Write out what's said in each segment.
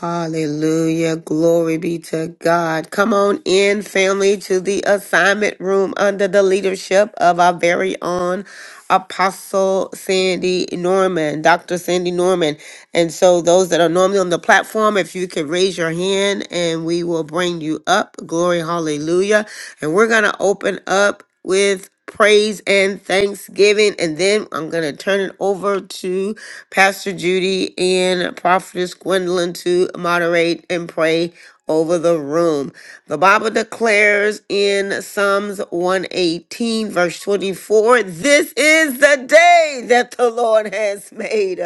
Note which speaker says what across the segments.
Speaker 1: Hallelujah. Glory be to God. Come on in, family, to the assignment room under the leadership of our very own Apostle Sandy Norman, Dr. Sandy Norman. And so, those that are normally on the platform, if you could raise your hand and we will bring you up. Glory, hallelujah. And we're going to open up with praise and thanksgiving. And then I'm going to turn it over to Pastor Judy and Prophetess Gwendolyn to moderate and pray over the room. The Bible declares in Psalms 118, verse 24, this is the day that the Lord has made.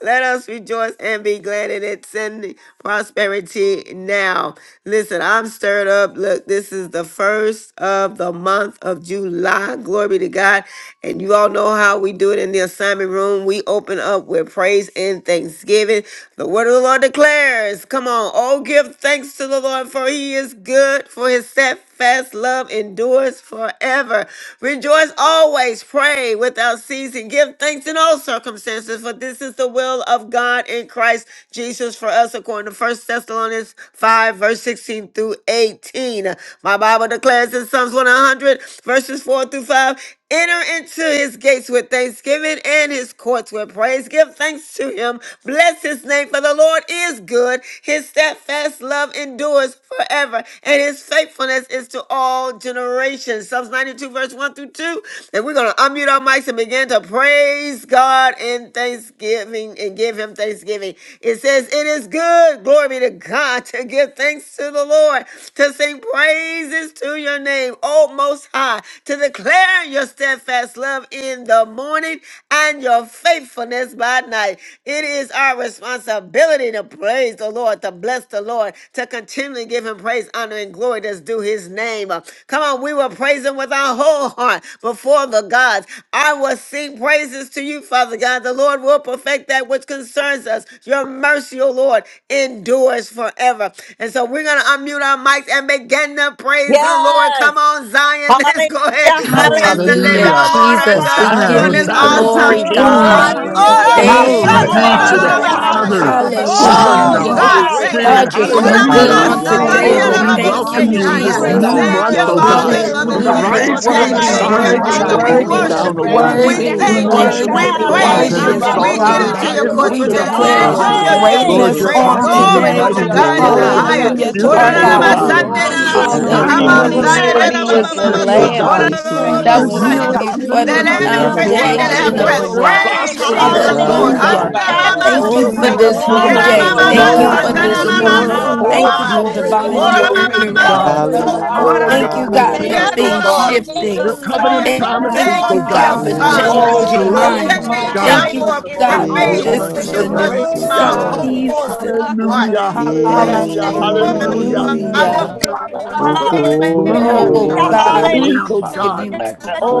Speaker 1: Let us rejoice and be glad in it. Send prosperity now. Listen, I'm stirred up. Look, this is the first of the month month of July. Glory be to God. And you all know how we do it in the assignment room. We open up with praise and thanksgiving. The word of the Lord declares, come on, oh, give thanks to the Lord, for he is good, for his steadfast love endures forever. Rejoice always, pray without ceasing, give thanks in all circumstances, for this is the will of God in Christ Jesus for us, according to First Thessalonians 5, verse 16 through 18. My Bible declares in Psalms Psalms 100, verses 4 through 5. Enter into his gates with thanksgiving and his courts with praise. Give thanks to him. Bless his name, for the Lord is good. His steadfast love endures forever, and his faithfulness is to all generations. Psalms 92, verse 1 through 2. And we're going to unmute our mics and begin to praise God in thanksgiving and give him thanksgiving. It says, It is good, glory be to God, to give thanks to the Lord, to sing praises to your your name, O Most High, to declare your steadfast love in the morning and your faithfulness by night. It is our responsibility to praise the Lord, to bless the Lord, to continually give him praise, honor, and glory that's due his name. Uh, Come on, we will praise him with our whole heart before the gods. I will sing praises to you, Father God. The Lord will perfect that which concerns us. Your mercy, O Lord, endures forever. And so we're going to unmute our mics and begin to praise. Praise the Lord. Come on, Zion. Let's go ahead and
Speaker 2: Yes,
Speaker 1: bless the name
Speaker 3: Hallelujah,
Speaker 1: of
Speaker 2: hallelujah.
Speaker 1: the Lord our
Speaker 3: Jesus.
Speaker 1: God
Speaker 3: We
Speaker 2: Hosanna,
Speaker 3: give
Speaker 1: for
Speaker 3: you
Speaker 1: this
Speaker 2: Hosanna
Speaker 4: Hallelujah,
Speaker 2: to the
Speaker 3: glory,
Speaker 1: awesome
Speaker 4: hallelujah,
Speaker 1: new
Speaker 2: King.
Speaker 1: month.
Speaker 5: Father
Speaker 3: God.
Speaker 5: God, we
Speaker 6: Hallelujah.
Speaker 4: hallelujah.
Speaker 5: bless
Speaker 4: We
Speaker 5: you.
Speaker 3: Thank
Speaker 5: We
Speaker 2: Glory
Speaker 6: Yes,
Speaker 3: you,
Speaker 7: Father
Speaker 4: praise
Speaker 5: thank
Speaker 2: be
Speaker 7: God,
Speaker 5: you,
Speaker 7: I
Speaker 6: God.
Speaker 2: to
Speaker 4: you,
Speaker 2: the
Speaker 7: just
Speaker 5: Lord
Speaker 3: Father.
Speaker 7: thank
Speaker 5: God.
Speaker 7: you and
Speaker 4: Almighty
Speaker 7: I
Speaker 5: Thank
Speaker 6: Yamando
Speaker 5: you
Speaker 2: Father,
Speaker 7: praise
Speaker 5: so
Speaker 7: you
Speaker 4: God, the
Speaker 7: for
Speaker 5: much for
Speaker 4: Prince of
Speaker 6: Yarabasaya.
Speaker 2: Son,
Speaker 7: promotion
Speaker 5: another
Speaker 7: in the
Speaker 1: Oh,
Speaker 2: the
Speaker 4: Peace,
Speaker 5: month,
Speaker 3: Hallelujah.
Speaker 4: the
Speaker 2: Holy
Speaker 1: God,
Speaker 7: kingdom.
Speaker 6: God, we
Speaker 4: great
Speaker 1: thank you.
Speaker 6: thank
Speaker 4: I
Speaker 2: Spirit.
Speaker 3: God,
Speaker 5: another
Speaker 6: you.
Speaker 3: you're
Speaker 6: We
Speaker 5: day
Speaker 4: am.
Speaker 3: so
Speaker 7: I
Speaker 5: to
Speaker 7: thank
Speaker 6: praise
Speaker 3: good
Speaker 7: you
Speaker 5: give
Speaker 7: and
Speaker 2: Hallelujah.
Speaker 6: you.
Speaker 7: I
Speaker 5: you
Speaker 3: on
Speaker 4: We
Speaker 6: We
Speaker 8: Hallelujah,
Speaker 7: praise
Speaker 6: bless
Speaker 7: you,
Speaker 4: thank
Speaker 3: today,
Speaker 6: your
Speaker 5: praise,
Speaker 3: and
Speaker 5: to
Speaker 4: you,
Speaker 2: Oh,
Speaker 3: we
Speaker 7: Father,
Speaker 8: hallelujah.
Speaker 5: give
Speaker 2: we
Speaker 6: name.
Speaker 7: that
Speaker 5: you
Speaker 6: We
Speaker 7: your
Speaker 3: thank
Speaker 6: give
Speaker 2: welcome
Speaker 7: my
Speaker 5: honor,
Speaker 3: you,
Speaker 4: hallelujah.
Speaker 6: you
Speaker 2: you
Speaker 5: to
Speaker 2: in
Speaker 4: We
Speaker 7: voice
Speaker 5: give
Speaker 2: this
Speaker 5: you
Speaker 7: is
Speaker 6: glory,
Speaker 8: Glory,
Speaker 3: Jesus.
Speaker 2: new
Speaker 4: praise
Speaker 5: glory.
Speaker 4: you,
Speaker 6: God.
Speaker 7: Father
Speaker 8: glory,
Speaker 1: Thank
Speaker 4: our
Speaker 2: month,
Speaker 1: you,
Speaker 7: being
Speaker 2: oh
Speaker 6: Father,
Speaker 8: glory,
Speaker 5: We
Speaker 6: we
Speaker 2: God,
Speaker 7: favored
Speaker 6: thank
Speaker 1: Father,
Speaker 8: glory,
Speaker 5: worship
Speaker 4: potentator.
Speaker 1: for
Speaker 6: you,
Speaker 5: you,
Speaker 6: oh
Speaker 2: from
Speaker 4: We
Speaker 1: this
Speaker 2: the
Speaker 8: glory,
Speaker 6: God,
Speaker 5: Father
Speaker 6: for
Speaker 4: thank
Speaker 3: Hallelujah.
Speaker 6: this
Speaker 1: beautiful
Speaker 4: you
Speaker 8: glory,
Speaker 2: rising
Speaker 5: God.
Speaker 2: of
Speaker 1: day.
Speaker 4: this
Speaker 5: We
Speaker 7: by
Speaker 2: the
Speaker 6: brand
Speaker 3: Worthy,
Speaker 4: day,
Speaker 6: new
Speaker 7: those
Speaker 1: Thank
Speaker 2: sun
Speaker 1: you,
Speaker 7: who
Speaker 6: month,
Speaker 4: our
Speaker 7: are
Speaker 5: magnify
Speaker 2: and
Speaker 6: oh
Speaker 3: worthy,
Speaker 4: rock
Speaker 2: to
Speaker 5: your
Speaker 1: Father.
Speaker 2: the
Speaker 7: favored
Speaker 6: God,
Speaker 4: of
Speaker 1: We
Speaker 8: glory,
Speaker 7: by
Speaker 5: name,
Speaker 2: going
Speaker 6: for
Speaker 7: you.
Speaker 3: worthy,
Speaker 4: defense.
Speaker 6: this
Speaker 7: I
Speaker 5: Lord.
Speaker 2: down,
Speaker 8: glory,
Speaker 1: worship
Speaker 2: oh
Speaker 1: you.
Speaker 7: don't take
Speaker 6: brand
Speaker 4: We
Speaker 2: God.
Speaker 6: new
Speaker 8: glory,
Speaker 7: it
Speaker 1: We
Speaker 5: Thank
Speaker 6: day
Speaker 3: worthy,
Speaker 7: lightly.
Speaker 6: you've
Speaker 4: bless
Speaker 5: you
Speaker 2: Your
Speaker 8: glory.
Speaker 4: your
Speaker 5: for
Speaker 1: thank
Speaker 6: allowed
Speaker 2: name
Speaker 1: you.
Speaker 6: us
Speaker 5: your
Speaker 2: shall
Speaker 6: to
Speaker 4: name
Speaker 7: I
Speaker 2: be
Speaker 1: We
Speaker 3: worthy,
Speaker 6: see,
Speaker 4: this
Speaker 5: blessings,
Speaker 7: thank
Speaker 6: oh
Speaker 7: you and
Speaker 8: Bless
Speaker 7: I
Speaker 8: your
Speaker 6: God.
Speaker 4: day,
Speaker 2: praised
Speaker 5: Lord.
Speaker 1: praise
Speaker 2: and
Speaker 7: praise
Speaker 3: worthy
Speaker 1: you.
Speaker 8: name,
Speaker 7: you,
Speaker 5: Thank
Speaker 3: is our
Speaker 5: you
Speaker 6: Father,
Speaker 1: We
Speaker 7: Father
Speaker 6: we
Speaker 5: for
Speaker 2: exalted
Speaker 4: hallelujah.
Speaker 7: God,
Speaker 1: enter
Speaker 8: Jesus.
Speaker 2: and
Speaker 7: that
Speaker 1: into
Speaker 6: bless
Speaker 3: God.
Speaker 5: waking
Speaker 7: as
Speaker 2: high
Speaker 4: Thank
Speaker 1: your
Speaker 4: you,
Speaker 5: us
Speaker 7: we
Speaker 6: your
Speaker 2: and
Speaker 5: up
Speaker 1: courts
Speaker 3: We
Speaker 7: lift
Speaker 4: Lord
Speaker 1: with
Speaker 5: this
Speaker 2: lifted
Speaker 7: you
Speaker 6: name,
Speaker 2: up,
Speaker 7: up
Speaker 2: oh
Speaker 4: God,
Speaker 6: God.
Speaker 1: thanksgiving,
Speaker 5: morning,
Speaker 3: declare
Speaker 6: We
Speaker 7: today,
Speaker 2: God.
Speaker 1: into
Speaker 3: your
Speaker 8: Bless
Speaker 7: that
Speaker 8: your
Speaker 5: Father.
Speaker 7: is in
Speaker 1: your
Speaker 6: honor
Speaker 4: hallelujah,
Speaker 8: name,
Speaker 7: the
Speaker 6: you,
Speaker 1: gates
Speaker 5: Thank you
Speaker 1: with
Speaker 2: Lord,
Speaker 3: greatness
Speaker 5: for
Speaker 2: you're
Speaker 4: hallelujah.
Speaker 7: middle
Speaker 8: Jesus.
Speaker 6: Jesus.
Speaker 1: praise.
Speaker 7: of the
Speaker 3: on
Speaker 6: Hey,
Speaker 2: awesome,
Speaker 5: soundness
Speaker 4: Thank
Speaker 7: year.
Speaker 2: you're
Speaker 4: you
Speaker 1: Glory
Speaker 5: and
Speaker 4: for
Speaker 3: today.
Speaker 1: be
Speaker 6: Yando
Speaker 2: mighty,
Speaker 1: to
Speaker 5: mind and
Speaker 2: you're
Speaker 8: Oh,
Speaker 1: God
Speaker 8: we
Speaker 1: in
Speaker 4: manifesting
Speaker 1: the
Speaker 5: strength
Speaker 8: honor
Speaker 4: in
Speaker 2: glorious,
Speaker 5: and
Speaker 4: us
Speaker 8: you,
Speaker 2: you're
Speaker 6: Yarabasaya.
Speaker 1: highest.
Speaker 8: we
Speaker 3: Hallelujah
Speaker 4: this
Speaker 3: to
Speaker 6: We
Speaker 5: ability.
Speaker 2: beautiful,
Speaker 3: our
Speaker 6: give
Speaker 4: morning.
Speaker 7: In
Speaker 2: oh
Speaker 7: the
Speaker 8: glorify
Speaker 6: you
Speaker 5: Thank
Speaker 4: We
Speaker 8: you,
Speaker 3: God.
Speaker 5: you
Speaker 2: God.
Speaker 8: we
Speaker 5: for
Speaker 7: middle,
Speaker 5: the
Speaker 7: we
Speaker 8: magn-
Speaker 6: glory,
Speaker 4: bless
Speaker 2: The
Speaker 7: will
Speaker 4: you
Speaker 5: truthfulness
Speaker 6: your
Speaker 5: of
Speaker 4: this
Speaker 7: nothing
Speaker 1: Come
Speaker 6: name
Speaker 5: your
Speaker 7: but
Speaker 2: shining
Speaker 8: magnify
Speaker 6: the
Speaker 2: of
Speaker 1: on,
Speaker 3: Hallelujah.
Speaker 4: morning
Speaker 7: you.
Speaker 5: word.
Speaker 2: this
Speaker 8: you.
Speaker 1: Zion.
Speaker 6: praise
Speaker 4: for
Speaker 3: Worthy
Speaker 5: We
Speaker 6: on
Speaker 5: are
Speaker 3: is
Speaker 4: waking
Speaker 3: the
Speaker 2: righteousness,
Speaker 7: Lord,
Speaker 4: us
Speaker 6: today,
Speaker 5: praise
Speaker 2: oh
Speaker 7: Father.
Speaker 6: oh
Speaker 4: up
Speaker 8: Thank you
Speaker 5: you.
Speaker 6: God.
Speaker 8: for
Speaker 2: God.
Speaker 8: your
Speaker 6: We
Speaker 3: Lamb
Speaker 4: this
Speaker 8: senior
Speaker 5: Thank
Speaker 6: thank
Speaker 4: morning
Speaker 5: you,
Speaker 3: that
Speaker 2: You're
Speaker 6: you,
Speaker 5: Lord,
Speaker 3: was
Speaker 6: oh
Speaker 2: healing,
Speaker 8: mercy,
Speaker 5: for
Speaker 4: us,
Speaker 6: God, for
Speaker 3: before
Speaker 5: things
Speaker 1: Let
Speaker 6: this
Speaker 2: delivering
Speaker 3: the
Speaker 2: us.
Speaker 8: your
Speaker 5: come
Speaker 4: using
Speaker 2: You're
Speaker 5: from
Speaker 4: us.
Speaker 8: loving
Speaker 5: you,
Speaker 4: We
Speaker 1: everything
Speaker 6: brand
Speaker 1: that
Speaker 5: all
Speaker 6: new
Speaker 4: thank
Speaker 3: foundation
Speaker 1: have
Speaker 2: blessing
Speaker 4: you,
Speaker 2: us.
Speaker 3: of
Speaker 6: day,
Speaker 3: the
Speaker 5: blessings.
Speaker 1: breath
Speaker 6: oh
Speaker 8: kindness,
Speaker 4: Lord
Speaker 2: You're
Speaker 6: God,
Speaker 3: world.
Speaker 4: God,
Speaker 6: that
Speaker 4: in the
Speaker 6: you've
Speaker 1: praise
Speaker 4: name
Speaker 1: ye
Speaker 2: prospering
Speaker 8: your
Speaker 6: allowed us
Speaker 5: Lord,
Speaker 1: the
Speaker 4: of
Speaker 2: us,
Speaker 6: to
Speaker 2: oh
Speaker 1: Lord.
Speaker 4: Jesus.
Speaker 5: give
Speaker 6: see,
Speaker 8: God,
Speaker 6: oh
Speaker 3: Hallelujah.
Speaker 2: God.
Speaker 8: your
Speaker 5: God
Speaker 6: God.
Speaker 4: Thank
Speaker 5: good
Speaker 6: Uh,
Speaker 8: God of
Speaker 4: you for
Speaker 3: Thank
Speaker 5: things,
Speaker 4: the
Speaker 6: we
Speaker 8: hope.
Speaker 3: you
Speaker 9: Hallelujah.
Speaker 2: Oh,
Speaker 5: and I
Speaker 3: for
Speaker 2: you
Speaker 4: breath
Speaker 6: thank
Speaker 1: Handamamasoko.
Speaker 4: of
Speaker 2: have
Speaker 5: thirst
Speaker 6: you,
Speaker 3: this
Speaker 5: to
Speaker 6: oh
Speaker 2: given
Speaker 3: new
Speaker 4: life.
Speaker 2: us
Speaker 5: go up
Speaker 6: God,
Speaker 5: to
Speaker 4: Thank
Speaker 6: for
Speaker 3: day.
Speaker 4: you
Speaker 5: all
Speaker 4: for
Speaker 2: joy
Speaker 3: Thank
Speaker 6: another
Speaker 4: the
Speaker 3: you
Speaker 5: good
Speaker 8: Hallelujah,
Speaker 3: for
Speaker 9: Hallelujah.
Speaker 5: things
Speaker 4: strength
Speaker 3: this
Speaker 4: of
Speaker 5: and
Speaker 3: new
Speaker 5: new
Speaker 2: unspeakable
Speaker 6: opportunity,
Speaker 2: and
Speaker 3: month.
Speaker 8: hallelujah,
Speaker 6: oh
Speaker 5: things.
Speaker 4: our
Speaker 1: Enamamamasandanamasoko,
Speaker 6: God,
Speaker 5: And
Speaker 2: full of
Speaker 3: Thank you
Speaker 1: Baba.
Speaker 3: for
Speaker 8: hallelujah.
Speaker 6: to
Speaker 4: lives
Speaker 5: you
Speaker 6: seek
Speaker 5: know,
Speaker 3: divine
Speaker 2: glory,
Speaker 5: the
Speaker 6: your
Speaker 4: this
Speaker 2: oh
Speaker 6: face,
Speaker 5: family to
Speaker 4: day.
Speaker 6: God.
Speaker 2: God.
Speaker 3: turnaround.
Speaker 5: serve
Speaker 6: Another
Speaker 4: You
Speaker 5: the love,
Speaker 4: are.
Speaker 2: Oh,
Speaker 8: Hallelujah,
Speaker 2: you're
Speaker 3: Thank you,
Speaker 5: the
Speaker 3: God,
Speaker 2: painting
Speaker 4: Thank
Speaker 3: for
Speaker 2: us,
Speaker 4: you
Speaker 8: hallelujah.
Speaker 6: opportunity,
Speaker 2: oh
Speaker 4: for
Speaker 3: things
Speaker 4: the
Speaker 1: Oramamasokora-
Speaker 2: God.
Speaker 5: month,
Speaker 3: shifting.
Speaker 4: the
Speaker 5: the
Speaker 2: Your
Speaker 6: oh God.
Speaker 2: covenant
Speaker 1: Messiah.
Speaker 5: last
Speaker 2: promises,
Speaker 3: Thank
Speaker 1: Thank
Speaker 2: oh
Speaker 4: leading
Speaker 3: you,
Speaker 2: God.
Speaker 1: you,
Speaker 4: of
Speaker 3: God, for
Speaker 5: Father, thank
Speaker 8: O
Speaker 5: you,
Speaker 9: Hallelujah.
Speaker 1: Father.
Speaker 2: Oh,
Speaker 6: Hallelujah,
Speaker 8: raraba
Speaker 5: Lord,
Speaker 6: to
Speaker 3: changing
Speaker 4: and
Speaker 2: glory
Speaker 6: come
Speaker 5: for
Speaker 3: minds.
Speaker 2: be to
Speaker 1: Thank
Speaker 8: shanaraba.
Speaker 1: you.
Speaker 2: God.
Speaker 3: Thank
Speaker 4: guiding
Speaker 6: boldly
Speaker 5: the
Speaker 3: you,
Speaker 1: I
Speaker 2: The
Speaker 9: Hallelujah.
Speaker 6: before
Speaker 4: into
Speaker 1: will
Speaker 6: the
Speaker 3: God,
Speaker 8: Ye
Speaker 2: blue,
Speaker 3: that
Speaker 2: the
Speaker 4: all
Speaker 6: throne
Speaker 1: praise
Speaker 3: this
Speaker 2: orange,
Speaker 4: ways
Speaker 3: is
Speaker 2: the
Speaker 3: a
Speaker 1: you
Speaker 6: of
Speaker 8: rarararaba
Speaker 1: with
Speaker 4: of
Speaker 2: red,
Speaker 3: new
Speaker 5: grace,
Speaker 4: the
Speaker 6: grace,
Speaker 2: the
Speaker 1: my
Speaker 8: sete
Speaker 4: truth
Speaker 6: God.
Speaker 2: yellow.
Speaker 9: Hallelujah.
Speaker 5: your
Speaker 3: season.
Speaker 4: for
Speaker 8: arabas.
Speaker 1: whole
Speaker 5: faith,
Speaker 4: us
Speaker 6: When
Speaker 5: and
Speaker 1: heart.
Speaker 5: your
Speaker 2: Hallelujah,
Speaker 4: this
Speaker 6: we
Speaker 5: mercy.
Speaker 4: day.
Speaker 6: cannot out
Speaker 2: hallelujah,
Speaker 6: there,
Speaker 1: Before
Speaker 4: Thank you for
Speaker 9: Hallelujah.
Speaker 6: mercy,
Speaker 2: hallelujah.
Speaker 5: Thank you,
Speaker 8: Yay.
Speaker 9: Thank
Speaker 1: I
Speaker 2: The
Speaker 3: Hallelujah.
Speaker 9: you.
Speaker 1: will
Speaker 5: Lord,
Speaker 4: giving
Speaker 2: violet,
Speaker 4: us
Speaker 2: oh
Speaker 8: Oh,
Speaker 4: the
Speaker 2: God. The
Speaker 1: praise
Speaker 8: glory,
Speaker 6: and
Speaker 2: blue,
Speaker 4: spirit
Speaker 2: oh
Speaker 6: find
Speaker 4: of
Speaker 3: Oh,
Speaker 9: Hallelujah.
Speaker 2: God.
Speaker 8: glory,
Speaker 2: The
Speaker 6: you
Speaker 1: you,
Speaker 3: God,
Speaker 4: God,
Speaker 8: glory,
Speaker 2: pink,
Speaker 9: Hallelujah.
Speaker 2: oh
Speaker 3: we
Speaker 4: teaching
Speaker 9: Father,
Speaker 4: us
Speaker 3: give
Speaker 2: God.
Speaker 9: we
Speaker 4: and
Speaker 3: you,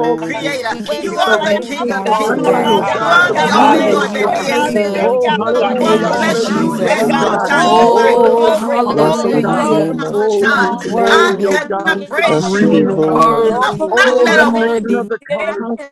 Speaker 5: for
Speaker 9: your
Speaker 8: glory.
Speaker 1: Creator.
Speaker 5: the
Speaker 3: we
Speaker 9: name.
Speaker 3: give
Speaker 1: You
Speaker 3: you
Speaker 4: ways of
Speaker 2: the
Speaker 1: are
Speaker 6: for
Speaker 1: the
Speaker 3: praise
Speaker 5: Thank
Speaker 6: who
Speaker 1: King
Speaker 5: you
Speaker 6: you
Speaker 1: of
Speaker 5: for
Speaker 3: on
Speaker 5: your
Speaker 1: Kings.
Speaker 6: are,
Speaker 4: You
Speaker 2: rain,
Speaker 4: are
Speaker 6: God.
Speaker 2: oh
Speaker 3: today.
Speaker 8: Yes,
Speaker 5: goodness.
Speaker 1: You
Speaker 9: Lord,
Speaker 2: God,
Speaker 4: God
Speaker 5: Thank
Speaker 2: the
Speaker 1: are
Speaker 4: and
Speaker 1: the
Speaker 5: you,
Speaker 8: God.
Speaker 4: God
Speaker 9: glorify
Speaker 1: only
Speaker 5: Lord,
Speaker 3: Father,
Speaker 2: blue,
Speaker 9: you,
Speaker 8: Rarabo
Speaker 5: that
Speaker 2: oh
Speaker 6: Atayabaso.
Speaker 1: Lord
Speaker 3: you
Speaker 4: alone.
Speaker 5: your
Speaker 1: that
Speaker 9: Father.
Speaker 3: are
Speaker 2: God.
Speaker 8: shana.
Speaker 4: We
Speaker 6: We
Speaker 9: You
Speaker 1: is.
Speaker 5: favor,
Speaker 4: thank
Speaker 6: thank
Speaker 9: worthy.
Speaker 3: good.
Speaker 2: Oh,
Speaker 5: your
Speaker 6: you,
Speaker 4: you,
Speaker 6: oh
Speaker 9: You
Speaker 4: Lord
Speaker 6: God, for
Speaker 5: bless
Speaker 9: are
Speaker 1: Well,
Speaker 4: God,
Speaker 2: hallelujah,
Speaker 3: Thank
Speaker 4: in
Speaker 3: you,
Speaker 6: all
Speaker 4: the
Speaker 9: worthy.
Speaker 8: Jesus,
Speaker 5: us.
Speaker 1: bless
Speaker 6: that
Speaker 1: you
Speaker 4: mighty
Speaker 6: you've
Speaker 2: hallelujah,
Speaker 8: Jesus,
Speaker 1: at
Speaker 2: oh
Speaker 3: Jesus.
Speaker 4: name
Speaker 6: done,
Speaker 4: of
Speaker 1: all
Speaker 5: Hallelujah.
Speaker 8: Jesus,
Speaker 2: God.
Speaker 6: all
Speaker 4: Jesus
Speaker 1: times. If
Speaker 8: Jesus.
Speaker 6: that
Speaker 5: You're
Speaker 6: you're
Speaker 1: I
Speaker 2: Oh,
Speaker 4: for
Speaker 2: the
Speaker 5: worthy
Speaker 3: Oh,
Speaker 4: your
Speaker 6: doing,
Speaker 5: of
Speaker 2: different
Speaker 6: oh
Speaker 5: all
Speaker 2: colors,
Speaker 8: Bless
Speaker 2: oh
Speaker 4: strong,
Speaker 8: the
Speaker 5: praise.
Speaker 6: God,
Speaker 2: God.
Speaker 5: You're
Speaker 4: mighty
Speaker 1: have a
Speaker 8: name
Speaker 3: hallelujah.
Speaker 8: of
Speaker 1: thousand
Speaker 2: Oh, the
Speaker 6: all
Speaker 4: arm
Speaker 8: Jesus.
Speaker 1: times,
Speaker 6: that
Speaker 5: worthy
Speaker 4: this
Speaker 6: you
Speaker 1: I
Speaker 2: glory,
Speaker 5: all
Speaker 6: will
Speaker 2: oh
Speaker 3: Worthy,
Speaker 1: cannot
Speaker 4: morning.
Speaker 5: praise.
Speaker 2: God,
Speaker 6: do,
Speaker 2: with
Speaker 4: In
Speaker 2: the
Speaker 4: the
Speaker 1: praise
Speaker 8: Bless
Speaker 6: Father,
Speaker 1: you.
Speaker 6: in
Speaker 4: name
Speaker 8: you,
Speaker 2: green,
Speaker 5: No
Speaker 6: the
Speaker 2: oh
Speaker 4: of
Speaker 6: name
Speaker 2: God.
Speaker 6: of
Speaker 5: one
Speaker 8: Lord.
Speaker 4: Jesus,
Speaker 1: I
Speaker 6: Jesus.
Speaker 3: worthy,
Speaker 1: will not
Speaker 2: Oh,
Speaker 1: let
Speaker 4: we
Speaker 5: deserves
Speaker 2: the
Speaker 1: a
Speaker 4: thank
Speaker 2: mixing
Speaker 4: you,
Speaker 2: of
Speaker 3: worthy.
Speaker 2: the colors.
Speaker 5: it.
Speaker 4: God.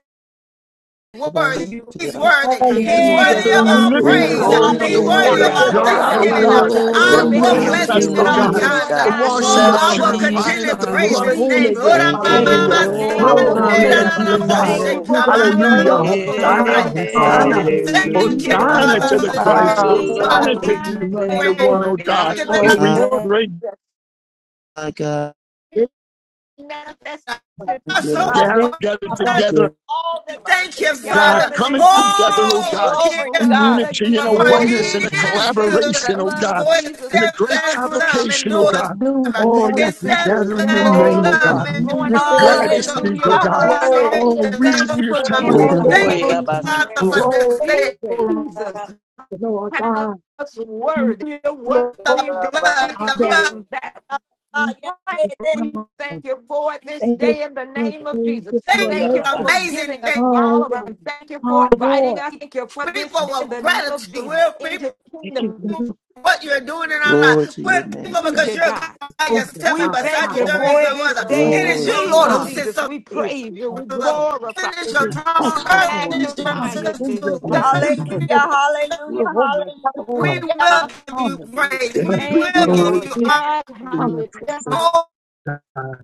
Speaker 8: Raraba
Speaker 1: worthy.
Speaker 6: You,
Speaker 8: sete
Speaker 1: He's worthy.
Speaker 8: arabas.
Speaker 3: you,
Speaker 1: He's
Speaker 3: oh
Speaker 4: Hallelujah
Speaker 5: Hallelujah.
Speaker 1: worthy of
Speaker 3: God.
Speaker 5: Thank
Speaker 2: the
Speaker 1: all
Speaker 5: you,
Speaker 2: living
Speaker 8: Glory,
Speaker 5: Lord
Speaker 1: praise.
Speaker 2: colors
Speaker 4: one
Speaker 8: glory,
Speaker 2: of
Speaker 4: to
Speaker 6: Holy
Speaker 2: the
Speaker 1: He's
Speaker 5: Jesus,
Speaker 8: glory,
Speaker 4: show
Speaker 5: for
Speaker 2: Word
Speaker 1: worthy
Speaker 5: the
Speaker 1: of
Speaker 2: of
Speaker 8: glory.
Speaker 1: all
Speaker 4: yourself
Speaker 6: Esiando
Speaker 5: goodness.
Speaker 2: God,
Speaker 4: mighty
Speaker 2: oh
Speaker 1: thanksgiving.
Speaker 5: Thank
Speaker 2: God,
Speaker 4: upon
Speaker 5: you for
Speaker 6: Yarabasataya.
Speaker 5: your
Speaker 4: your
Speaker 2: that
Speaker 1: I
Speaker 3: Oh
Speaker 8: Glory,
Speaker 1: will
Speaker 4: behalf.
Speaker 5: mercy,
Speaker 8: glory,
Speaker 3: God,
Speaker 1: bless
Speaker 5: your
Speaker 3: we
Speaker 4: We
Speaker 2: manifest,
Speaker 6: you
Speaker 1: him at
Speaker 2: oh
Speaker 8: glory,
Speaker 6: are
Speaker 3: love
Speaker 1: all
Speaker 4: thank
Speaker 2: God,
Speaker 4: you,
Speaker 8: glory.
Speaker 5: favor,
Speaker 3: you.
Speaker 6: the
Speaker 1: times.
Speaker 4: Lord
Speaker 2: the
Speaker 6: God.
Speaker 5: your
Speaker 4: God.
Speaker 1: Oh,
Speaker 2: washing, the
Speaker 1: I
Speaker 4: Yah.
Speaker 5: wonderful
Speaker 3: Love
Speaker 1: will
Speaker 3: you,
Speaker 4: We
Speaker 5: Father.
Speaker 2: purifying
Speaker 1: continue to
Speaker 2: of the
Speaker 1: praise
Speaker 2: blood
Speaker 5: You're
Speaker 3: Father.
Speaker 2: of
Speaker 1: his name.
Speaker 5: holy,
Speaker 4: receive
Speaker 2: Jesus.
Speaker 4: this
Speaker 5: you're
Speaker 8: Thank you,
Speaker 4: day
Speaker 5: mighty,
Speaker 4: in the
Speaker 8: Lord.
Speaker 2: Hallelujah.
Speaker 5: you're
Speaker 8: Thank you,
Speaker 4: name
Speaker 8: Lord.
Speaker 2: Glory,
Speaker 4: of
Speaker 6: Oh,
Speaker 2: glory
Speaker 5: powerful.
Speaker 4: Jesus.
Speaker 2: be to God.
Speaker 4: Thank
Speaker 3: Hallelujah.
Speaker 4: you
Speaker 6: Yabaso.
Speaker 5: You're
Speaker 4: for the
Speaker 5: the
Speaker 4: will
Speaker 2: Hallelujah.
Speaker 4: of
Speaker 5: most
Speaker 4: the
Speaker 6: Yeah,
Speaker 5: high
Speaker 2: Hosanna,
Speaker 4: Lord being
Speaker 5: God.
Speaker 3: Oh
Speaker 2: Hosanna.
Speaker 4: done in
Speaker 6: we
Speaker 1: Thank
Speaker 5: You
Speaker 1: you,
Speaker 6: give
Speaker 4: our lives.
Speaker 5: are
Speaker 6: you
Speaker 2: Hosanna
Speaker 3: Jesus.
Speaker 8: Hallelujah.
Speaker 2: to
Speaker 1: Father,
Speaker 2: the
Speaker 1: for this
Speaker 5: only
Speaker 4: We
Speaker 2: Christ.
Speaker 1: brand
Speaker 3: Oh
Speaker 4: thank
Speaker 1: new
Speaker 4: you,
Speaker 8: Hallelujah.
Speaker 3: God,
Speaker 4: Lord
Speaker 2: Hosanna
Speaker 3: we
Speaker 2: to
Speaker 1: month.
Speaker 5: overcome.
Speaker 6: glory.
Speaker 4: God,
Speaker 2: the
Speaker 3: give
Speaker 4: in the
Speaker 3: you
Speaker 2: anointed
Speaker 6: I
Speaker 2: one,
Speaker 4: name
Speaker 1: Brand
Speaker 4: of
Speaker 3: glory
Speaker 2: oh
Speaker 1: new
Speaker 2: God.
Speaker 4: Jesus for
Speaker 6: know you
Speaker 2: Oh,
Speaker 1: that
Speaker 4: your
Speaker 2: we
Speaker 8: My
Speaker 5: Therefore,
Speaker 3: today.
Speaker 2: break
Speaker 8: God.
Speaker 5: it's
Speaker 4: manifestation.
Speaker 1: I
Speaker 8: Thank you,
Speaker 1: so
Speaker 6: Ay,
Speaker 8: Lord.
Speaker 6: heard
Speaker 2: gather, gather
Speaker 6: us.
Speaker 5: about
Speaker 2: together
Speaker 1: Thank
Speaker 6: Abase.
Speaker 1: you,
Speaker 4: God,
Speaker 2: God,
Speaker 4: in
Speaker 1: Father.
Speaker 4: the name,
Speaker 2: coming together, oh
Speaker 4: giving
Speaker 1: Oh,
Speaker 2: God,
Speaker 4: your
Speaker 1: yes,
Speaker 2: in
Speaker 4: blood
Speaker 2: unity and a
Speaker 4: again,
Speaker 1: for
Speaker 4: the
Speaker 8: Yes,
Speaker 5: Lord,
Speaker 2: oneness
Speaker 5: it's
Speaker 8: yes,
Speaker 2: and a
Speaker 8: Lord.
Speaker 1: He
Speaker 4: anti
Speaker 1: is good,
Speaker 4: venomous
Speaker 2: collaboration, oh
Speaker 4: blood
Speaker 2: God,
Speaker 4: of
Speaker 1: for His
Speaker 4: Jesus,
Speaker 2: and a great
Speaker 1: steadfast
Speaker 4: covering.
Speaker 1: love
Speaker 2: convocation, oh
Speaker 5: a
Speaker 1: endures.
Speaker 2: God.
Speaker 5: new
Speaker 1: forever.
Speaker 2: Oh,
Speaker 5: month
Speaker 2: yes,
Speaker 1: His
Speaker 2: we
Speaker 5: of your
Speaker 4: bless
Speaker 2: gather in
Speaker 4: your
Speaker 2: your
Speaker 1: steadfast
Speaker 2: name,
Speaker 5: glory.
Speaker 2: oh
Speaker 4: name
Speaker 5: It's
Speaker 1: love
Speaker 4: this
Speaker 2: God.
Speaker 8: My
Speaker 5: a new
Speaker 2: This
Speaker 4: morning.
Speaker 2: way
Speaker 5: day
Speaker 2: I
Speaker 1: endures
Speaker 5: that
Speaker 2: just
Speaker 1: to
Speaker 8: God.
Speaker 5: gives
Speaker 2: speak,
Speaker 4: Hallelujah
Speaker 2: oh
Speaker 1: all
Speaker 5: you
Speaker 2: God.
Speaker 4: for that.
Speaker 5: glory.
Speaker 2: Oh,
Speaker 1: generations.
Speaker 2: we,
Speaker 4: Thank you
Speaker 2: we are
Speaker 4: for
Speaker 2: temple.
Speaker 8: Ora da,
Speaker 4: giving.
Speaker 6: Oh,
Speaker 5: Hallelujah.
Speaker 8: ba,
Speaker 1: Thank you,
Speaker 6: yeah,
Speaker 4: Thank
Speaker 5: You
Speaker 4: you,
Speaker 1: Father, for
Speaker 6: Baso,
Speaker 2: Glory.
Speaker 1: this day.
Speaker 5: deserve it,
Speaker 4: Jesus.
Speaker 5: Lord
Speaker 4: How
Speaker 5: God. Thank
Speaker 4: worthy, you're
Speaker 5: you, Lord.
Speaker 1: The
Speaker 4: worthy,
Speaker 1: blood, the
Speaker 5: Hallelujah.
Speaker 1: blood.
Speaker 6: Rabase,
Speaker 4: and that's
Speaker 5: Thank
Speaker 4: why
Speaker 5: you,
Speaker 4: we thank you for it this day in the name of Jesus.
Speaker 5: for
Speaker 6: no,
Speaker 1: Thank
Speaker 5: your
Speaker 6: yeah,
Speaker 4: Thank you
Speaker 1: you,
Speaker 5: mercy.
Speaker 6: Rabas-
Speaker 4: for forgiving
Speaker 1: amazing day.
Speaker 4: us of
Speaker 5: Oh,
Speaker 4: all of
Speaker 5: yeah.
Speaker 4: us. Thank you for
Speaker 5: Oh,
Speaker 4: inviting
Speaker 5: Lord.
Speaker 4: us. Thank you for this
Speaker 1: People
Speaker 4: day in
Speaker 1: of
Speaker 4: the name of
Speaker 1: gratitude,
Speaker 4: Jesus
Speaker 1: real people.
Speaker 4: into the
Speaker 5: Thank you for
Speaker 4: kingdom.
Speaker 5: your
Speaker 1: what you're doing in our
Speaker 8: Glory
Speaker 1: life.
Speaker 8: to your
Speaker 1: We're
Speaker 8: name,
Speaker 1: thankful
Speaker 8: God.
Speaker 1: because
Speaker 4: Hallelujah,
Speaker 1: you're
Speaker 4: God.
Speaker 1: God by
Speaker 5: precious
Speaker 1: yourself
Speaker 4: We
Speaker 1: and
Speaker 5: Father
Speaker 1: beside
Speaker 4: thank
Speaker 5: God.
Speaker 1: you
Speaker 4: you
Speaker 1: there is
Speaker 4: for
Speaker 1: no
Speaker 4: this
Speaker 1: other.
Speaker 4: day
Speaker 5: Thank
Speaker 6: yeah,
Speaker 4: in
Speaker 1: It
Speaker 4: the
Speaker 5: you,
Speaker 1: is
Speaker 8: Glory
Speaker 5: Lord.
Speaker 8: to
Speaker 1: you,
Speaker 4: name
Speaker 8: your
Speaker 6: Baso.
Speaker 1: Lord,
Speaker 4: of
Speaker 1: who
Speaker 5: Ah,
Speaker 8: name.
Speaker 1: sits
Speaker 4: Jesus.
Speaker 1: on
Speaker 4: We
Speaker 5: Jesus.
Speaker 4: praise you. We
Speaker 1: the
Speaker 5: Thank you.
Speaker 4: glorify,
Speaker 1: heaven is your
Speaker 5: We
Speaker 1: throne,
Speaker 5: bless you,
Speaker 1: earth
Speaker 5: Lord.
Speaker 1: is your
Speaker 4: magnify
Speaker 8: Yes,
Speaker 4: you
Speaker 8: God.
Speaker 4: this
Speaker 5: Hallelujah.
Speaker 1: footstool.
Speaker 5: We
Speaker 4: day.
Speaker 5: thank you,
Speaker 1: God,
Speaker 5: Lord. We're
Speaker 1: we
Speaker 5: overjoyed.
Speaker 2: Oh,
Speaker 5: We
Speaker 1: will give you
Speaker 5: honor you.
Speaker 1: praise. We
Speaker 2: yes,
Speaker 5: We
Speaker 2: we
Speaker 4: Thank
Speaker 1: will
Speaker 4: you,
Speaker 5: thank
Speaker 8: Thank
Speaker 1: give
Speaker 2: glory
Speaker 8: you,
Speaker 1: you
Speaker 4: Lord
Speaker 5: you.
Speaker 1: honor.
Speaker 4: God.
Speaker 2: in
Speaker 5: I'm
Speaker 2: your presence,
Speaker 4: Hallelujah.
Speaker 1: Oh,
Speaker 2: oh God.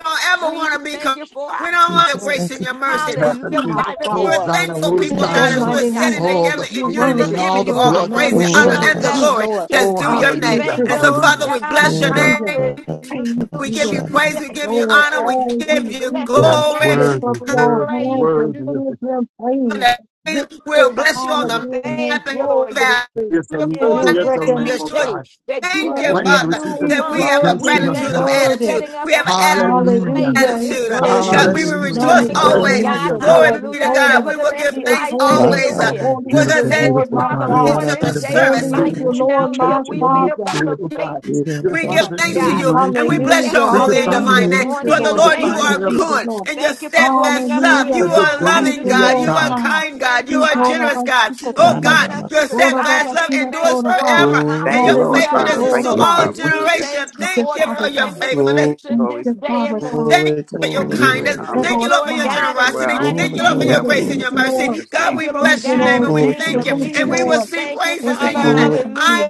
Speaker 1: we don't ever
Speaker 4: We
Speaker 1: want to be. com-
Speaker 4: thank you for
Speaker 1: We
Speaker 4: our
Speaker 1: don't want your
Speaker 8: Jesus.
Speaker 5: so
Speaker 1: grace
Speaker 8: Thank
Speaker 1: and
Speaker 8: you.
Speaker 1: your
Speaker 5: thankful,
Speaker 1: mercy.
Speaker 5: my
Speaker 4: hallelujah.
Speaker 2: happening.
Speaker 5: Father,
Speaker 4: Bible
Speaker 1: We're
Speaker 5: Lord.
Speaker 2: Hosanna,
Speaker 1: thankful
Speaker 4: We
Speaker 1: people,
Speaker 5: Bless
Speaker 8: Thank you,
Speaker 1: God,
Speaker 4: thank
Speaker 5: your
Speaker 4: you,
Speaker 1: as
Speaker 2: Hosanna.
Speaker 1: we're
Speaker 4: Lord
Speaker 5: mighty
Speaker 4: God.
Speaker 8: Jesus.
Speaker 1: sitting
Speaker 5: name.
Speaker 2: All
Speaker 4: Thank
Speaker 1: together
Speaker 4: you
Speaker 2: the
Speaker 5: You're
Speaker 4: for
Speaker 1: in
Speaker 2: freedom
Speaker 1: unity,
Speaker 2: and
Speaker 5: worthy. You're
Speaker 2: all
Speaker 1: giving
Speaker 2: the
Speaker 4: manifesting
Speaker 1: you all
Speaker 5: worthy.
Speaker 1: the
Speaker 2: blood
Speaker 4: Christ.
Speaker 2: that
Speaker 5: None
Speaker 1: praise,
Speaker 4: You've
Speaker 2: was
Speaker 1: the
Speaker 5: is
Speaker 8: Ora
Speaker 4: given
Speaker 8: da,
Speaker 1: honor,
Speaker 2: shed,
Speaker 5: worthy
Speaker 4: us
Speaker 2: oh
Speaker 1: and
Speaker 8: ba,
Speaker 1: the
Speaker 5: but
Speaker 4: that.
Speaker 2: God.
Speaker 5: you,
Speaker 1: glory
Speaker 5: Lord.
Speaker 1: that's
Speaker 2: Oh,
Speaker 1: due
Speaker 5: I
Speaker 1: your
Speaker 4: We
Speaker 1: name.
Speaker 5: thank
Speaker 2: hallelujah,
Speaker 4: thank
Speaker 5: you.
Speaker 1: And
Speaker 4: you,
Speaker 1: so,
Speaker 4: Lord
Speaker 1: Father,
Speaker 2: hallelujah.
Speaker 4: God.
Speaker 1: we bless your
Speaker 8: Ora oh, da,
Speaker 5: Hallelujah.
Speaker 1: name.
Speaker 4: Hallelujah.
Speaker 5: Thank
Speaker 8: ba,
Speaker 1: We
Speaker 5: you,
Speaker 1: give
Speaker 5: the
Speaker 1: you
Speaker 8: sha,
Speaker 1: praise. We give you
Speaker 4: In
Speaker 5: Lord,
Speaker 4: the
Speaker 1: honor.
Speaker 4: earth,
Speaker 1: We
Speaker 5: all
Speaker 4: we
Speaker 1: give
Speaker 5: these
Speaker 1: you
Speaker 4: bless
Speaker 5: people
Speaker 4: your
Speaker 2: Yes,
Speaker 1: glory.
Speaker 5: lift
Speaker 4: name.
Speaker 5: up
Speaker 2: worthy,
Speaker 4: We
Speaker 5: your
Speaker 2: worthy,
Speaker 5: hands
Speaker 4: praise
Speaker 5: and
Speaker 4: you.
Speaker 2: worthy is the
Speaker 5: give him praise. Give
Speaker 1: We'll
Speaker 5: him
Speaker 1: bless you on
Speaker 5: honor,
Speaker 2: King
Speaker 1: the
Speaker 5: give
Speaker 2: of
Speaker 5: him
Speaker 1: map
Speaker 4: Thank
Speaker 1: and
Speaker 4: you,
Speaker 5: glory,
Speaker 4: Lord
Speaker 1: valley.
Speaker 2: Yes,
Speaker 4: you
Speaker 2: and
Speaker 5: give
Speaker 4: for
Speaker 2: worthy
Speaker 5: him
Speaker 2: is
Speaker 4: this
Speaker 2: the
Speaker 5: recognition.
Speaker 2: Lamb
Speaker 4: new
Speaker 2: of
Speaker 1: Yeshua.
Speaker 4: day
Speaker 2: God.
Speaker 4: that you
Speaker 1: Thank you,
Speaker 4: have
Speaker 2: Lamb to
Speaker 4: given
Speaker 1: Father,
Speaker 4: new
Speaker 2: receive the
Speaker 5: He's
Speaker 1: that we
Speaker 4: month.
Speaker 1: have a
Speaker 5: worthy,
Speaker 4: We
Speaker 2: redemption of
Speaker 5: he's
Speaker 1: gratitude
Speaker 4: thank
Speaker 1: of
Speaker 4: you
Speaker 2: God.
Speaker 4: for
Speaker 5: worthy.
Speaker 1: attitude.
Speaker 4: setting
Speaker 1: We
Speaker 4: us
Speaker 1: have
Speaker 4: on
Speaker 1: an
Speaker 4: fire and
Speaker 1: atti-
Speaker 2: Hallelujah,
Speaker 4: ablaze
Speaker 5: Hallelujah,
Speaker 4: this
Speaker 5: he's
Speaker 1: attitude. Uh,
Speaker 4: day for
Speaker 5: worthy.
Speaker 1: God, we will
Speaker 4: you.
Speaker 8: Jesus.
Speaker 4: We
Speaker 5: None
Speaker 2: hallelujah,
Speaker 1: rejoice
Speaker 5: is
Speaker 4: thank
Speaker 8: Ora
Speaker 4: you,
Speaker 8: da, ba,
Speaker 5: worthy
Speaker 4: Lord
Speaker 5: like
Speaker 1: always.
Speaker 4: God.
Speaker 2: hallelujah,
Speaker 5: the
Speaker 2: God.
Speaker 1: Glory
Speaker 5: Lord.
Speaker 1: be
Speaker 5: He's
Speaker 1: to
Speaker 4: Hallelujah.
Speaker 1: God.
Speaker 5: holy,
Speaker 1: We will
Speaker 4: Nevertheless,
Speaker 1: give
Speaker 5: he is
Speaker 1: thanks
Speaker 4: life that
Speaker 8: My
Speaker 5: holy.
Speaker 1: always.
Speaker 4: we'll
Speaker 8: God.
Speaker 1: Uh,
Speaker 4: live.
Speaker 2: Oh,
Speaker 5: Holy
Speaker 1: We're
Speaker 5: is
Speaker 4: We
Speaker 5: the
Speaker 1: going to
Speaker 2: beautiful,
Speaker 1: say
Speaker 4: thank you,
Speaker 5: Lord
Speaker 2: beautiful
Speaker 5: my
Speaker 4: Father,
Speaker 2: God.
Speaker 8: Yeah,
Speaker 5: God.
Speaker 4: for
Speaker 8: da,
Speaker 1: reason
Speaker 4: this
Speaker 2: You're
Speaker 8: ba,
Speaker 1: of
Speaker 2: the
Speaker 8: sa,
Speaker 4: day,
Speaker 8: da,
Speaker 2: very
Speaker 4: the
Speaker 8: da,
Speaker 5: Holy is
Speaker 2: complete
Speaker 8: da,
Speaker 4: life
Speaker 1: service.
Speaker 5: the
Speaker 8: da.
Speaker 2: what
Speaker 4: we
Speaker 2: you can
Speaker 5: Lord
Speaker 4: now
Speaker 2: take
Speaker 5: my
Speaker 4: live.
Speaker 2: to
Speaker 4: We
Speaker 2: know your
Speaker 4: live
Speaker 5: Father.
Speaker 4: by the
Speaker 2: spirit, oh
Speaker 4: faith
Speaker 2: God.
Speaker 8: Yeah, da,
Speaker 2: You're
Speaker 8: da,
Speaker 1: We
Speaker 8: ba,
Speaker 2: part of
Speaker 1: give
Speaker 8: sha,
Speaker 2: it,
Speaker 1: thanks
Speaker 2: you're
Speaker 1: to
Speaker 4: God.
Speaker 1: you and
Speaker 4: We
Speaker 1: we
Speaker 2: anointing.
Speaker 1: bless
Speaker 4: bless
Speaker 1: your
Speaker 5: Hallelujah.
Speaker 2: Your
Speaker 4: your
Speaker 1: holy and
Speaker 2: divine
Speaker 4: name
Speaker 5: Hallelujah.
Speaker 1: divine
Speaker 4: this
Speaker 1: name.
Speaker 5: Thank you,
Speaker 1: For
Speaker 4: morning
Speaker 2: increase,
Speaker 1: the
Speaker 4: in the
Speaker 5: Lord
Speaker 2: your
Speaker 1: Lord, you
Speaker 5: Jesus.
Speaker 4: name
Speaker 2: divine
Speaker 1: are
Speaker 4: of
Speaker 2: level,
Speaker 5: Thank you,
Speaker 4: Jesus.
Speaker 1: good
Speaker 5: Lord.
Speaker 1: and your
Speaker 4: Thank you for cloaking
Speaker 1: steadfast
Speaker 4: us
Speaker 1: love.
Speaker 4: with
Speaker 5: Hallelujah.
Speaker 1: You
Speaker 2: the
Speaker 4: your
Speaker 1: are a
Speaker 5: Thank
Speaker 1: loving
Speaker 5: you,
Speaker 2: divinity
Speaker 1: God.
Speaker 2: of
Speaker 4: righteousness.
Speaker 1: You
Speaker 5: Lord
Speaker 1: are
Speaker 2: God.
Speaker 4: Thank you
Speaker 5: God.
Speaker 4: for
Speaker 1: kind God. You
Speaker 5: He
Speaker 1: are
Speaker 5: told
Speaker 4: sanctifying us,
Speaker 1: generous
Speaker 5: about
Speaker 1: God.
Speaker 5: Sita
Speaker 1: Oh
Speaker 5: Kamba.
Speaker 4: taking
Speaker 1: God,
Speaker 4: us
Speaker 8: da.
Speaker 4: to
Speaker 1: your
Speaker 4: the
Speaker 5: Lord
Speaker 4: side,
Speaker 1: steadfast
Speaker 5: about
Speaker 1: love
Speaker 4: being
Speaker 5: Tina
Speaker 4: made
Speaker 1: endures
Speaker 5: told about.
Speaker 4: yours.
Speaker 1: forever
Speaker 7: Jesus.
Speaker 8: Glory,
Speaker 7: Thank
Speaker 1: and
Speaker 7: you,
Speaker 1: your
Speaker 8: glory,
Speaker 7: Lord,
Speaker 4: Hallelujah.
Speaker 5: Hallelujah.
Speaker 7: Father.
Speaker 1: faithfulness
Speaker 8: glory,
Speaker 1: is
Speaker 5: Told
Speaker 7: Thank
Speaker 1: to
Speaker 7: you,
Speaker 4: Hallelujah.
Speaker 5: about.
Speaker 1: all
Speaker 2: Okay.
Speaker 4: We
Speaker 7: Hallelujah.
Speaker 1: generation.
Speaker 4: thank
Speaker 5: Thank
Speaker 4: you
Speaker 5: you,
Speaker 1: Thank
Speaker 4: for
Speaker 1: you
Speaker 4: your
Speaker 1: for
Speaker 5: Father
Speaker 1: your
Speaker 5: God.
Speaker 7: Thank you,
Speaker 1: faithfulness.
Speaker 8: glory,
Speaker 7: Jesus.
Speaker 4: sanctification
Speaker 5: Thank
Speaker 7: Holy
Speaker 4: this
Speaker 5: you,
Speaker 4: day in
Speaker 5: Father
Speaker 4: the name
Speaker 5: God.
Speaker 1: Thank you
Speaker 8: glory, glory,
Speaker 1: for your
Speaker 4: of
Speaker 7: Spirit,
Speaker 4: Jesus.
Speaker 2: Hallelujah.
Speaker 1: kindness.
Speaker 8: glory, glory, glory,
Speaker 7: come
Speaker 1: Thank you,
Speaker 5: Lord
Speaker 1: Lord, for
Speaker 4: Lord
Speaker 1: your
Speaker 5: God.
Speaker 7: and
Speaker 4: God, in the
Speaker 1: generosity.
Speaker 7: dwell,
Speaker 4: mighty
Speaker 1: Thank you,
Speaker 7: and
Speaker 1: Lord, for
Speaker 4: name
Speaker 2: Okay.
Speaker 1: your
Speaker 4: of
Speaker 8: glory,
Speaker 5: Hallelujah.
Speaker 7: develop
Speaker 1: grace and
Speaker 8: glory,
Speaker 5: Thank
Speaker 1: your
Speaker 4: Jesus,
Speaker 5: you,
Speaker 7: in
Speaker 1: mercy.
Speaker 8: glory.
Speaker 5: Lord.
Speaker 4: we
Speaker 7: Jesus'
Speaker 1: God,
Speaker 7: name.
Speaker 4: thank
Speaker 1: we
Speaker 4: you,
Speaker 5: Thank
Speaker 4: Lord
Speaker 1: bless
Speaker 5: you,
Speaker 1: your
Speaker 4: God, in
Speaker 1: name
Speaker 5: Lord.
Speaker 1: and
Speaker 4: the
Speaker 1: we
Speaker 8: Glory
Speaker 5: Thank
Speaker 7: Thank
Speaker 8: to
Speaker 4: name
Speaker 7: you,
Speaker 8: your
Speaker 5: you,
Speaker 1: thank
Speaker 4: of
Speaker 1: you
Speaker 8: name,
Speaker 5: thank
Speaker 7: Lord.
Speaker 5: you,
Speaker 1: and
Speaker 4: Jesus.
Speaker 1: we will
Speaker 7: Thank
Speaker 8: Jesus.
Speaker 5: Lord.
Speaker 7: you,
Speaker 1: sing
Speaker 4: Thank you,
Speaker 7: Jesus.
Speaker 5: Thank
Speaker 1: praises
Speaker 5: you
Speaker 1: to
Speaker 5: for
Speaker 4: Father.
Speaker 7: Thank
Speaker 1: your
Speaker 5: all
Speaker 7: you,
Speaker 1: name.
Speaker 5: what
Speaker 8: Glory to
Speaker 7: Lord.
Speaker 5: you
Speaker 4: Hallelujah
Speaker 5: do.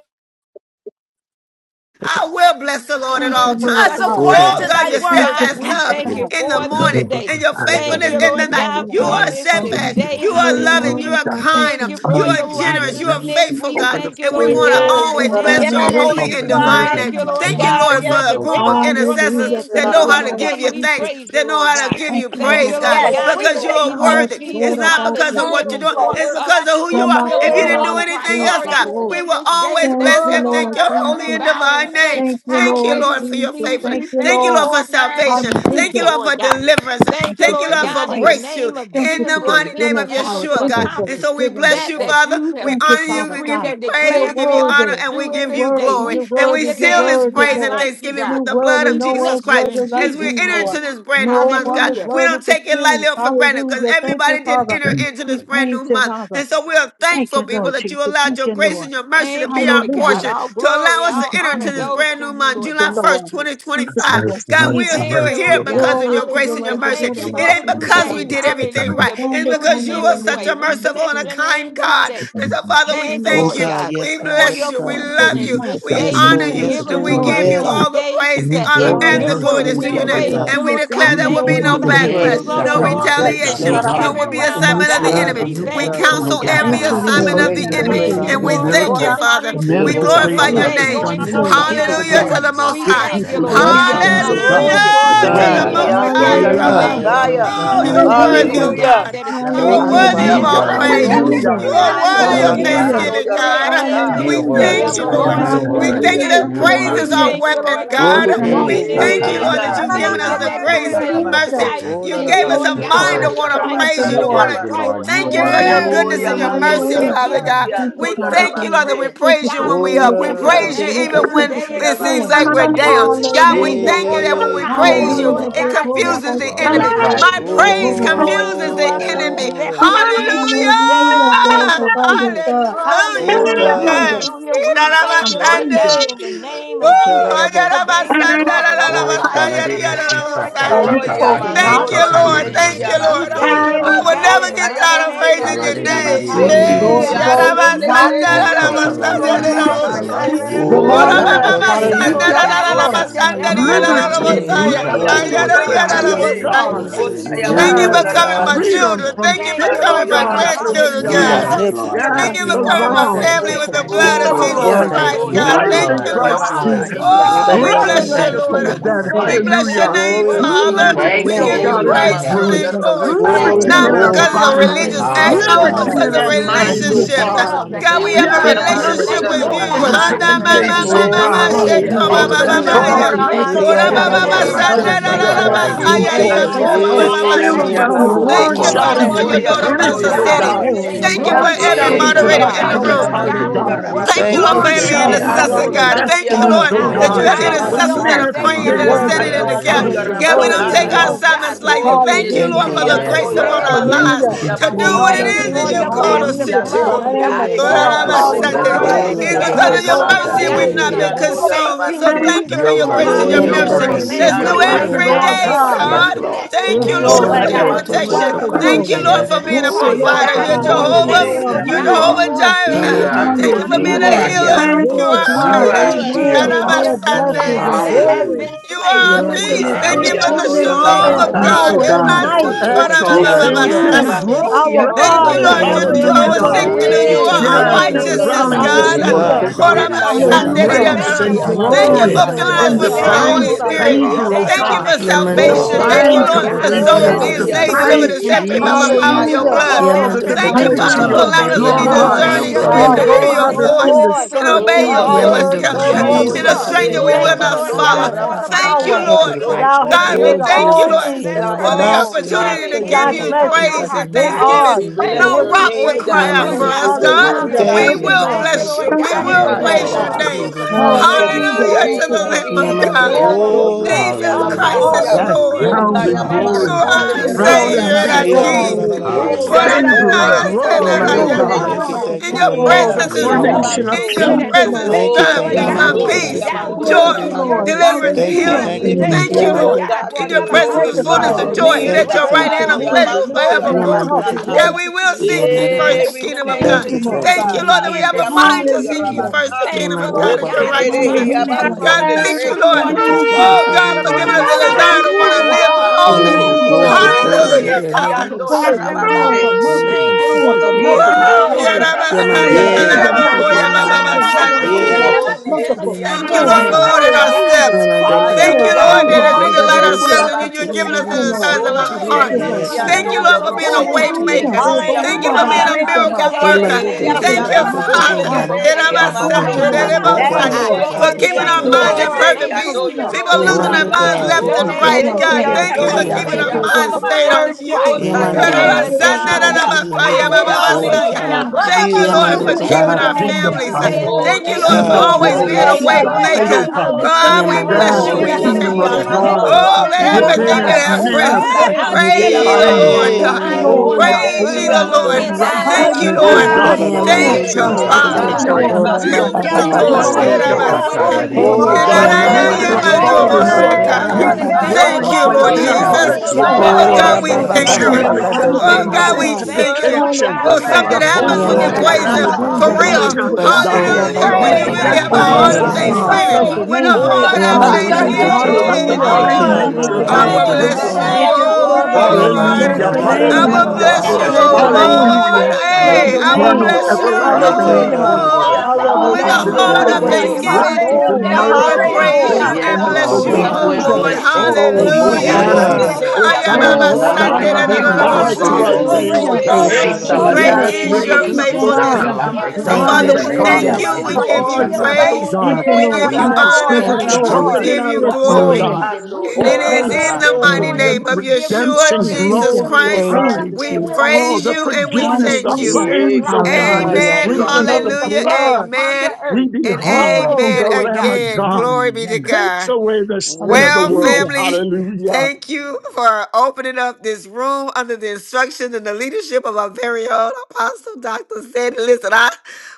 Speaker 8: your name.
Speaker 1: I will bless the Lord at
Speaker 5: Thank you,
Speaker 1: all
Speaker 4: in for
Speaker 5: Lord
Speaker 1: times.
Speaker 3: us
Speaker 4: such a
Speaker 5: God.
Speaker 8: Glory
Speaker 3: according
Speaker 4: time
Speaker 1: Oh
Speaker 3: to
Speaker 4: as
Speaker 8: to
Speaker 1: God,
Speaker 3: thy
Speaker 1: your
Speaker 4: this.
Speaker 5: Thank
Speaker 3: word.
Speaker 5: you,
Speaker 8: your
Speaker 4: God,
Speaker 8: name.
Speaker 1: steadfast
Speaker 4: we
Speaker 5: Father
Speaker 1: love
Speaker 4: thank
Speaker 7: Thank
Speaker 4: you
Speaker 5: God.
Speaker 1: in the
Speaker 7: you,
Speaker 4: for this
Speaker 1: morning
Speaker 7: Lord.
Speaker 4: day.
Speaker 1: and your
Speaker 4: Thank
Speaker 1: faithfulness
Speaker 4: you,
Speaker 5: Thank
Speaker 1: in the
Speaker 5: you,
Speaker 4: Lord
Speaker 2: Hallelujah.
Speaker 1: night.
Speaker 4: God,
Speaker 1: You
Speaker 5: Father
Speaker 4: for
Speaker 1: are
Speaker 8: Yes,
Speaker 4: this
Speaker 8: God.
Speaker 5: God.
Speaker 4: this
Speaker 1: steadfast.
Speaker 4: day.
Speaker 1: You are loving.
Speaker 5: Lord,
Speaker 1: You
Speaker 4: Hallelujah.
Speaker 1: are
Speaker 5: I thank
Speaker 4: Thank
Speaker 1: kind.
Speaker 5: you.
Speaker 4: you
Speaker 1: You
Speaker 4: for
Speaker 1: are
Speaker 4: your
Speaker 1: generous. You are
Speaker 2: Reign
Speaker 4: righteousness.
Speaker 2: and
Speaker 1: faithful,
Speaker 4: We
Speaker 2: Open
Speaker 1: God.
Speaker 2: the
Speaker 4: thank you,
Speaker 1: And we
Speaker 2: phone,
Speaker 4: Lord
Speaker 2: oh
Speaker 1: want to
Speaker 2: God.
Speaker 4: God, in the
Speaker 1: always
Speaker 5: We're
Speaker 1: bless
Speaker 4: name
Speaker 5: gonna
Speaker 1: your
Speaker 4: of
Speaker 1: holy
Speaker 2: Help
Speaker 4: Jesus.
Speaker 1: and
Speaker 2: them
Speaker 5: you
Speaker 2: measure
Speaker 5: in
Speaker 1: divine
Speaker 4: Thank
Speaker 1: name.
Speaker 4: you,
Speaker 2: the
Speaker 5: the
Speaker 4: Lord
Speaker 1: Thank you,
Speaker 4: God,
Speaker 2: dream
Speaker 4: for
Speaker 1: Lord,
Speaker 2: and
Speaker 1: for
Speaker 4: your
Speaker 2: love,
Speaker 1: a group
Speaker 2: oh
Speaker 1: of
Speaker 4: direction, your
Speaker 5: Hallelujah.
Speaker 1: intercessors
Speaker 4: plans
Speaker 1: that
Speaker 5: Thank
Speaker 4: in
Speaker 1: know
Speaker 5: you,
Speaker 1: how
Speaker 4: this
Speaker 1: to
Speaker 5: Lord
Speaker 1: give
Speaker 4: day.
Speaker 1: you
Speaker 4: We
Speaker 1: thanks,
Speaker 5: Jesus.
Speaker 4: praise you,
Speaker 1: that know
Speaker 4: Lord
Speaker 1: how to
Speaker 4: God.
Speaker 1: give
Speaker 5: Thank
Speaker 1: you
Speaker 5: you,
Speaker 4: Thank
Speaker 5: Lord
Speaker 1: praise,
Speaker 4: you,
Speaker 1: God,
Speaker 4: Lord
Speaker 5: God.
Speaker 4: God, in
Speaker 1: because
Speaker 4: the
Speaker 1: you are
Speaker 4: name
Speaker 5: Now
Speaker 4: of
Speaker 5: let's
Speaker 1: worthy. It's
Speaker 5: hold
Speaker 4: Jesus.
Speaker 5: up
Speaker 1: not
Speaker 5: our
Speaker 1: because
Speaker 5: good
Speaker 1: of
Speaker 4: Hallelujah.
Speaker 1: what you're
Speaker 5: breath.
Speaker 1: doing,
Speaker 4: For
Speaker 1: it's
Speaker 4: us
Speaker 1: because of who you
Speaker 5: Stand
Speaker 1: are.
Speaker 5: up
Speaker 1: If
Speaker 4: fulfilling
Speaker 1: you
Speaker 5: toward
Speaker 1: didn't
Speaker 4: your
Speaker 5: our
Speaker 1: do anything
Speaker 5: kids
Speaker 1: else,
Speaker 5: like,
Speaker 1: God,
Speaker 4: priorities
Speaker 5: oh,
Speaker 1: we will
Speaker 4: in
Speaker 1: will
Speaker 4: this day.
Speaker 1: always
Speaker 5: Thank
Speaker 1: bless
Speaker 4: Thank
Speaker 5: you,
Speaker 4: you,
Speaker 1: and
Speaker 4: Lord
Speaker 1: thank
Speaker 5: Lord
Speaker 1: your
Speaker 4: God. We
Speaker 1: holy
Speaker 5: Jesus.
Speaker 1: and
Speaker 4: bow and
Speaker 1: divine name.
Speaker 4: say,
Speaker 5: Thank you,
Speaker 4: How
Speaker 1: Thank you,
Speaker 5: Lord
Speaker 4: may
Speaker 1: Lord,
Speaker 4: we
Speaker 1: for your
Speaker 5: Jesus.
Speaker 4: please
Speaker 1: faithfulness.
Speaker 5: Thank
Speaker 4: you?
Speaker 5: you,
Speaker 4: Thank
Speaker 1: Thank you,
Speaker 4: you
Speaker 5: Lord.
Speaker 1: Lord,
Speaker 4: for
Speaker 1: for
Speaker 4: a mind to
Speaker 1: salvation.
Speaker 4: please
Speaker 1: Thank you,
Speaker 5: Hallelujah.
Speaker 4: you,
Speaker 1: Lord, for
Speaker 4: Lord God.
Speaker 1: deliverance.
Speaker 5: Thank
Speaker 4: Thank you,
Speaker 5: you
Speaker 1: Thank you,
Speaker 5: for
Speaker 4: Lord
Speaker 1: Lord,
Speaker 5: your
Speaker 4: God,
Speaker 1: for
Speaker 4: in the
Speaker 5: grace.
Speaker 1: breakthrough
Speaker 4: name of
Speaker 5: Thank
Speaker 1: in
Speaker 5: you
Speaker 4: Jesus,
Speaker 1: the
Speaker 5: for
Speaker 4: was
Speaker 5: your
Speaker 1: mighty name
Speaker 4: being
Speaker 5: healing
Speaker 1: of
Speaker 4: able
Speaker 5: power.
Speaker 4: to
Speaker 1: Yeshua,
Speaker 5: Thank
Speaker 2: God.
Speaker 5: you
Speaker 1: God.
Speaker 5: for
Speaker 1: And
Speaker 4: accomplish
Speaker 1: so we
Speaker 5: forgiving us,
Speaker 1: bless
Speaker 4: that
Speaker 1: you,
Speaker 5: Lord.
Speaker 4: that
Speaker 1: Father.
Speaker 4: you
Speaker 1: We
Speaker 4: have
Speaker 5: Thank you,
Speaker 1: honor you.
Speaker 5: Father
Speaker 1: We give
Speaker 4: decreed
Speaker 5: God.
Speaker 1: you
Speaker 4: and
Speaker 1: praise.
Speaker 5: You're
Speaker 1: We
Speaker 4: declared
Speaker 1: give you
Speaker 4: for us
Speaker 1: honor
Speaker 4: to
Speaker 5: worthy.
Speaker 1: and we
Speaker 4: do in
Speaker 5: You're
Speaker 1: give
Speaker 4: this
Speaker 1: you
Speaker 4: day.
Speaker 5: worthy.
Speaker 1: glory.
Speaker 5: You're
Speaker 4: We
Speaker 1: And
Speaker 4: thank
Speaker 1: we
Speaker 5: worthy.
Speaker 4: you.
Speaker 5: You're
Speaker 1: seal
Speaker 4: There's
Speaker 1: this
Speaker 5: worthy,
Speaker 1: praise
Speaker 4: none
Speaker 1: and
Speaker 5: Lord.
Speaker 4: like you,
Speaker 1: thanksgiving
Speaker 4: God.
Speaker 1: with
Speaker 5: You're
Speaker 1: the blood
Speaker 5: worthy.
Speaker 1: of
Speaker 4: We
Speaker 5: No
Speaker 1: Jesus
Speaker 5: one's
Speaker 4: bless you
Speaker 1: Christ.
Speaker 4: in
Speaker 5: worthy like
Speaker 1: As we
Speaker 4: Jesus'
Speaker 5: you,
Speaker 1: enter
Speaker 5: Lord.
Speaker 1: into
Speaker 4: name.
Speaker 1: this brand new
Speaker 5: No
Speaker 1: month,
Speaker 5: one
Speaker 1: God,
Speaker 5: is
Speaker 4: Hallelujah.
Speaker 1: we
Speaker 5: worthy
Speaker 1: don't
Speaker 5: but
Speaker 1: take it
Speaker 5: you.
Speaker 1: lightly or for granted because
Speaker 5: Hallelujah. Thank you,
Speaker 1: everybody didn't
Speaker 5: Father.
Speaker 1: enter
Speaker 2: That's
Speaker 1: into
Speaker 5: We
Speaker 1: this brand
Speaker 5: praise
Speaker 1: new
Speaker 5: you,
Speaker 1: month.
Speaker 5: Father.
Speaker 1: And so so we are
Speaker 5: Thank
Speaker 1: thankful,
Speaker 5: you,
Speaker 1: people,
Speaker 5: Lord
Speaker 1: that
Speaker 5: Jesus.
Speaker 1: you allowed
Speaker 5: Thank
Speaker 1: your
Speaker 5: you,
Speaker 1: grace
Speaker 5: Lord.
Speaker 1: and your mercy to
Speaker 4: Thank you,
Speaker 1: be our
Speaker 4: Lord
Speaker 5: Hallelujah.
Speaker 4: God.
Speaker 1: portion,
Speaker 4: All
Speaker 1: to allow
Speaker 4: glory,
Speaker 1: us
Speaker 5: Thank
Speaker 1: to
Speaker 4: all
Speaker 5: you,
Speaker 1: enter
Speaker 4: honor
Speaker 1: into
Speaker 5: Father.
Speaker 1: this
Speaker 4: goes
Speaker 1: brand
Speaker 4: to
Speaker 1: new
Speaker 4: you,
Speaker 1: month,
Speaker 5: Thank
Speaker 4: Lord
Speaker 5: you,
Speaker 1: July
Speaker 4: God.
Speaker 1: 1st,
Speaker 5: Lord. Thank you for your
Speaker 1: 2025.
Speaker 2: mercy,
Speaker 1: God, we are
Speaker 2: mercy,
Speaker 5: favor.
Speaker 4: Thank
Speaker 1: still
Speaker 4: you,
Speaker 2: mercy,
Speaker 1: here
Speaker 4: Lord
Speaker 2: oh God.
Speaker 1: because
Speaker 4: God.
Speaker 1: of
Speaker 5: Glory
Speaker 1: your
Speaker 5: to
Speaker 1: grace and
Speaker 5: your
Speaker 1: your
Speaker 4: Hallelujah.
Speaker 5: name, the
Speaker 1: mercy.
Speaker 2: I'm
Speaker 4: Thank
Speaker 5: Lord
Speaker 4: you
Speaker 5: of
Speaker 1: It
Speaker 5: our
Speaker 4: for the
Speaker 1: ain't
Speaker 4: new
Speaker 5: sister
Speaker 1: because
Speaker 5: God.
Speaker 1: we
Speaker 4: day.
Speaker 1: did everything right,
Speaker 4: Hallelujah. The
Speaker 5: Wanda
Speaker 1: it's
Speaker 4: new and
Speaker 1: because
Speaker 5: kona
Speaker 1: you are
Speaker 4: living
Speaker 5: beleza
Speaker 1: such
Speaker 4: way.
Speaker 1: a
Speaker 4: We
Speaker 5: conta
Speaker 1: merciful and
Speaker 5: que
Speaker 4: bless
Speaker 1: a
Speaker 4: your
Speaker 1: kind
Speaker 4: name this
Speaker 1: God.
Speaker 4: day.
Speaker 2: Thank
Speaker 1: And
Speaker 2: you.
Speaker 1: so,
Speaker 5: que
Speaker 1: Father, we
Speaker 4: Thank you,
Speaker 5: tendo
Speaker 8: Oh,
Speaker 1: thank
Speaker 4: Lord
Speaker 5: que
Speaker 1: you.
Speaker 8: God.
Speaker 4: God.
Speaker 8: Yes,
Speaker 1: We
Speaker 8: God.
Speaker 4: For
Speaker 8: Yes,
Speaker 1: bless
Speaker 4: your
Speaker 1: you. We
Speaker 8: God.
Speaker 2: And we
Speaker 1: love you.
Speaker 4: fruitfulness
Speaker 2: need of
Speaker 4: this
Speaker 1: We
Speaker 2: God, the
Speaker 4: day
Speaker 8: Yes,
Speaker 4: that
Speaker 2: new
Speaker 5: tendo
Speaker 1: honor
Speaker 8: Lord.
Speaker 4: you've
Speaker 1: you.
Speaker 2: things
Speaker 5: Thank
Speaker 8: Yes,
Speaker 2: of
Speaker 5: you,
Speaker 1: And
Speaker 4: given
Speaker 2: the
Speaker 1: we
Speaker 4: to
Speaker 8: Lord.
Speaker 2: need
Speaker 5: Lord
Speaker 1: give
Speaker 2: for
Speaker 4: us
Speaker 1: you
Speaker 4: this
Speaker 5: God.
Speaker 2: God.
Speaker 8: Yes.
Speaker 1: all the
Speaker 4: day
Speaker 2: The
Speaker 1: praise, the
Speaker 2: new
Speaker 4: to
Speaker 1: honor,
Speaker 8: Oh,
Speaker 2: grace
Speaker 4: every
Speaker 2: and
Speaker 1: and the
Speaker 4: good
Speaker 8: yes,
Speaker 1: glory
Speaker 4: work.
Speaker 2: mercy
Speaker 8: God.
Speaker 1: that's
Speaker 8: We
Speaker 2: and
Speaker 1: due
Speaker 4: We
Speaker 5: Hallelujah,
Speaker 1: your
Speaker 8: give
Speaker 2: love,
Speaker 8: you
Speaker 1: name.
Speaker 8: the
Speaker 2: oh
Speaker 4: praise
Speaker 2: God.
Speaker 1: And
Speaker 4: you,
Speaker 1: we
Speaker 5: hallelujah.
Speaker 8: yes.
Speaker 4: Lord
Speaker 2: The
Speaker 5: Thank
Speaker 4: God.
Speaker 1: declare
Speaker 2: new
Speaker 1: there
Speaker 5: you,
Speaker 1: will
Speaker 4: Thank you
Speaker 1: be
Speaker 8: We
Speaker 5: Lord
Speaker 2: beginning,
Speaker 4: for
Speaker 1: no
Speaker 8: give you
Speaker 4: the
Speaker 2: the
Speaker 8: the
Speaker 2: new
Speaker 5: Jesus.
Speaker 9: Hey,
Speaker 1: backlash,
Speaker 5: Thank
Speaker 4: angels
Speaker 5: you,
Speaker 4: of
Speaker 2: creatures,
Speaker 8: praise.
Speaker 4: the
Speaker 1: no
Speaker 2: the
Speaker 5: Lord.
Speaker 2: new
Speaker 4: Lord
Speaker 9: sakalate,
Speaker 8: We
Speaker 2: creation, oh
Speaker 1: retaliation,
Speaker 8: thank
Speaker 9: katara,
Speaker 2: God.
Speaker 1: no
Speaker 8: you.
Speaker 9: di,
Speaker 1: will
Speaker 4: encamping
Speaker 9: di,
Speaker 1: be
Speaker 9: di,
Speaker 2: The
Speaker 4: round
Speaker 9: si,
Speaker 2: new
Speaker 1: assignment of
Speaker 8: We
Speaker 4: about
Speaker 1: the
Speaker 4: us.
Speaker 2: soul,
Speaker 8: honor
Speaker 1: enemy.
Speaker 2: the
Speaker 4: We
Speaker 8: you.
Speaker 2: new
Speaker 8: We
Speaker 9: sakalate.
Speaker 1: We
Speaker 4: thank you,
Speaker 8: love
Speaker 2: person, oh
Speaker 4: Lord
Speaker 1: counsel
Speaker 8: you.
Speaker 9: He
Speaker 2: God.
Speaker 4: God.
Speaker 1: every
Speaker 5: Thank you,
Speaker 2: The
Speaker 8: You're
Speaker 9: kalate,
Speaker 1: assignment
Speaker 9: di,
Speaker 5: Lord.
Speaker 2: first
Speaker 4: Hallelujah.
Speaker 1: of
Speaker 9: di,
Speaker 8: great.
Speaker 1: the
Speaker 2: and
Speaker 9: di,
Speaker 2: the
Speaker 8: You're the
Speaker 5: Thank
Speaker 1: enemy.
Speaker 9: di,
Speaker 2: new
Speaker 8: great
Speaker 5: you,
Speaker 4: Thank
Speaker 9: di,
Speaker 8: I
Speaker 4: you
Speaker 2: thing,
Speaker 1: And
Speaker 5: thank
Speaker 9: di,
Speaker 2: the
Speaker 1: we
Speaker 5: you.
Speaker 4: for
Speaker 8: am.
Speaker 9: si.
Speaker 4: your
Speaker 1: thank
Speaker 5: Lord. Oh,
Speaker 1: you,
Speaker 2: miracle,
Speaker 1: Father.
Speaker 2: the
Speaker 4: ministering
Speaker 8: You're the
Speaker 1: We
Speaker 9: He
Speaker 8: Lord
Speaker 4: spirits
Speaker 8: of
Speaker 1: glorify
Speaker 4: this
Speaker 2: manifestation
Speaker 1: your
Speaker 5: We
Speaker 2: of
Speaker 4: day
Speaker 2: the
Speaker 9: sakalate,
Speaker 8: Lords,
Speaker 1: name.
Speaker 9: di,
Speaker 5: bless
Speaker 4: going
Speaker 5: you,
Speaker 9: di,
Speaker 2: sons
Speaker 9: di,
Speaker 2: and
Speaker 4: forth
Speaker 9: di,
Speaker 5: Lord.
Speaker 9: di,
Speaker 4: in
Speaker 9: di,
Speaker 8: King
Speaker 2: daughters
Speaker 8: of
Speaker 4: the
Speaker 2: of
Speaker 1: Hallelujah
Speaker 9: di,
Speaker 4: earth.
Speaker 1: to
Speaker 2: God.
Speaker 9: di,
Speaker 1: the
Speaker 9: di,
Speaker 8: Kings.
Speaker 1: Most
Speaker 4: We
Speaker 2: Your
Speaker 9: si,
Speaker 1: High.
Speaker 4: thank you,
Speaker 2: people
Speaker 8: We
Speaker 2: and
Speaker 4: Lord
Speaker 2: your
Speaker 8: bless you,
Speaker 5: Hallelujah,
Speaker 4: God.
Speaker 9: sakalate.
Speaker 8: God.
Speaker 2: sons of
Speaker 8: We
Speaker 2: God.
Speaker 5: hallelujah.
Speaker 4: Hallelujah.
Speaker 1: Hallelujah
Speaker 9: E
Speaker 8: honor
Speaker 1: to
Speaker 2: Going
Speaker 6: God,
Speaker 1: the
Speaker 4: Thank
Speaker 2: into
Speaker 8: you.
Speaker 4: you,
Speaker 1: Most
Speaker 2: the
Speaker 4: Lord
Speaker 9: kalashi
Speaker 6: Yando,
Speaker 1: High
Speaker 6: yeah,
Speaker 4: God, in the
Speaker 8: God,
Speaker 5: Hallelujah,
Speaker 2: creation,
Speaker 1: God.
Speaker 4: name
Speaker 8: there's
Speaker 9: sakalate
Speaker 4: of
Speaker 2: going
Speaker 8: no
Speaker 6: Rabasaya.
Speaker 2: in the
Speaker 1: Oh,
Speaker 8: God
Speaker 4: Jesus.
Speaker 8: like
Speaker 1: you're
Speaker 2: glory,
Speaker 8: our
Speaker 9: kakalate
Speaker 4: Thank you,
Speaker 2: oh
Speaker 1: worthy,
Speaker 8: God.
Speaker 1: oh
Speaker 4: Lord
Speaker 5: hallelujah,
Speaker 2: Lord.
Speaker 6: Hallelujah.
Speaker 4: God,
Speaker 9: kalashi.
Speaker 1: God.
Speaker 4: that is
Speaker 2: Yes,
Speaker 1: You are
Speaker 6: Thank
Speaker 8: Oh,
Speaker 4: coming to
Speaker 6: you,
Speaker 5: hallelujah,
Speaker 1: worthy
Speaker 8: nobody
Speaker 9: You're
Speaker 1: of
Speaker 4: pass.
Speaker 2: hallelujah,
Speaker 8: like
Speaker 1: our
Speaker 6: Jesus.
Speaker 9: worthy,
Speaker 8: our God.
Speaker 1: praise.
Speaker 4: Hallelujah
Speaker 9: you're
Speaker 6: Glory to
Speaker 5: hallelujah,
Speaker 2: hallelujah,
Speaker 1: You
Speaker 6: your
Speaker 1: are
Speaker 9: worthy,
Speaker 6: name,
Speaker 1: worthy
Speaker 6: Father.
Speaker 9: you're
Speaker 1: of
Speaker 8: Nobody
Speaker 4: Hallelujah,
Speaker 8: like our
Speaker 5: hallelujah,
Speaker 9: worthy,
Speaker 6: Yando,
Speaker 1: thanksgiving,
Speaker 6: yeah,
Speaker 4: hallelujah.
Speaker 1: God.
Speaker 4: In
Speaker 6: Rabasa.
Speaker 1: And
Speaker 9: you're
Speaker 1: we
Speaker 4: this
Speaker 5: hallelujah,
Speaker 8: Oh,
Speaker 4: day
Speaker 1: thank
Speaker 8: you're
Speaker 4: of
Speaker 1: you,
Speaker 9: worthy,
Speaker 4: the
Speaker 6: Kota, yeah,
Speaker 1: Lord.
Speaker 8: worthy,
Speaker 4: Lord
Speaker 9: you're
Speaker 8: you're
Speaker 4: that
Speaker 2: hallelujah.
Speaker 4: you
Speaker 1: We
Speaker 6: the
Speaker 4: have
Speaker 8: worthy.
Speaker 9: worthy,
Speaker 1: thank you
Speaker 5: hallelujah,
Speaker 4: made,
Speaker 1: that
Speaker 6: yerezi
Speaker 9: you're
Speaker 1: praise
Speaker 4: we
Speaker 1: is
Speaker 9: worthy.
Speaker 5: hallelujah.
Speaker 1: our
Speaker 6: Rezi,
Speaker 4: thank you,
Speaker 1: weapon,
Speaker 4: Lord God.
Speaker 5: Thank
Speaker 1: God.
Speaker 8: Worthy,
Speaker 4: We're
Speaker 5: you, Lord
Speaker 9: E
Speaker 8: worthy,
Speaker 1: We
Speaker 4: walking in
Speaker 1: thank
Speaker 5: Jesus.
Speaker 1: you,
Speaker 8: worthy.
Speaker 4: divine
Speaker 5: Thank
Speaker 1: Lord,
Speaker 5: you,
Speaker 1: that
Speaker 4: health.
Speaker 9: sakalate
Speaker 6: Ega,
Speaker 1: you've
Speaker 5: Lord.
Speaker 1: given
Speaker 4: Thank
Speaker 6: e
Speaker 1: us
Speaker 4: you
Speaker 1: the
Speaker 4: that
Speaker 9: tadadidisi
Speaker 6: amando
Speaker 4: you
Speaker 1: grace
Speaker 6: ya
Speaker 1: and the
Speaker 4: paid the
Speaker 5: Hallelujah.
Speaker 1: mercy.
Speaker 9: sakalate.
Speaker 6: rabase,
Speaker 9: ta-
Speaker 4: price.
Speaker 8: Oh, la
Speaker 1: You
Speaker 5: We
Speaker 8: la
Speaker 4: Thank
Speaker 1: gave
Speaker 4: you,
Speaker 8: ba
Speaker 1: us a
Speaker 4: Lord
Speaker 9: The
Speaker 5: praise
Speaker 6: eski
Speaker 5: you.
Speaker 4: God,
Speaker 8: na.
Speaker 4: for
Speaker 1: mind to
Speaker 4: the
Speaker 6: ando ya
Speaker 9: person,
Speaker 1: want to
Speaker 4: stripes,
Speaker 5: Praise the
Speaker 1: praise you,
Speaker 9: you're
Speaker 4: 39
Speaker 1: to
Speaker 6: rabasati
Speaker 5: Lord.
Speaker 6: ya
Speaker 1: want
Speaker 9: worthy,
Speaker 1: to
Speaker 5: Praise
Speaker 4: stripes
Speaker 9: Lord,
Speaker 6: bastoya.
Speaker 9: you're
Speaker 5: the
Speaker 1: thank
Speaker 4: on
Speaker 1: you
Speaker 4: your
Speaker 1: for
Speaker 5: name.
Speaker 1: your
Speaker 4: back.
Speaker 9: worthy.
Speaker 6: O
Speaker 5: Praise
Speaker 1: goodness
Speaker 6: ya
Speaker 5: the
Speaker 1: and your
Speaker 4: We
Speaker 5: mighty
Speaker 6: mando
Speaker 4: thank
Speaker 1: mercy,
Speaker 6: ya
Speaker 4: you,
Speaker 5: name.
Speaker 8: Jesus.
Speaker 1: Father
Speaker 4: healing
Speaker 9: Mm,
Speaker 1: God.
Speaker 6: rabendi
Speaker 5: Thank
Speaker 4: being
Speaker 5: you,
Speaker 4: the
Speaker 6: ando
Speaker 1: We
Speaker 6: ya
Speaker 5: Father
Speaker 1: thank you,
Speaker 4: children's
Speaker 1: Lord,
Speaker 5: God.
Speaker 1: that
Speaker 6: rabase,
Speaker 1: we
Speaker 4: bread.
Speaker 5: Thank you
Speaker 1: praise you
Speaker 5: for
Speaker 4: God,
Speaker 1: when
Speaker 4: we
Speaker 1: we
Speaker 8: Oh,
Speaker 5: freedom.
Speaker 1: up.
Speaker 8: la
Speaker 1: We
Speaker 5: Thank
Speaker 8: la
Speaker 6: e
Speaker 4: bless
Speaker 5: you
Speaker 8: la
Speaker 4: your
Speaker 5: for
Speaker 8: ba
Speaker 1: praise you
Speaker 4: name
Speaker 6: astonde
Speaker 5: deliverance.
Speaker 1: even
Speaker 6: ya
Speaker 4: this
Speaker 5: Thank
Speaker 1: when
Speaker 5: you for
Speaker 4: day
Speaker 6: reki
Speaker 4: in the
Speaker 1: it seems
Speaker 5: healing.
Speaker 4: name
Speaker 1: like we're
Speaker 4: of
Speaker 6: bastoya.
Speaker 1: down.
Speaker 4: Jesus.
Speaker 9: mm,
Speaker 1: God, we
Speaker 4: Thank you
Speaker 5: Hallelujah.
Speaker 9: eh,
Speaker 1: thank you
Speaker 4: for
Speaker 1: that
Speaker 4: your
Speaker 1: when we
Speaker 9: kalashi.
Speaker 8: Yay,
Speaker 1: praise
Speaker 9: Yes,
Speaker 4: power,
Speaker 1: you,
Speaker 8: glory,
Speaker 4: Lord
Speaker 5: Hallelujah. Thank
Speaker 9: Lord.
Speaker 1: it
Speaker 5: Be
Speaker 4: God, in
Speaker 9: Yes,
Speaker 1: confuses
Speaker 5: glorified,
Speaker 4: this
Speaker 1: the
Speaker 9: Lord.
Speaker 5: speak
Speaker 4: day.
Speaker 9: We
Speaker 5: of
Speaker 1: enemy.
Speaker 5: God.
Speaker 1: My
Speaker 9: magnify
Speaker 4: Hallelujah.
Speaker 9: your
Speaker 1: praise
Speaker 5: Glorified,
Speaker 9: name.
Speaker 4: Flowing
Speaker 1: confuses
Speaker 4: through
Speaker 1: the
Speaker 4: us,
Speaker 5: speak of
Speaker 4: we
Speaker 5: God.
Speaker 1: enemy.
Speaker 4: bless
Speaker 8: glory.
Speaker 4: your name this
Speaker 1: Hallelujah!
Speaker 4: day in
Speaker 5: Hallelujah.
Speaker 4: the name of
Speaker 5: Glorified,
Speaker 4: Jesus.
Speaker 5: God.
Speaker 8: Oh,
Speaker 1: Hallelujah!
Speaker 4: Hallelujah,
Speaker 5: Hallelujah.
Speaker 8: God.
Speaker 1: Yes.
Speaker 4: hallelujah. We thank you, Lord
Speaker 1: Irarabasande.
Speaker 5: Hallelujah.
Speaker 4: God, in the name of
Speaker 1: Woo!
Speaker 8: Ika la
Speaker 4: Jesus
Speaker 8: la ba
Speaker 4: for being the
Speaker 1: Ayarabasanda,
Speaker 4: help of
Speaker 3: Hallelujah,
Speaker 4: our
Speaker 9: Oh,
Speaker 4: lives.
Speaker 1: rarabasaya,
Speaker 4: We
Speaker 3: Jesus.
Speaker 9: saladere
Speaker 4: thank
Speaker 9: si
Speaker 4: you, Lord
Speaker 5: Are
Speaker 1: riarabasaya.
Speaker 4: God,
Speaker 5: you
Speaker 4: in the
Speaker 9: sakakaka
Speaker 6: Oya
Speaker 9: la
Speaker 5: supposed to
Speaker 4: mighty
Speaker 9: shi
Speaker 5: knock?
Speaker 1: Thank
Speaker 6: mando
Speaker 4: name
Speaker 1: you,
Speaker 6: ya
Speaker 4: of
Speaker 8: Jesus,
Speaker 9: satada
Speaker 1: Lord.
Speaker 4: Jesus.
Speaker 9: de de
Speaker 8: Jesus,
Speaker 1: Thank
Speaker 9: de
Speaker 6: rebendia
Speaker 1: you,
Speaker 9: de
Speaker 3: Hallelujah.
Speaker 9: de
Speaker 4: We
Speaker 1: Lord.
Speaker 9: de si
Speaker 4: thank
Speaker 6: basto.
Speaker 4: you,
Speaker 1: I
Speaker 4: Lord
Speaker 1: will
Speaker 3: Hallelujah.
Speaker 4: God,
Speaker 1: never
Speaker 4: in the
Speaker 9: sakalate.
Speaker 1: get
Speaker 6: Otaya
Speaker 4: mighty
Speaker 1: tired of
Speaker 6: mande
Speaker 4: name
Speaker 6: ya
Speaker 1: praising
Speaker 4: of
Speaker 1: your
Speaker 9: Halade
Speaker 6: rehia
Speaker 9: de de
Speaker 4: Jesus.
Speaker 1: name.
Speaker 9: de
Speaker 3: Thank you,
Speaker 9: de
Speaker 6: baste.
Speaker 9: de de de
Speaker 1: Hey,
Speaker 5: Doors
Speaker 4: Hallelujah,
Speaker 8: Jesus.
Speaker 6: Ya
Speaker 9: si.
Speaker 3: Jesus.
Speaker 5: closed.
Speaker 6: sonde
Speaker 4: hallelujah.
Speaker 6: ya
Speaker 5: Knock.
Speaker 1: yarabasanda,
Speaker 4: We
Speaker 9: Oh,
Speaker 6: rekia
Speaker 4: praise
Speaker 6: mando
Speaker 4: you,
Speaker 9: kokala
Speaker 6: ya
Speaker 1: rarabasaya,
Speaker 9: shi
Speaker 4: Lord
Speaker 3: Thank you,
Speaker 4: God, in the
Speaker 6: rabataya.
Speaker 1: riarabasaya.
Speaker 4: mighty
Speaker 9: sakalate
Speaker 3: Jesus.
Speaker 4: name
Speaker 5: Good
Speaker 4: of
Speaker 9: tada de
Speaker 6: Oya
Speaker 5: morning.
Speaker 4: Jesus.
Speaker 8: Oh,
Speaker 9: de
Speaker 2: Yes,
Speaker 9: si
Speaker 8: bless your
Speaker 6: basete
Speaker 4: Thank
Speaker 3: Thank
Speaker 4: you,
Speaker 6: ya
Speaker 3: you,
Speaker 1: Orabababasanda,
Speaker 8: majesty.
Speaker 4: Lord
Speaker 6: niya
Speaker 9: sakalate
Speaker 4: God.
Speaker 2: hallelujah.
Speaker 9: tada
Speaker 3: Jesus.
Speaker 6: soya.
Speaker 4: Nothing
Speaker 9: de
Speaker 4: that's
Speaker 9: de
Speaker 1: rarabasanda,
Speaker 4: ever
Speaker 9: si.
Speaker 4: on
Speaker 6: O
Speaker 2: Liberty,
Speaker 4: our
Speaker 3: Hallelujah.
Speaker 5: Thank
Speaker 2: liberty,
Speaker 4: feet
Speaker 5: you,
Speaker 8: name.
Speaker 4: shall
Speaker 1: riarabasaya.
Speaker 8: You're
Speaker 5: man.
Speaker 6: nieski
Speaker 4: ever
Speaker 9: Ekala
Speaker 4: be
Speaker 6: ando
Speaker 8: holy.
Speaker 9: shi
Speaker 1: Ayara,
Speaker 6: ya
Speaker 4: above our
Speaker 2: liberty, oh
Speaker 4: heads.
Speaker 3: Hallelujah,
Speaker 6: rabaste.
Speaker 9: sakalate
Speaker 4: We
Speaker 1: riarabasaya.
Speaker 2: God.
Speaker 9: tada
Speaker 4: bless
Speaker 9: de
Speaker 8: You
Speaker 3: Jesus,
Speaker 4: you,
Speaker 9: de
Speaker 6: Otaya
Speaker 9: de
Speaker 4: Lord,
Speaker 1: Thank
Speaker 4: in
Speaker 1: you
Speaker 8: rule
Speaker 9: si
Speaker 6: mando
Speaker 2: Yes,
Speaker 4: the
Speaker 1: for
Speaker 6: ya
Speaker 8: in
Speaker 3: Jesus,
Speaker 4: name
Speaker 1: coming,
Speaker 4: of
Speaker 1: my
Speaker 3: Jesus,
Speaker 6: rabaste.
Speaker 4: Jesus.
Speaker 9: sakalate
Speaker 2: freedom
Speaker 8: majesty.
Speaker 1: children.
Speaker 9: da
Speaker 2: from
Speaker 9: de
Speaker 1: Thank
Speaker 9: de
Speaker 1: you
Speaker 2: sin,
Speaker 4: Thank
Speaker 1: for
Speaker 9: de
Speaker 4: you,
Speaker 9: de
Speaker 6: Nikando
Speaker 2: oh
Speaker 1: coming,
Speaker 4: Lord
Speaker 6: ya
Speaker 1: my
Speaker 9: de.
Speaker 2: God.
Speaker 4: God.
Speaker 6: rabaste.
Speaker 3: Jesus,
Speaker 1: grandchildren,
Speaker 2: Hallelujah.
Speaker 8: You
Speaker 4: Hallelujah.
Speaker 8: are
Speaker 1: God.
Speaker 9: Yes,
Speaker 3: Jesus,
Speaker 9: Lord.
Speaker 4: Hallelujah.
Speaker 8: omnipotent.
Speaker 1: Thank
Speaker 2: Yes,
Speaker 9: Thank
Speaker 1: you
Speaker 4: Thank
Speaker 9: you,
Speaker 4: you
Speaker 1: for
Speaker 2: the
Speaker 4: for the
Speaker 1: coming,
Speaker 9: Father.
Speaker 5: Don't
Speaker 1: my
Speaker 2: law
Speaker 3: Jesus,
Speaker 5: thank
Speaker 4: wealthy
Speaker 2: of
Speaker 5: you
Speaker 9: Thank
Speaker 2: the
Speaker 5: for
Speaker 1: family,
Speaker 9: you.
Speaker 4: place
Speaker 1: with the
Speaker 4: that
Speaker 1: the
Speaker 5: coming
Speaker 9: Thank
Speaker 4: you
Speaker 5: my
Speaker 9: you.
Speaker 4: have
Speaker 2: Spirit
Speaker 1: blood of
Speaker 2: of
Speaker 6: O
Speaker 8: You're
Speaker 4: brought
Speaker 5: sins
Speaker 2: the
Speaker 4: us
Speaker 5: and
Speaker 1: Jesus
Speaker 6: niya
Speaker 4: to
Speaker 3: Jesus,
Speaker 2: Lord.
Speaker 5: Father
Speaker 8: wonder.
Speaker 9: Thank
Speaker 4: because
Speaker 5: for
Speaker 1: Christ,
Speaker 9: you.
Speaker 5: my
Speaker 6: soya
Speaker 1: God.
Speaker 9: Your
Speaker 5: thank
Speaker 2: Life
Speaker 5: you
Speaker 1: Thank
Speaker 5: for
Speaker 6: mando
Speaker 2: in
Speaker 4: you,
Speaker 1: you,
Speaker 6: ya
Speaker 9: blood. Your
Speaker 5: clearing
Speaker 1: Lord.
Speaker 2: Christ
Speaker 5: my
Speaker 9: blood,
Speaker 6: rabastaya.
Speaker 2: Jesus.
Speaker 4: hallelujah,
Speaker 9: Jesus.
Speaker 5: sins.
Speaker 3: Jesus,
Speaker 4: have
Speaker 1: Oh, we
Speaker 9: Thank you.
Speaker 5: Thank
Speaker 4: summoned
Speaker 1: bless
Speaker 5: you
Speaker 1: you,
Speaker 4: us
Speaker 8: Wo-da-da-da-ba-sha.
Speaker 5: for
Speaker 2: Resurrected
Speaker 9: Thank
Speaker 3: Jesus,
Speaker 4: to
Speaker 9: you
Speaker 2: from
Speaker 1: Lord.
Speaker 2: the
Speaker 9: for
Speaker 4: it.
Speaker 5: clearing my
Speaker 9: your
Speaker 4: We
Speaker 2: dead.
Speaker 5: faith.
Speaker 4: thank
Speaker 1: We
Speaker 6: Thank
Speaker 4: you
Speaker 5: Thank you
Speaker 6: you,
Speaker 9: protection.
Speaker 1: bless
Speaker 5: for
Speaker 4: for
Speaker 1: your
Speaker 4: it.
Speaker 2: Hallelujah.
Speaker 4: We
Speaker 5: thank
Speaker 1: name,
Speaker 5: you
Speaker 6: Jesus.
Speaker 5: for
Speaker 8: Glory,
Speaker 4: worship
Speaker 5: pulling
Speaker 1: Father.
Speaker 4: you
Speaker 5: my
Speaker 2: Liberty,
Speaker 4: this
Speaker 9: Thank
Speaker 1: We
Speaker 9: you
Speaker 8: glory,
Speaker 2: oh
Speaker 4: day
Speaker 1: give
Speaker 4: in
Speaker 9: that
Speaker 1: you
Speaker 2: God,
Speaker 4: the
Speaker 9: you
Speaker 5: bloodline
Speaker 2: in
Speaker 6: Oya
Speaker 9: are
Speaker 2: this
Speaker 1: praise,
Speaker 4: name
Speaker 3: Jesus, Jesus,
Speaker 9: help.
Speaker 5: and
Speaker 4: of
Speaker 6: mando
Speaker 5: the
Speaker 1: honor,
Speaker 2: room.
Speaker 6: ya
Speaker 1: and
Speaker 4: Jesus.
Speaker 3: Jesus,
Speaker 1: glory.
Speaker 5: generation to
Speaker 6: rabaste.
Speaker 4: Thank
Speaker 8: glory,
Speaker 4: you,
Speaker 2: Liberty
Speaker 1: Not
Speaker 2: in
Speaker 5: generation.
Speaker 4: Lord
Speaker 2: our
Speaker 9: Hallelujah.
Speaker 5: Thank
Speaker 1: because
Speaker 8: glory,
Speaker 5: you
Speaker 4: God.
Speaker 1: of
Speaker 5: for
Speaker 1: a
Speaker 2: body.
Speaker 5: covering
Speaker 8: glory.
Speaker 5: my
Speaker 1: religious
Speaker 5: blood,
Speaker 1: act,
Speaker 4: Hallelujah.
Speaker 3: Jesus, Jesus,
Speaker 5: oh
Speaker 9: Hallelujah.
Speaker 1: no,
Speaker 5: Lord
Speaker 2: Liberty
Speaker 5: God.
Speaker 1: because
Speaker 2: in
Speaker 1: of
Speaker 4: Elohim
Speaker 3: Jesus,
Speaker 2: our
Speaker 5: My
Speaker 4: the
Speaker 2: mind,
Speaker 3: Jesus,
Speaker 2: oh
Speaker 1: relationships.
Speaker 5: siblings,
Speaker 4: creator
Speaker 2: God.
Speaker 4: of
Speaker 5: Father
Speaker 4: the
Speaker 1: God, we
Speaker 5: God, I
Speaker 1: have
Speaker 4: heavens
Speaker 1: a
Speaker 6: Eh,
Speaker 2: Yes,
Speaker 4: and
Speaker 5: thank
Speaker 4: the
Speaker 5: you,
Speaker 4: earth.
Speaker 6: amando
Speaker 5: Lord, for
Speaker 1: relationship
Speaker 4: Thank
Speaker 6: ya
Speaker 2: liberty.
Speaker 4: you
Speaker 1: with
Speaker 4: for
Speaker 5: covering
Speaker 1: you.
Speaker 5: my
Speaker 2: Open the
Speaker 5: nieces,
Speaker 6: rabasaya
Speaker 5: my
Speaker 1: Handa
Speaker 2: prison
Speaker 1: ma
Speaker 4: tabernacling
Speaker 1: ma
Speaker 4: with
Speaker 5: nephews.
Speaker 2: gates, oh
Speaker 1: ma
Speaker 4: us
Speaker 6: triase.
Speaker 1: ma
Speaker 4: this
Speaker 1: ma
Speaker 2: God
Speaker 3: Jesus,
Speaker 4: day
Speaker 8: Oh
Speaker 6: Ki
Speaker 4: in the
Speaker 1: sheko
Speaker 5: Hallelujah,
Speaker 1: ba
Speaker 3: Jesus,
Speaker 5: my
Speaker 6: ando
Speaker 4: name
Speaker 8: Lord,
Speaker 1: ba
Speaker 4: of
Speaker 6: ya
Speaker 1: ba
Speaker 2: opening
Speaker 8: Lord,
Speaker 5: aunts,
Speaker 2: our
Speaker 1: ba
Speaker 5: my
Speaker 4: Jesus.
Speaker 8: Lord,
Speaker 1: ya.
Speaker 6: rabandi
Speaker 2: heart.
Speaker 5: uncle.
Speaker 8: Lord.
Speaker 5: Thank
Speaker 2: Lift
Speaker 4: Thank you
Speaker 5: you,
Speaker 6: yesi
Speaker 2: up
Speaker 4: for
Speaker 1: Ora
Speaker 5: Father
Speaker 6: ki
Speaker 2: the
Speaker 1: ba ba
Speaker 6: ando
Speaker 5: God,
Speaker 2: heads
Speaker 1: ba
Speaker 6: ya
Speaker 2: O
Speaker 5: for
Speaker 4: tabernacling
Speaker 2: the
Speaker 1: sande
Speaker 8: Do-di-ya-da-da-ba-sha-ya.
Speaker 4: with
Speaker 2: gates,
Speaker 5: covering and
Speaker 1: ra
Speaker 2: the
Speaker 6: rabase.
Speaker 5: your
Speaker 1: ra
Speaker 4: man.
Speaker 1: ra ba
Speaker 5: blessing and
Speaker 4: We
Speaker 1: ha
Speaker 2: everlasting
Speaker 1: ya
Speaker 6: Os
Speaker 1: ri
Speaker 4: thank
Speaker 3: Jesus,
Speaker 5: serving.
Speaker 1: ya
Speaker 4: you
Speaker 2: doors.
Speaker 6: andi
Speaker 5: Thank
Speaker 1: ko
Speaker 5: you,
Speaker 4: for
Speaker 1: ba ba
Speaker 4: this
Speaker 5: Lord,
Speaker 2: Let's
Speaker 3: Jesus,
Speaker 1: ba ba
Speaker 6: asete
Speaker 4: day.
Speaker 2: feel
Speaker 8: Yay,
Speaker 5: that
Speaker 1: so
Speaker 6: andi
Speaker 4: Thank
Speaker 8: oh,
Speaker 5: you
Speaker 4: you
Speaker 1: ya.
Speaker 5: are
Speaker 2: around,
Speaker 4: for
Speaker 3: Jesus,
Speaker 5: covering
Speaker 8: go-da-da-ba-sha.
Speaker 5: our
Speaker 6: abaso.
Speaker 1: Thank you,
Speaker 2: launch
Speaker 5: entire
Speaker 2: out
Speaker 1: Father,
Speaker 4: overflow
Speaker 3: Jesus.
Speaker 1: for
Speaker 4: of
Speaker 5: family.
Speaker 2: into
Speaker 4: the
Speaker 1: your
Speaker 5: Thank you
Speaker 6: Oya
Speaker 5: for
Speaker 1: daughter,
Speaker 4: Spirit
Speaker 6: mando
Speaker 5: covering
Speaker 4: of
Speaker 2: eternity,
Speaker 1: Pastor
Speaker 6: ya
Speaker 5: our
Speaker 2: O
Speaker 4: God
Speaker 1: City.
Speaker 2: God.
Speaker 4: this
Speaker 3: Oh,
Speaker 5: prosperity
Speaker 6: rabase.
Speaker 4: day
Speaker 3: yeah,
Speaker 4: in
Speaker 5: and
Speaker 1: Thank
Speaker 4: the
Speaker 3: that
Speaker 1: you for
Speaker 3: is
Speaker 2: Launch
Speaker 4: name
Speaker 3: the
Speaker 5: blessing
Speaker 8: Jesus,
Speaker 4: of
Speaker 5: them
Speaker 1: every
Speaker 2: out
Speaker 6: Eh,
Speaker 8: thank
Speaker 4: Jesus.
Speaker 3: soul.
Speaker 2: into
Speaker 8: you.
Speaker 5: and
Speaker 2: the
Speaker 1: moderator
Speaker 3: Baba,
Speaker 1: in
Speaker 5: watching
Speaker 1: the
Speaker 6: yega
Speaker 4: Thank
Speaker 3: Baba,
Speaker 4: you,
Speaker 5: over
Speaker 2: Father's
Speaker 1: room.
Speaker 5: them
Speaker 4: Lord
Speaker 5: and
Speaker 2: heart,
Speaker 3: Baba, Baba,
Speaker 2: O
Speaker 4: God.
Speaker 6: yamando
Speaker 5: keeping
Speaker 6: ya
Speaker 4: We're
Speaker 5: them
Speaker 2: God.
Speaker 5: and
Speaker 3: Baba, Baba, Baba, Baba, Baba, Baba,
Speaker 5: making
Speaker 1: Thank you,
Speaker 5: your
Speaker 8: Thank
Speaker 6: rabasi.
Speaker 1: Lord,
Speaker 4: worshiping
Speaker 5: face
Speaker 1: for
Speaker 8: you,
Speaker 3: Baba,
Speaker 5: to
Speaker 4: you.
Speaker 2: Launch
Speaker 3: Baba,
Speaker 1: every
Speaker 3: Baba,
Speaker 5: shine
Speaker 8: God.
Speaker 6: Ki
Speaker 3: Baba,
Speaker 2: out
Speaker 3: Baba,
Speaker 2: into
Speaker 5: upon
Speaker 2: our
Speaker 1: intercessor,
Speaker 5: them,
Speaker 6: ando
Speaker 3: Baba,
Speaker 5: Lord.
Speaker 4: Hallelujah.
Speaker 1: God.
Speaker 4: For
Speaker 6: andi
Speaker 1: Thank you,
Speaker 2: destinies,
Speaker 4: taking
Speaker 1: Lord,
Speaker 2: O
Speaker 4: out
Speaker 6: abasonde
Speaker 5: Hallelujah.
Speaker 1: that
Speaker 8: Thank
Speaker 2: God.
Speaker 1: you
Speaker 5: Thank
Speaker 8: you,
Speaker 9: Oh,
Speaker 3: Yamando
Speaker 1: have
Speaker 5: you,
Speaker 6: yere
Speaker 4: our
Speaker 8: Jesus.
Speaker 2: The
Speaker 5: Father
Speaker 4: will.
Speaker 1: intercessors that
Speaker 5: God.
Speaker 4: We
Speaker 6: abase.
Speaker 9: Kalashisa
Speaker 1: are
Speaker 4: say,
Speaker 5: Your
Speaker 1: praying,
Speaker 4: not
Speaker 1: that are
Speaker 6: Os
Speaker 5: word
Speaker 2: manifestations
Speaker 9: Kalakala.
Speaker 4: our
Speaker 5: is
Speaker 2: of
Speaker 1: standing in
Speaker 4: will,
Speaker 2: your
Speaker 1: the
Speaker 5: all
Speaker 4: but
Speaker 6: ayamando
Speaker 1: gap.
Speaker 4: thine
Speaker 5: praise.
Speaker 6: ya
Speaker 2: sons
Speaker 5: Your
Speaker 2: and
Speaker 1: Yeah,
Speaker 4: will
Speaker 1: we
Speaker 5: word
Speaker 4: be
Speaker 1: don't
Speaker 5: is
Speaker 2: daughters,
Speaker 5: your
Speaker 1: take
Speaker 4: done.
Speaker 6: rabasaya.
Speaker 1: our
Speaker 2: Lord.
Speaker 4: Oh
Speaker 5: word. Is,
Speaker 4: God,
Speaker 1: summons
Speaker 4: we
Speaker 1: lightly.
Speaker 6: Ondi
Speaker 4: bless
Speaker 1: Thank you,
Speaker 4: your
Speaker 6: esi
Speaker 8: Thank
Speaker 1: Lord,
Speaker 8: you,
Speaker 1: for
Speaker 6: i
Speaker 4: name
Speaker 1: the
Speaker 5: hallelujah.
Speaker 8: Lord.
Speaker 9: Yes,
Speaker 4: this
Speaker 6: ando
Speaker 1: grace
Speaker 6: ya
Speaker 4: day
Speaker 1: upon
Speaker 9: Lord.
Speaker 4: in the
Speaker 1: our
Speaker 6: rabasi.
Speaker 9: Yes,
Speaker 4: name
Speaker 1: lives
Speaker 5: Hallelujah.
Speaker 4: of
Speaker 9: Lord.
Speaker 1: to
Speaker 4: Jesus.
Speaker 1: do what
Speaker 9: He's
Speaker 1: it
Speaker 4: Thank
Speaker 9: something.
Speaker 4: you
Speaker 6: Yamabotete.
Speaker 9: that-
Speaker 1: is that
Speaker 4: for
Speaker 5: Hallelujah,
Speaker 1: you
Speaker 9: that-
Speaker 4: your
Speaker 9: that-
Speaker 1: called us
Speaker 4: massive
Speaker 1: to
Speaker 5: hallelujah
Speaker 6: Otia
Speaker 5: to the
Speaker 1: do.
Speaker 4: love.
Speaker 6: sonde
Speaker 5: Lamb
Speaker 4: God
Speaker 5: of
Speaker 1: Lord,
Speaker 6: yerehi
Speaker 1: I
Speaker 4: so
Speaker 5: God.
Speaker 9: Yes,
Speaker 1: love our
Speaker 6: abando
Speaker 9: Lord.
Speaker 4: loving the
Speaker 9: Yes,
Speaker 1: Sunday.
Speaker 4: world
Speaker 5: Hallelujah.
Speaker 9: Lord.
Speaker 8: Oh,
Speaker 4: that
Speaker 1: It's
Speaker 4: he gave
Speaker 5: You
Speaker 8: da-da-ba-sha.
Speaker 9: Ah,
Speaker 1: because
Speaker 6: yarabasiande.
Speaker 1: of
Speaker 4: his
Speaker 1: your
Speaker 5: alone
Speaker 9: I
Speaker 4: only
Speaker 9: said
Speaker 1: mercy
Speaker 9: that- that-
Speaker 5: are
Speaker 1: we've
Speaker 4: begotten
Speaker 1: not
Speaker 6: Ishi
Speaker 5: worthy.
Speaker 1: been
Speaker 4: son.
Speaker 1: been
Speaker 6: ando
Speaker 5: God
Speaker 9: mm.
Speaker 5: is
Speaker 4: Thank
Speaker 1: consumed. And
Speaker 4: you,
Speaker 1: so
Speaker 5: King.
Speaker 6: yarabase.
Speaker 1: thank you for
Speaker 4: Jesus.
Speaker 9: Your
Speaker 1: your grace and
Speaker 9: mercy,
Speaker 1: your
Speaker 6: Ondi
Speaker 8: Yeah,
Speaker 9: your
Speaker 5: Hallelujah,
Speaker 4: Hallelujah,
Speaker 1: mercy
Speaker 8: God.
Speaker 4: for
Speaker 9: grace,
Speaker 6: esiki
Speaker 1: that's
Speaker 4: laying
Speaker 5: hallelujah.
Speaker 1: new
Speaker 9: your
Speaker 4: your
Speaker 6: ando
Speaker 5: Thank
Speaker 4: life
Speaker 5: you,
Speaker 9: grace.
Speaker 1: every
Speaker 5: Lord
Speaker 4: down
Speaker 1: day,
Speaker 4: for
Speaker 6: yarabasande
Speaker 5: God.
Speaker 4: us. We
Speaker 9: Yes,
Speaker 1: God.
Speaker 6: yabaso.
Speaker 9: Lord.
Speaker 4: bless your
Speaker 1: Thank
Speaker 5: Yes,
Speaker 1: you,
Speaker 4: name,
Speaker 5: Lord,
Speaker 1: Lord,
Speaker 4: Lord
Speaker 5: I
Speaker 9: Mm.
Speaker 1: for
Speaker 8: Oh,
Speaker 1: your
Speaker 5: can't
Speaker 4: God.
Speaker 5: stand
Speaker 6: Utayamando
Speaker 8: da-da-ba-sha.
Speaker 5: back
Speaker 1: protection.
Speaker 4: While
Speaker 5: and
Speaker 4: we were
Speaker 1: Thank
Speaker 5: forth.
Speaker 1: you,
Speaker 6: yarabasi.
Speaker 4: yet
Speaker 1: Lord, for
Speaker 9: Yes,
Speaker 4: sinners,
Speaker 1: being a
Speaker 5: Thank
Speaker 9: Lord.
Speaker 5: you,
Speaker 6: O
Speaker 4: Christ
Speaker 5: Lord
Speaker 1: provider.
Speaker 4: died
Speaker 1: You're
Speaker 5: God.
Speaker 4: for
Speaker 5: Thank
Speaker 6: yababasonde
Speaker 4: us.
Speaker 5: you,
Speaker 4: Thank
Speaker 1: Jehovah,
Speaker 4: you
Speaker 9: Mm.
Speaker 5: Lord.
Speaker 6: yerehi
Speaker 4: for
Speaker 1: you're
Speaker 9: You
Speaker 6: abase.
Speaker 4: dying
Speaker 1: Jehovah
Speaker 9: are,
Speaker 4: for
Speaker 5: Hallelujah,
Speaker 4: us.
Speaker 6: I
Speaker 4: Thank
Speaker 9: you
Speaker 4: you
Speaker 1: Jireh.
Speaker 4: for
Speaker 9: are,
Speaker 1: Thank
Speaker 6: ando
Speaker 1: you
Speaker 6: de
Speaker 1: for
Speaker 4: counting
Speaker 1: being
Speaker 4: us
Speaker 9: you
Speaker 1: a
Speaker 5: hallelujah.
Speaker 4: to
Speaker 9: are
Speaker 4: be
Speaker 6: yereki
Speaker 1: healer.
Speaker 9: help.
Speaker 4: worthy.
Speaker 6: amando
Speaker 1: You
Speaker 5: Yes,
Speaker 1: are
Speaker 9: You
Speaker 5: God.
Speaker 1: a
Speaker 9: are
Speaker 4: Worthy,
Speaker 6: yarabasaya.
Speaker 1: healer.
Speaker 5: Amen.
Speaker 4: worthy
Speaker 9: shield,
Speaker 5: Amen.
Speaker 9: Father.
Speaker 4: is the
Speaker 5: Blessings
Speaker 4: lamb
Speaker 5: and
Speaker 4: that
Speaker 1: Arabasate.
Speaker 4: has
Speaker 5: glory
Speaker 9: Hallelujah.
Speaker 4: been
Speaker 1: You
Speaker 5: and
Speaker 4: slain.
Speaker 1: are our
Speaker 4: We
Speaker 3: Yamando
Speaker 6: Ondi
Speaker 5: wisdom
Speaker 1: peace.
Speaker 5: and
Speaker 4: thank
Speaker 1: Thank
Speaker 4: you
Speaker 1: you
Speaker 6: esi
Speaker 3: Kototo
Speaker 9: Hallelujah.
Speaker 1: for
Speaker 4: for
Speaker 1: the
Speaker 5: thanksgiving
Speaker 6: ando
Speaker 5: and
Speaker 4: this
Speaker 3: Kotori and
Speaker 4: day
Speaker 5: honor
Speaker 4: in
Speaker 1: shalom
Speaker 5: and
Speaker 4: the
Speaker 1: of
Speaker 2: Thanks,
Speaker 6: yarabasa.
Speaker 1: God.
Speaker 4: name
Speaker 2: oh
Speaker 5: power
Speaker 9: Hallelujah.
Speaker 3: Narabasu.
Speaker 4: of
Speaker 5: and
Speaker 2: God.
Speaker 4: Jesus.
Speaker 5: might
Speaker 6: Ondi
Speaker 9: Hallelujah.
Speaker 3: Kototo
Speaker 4: We
Speaker 5: be
Speaker 6: esi
Speaker 3: Kotori
Speaker 4: thank
Speaker 3: and
Speaker 4: you,
Speaker 6: ando
Speaker 4: God.
Speaker 5: unto
Speaker 2: Exaltation,
Speaker 3: Narabasi.
Speaker 2: glory,
Speaker 6: yarabasiki
Speaker 5: our
Speaker 4: Hallelujah.
Speaker 1: Thank
Speaker 5: God
Speaker 1: you,
Speaker 4: Bondages
Speaker 1: Lord.
Speaker 6: abosataya.
Speaker 4: and
Speaker 5: forever
Speaker 3: Yamando
Speaker 5: and
Speaker 4: fears
Speaker 1: Jehovah
Speaker 8: Yeah,
Speaker 5: ever.
Speaker 2: hallelujah.
Speaker 3: Kototo
Speaker 4: go in
Speaker 9: Mm.
Speaker 4: the
Speaker 8: God.
Speaker 1: Sikkenu, you
Speaker 5: Amen.
Speaker 4: name
Speaker 1: are
Speaker 6: Ish
Speaker 4: of
Speaker 3: Kotori
Speaker 1: our
Speaker 3: and
Speaker 2: Yes,
Speaker 5: Amen.
Speaker 4: Jesus
Speaker 6: yando
Speaker 2: you're
Speaker 6: ya
Speaker 5: Amen.
Speaker 1: righteousness,
Speaker 3: Narabasi.
Speaker 2: crowning
Speaker 4: because
Speaker 6: rabase.
Speaker 2: this
Speaker 1: God.
Speaker 9: Oh,
Speaker 8: Yeah,
Speaker 4: you
Speaker 2: month,
Speaker 5: Hallelujah.
Speaker 2: oh
Speaker 8: God.
Speaker 4: have
Speaker 2: God,
Speaker 4: set
Speaker 9: sadadididi,
Speaker 6: Hota
Speaker 4: us
Speaker 2: with
Speaker 4: free.
Speaker 3: Yamando
Speaker 6: yamando
Speaker 4: We
Speaker 6: ya
Speaker 5: Hallelujah.
Speaker 9: shakala,
Speaker 2: grace
Speaker 4: thank you,
Speaker 6: reki
Speaker 2: and
Speaker 5: Your
Speaker 3: Kototo
Speaker 4: Lord
Speaker 1: Thank
Speaker 5: word
Speaker 1: you
Speaker 3: Kotori
Speaker 4: Jesus,
Speaker 5: is
Speaker 2: glory
Speaker 9: shisakalate.
Speaker 1: for
Speaker 6: yamasoya.
Speaker 3: and
Speaker 5: your,
Speaker 1: filling
Speaker 4: for
Speaker 1: us
Speaker 5: your,
Speaker 2: and
Speaker 1: with
Speaker 5: your,
Speaker 8: Mm.
Speaker 1: your
Speaker 3: Narabasi.
Speaker 4: setting
Speaker 5: your
Speaker 6: Hoti
Speaker 2: divine
Speaker 1: Holy
Speaker 4: us
Speaker 5: word
Speaker 9: Hallelujah,
Speaker 4: free
Speaker 6: yebebe
Speaker 5: about
Speaker 1: Spirit.
Speaker 4: this
Speaker 5: Jesus,
Speaker 2: favor, oh
Speaker 4: day in
Speaker 1: Thank
Speaker 9: hallelujah,
Speaker 4: the
Speaker 1: you
Speaker 5: God.
Speaker 6: hiyabaso.
Speaker 2: God,
Speaker 1: for
Speaker 4: name of
Speaker 8: What that
Speaker 3: Yamando
Speaker 5: Lord,
Speaker 4: Jesus.
Speaker 1: salvation.
Speaker 5: your
Speaker 6: O
Speaker 8: about?
Speaker 4: Thank
Speaker 1: Thank
Speaker 4: you,
Speaker 9: hallelujah,
Speaker 1: you,
Speaker 2: divine
Speaker 5: word
Speaker 4: Lord
Speaker 3: Kototo
Speaker 1: Lord,
Speaker 5: is
Speaker 6: yamando
Speaker 5: your
Speaker 1: for
Speaker 4: God,
Speaker 6: ya
Speaker 4: in the
Speaker 3: Kotori
Speaker 1: souls
Speaker 5: word
Speaker 3: and
Speaker 4: name
Speaker 2: completeness,
Speaker 5: is
Speaker 4: of
Speaker 1: being
Speaker 6: rebendi
Speaker 5: your
Speaker 6: ya
Speaker 4: Jesus,
Speaker 1: saved,
Speaker 9: hallelujah.
Speaker 5: word.
Speaker 4: for
Speaker 3: Narabasi.
Speaker 1: delivered,
Speaker 2: divine
Speaker 5: is-
Speaker 1: and set free
Speaker 4: setting
Speaker 6: Yando
Speaker 1: by the
Speaker 4: us
Speaker 2: fruition,
Speaker 1: power
Speaker 6: shata
Speaker 4: free
Speaker 1: of
Speaker 9: Yes,
Speaker 1: your
Speaker 5: Hallelujah.
Speaker 8: Jesus,
Speaker 6: yando
Speaker 4: from
Speaker 9: Lord.
Speaker 6: ya
Speaker 1: blood.
Speaker 4: the
Speaker 2: all the
Speaker 3: Yamando
Speaker 6: rabasi
Speaker 1: Thank you,
Speaker 4: manifestation
Speaker 6: yande.
Speaker 9: Your
Speaker 1: Father,
Speaker 4: of
Speaker 3: Kototo
Speaker 2: divinity
Speaker 4: the
Speaker 1: for
Speaker 2: of
Speaker 5: Hallelujah.
Speaker 9: blood,
Speaker 1: allowing
Speaker 4: flesh.
Speaker 5: Thank
Speaker 1: us
Speaker 3: Kotori
Speaker 1: to
Speaker 5: you,
Speaker 3: and
Speaker 1: be
Speaker 4: We
Speaker 5: Lord.
Speaker 2: God
Speaker 9: your
Speaker 4: thank
Speaker 3: Narabasi.
Speaker 1: discerning,
Speaker 4: you,
Speaker 1: to
Speaker 5: Thou
Speaker 6: Yamamamando
Speaker 1: be
Speaker 3: And
Speaker 2: in
Speaker 4: Lord
Speaker 1: able
Speaker 8: Jesus,
Speaker 9: blood.
Speaker 5: art
Speaker 2: the
Speaker 1: to
Speaker 4: God,
Speaker 1: hear
Speaker 4: and
Speaker 5: worthy,
Speaker 1: your
Speaker 4: bring
Speaker 2: Father,
Speaker 3: Narabasi.
Speaker 5: O
Speaker 4: us
Speaker 6: Yorobosataya.
Speaker 2: in
Speaker 1: voice
Speaker 2: the
Speaker 4: into
Speaker 5: Lord.
Speaker 4: the
Speaker 2: Son,
Speaker 1: and obey
Speaker 5: Thou
Speaker 6: Oh,
Speaker 4: kingdom
Speaker 2: in the
Speaker 1: your
Speaker 4: of
Speaker 5: art
Speaker 4: your
Speaker 1: voice,
Speaker 2: Holy
Speaker 5: worthy,
Speaker 3: Yamando
Speaker 4: dear
Speaker 1: God.
Speaker 5: O
Speaker 4: Son
Speaker 5: Lord,
Speaker 4: of
Speaker 6: Niesikiando
Speaker 5: to
Speaker 3: Kototo
Speaker 9: Mm.
Speaker 1: And a
Speaker 4: love.
Speaker 5: receive
Speaker 8: Jesus.
Speaker 3: Kotori
Speaker 1: stranger
Speaker 2: Spirit.
Speaker 6: Yarabe
Speaker 3: and
Speaker 1: we will
Speaker 4: Thank you,
Speaker 5: glory
Speaker 1: not
Speaker 5: and
Speaker 4: Lord
Speaker 6: Yababando
Speaker 3: Narabasi.
Speaker 1: follow.
Speaker 4: God,
Speaker 5: honor
Speaker 4: for
Speaker 5: and
Speaker 4: the
Speaker 1: Thank
Speaker 6: Yarabasandi
Speaker 1: you,
Speaker 5: power,
Speaker 4: mind
Speaker 3: Narababababababa.
Speaker 4: of
Speaker 8: Something
Speaker 1: Lord.
Speaker 5: for
Speaker 6: Yabaso.
Speaker 4: Christ,
Speaker 8: about
Speaker 5: thou
Speaker 8: your
Speaker 5: hast
Speaker 4: holding
Speaker 1: God,
Speaker 8: name.
Speaker 1: we
Speaker 4: your
Speaker 5: created
Speaker 3: Oh
Speaker 6: Kota
Speaker 1: thank
Speaker 4: thoughts,
Speaker 1: you,
Speaker 5: all
Speaker 1: Lord,
Speaker 3: Jesus,
Speaker 4: feelings,
Speaker 5: things
Speaker 4: and
Speaker 5: for
Speaker 1: for
Speaker 6: Yamamasaya.
Speaker 1: the
Speaker 4: purposes
Speaker 3: Yanarabasu.
Speaker 5: all,
Speaker 8: Master.
Speaker 4: and
Speaker 1: opportunity
Speaker 4: the
Speaker 5: for
Speaker 1: to
Speaker 5: thy
Speaker 1: give
Speaker 6: Hallelujah,
Speaker 4: intents
Speaker 1: you
Speaker 3: Rababababababa.
Speaker 4: of
Speaker 5: pleasure.
Speaker 4: your
Speaker 6: Jesus.
Speaker 1: praise
Speaker 3: Kotori
Speaker 1: and
Speaker 4: heart.
Speaker 3: and
Speaker 5: They
Speaker 4: God,
Speaker 6: Lord,
Speaker 1: thanksgiving.
Speaker 5: are
Speaker 4: we
Speaker 6: we
Speaker 3: Narabasi.
Speaker 8: What that
Speaker 4: thank
Speaker 5: and
Speaker 6: bless
Speaker 4: you.
Speaker 5: were
Speaker 1: No
Speaker 6: your
Speaker 4: We
Speaker 8: about?
Speaker 1: rock will
Speaker 6: name,
Speaker 5: created
Speaker 4: praise
Speaker 5: for
Speaker 1: cry
Speaker 3: Yeah,
Speaker 4: you,
Speaker 6: God.
Speaker 1: out
Speaker 3: man,
Speaker 6: We
Speaker 3: they
Speaker 4: Lord
Speaker 1: for
Speaker 5: you.
Speaker 3: go
Speaker 6: give
Speaker 3: to
Speaker 4: God.
Speaker 6: you
Speaker 1: us,
Speaker 3: the
Speaker 1: God.
Speaker 6: glory,
Speaker 3: to
Speaker 5: Hallelujah.
Speaker 3: to
Speaker 1: We
Speaker 6: God.
Speaker 5: Thank
Speaker 3: the
Speaker 4: Hallelujah.
Speaker 6: We
Speaker 5: you,
Speaker 8: Savior.
Speaker 1: will
Speaker 3: another
Speaker 5: Lord
Speaker 4: Thank
Speaker 6: honor
Speaker 4: you,
Speaker 5: God.
Speaker 1: bless
Speaker 3: bus.
Speaker 4: Lord
Speaker 3: So
Speaker 1: you.
Speaker 6: you,
Speaker 1: We
Speaker 3: to
Speaker 4: God,
Speaker 6: God.
Speaker 5: Thank
Speaker 4: in
Speaker 3: go
Speaker 4: the
Speaker 1: will
Speaker 5: you,
Speaker 9: Yes,
Speaker 3: to
Speaker 8: What
Speaker 3: to
Speaker 5: Lord
Speaker 8: that
Speaker 1: praise
Speaker 3: go
Speaker 1: your
Speaker 4: name
Speaker 9: Lord.
Speaker 5: God.
Speaker 3: to
Speaker 4: of
Speaker 3: the
Speaker 1: name.
Speaker 8: about?
Speaker 6: Atayamando.
Speaker 4: Jesus
Speaker 3: other
Speaker 4: for
Speaker 6: We
Speaker 3: bus.
Speaker 6: give
Speaker 4: your
Speaker 6: you
Speaker 4: pour
Speaker 5: Hallelujah.
Speaker 1: Hallelujah to
Speaker 5: Thank you,
Speaker 6: praise,
Speaker 1: the
Speaker 5: Lord
Speaker 4: this
Speaker 1: Lamb
Speaker 3: Yeah,
Speaker 1: of
Speaker 5: Jesus.
Speaker 4: day in
Speaker 3: man,
Speaker 6: Jesus.
Speaker 4: the
Speaker 3: go
Speaker 1: God.
Speaker 3: go to
Speaker 4: name of
Speaker 6: Yando
Speaker 3: the go
Speaker 5: Hallelujah.
Speaker 4: Jesus
Speaker 8: Oh,
Speaker 6: Sandi
Speaker 3: to the
Speaker 1: Jesus
Speaker 8: yeah,
Speaker 4: of the
Speaker 9: Hallelujah,
Speaker 8: that
Speaker 3: another
Speaker 1: Christ is
Speaker 3: bus.
Speaker 6: Yabasoya.
Speaker 8: about.
Speaker 4: Holy
Speaker 3: So
Speaker 2: Yes,
Speaker 9: hallelujah,
Speaker 3: to
Speaker 1: Lord.
Speaker 5: Hallelujah.
Speaker 4: Spirit.
Speaker 3: the
Speaker 6: Kota
Speaker 2: crowned
Speaker 4: We
Speaker 2: in
Speaker 3: another bus.
Speaker 4: thank you
Speaker 1: You
Speaker 5: Hallelujah.
Speaker 3: So
Speaker 2: glory,
Speaker 9: hallelujah,
Speaker 4: for
Speaker 3: go
Speaker 6: Yamamasunde
Speaker 1: are
Speaker 3: to
Speaker 4: this
Speaker 3: the
Speaker 5: Hallelujah.
Speaker 4: day
Speaker 6: Yerehi
Speaker 2: crowned
Speaker 3: other
Speaker 4: in
Speaker 9: hallelujah,
Speaker 4: the
Speaker 2: in
Speaker 3: bus.
Speaker 1: Savior
Speaker 3: So
Speaker 8: Yeah,
Speaker 4: name
Speaker 3: go
Speaker 8: yeah,
Speaker 4: of
Speaker 6: Yabaso.
Speaker 3: to
Speaker 8: that
Speaker 1: King.
Speaker 4: Jesus.
Speaker 2: majesty,
Speaker 5: Glory,
Speaker 3: the other
Speaker 4: You
Speaker 6: Yes,
Speaker 3: bus.
Speaker 5: glory,
Speaker 1: What
Speaker 8: about.
Speaker 1: I
Speaker 4: counted
Speaker 6: God,
Speaker 9: hallelujah,
Speaker 4: up
Speaker 6: we
Speaker 1: know
Speaker 2: favor
Speaker 1: now,
Speaker 2: and
Speaker 6: thank
Speaker 5: glory.
Speaker 1: I
Speaker 6: you
Speaker 4: worthy
Speaker 6: for
Speaker 4: to
Speaker 1: said,
Speaker 6: your
Speaker 9: hallelujah.
Speaker 3: Yeah,
Speaker 1: now,
Speaker 4: pray
Speaker 2: glory,
Speaker 1: now,
Speaker 3: man,
Speaker 9: You're
Speaker 2: oh
Speaker 3: go
Speaker 4: to
Speaker 6: grace
Speaker 1: yeah,
Speaker 4: the
Speaker 3: go
Speaker 5: Mighty
Speaker 3: to
Speaker 6: and
Speaker 9: worthy,
Speaker 2: God.
Speaker 6: your
Speaker 3: to
Speaker 8: Thank
Speaker 4: Father,
Speaker 8: you,
Speaker 3: to go
Speaker 5: God,
Speaker 1: yeah.
Speaker 8: thank
Speaker 6: mercy,
Speaker 1: In
Speaker 3: to
Speaker 8: you,
Speaker 4: to
Speaker 3: the
Speaker 1: your
Speaker 8: thank
Speaker 5: mighty
Speaker 8: you,
Speaker 2: Oh,
Speaker 3: another
Speaker 4: send
Speaker 6: Jesus.
Speaker 2: the
Speaker 8: thank
Speaker 1: presence is
Speaker 4: the
Speaker 9: you're
Speaker 8: you.
Speaker 6: Hey,
Speaker 5: Jesus.
Speaker 4: Holy
Speaker 2: coronation
Speaker 9: worthy
Speaker 2: of
Speaker 1: in your
Speaker 4: Spirit.
Speaker 6: Yabasoya.
Speaker 5: Thank
Speaker 4: And
Speaker 5: you,
Speaker 2: kings,
Speaker 4: we
Speaker 2: oh
Speaker 1: presence,
Speaker 5: Lord.
Speaker 8: Thank
Speaker 4: thank
Speaker 8: you,
Speaker 6: Oh,
Speaker 4: you,
Speaker 5: Thank
Speaker 1: God,
Speaker 5: you,
Speaker 8: thank
Speaker 4: Lord
Speaker 1: we
Speaker 8: you,
Speaker 9: in
Speaker 5: Lord.
Speaker 4: God,
Speaker 9: your
Speaker 1: find
Speaker 8: thank you,
Speaker 4: for
Speaker 6: Ndiasota
Speaker 8: thank
Speaker 1: peace,
Speaker 9: presence.
Speaker 8: you.
Speaker 4: endowing us
Speaker 6: Yamandoya
Speaker 1: joy,
Speaker 5: Thank you,
Speaker 4: with your
Speaker 5: Lord.
Speaker 6: Rabasia.
Speaker 3: bus.
Speaker 4: spirit
Speaker 1: deliverance,
Speaker 4: this
Speaker 8: Thank you,
Speaker 6: We
Speaker 1: healing.
Speaker 4: day.
Speaker 5: Hallelujah.
Speaker 8: thank you,
Speaker 6: lift
Speaker 2: God.
Speaker 9: Hallelujah,
Speaker 4: Thank
Speaker 8: thank
Speaker 1: Thank
Speaker 6: you
Speaker 8: you,
Speaker 4: you,
Speaker 3: Yeah, another bus. Yeah,
Speaker 8: thank
Speaker 1: you,
Speaker 6: up,
Speaker 8: you.
Speaker 4: Lord
Speaker 3: man,
Speaker 5: Hallelujah.
Speaker 1: Lord.
Speaker 6: oh
Speaker 3: go go
Speaker 4: God,
Speaker 6: God.
Speaker 4: for
Speaker 3: to
Speaker 6: We
Speaker 1: In
Speaker 3: to to go to
Speaker 1: your
Speaker 3: the another bus. Yeah, man, go go
Speaker 4: another
Speaker 5: We
Speaker 3: to to to go
Speaker 1: presence
Speaker 3: to
Speaker 1: is
Speaker 6: glorify
Speaker 3: the
Speaker 5: magnify
Speaker 1: fullness
Speaker 4: opportunity
Speaker 3: other
Speaker 1: of
Speaker 5: your
Speaker 4: to
Speaker 6: your
Speaker 1: joy,
Speaker 3: bus.
Speaker 5: name.
Speaker 1: and
Speaker 4: bring
Speaker 6: name,
Speaker 5: We
Speaker 9: hallelujah.
Speaker 8: Thank
Speaker 1: at
Speaker 8: you,
Speaker 1: your
Speaker 4: great
Speaker 6: God.
Speaker 5: praise
Speaker 1: right
Speaker 8: thank
Speaker 5: your
Speaker 8: you,
Speaker 1: hand
Speaker 6: And
Speaker 1: are
Speaker 4: glory,
Speaker 8: thank
Speaker 5: name.
Speaker 1: pleasures
Speaker 8: you,
Speaker 4: great
Speaker 5: We lift
Speaker 8: thank
Speaker 5: your
Speaker 6: Yamandoya
Speaker 4: honor
Speaker 8: you.
Speaker 3: Yeah,
Speaker 4: to
Speaker 5: name
Speaker 1: forevermore.
Speaker 3: man,
Speaker 4: you
Speaker 3: go
Speaker 5: up.
Speaker 3: go
Speaker 4: this
Speaker 5: We
Speaker 3: to
Speaker 4: day.
Speaker 3: to
Speaker 1: God,
Speaker 5: worship
Speaker 6: Rabasataya.
Speaker 3: to
Speaker 1: we
Speaker 5: you.
Speaker 3: go
Speaker 1: will
Speaker 3: to
Speaker 5: We
Speaker 3: the
Speaker 1: seek ye
Speaker 4: We
Speaker 5: worship
Speaker 3: another
Speaker 5: you.
Speaker 1: first
Speaker 6: Yeah,
Speaker 3: bus.
Speaker 1: the
Speaker 4: bless
Speaker 6: we
Speaker 3: So
Speaker 4: your
Speaker 1: kingdom
Speaker 3: go
Speaker 1: of
Speaker 6: thank
Speaker 3: to
Speaker 5: Thank
Speaker 4: name
Speaker 1: God.
Speaker 8: Thank
Speaker 3: to
Speaker 5: you,
Speaker 8: you,
Speaker 4: this
Speaker 3: to
Speaker 5: Lord.
Speaker 6: you,
Speaker 3: go
Speaker 8: thank you,
Speaker 4: morning
Speaker 1: Thank
Speaker 3: to
Speaker 6: God.
Speaker 1: you,
Speaker 8: thank
Speaker 3: the
Speaker 1: Lord,
Speaker 8: you.
Speaker 1: that we
Speaker 3: other
Speaker 4: in
Speaker 1: have
Speaker 4: the
Speaker 1: a
Speaker 3: bus.
Speaker 1: mind
Speaker 4: name
Speaker 1: to
Speaker 4: of
Speaker 6: Atayamandoya
Speaker 1: seek you
Speaker 4: Jesus.
Speaker 5: Hallelujah.
Speaker 9: Mm.
Speaker 1: first,
Speaker 6: Rabasa.
Speaker 1: the
Speaker 4: Thank
Speaker 1: kingdom
Speaker 4: you,
Speaker 1: of
Speaker 8: Oh,
Speaker 1: God
Speaker 3: Yamandoko
Speaker 4: Lord
Speaker 1: and
Speaker 8: ba ba
Speaker 1: your
Speaker 4: God,
Speaker 8: ba
Speaker 3: toko
Speaker 4: in the
Speaker 8: ba ba
Speaker 3: toko
Speaker 6: Oteyere
Speaker 1: righteousness.
Speaker 4: mighty
Speaker 3: toko
Speaker 4: name
Speaker 10: Thank
Speaker 5: Hallelujah.
Speaker 8: ba.
Speaker 4: of
Speaker 3: riya
Speaker 1: God,
Speaker 6: Yabasonde
Speaker 1: thank
Speaker 3: baso
Speaker 1: you,
Speaker 4: Jesus
Speaker 6: Yerehi
Speaker 1: Lord.
Speaker 3: koto
Speaker 4: for this.
Speaker 3: toko
Speaker 4: We
Speaker 5: Hallelujah.
Speaker 1: Oh,
Speaker 3: koto
Speaker 6: Yababasoya.
Speaker 4: thank
Speaker 1: God,
Speaker 4: you,
Speaker 3: riya
Speaker 1: for
Speaker 4: Lord
Speaker 1: giving us
Speaker 4: God,
Speaker 1: a
Speaker 3: rabasi.
Speaker 4: for
Speaker 1: desire to
Speaker 4: keeping the
Speaker 1: want to
Speaker 6: Gloria
Speaker 5: Hallelujah.
Speaker 1: live
Speaker 4: wild wolves
Speaker 1: holy.
Speaker 5: Thank
Speaker 4: back
Speaker 8: Glory,
Speaker 6: Yabatsuya.
Speaker 5: you,
Speaker 3: Yamandoko
Speaker 4: in the
Speaker 3: toko
Speaker 5: Lord.
Speaker 8: glory,
Speaker 4: night.
Speaker 3: toko
Speaker 6: Oli
Speaker 5: There
Speaker 3: toko
Speaker 8: glory.
Speaker 1: Hallelujah,
Speaker 4: It's
Speaker 3: riya
Speaker 4: all
Speaker 1: God.
Speaker 5: there
Speaker 6: estiando
Speaker 4: because
Speaker 3: rabasu
Speaker 5: is
Speaker 4: you
Speaker 3: riya
Speaker 4: love
Speaker 5: triumph, a
Speaker 4: us.
Speaker 6: Yarabase.
Speaker 3: rabasu
Speaker 5: multi
Speaker 4: Thank
Speaker 8: Mm.
Speaker 4: you
Speaker 3: koto
Speaker 5: triumph,
Speaker 4: for the
Speaker 5: a
Speaker 3: toko
Speaker 4: love
Speaker 5: multi
Speaker 4: of
Speaker 3: koto.
Speaker 4: God
Speaker 1: Woo!
Speaker 6: Yamando
Speaker 4: that has
Speaker 5: victory.
Speaker 4: been
Speaker 1: Yarabasanda,
Speaker 6: Yarabase.
Speaker 3: Yamandoko
Speaker 4: committed
Speaker 5: Hallelujah.
Speaker 3: toko
Speaker 4: toward
Speaker 3: toko
Speaker 8: Yes,
Speaker 5: Mother
Speaker 4: us.
Speaker 1: raraboko,
Speaker 3: riya
Speaker 6: Yababosataya.
Speaker 1: yamamama,
Speaker 5: completion.
Speaker 4: Hallelujah.
Speaker 3: rabasu
Speaker 1: sande.
Speaker 4: While
Speaker 3: koto
Speaker 4: we
Speaker 5: Hallelujah.
Speaker 4: were
Speaker 3: toko
Speaker 4: yet
Speaker 8: yes.
Speaker 6: Oli
Speaker 3: koto
Speaker 5: Mother
Speaker 4: sinners,
Speaker 3: riya
Speaker 1: Thank
Speaker 4: we
Speaker 1: you,
Speaker 6: estiando
Speaker 1: Lord, for
Speaker 5: fulfillment.
Speaker 4: thank
Speaker 3: rabasi.
Speaker 4: you,
Speaker 1: ordering our
Speaker 4: Lord
Speaker 6: Yarabasta.
Speaker 4: God.
Speaker 5: Hallelujah.
Speaker 1: steps.
Speaker 8: Oh,
Speaker 3: Yamandoko
Speaker 4: Christ,
Speaker 8: da,
Speaker 6: Haya
Speaker 8: da,
Speaker 1: Thank
Speaker 4: you
Speaker 8: ba,
Speaker 1: you,
Speaker 3: toko
Speaker 6: mama
Speaker 8: sha.
Speaker 4: died
Speaker 1: Lord,
Speaker 3: toko
Speaker 5: Hallelujah.
Speaker 1: that
Speaker 4: for
Speaker 1: as
Speaker 6: sonde
Speaker 1: we
Speaker 4: us.
Speaker 3: riya
Speaker 1: delight
Speaker 4: We
Speaker 6: yerehi
Speaker 5: Hallelujah.
Speaker 10: you.
Speaker 1: ourselves
Speaker 3: rabasu
Speaker 1: in you, you're
Speaker 3: koto
Speaker 4: worship
Speaker 3: riya
Speaker 1: giving
Speaker 5: Thank
Speaker 1: us
Speaker 4: you
Speaker 6: abasoya.
Speaker 1: the
Speaker 5: you,
Speaker 4: this
Speaker 3: rabasu
Speaker 5: Lord.
Speaker 1: desires of
Speaker 4: morning
Speaker 1: our
Speaker 5: God.
Speaker 3: koto
Speaker 4: in
Speaker 6: Oni
Speaker 4: the
Speaker 5: Thank
Speaker 3: riya
Speaker 1: heart.
Speaker 4: name
Speaker 5: you,
Speaker 4: of
Speaker 5: Lord
Speaker 6: esiki
Speaker 8: Yes,
Speaker 3: rabasu
Speaker 5: God.
Speaker 8: God.
Speaker 4: Jesus
Speaker 1: Thank
Speaker 6: ando
Speaker 1: you,
Speaker 3: riya
Speaker 4: with
Speaker 1: Lord,
Speaker 4: the
Speaker 1: for being
Speaker 6: yorobo
Speaker 3: rabasu
Speaker 1: a
Speaker 4: voice
Speaker 1: way
Speaker 4: of
Speaker 3: koto
Speaker 6: kondi
Speaker 5: Hallelujah.
Speaker 3: riya
Speaker 1: maker.
Speaker 5: Thank
Speaker 6: esiti
Speaker 4: victory and
Speaker 3: rabasu.
Speaker 5: you,
Speaker 1: Thank you
Speaker 6: ababo
Speaker 1: for
Speaker 5: Rabbi.
Speaker 1: being a
Speaker 4: triumph
Speaker 5: Thank you,
Speaker 4: this
Speaker 6: sataya.
Speaker 5: Ma.
Speaker 1: miracle
Speaker 4: day in the
Speaker 1: worker.
Speaker 3: Yamandoko
Speaker 4: name
Speaker 5: Thank
Speaker 8: My,
Speaker 6: E
Speaker 4: of
Speaker 5: you,
Speaker 8: my,
Speaker 3: toko
Speaker 1: Thank
Speaker 5: Lord.
Speaker 6: yama
Speaker 8: my,
Speaker 1: you,
Speaker 4: Jesus.
Speaker 5: We
Speaker 3: toko riya rabasu koto toko
Speaker 5: have
Speaker 8: my,
Speaker 3: koto
Speaker 5: to
Speaker 8: my, my.
Speaker 6: sonde
Speaker 1: Father,
Speaker 4: Thank you
Speaker 3: riya
Speaker 5: stop.
Speaker 4: for
Speaker 6: yerehi
Speaker 4: making us
Speaker 5: Thank
Speaker 6: amando
Speaker 5: you,
Speaker 11: Mm.
Speaker 6: ya.
Speaker 4: triumphant
Speaker 5: Lord.
Speaker 8: Oh,
Speaker 5: Thank
Speaker 4: over
Speaker 5: you,
Speaker 6: Oni
Speaker 8: God,
Speaker 4: our
Speaker 8: the
Speaker 3: rabasu
Speaker 5: Lord.
Speaker 1: for
Speaker 8: battle
Speaker 3: koto
Speaker 6: esiki
Speaker 4: enemies
Speaker 8: is
Speaker 1: keeping
Speaker 5: Thank you,
Speaker 3: toko
Speaker 4: this
Speaker 1: our
Speaker 6: ando
Speaker 8: yours,
Speaker 1: minds
Speaker 4: day
Speaker 5: Lord.
Speaker 8: God.
Speaker 1: in
Speaker 4: in
Speaker 3: koto.
Speaker 4: the
Speaker 6: sete
Speaker 1: perfect
Speaker 4: name
Speaker 6: ando
Speaker 1: peace.
Speaker 4: of
Speaker 5: Hallelujah.
Speaker 4: Jesus.
Speaker 1: People
Speaker 6: yorobo
Speaker 1: are losing
Speaker 3: Yamando
Speaker 1: their
Speaker 8: Oh,
Speaker 4: We
Speaker 6: saya.
Speaker 1: minds
Speaker 4: bless
Speaker 5: We
Speaker 8: God,
Speaker 1: left
Speaker 4: your
Speaker 1: and
Speaker 5: can
Speaker 3: kutututu
Speaker 6: Oni
Speaker 5: flow
Speaker 4: name
Speaker 1: right.
Speaker 5: on
Speaker 4: this
Speaker 6: esi
Speaker 5: through
Speaker 1: God,
Speaker 3: kutututu
Speaker 8: the
Speaker 4: day.
Speaker 5: this
Speaker 8: earth
Speaker 1: thank
Speaker 6: ando
Speaker 1: you
Speaker 5: Lord
Speaker 8: is
Speaker 1: for
Speaker 3: kutori
Speaker 4: We
Speaker 5: Rabbi.
Speaker 8: yours,
Speaker 1: keeping
Speaker 6: yandi
Speaker 3: yanada
Speaker 5: Thank
Speaker 4: thank
Speaker 1: our
Speaker 4: you
Speaker 5: you,
Speaker 8: God.
Speaker 4: for
Speaker 5: Lord.
Speaker 3: basi.
Speaker 1: minds
Speaker 4: the
Speaker 1: stayed
Speaker 6: abasoya.
Speaker 4: mind
Speaker 1: on
Speaker 4: of
Speaker 1: you.
Speaker 4: Christ
Speaker 8: Yeah,
Speaker 4: this
Speaker 6: Otaya
Speaker 8: da,
Speaker 3: Yamando
Speaker 8: da, da,
Speaker 4: day
Speaker 6: mama
Speaker 4: in the
Speaker 8: da, ba,
Speaker 4: name
Speaker 8: sha.
Speaker 3: kutututu
Speaker 4: of
Speaker 5: Hallelujah.
Speaker 6: sotaya.
Speaker 3: kutori
Speaker 4: Jesus.
Speaker 3: yanada
Speaker 6: Eki
Speaker 4: Power,
Speaker 5: Thank you,
Speaker 3: basi.
Speaker 4: love,
Speaker 8: Oh,
Speaker 4: a
Speaker 6: ando
Speaker 8: the
Speaker 5: Lord
Speaker 8: cattle
Speaker 4: sound
Speaker 5: God.
Speaker 8: on
Speaker 6: sandi
Speaker 8: the
Speaker 4: mind.
Speaker 1: Thank you,
Speaker 8: hills
Speaker 6: asete
Speaker 8: is
Speaker 4: We
Speaker 1: Lord,
Speaker 5: Thank
Speaker 3: Yamando
Speaker 1: for
Speaker 5: you,
Speaker 8: yours,
Speaker 6: yandi
Speaker 4: bless
Speaker 8: God.
Speaker 5: Lord
Speaker 1: keeping
Speaker 2: Yes,
Speaker 4: your
Speaker 1: our
Speaker 5: God.
Speaker 3: kutututu
Speaker 4: name
Speaker 2: kingdom
Speaker 6: abasoya.
Speaker 5: Thank
Speaker 4: this
Speaker 1: families.
Speaker 5: you,
Speaker 1: Uh,
Speaker 3: kutori
Speaker 4: day
Speaker 2: power,
Speaker 4: in
Speaker 5: Lord.
Speaker 3: yanada
Speaker 4: the
Speaker 1: Thank
Speaker 6: Oni
Speaker 1: you,
Speaker 5: Thank
Speaker 4: name
Speaker 5: you,
Speaker 3: basi
Speaker 1: Lord, for
Speaker 4: of
Speaker 8: God,
Speaker 2: kingdom
Speaker 5: Lord.
Speaker 4: Jesus.
Speaker 6: asonde
Speaker 8: you
Speaker 1: always
Speaker 8: are
Speaker 3: yanada
Speaker 5: We
Speaker 2: glory,
Speaker 1: being
Speaker 5: bless
Speaker 1: a
Speaker 6: yerehi
Speaker 4: Thank you,
Speaker 1: way
Speaker 3: basi.
Speaker 5: you.
Speaker 2: kingdom
Speaker 5: We
Speaker 4: Lord
Speaker 8: righteousness,
Speaker 2: might,
Speaker 8: Lord.
Speaker 5: thank
Speaker 4: God.
Speaker 1: maker.
Speaker 5: you
Speaker 6: abasoya.
Speaker 5: for
Speaker 2: God.
Speaker 5: this
Speaker 1: God,
Speaker 5: day.
Speaker 1: we
Speaker 4: Hallelujah,
Speaker 3: Yamando
Speaker 2: Yes,
Speaker 1: bless you.
Speaker 2: the
Speaker 5: Hallelujah.
Speaker 1: We
Speaker 4: hallelujah,
Speaker 6: Gloria
Speaker 3: kutututu
Speaker 5: Thank you
Speaker 2: kingdom
Speaker 5: for
Speaker 1: thank
Speaker 2: of
Speaker 4: hallelujah.
Speaker 1: you.
Speaker 5: this
Speaker 4: Being
Speaker 8: Oh,
Speaker 4: able
Speaker 5: month.
Speaker 4: to
Speaker 2: God
Speaker 3: kutututu
Speaker 6: Kiamasoa,
Speaker 1: Oh,
Speaker 4: go
Speaker 5: You
Speaker 3: kutori
Speaker 1: let
Speaker 4: forth
Speaker 5: let us
Speaker 4: in
Speaker 2: within
Speaker 3: yanada
Speaker 1: everything that
Speaker 4: the
Speaker 5: pass
Speaker 2: us
Speaker 1: have
Speaker 4: earth
Speaker 5: over.
Speaker 3: basi.
Speaker 4: with
Speaker 5: You
Speaker 1: breath
Speaker 2: manifesting
Speaker 4: the
Speaker 6: Otayamasalie
Speaker 5: let us
Speaker 2: with His
Speaker 1: praise
Speaker 6: Sitia
Speaker 4: outstretched
Speaker 5: see.
Speaker 1: ye the
Speaker 4: hands,
Speaker 2: divine.
Speaker 1: Lord,
Speaker 4: seeing
Speaker 6: Babasoya,
Speaker 5: Thank
Speaker 8: yay,
Speaker 1: God.
Speaker 5: you,
Speaker 4: signs,
Speaker 8: God.
Speaker 5: Lord
Speaker 2: Oh,
Speaker 5: God.
Speaker 2: your
Speaker 4: wonders,
Speaker 6: Ulie
Speaker 4: and
Speaker 1: Praise ye
Speaker 3: Oh
Speaker 1: the
Speaker 2: holiness,
Speaker 4: miracles
Speaker 6: Siando
Speaker 2: your
Speaker 1: Lord.
Speaker 4: in thy
Speaker 3: yes.
Speaker 6: Shandia
Speaker 1: Thank
Speaker 4: holy
Speaker 1: you,
Speaker 2: righteousness,
Speaker 5: Hallelujah,
Speaker 2: oh
Speaker 4: Christ
Speaker 6: Basoya,
Speaker 1: Lord.
Speaker 8: Oh, da,
Speaker 2: God.
Speaker 8: da, da,
Speaker 4: Jesus'
Speaker 8: da,
Speaker 5: hallelujah.
Speaker 3: Yamando
Speaker 1: Thank
Speaker 9: Diddy,
Speaker 8: ba,
Speaker 4: name.
Speaker 1: you,
Speaker 8: sha,
Speaker 2: Justice
Speaker 6: Eke
Speaker 8: ya.
Speaker 5: Thank
Speaker 2: and
Speaker 3: kutututu
Speaker 1: Father.
Speaker 5: you,
Speaker 4: Hallelujah.
Speaker 6: Garia
Speaker 9: shisakalate.
Speaker 5: Lord.
Speaker 2: judgment
Speaker 3: kutora
Speaker 2: to
Speaker 6: Baso,
Speaker 4: You
Speaker 2: your
Speaker 1: Thank
Speaker 3: baba
Speaker 9: Ho
Speaker 1: you,
Speaker 4: did it.
Speaker 5: Thank
Speaker 3: baba
Speaker 5: you,
Speaker 4: We
Speaker 1: Lord.
Speaker 3: baba.
Speaker 6: Oh,
Speaker 2: habitation,
Speaker 5: Lord.
Speaker 2: oh
Speaker 4: thank
Speaker 9: kalashi
Speaker 4: you
Speaker 6: yea,
Speaker 2: God.
Speaker 4: for it.
Speaker 5: Glorify
Speaker 1: Eramase.
Speaker 5: your
Speaker 6: worthy,
Speaker 4: You
Speaker 2: Come,
Speaker 5: name
Speaker 2: oh
Speaker 9: satarariri
Speaker 5: and
Speaker 8: Oh, da,
Speaker 9: shi
Speaker 6: worthy,
Speaker 4: slated
Speaker 5: bless
Speaker 2: God,
Speaker 8: da,
Speaker 4: it
Speaker 8: da,
Speaker 5: your
Speaker 8: da,
Speaker 2: make
Speaker 4: for
Speaker 3: Yamando
Speaker 8: ba,
Speaker 4: us,
Speaker 6: worthy,
Speaker 2: your
Speaker 5: name.
Speaker 4: and we
Speaker 9: sakalate
Speaker 5: Thank
Speaker 2: abode
Speaker 8: shete.
Speaker 5: you
Speaker 3: kutututu
Speaker 2: in
Speaker 5: for
Speaker 6: Kiando
Speaker 2: us.
Speaker 5: your
Speaker 4: receive this
Speaker 3: kutora
Speaker 1: Enananayemanoboshekaya.
Speaker 2: Make
Speaker 5: kindness.
Speaker 4: morning.
Speaker 9: torarariri
Speaker 2: your
Speaker 3: baba
Speaker 5: Thank
Speaker 9: shi.
Speaker 5: you
Speaker 4: Thank
Speaker 5: for
Speaker 6: Yarabasaya.
Speaker 4: you,
Speaker 5: your
Speaker 1: Thank
Speaker 2: dwelling
Speaker 1: you,
Speaker 4: thank you,
Speaker 2: place
Speaker 1: Lord
Speaker 3: baba
Speaker 2: in
Speaker 9: E
Speaker 5: thank
Speaker 2: our
Speaker 4: thank
Speaker 6: Worthy
Speaker 5: you
Speaker 4: you,
Speaker 5: for
Speaker 1: Jesus.
Speaker 6: is
Speaker 5: your
Speaker 4: thank
Speaker 2: hearts,
Speaker 6: the
Speaker 9: kalashi
Speaker 4: you,
Speaker 2: oh
Speaker 5: love.
Speaker 4: thank
Speaker 6: Lamb,
Speaker 4: you
Speaker 2: God.
Speaker 1: Oh,
Speaker 4: for
Speaker 3: Oh,
Speaker 1: God, we
Speaker 4: making
Speaker 3: Rabba
Speaker 6: Yando
Speaker 5: Thank
Speaker 9: sakalate
Speaker 4: us
Speaker 5: you for
Speaker 3: Baba
Speaker 1: thank
Speaker 5: your
Speaker 4: world
Speaker 1: you.
Speaker 6: Sandia
Speaker 8: Yekiarabasha,
Speaker 3: Baba
Speaker 9: torarariri shi
Speaker 3: Gadadi
Speaker 5: generosity,
Speaker 4: overcomers.
Speaker 1: Oh,
Speaker 6: Babaste.
Speaker 2: Purification,
Speaker 3: and
Speaker 5: Father
Speaker 1: God,
Speaker 3: Madam.
Speaker 1: we
Speaker 4: We
Speaker 5: God.
Speaker 9: sakalashi.
Speaker 4: thank
Speaker 1: thank
Speaker 4: you,
Speaker 1: you.
Speaker 6: Worthy
Speaker 4: Lord
Speaker 6: is
Speaker 2: sanctification,
Speaker 4: God,
Speaker 6: the
Speaker 1: Oh,
Speaker 5: Hallelujah.
Speaker 1: something
Speaker 6: Lamb,
Speaker 4: standing
Speaker 9: Hakalashi
Speaker 1: happens
Speaker 2: Jehovah
Speaker 4: strong
Speaker 6: Yando
Speaker 1: when you
Speaker 4: in the
Speaker 3: Yamando
Speaker 2: Maccabee.
Speaker 1: praise
Speaker 9: sakalashi
Speaker 1: Him
Speaker 4: power of
Speaker 1: for
Speaker 8: Yearabashaya,
Speaker 5: Hallelujah.
Speaker 4: your
Speaker 3: Gadadi
Speaker 9: sakalate.
Speaker 4: might.
Speaker 1: real.
Speaker 6: Yarabasikiando
Speaker 3: and
Speaker 4: We
Speaker 5: Hallelujah.
Speaker 2: Dashato
Speaker 6: Ya.
Speaker 5: Thank you,
Speaker 2: God.
Speaker 4: bless
Speaker 3: Basso,
Speaker 4: your
Speaker 3: Rabba
Speaker 9: Yes,
Speaker 1: Hallelujah.
Speaker 5: Lord.
Speaker 4: name
Speaker 1: When
Speaker 3: Baba
Speaker 9: Lord.
Speaker 6: Yeah,
Speaker 1: you
Speaker 4: this
Speaker 3: Baba
Speaker 1: really
Speaker 2: Matigach
Speaker 1: have a
Speaker 4: morning
Speaker 5: Oh,
Speaker 6: God.
Speaker 5: bless
Speaker 4: for
Speaker 1: heart
Speaker 9: Iriri
Speaker 3: and
Speaker 5: your
Speaker 1: of
Speaker 4: this.
Speaker 2: Kemaso
Speaker 9: shi
Speaker 5: name. We
Speaker 2: God.
Speaker 8: Nirianabashi,
Speaker 4: We
Speaker 1: thanksgiving.
Speaker 5: bless
Speaker 6: Hallelujah,
Speaker 3: Madabasi.
Speaker 5: your
Speaker 9: sakala.
Speaker 4: give
Speaker 1: With a
Speaker 4: you
Speaker 5: name.
Speaker 9: Mm,
Speaker 2: Oh,
Speaker 9: mm,
Speaker 6: Jesus.
Speaker 2: the
Speaker 1: heart
Speaker 4: praise.
Speaker 1: of
Speaker 4: We
Speaker 3: Yamando
Speaker 9: mm.
Speaker 4: give
Speaker 5: Hallelujah.
Speaker 3: Dodo
Speaker 4: you
Speaker 2: impartation
Speaker 6: Ayariando
Speaker 2: of
Speaker 3: Godo,
Speaker 4: glory.
Speaker 2: the
Speaker 5: Hallelujah.
Speaker 3: Rabba
Speaker 6: Shete
Speaker 1: thanksgiving.
Speaker 2: divine
Speaker 3: Baba
Speaker 4: Hallelujah. We
Speaker 5: Thank
Speaker 6: Yamando
Speaker 2: nature
Speaker 5: you,
Speaker 4: give
Speaker 1: I
Speaker 2: of
Speaker 5: Lord
Speaker 4: you
Speaker 3: Gododi
Speaker 1: will
Speaker 8: Yekianarabash,
Speaker 3: and
Speaker 4: honor,
Speaker 5: Jesus.
Speaker 1: bless
Speaker 3: Oh
Speaker 1: you,
Speaker 6: Yarabasaya.
Speaker 2: God.
Speaker 3: no,
Speaker 5: Thank
Speaker 4: never
Speaker 5: you,
Speaker 6: Only
Speaker 4: leaving
Speaker 5: Father.
Speaker 4: us nor
Speaker 1: oh
Speaker 3: Yamando
Speaker 5: Bless
Speaker 1: Lord.
Speaker 6: Esiando
Speaker 2: Hallelujah,
Speaker 5: your
Speaker 4: forsaking
Speaker 3: Gododi
Speaker 4: us.
Speaker 3: and
Speaker 1: I
Speaker 4: You
Speaker 5: name.
Speaker 3: Rabba
Speaker 1: will
Speaker 4: are a
Speaker 6: Yarabandia
Speaker 2: hallelujah,
Speaker 9: Oh,
Speaker 3: Baba
Speaker 5: We
Speaker 1: bless you,
Speaker 4: God
Speaker 8: Nananarabash,
Speaker 9: Bless
Speaker 5: bless
Speaker 4: that's
Speaker 9: you,
Speaker 3: Gododi
Speaker 1: oh
Speaker 5: your
Speaker 6: Bosataya.
Speaker 9: Lord.
Speaker 3: and
Speaker 4: always
Speaker 5: name.
Speaker 2: hallelujah.
Speaker 1: Lord.
Speaker 4: there.
Speaker 6: Only
Speaker 4: Thank
Speaker 5: Bless
Speaker 9: You
Speaker 3: Amen.
Speaker 1: Hey,
Speaker 5: your
Speaker 4: you,
Speaker 1: I will
Speaker 2: Eternal,
Speaker 5: name.
Speaker 6: Esiando
Speaker 1: bless
Speaker 4: Jesus.
Speaker 1: you,
Speaker 2: everlasting
Speaker 6: Yarabase.
Speaker 5: Hallelujah.
Speaker 4: Hallelujah
Speaker 2: increase.
Speaker 9: Lord.
Speaker 4: for
Speaker 1: oh
Speaker 4: the
Speaker 1: Lord.
Speaker 5: I
Speaker 8: Yekanarabo,
Speaker 5: will
Speaker 1: With a
Speaker 5: bless
Speaker 2: Thousands
Speaker 4: sacrifice.
Speaker 2: and
Speaker 3: Thank
Speaker 5: you
Speaker 3: you,
Speaker 6: Yamamamando
Speaker 4: We
Speaker 1: heart of
Speaker 2: thousands
Speaker 4: thank
Speaker 2: of
Speaker 5: always.
Speaker 4: you
Speaker 5: My
Speaker 3: Jesus.
Speaker 4: for
Speaker 1: thanksgiving,
Speaker 4: it
Speaker 6: Yorobosaya.
Speaker 2: graces
Speaker 4: this
Speaker 9: Oh,
Speaker 5: soul
Speaker 2: and
Speaker 4: day.
Speaker 1: we
Speaker 5: loves
Speaker 1: will
Speaker 4: Thank
Speaker 2: mercies
Speaker 5: you,
Speaker 6: Oh,
Speaker 4: you,
Speaker 2: and
Speaker 1: praise
Speaker 5: Lord.
Speaker 1: you
Speaker 4: Jesus,
Speaker 1: and
Speaker 9: Yes,
Speaker 4: for
Speaker 2: thankfulness,
Speaker 4: the
Speaker 2: oh
Speaker 9: Lord.
Speaker 1: bless
Speaker 6: niesiando
Speaker 1: you,
Speaker 6: ya
Speaker 9: We
Speaker 4: brutal
Speaker 3: Thank
Speaker 2: God.
Speaker 3: you,
Speaker 1: oh
Speaker 9: will
Speaker 4: beating
Speaker 5: Hallelujah.
Speaker 1: Lord.
Speaker 4: that
Speaker 6: rabase.
Speaker 9: bless
Speaker 3: Jesus.
Speaker 9: you,
Speaker 4: you
Speaker 9: Lord.
Speaker 4: took.
Speaker 2: Oh,
Speaker 9: We
Speaker 3: Thank you,
Speaker 9: will
Speaker 5: Glory
Speaker 1: Hallelujah.
Speaker 4: And
Speaker 5: to
Speaker 6: Hikiamo
Speaker 9: bless
Speaker 4: with
Speaker 2: Hosanna,
Speaker 9: you.
Speaker 5: God.
Speaker 4: your
Speaker 3: Jesus.
Speaker 6: sete ya
Speaker 4: stripes,
Speaker 1: Hiya,
Speaker 8: Yearabash,
Speaker 9: There
Speaker 2: Hosanna,
Speaker 4: we
Speaker 9: is
Speaker 1: Baba,
Speaker 6: mamando
Speaker 5: Glory
Speaker 6: ya
Speaker 9: none
Speaker 4: were
Speaker 5: to
Speaker 1: Sunday,
Speaker 2: Hosanna,
Speaker 9: like
Speaker 1: da,
Speaker 4: healed.
Speaker 1: da,
Speaker 5: God.
Speaker 9: you,
Speaker 1: da, da,
Speaker 3: Thank
Speaker 6: rabasaya.
Speaker 3: you,
Speaker 4: God,
Speaker 2: Hosanna
Speaker 9: Lord.
Speaker 4: we
Speaker 2: to
Speaker 1: Mosiah.
Speaker 2: our
Speaker 4: thank
Speaker 6: Oh,
Speaker 4: you
Speaker 3: Jesus.
Speaker 9: Hallelujah.
Speaker 2: King,
Speaker 4: for
Speaker 2: oh
Speaker 5: Hallelujah.
Speaker 4: it in the
Speaker 2: God.
Speaker 3: Thank
Speaker 9: Hey,
Speaker 3: you,
Speaker 4: name
Speaker 6: niesiando
Speaker 5: Thank
Speaker 6: ya
Speaker 4: of
Speaker 5: you,
Speaker 8: Yearabo.
Speaker 5: Lord
Speaker 1: Great
Speaker 2: Yes,
Speaker 4: Jesus
Speaker 3: Jesus.
Speaker 6: rabase,
Speaker 1: is
Speaker 5: Jesus.
Speaker 4: for the
Speaker 5: Thank
Speaker 1: your
Speaker 9: saladidididididi,
Speaker 2: raising
Speaker 5: you,
Speaker 2: up those
Speaker 6: Oh,
Speaker 4: advancement
Speaker 5: Lord.
Speaker 1: faithfulness.
Speaker 6: ya
Speaker 4: of
Speaker 2: kings and
Speaker 9: sisakalate,
Speaker 1: And so,
Speaker 2: priests
Speaker 6: mamazón
Speaker 3: Thank
Speaker 4: everything
Speaker 6: de
Speaker 3: you,
Speaker 1: Father,
Speaker 2: unto
Speaker 4: that
Speaker 6: ya
Speaker 1: we
Speaker 4: was
Speaker 6: reji
Speaker 2: God.
Speaker 1: thank
Speaker 5: Hallelujah.
Speaker 3: Jesus.
Speaker 4: needed.
Speaker 1: you. We
Speaker 9: kadadididididididi,
Speaker 3: Thank you,
Speaker 6: abasto.
Speaker 1: give
Speaker 2: Oh,
Speaker 1: you
Speaker 4: Hallelujah.
Speaker 3: Jesus.
Speaker 2: yes, oh
Speaker 9: sisakalate.
Speaker 4: You
Speaker 1: praise.
Speaker 6: Un
Speaker 5: Thank
Speaker 2: God.
Speaker 4: took
Speaker 5: you,
Speaker 4: it
Speaker 1: We
Speaker 5: Lord
Speaker 4: to
Speaker 1: give
Speaker 4: the
Speaker 2: Putting
Speaker 1: you
Speaker 2: that
Speaker 5: Jesus.
Speaker 6: niesando
Speaker 4: cross
Speaker 1: honor.
Speaker 5: Thank
Speaker 6: ya
Speaker 2: silver
Speaker 3: Thank
Speaker 5: you,
Speaker 3: you,
Speaker 4: and you
Speaker 1: And
Speaker 5: Lord.
Speaker 2: trumpet
Speaker 1: we
Speaker 3: Jesus.
Speaker 2: in
Speaker 1: give
Speaker 6: rabase.
Speaker 4: released
Speaker 2: our
Speaker 1: you
Speaker 5: Your
Speaker 4: what
Speaker 2: lips,
Speaker 4: was
Speaker 2: oh
Speaker 1: glory.
Speaker 6: Y
Speaker 5: glory.
Speaker 3: Mm.
Speaker 2: God.
Speaker 4: needed. We
Speaker 6: ando
Speaker 5: We
Speaker 6: ya
Speaker 1: It
Speaker 4: thank you
Speaker 2: Oh,
Speaker 1: is
Speaker 5: praise
Speaker 2: the
Speaker 4: for
Speaker 1: in
Speaker 5: you.
Speaker 4: it
Speaker 6: rabasa.
Speaker 1: the
Speaker 4: this
Speaker 8: Yeah, Baba,
Speaker 2: silver,
Speaker 1: mighty
Speaker 4: morning.
Speaker 3: Mm.
Speaker 2: the
Speaker 1: name of
Speaker 4: We give you
Speaker 1: Yeshua,
Speaker 2: redemption
Speaker 4: glory. We
Speaker 1: Jesus
Speaker 5: Hallelujah.
Speaker 4: give
Speaker 2: glory,
Speaker 5: We
Speaker 4: you
Speaker 2: oh
Speaker 1: Christ.
Speaker 3: Thank
Speaker 5: praise
Speaker 2: God.
Speaker 4: honor
Speaker 3: you,
Speaker 5: you,
Speaker 1: We
Speaker 4: with
Speaker 5: Jesus.
Speaker 3: Jesus.
Speaker 2: Oh,
Speaker 1: praise
Speaker 2: the
Speaker 1: you
Speaker 4: thanksgiving
Speaker 1: and we
Speaker 4: for
Speaker 2: forgiveness
Speaker 4: this
Speaker 1: thank
Speaker 2: of
Speaker 1: you.
Speaker 5: Hallelujah.
Speaker 4: abundant
Speaker 2: sins,
Speaker 4: life.
Speaker 2: oh
Speaker 6: Llega,
Speaker 8: thank
Speaker 2: God.
Speaker 8: you,
Speaker 4: We
Speaker 2: The
Speaker 6: ay,
Speaker 3: Hallelujah.
Speaker 1: Amen.
Speaker 4: thank you,
Speaker 5: You
Speaker 2: sprinkling
Speaker 5: can
Speaker 2: of
Speaker 6: arriando.
Speaker 2: the
Speaker 4: days
Speaker 5: speak.
Speaker 4: of
Speaker 1: Hallelujah.
Speaker 4: heaven
Speaker 2: blood.
Speaker 4: upon the
Speaker 1: Amen.
Speaker 2: We
Speaker 4: earth.
Speaker 1: And
Speaker 8: thank
Speaker 4: We
Speaker 8: you,
Speaker 4: praise
Speaker 2: behold
Speaker 5: Hallelujah.
Speaker 4: you,
Speaker 1: amen
Speaker 2: the
Speaker 4: Lord
Speaker 2: Lamb
Speaker 4: God.
Speaker 2: of
Speaker 1: again.
Speaker 2: God.
Speaker 1: Glory be to
Speaker 5: Amen.
Speaker 2: Takes
Speaker 1: God.
Speaker 2: away the sin of the
Speaker 1: Well,
Speaker 8: thank you,
Speaker 2: world.
Speaker 5: Hallelujah.
Speaker 1: family,
Speaker 8: Jesus.
Speaker 2: Hallelujah.
Speaker 1: thank you for opening up this room under the instruction and the leadership of our very own Apostle Dr. Sandy. Listen, I,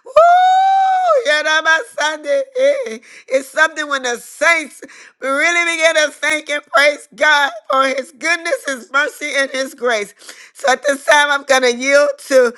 Speaker 1: woo, you know my Sunday. eh, It's something when the saints really begin to thank and praise God for his goodness, his mercy, and his grace. So at this time, I'm going to yield to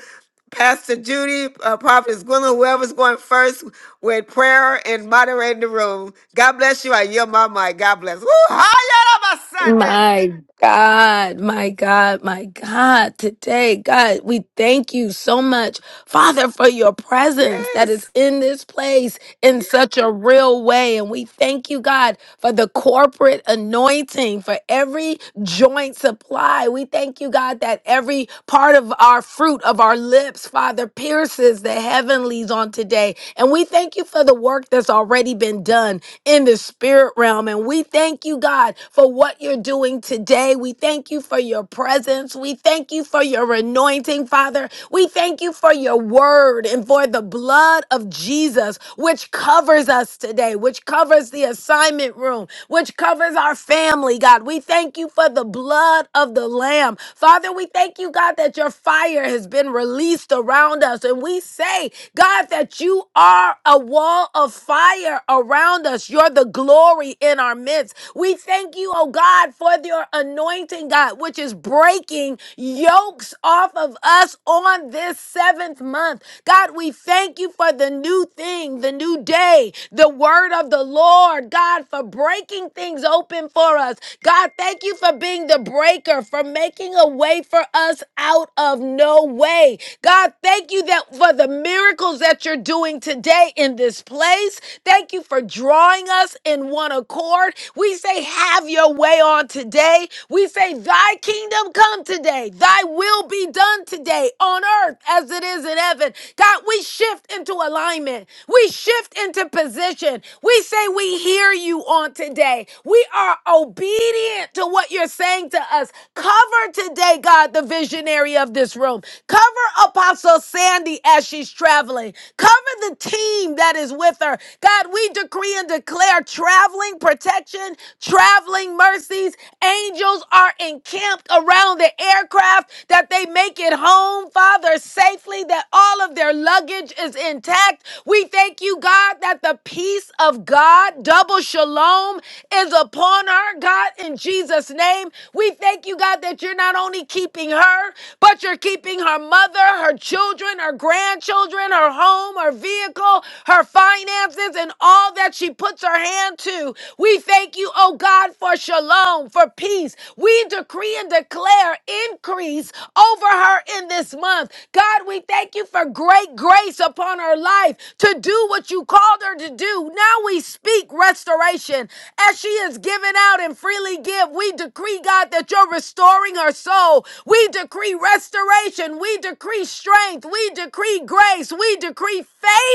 Speaker 1: Pastor Judy, uh, Prophetess Gwendolyn, whoever's going first with prayer and moderating the room. God bless you. I yield my mic. God bless. Woo! Hi, on my Sunday.
Speaker 3: My God, my God, my God, today, God, we thank you so much, Father, for your presence that
Speaker 1: Yes.
Speaker 3: is in this place in such a real way. And we thank you, God, for the corporate anointing, for every joint supply. We thank you, God, that every part of our fruit of our lips, Father, pierces the heavenlies on today. And we thank you for the work that's already been done in the spirit realm. And we thank you, God, for what you're doing today. We thank you for your presence. We thank you for your anointing, Father. We thank you for your word and for the blood of Jesus, which covers us today, which covers the assignment room, which covers our family, God. We thank you for the blood of the Lamb. Father, we thank you, God, that your fire has been released around us. And we say, God, that you are a wall of fire around us. You're the glory in our midst. We thank you, oh God, for your anointing, God, which is breaking yokes off of us on this seventh month. God, we thank you for the new thing, the new day, the word of the Lord, God, for breaking things open for us. God, thank you for being the breaker, for making a way for us out of no way. God, thank you that for the miracles that you're doing today in this place. Thank you for drawing us in one accord. We say, have your way on today. We say, thy kingdom come today. Thy will be done today on earth as it is in heaven. God, we shift into alignment. We shift into position. We say we hear you on today. We are obedient to what you're saying to us. Cover today, God, the visionary of this room. Cover Apostle Sandy as she's traveling. Cover the team that is with her. God, we decree and declare traveling protection, traveling mercies. Angels are encamped around the aircraft that they make it home, Father, safely, that all of their luggage is intact. We thank you, God, that the peace of God, double shalom, is upon her, God, in Jesus' name. We thank you, God, that you're not only keeping her, but you're keeping her mother, her children, her grandchildren, her home, her vehicle, her finances, and all that she puts her hand to. We thank you, oh God, for shalom, for peace. We decree and declare increase over her in this month. God, we thank you for great grace upon her life to do what you called her to do. Now we speak restoration as she is given out and freely give. We decree, God, that you're restoring her soul. We decree restoration. We decree strength. We decree grace. We decree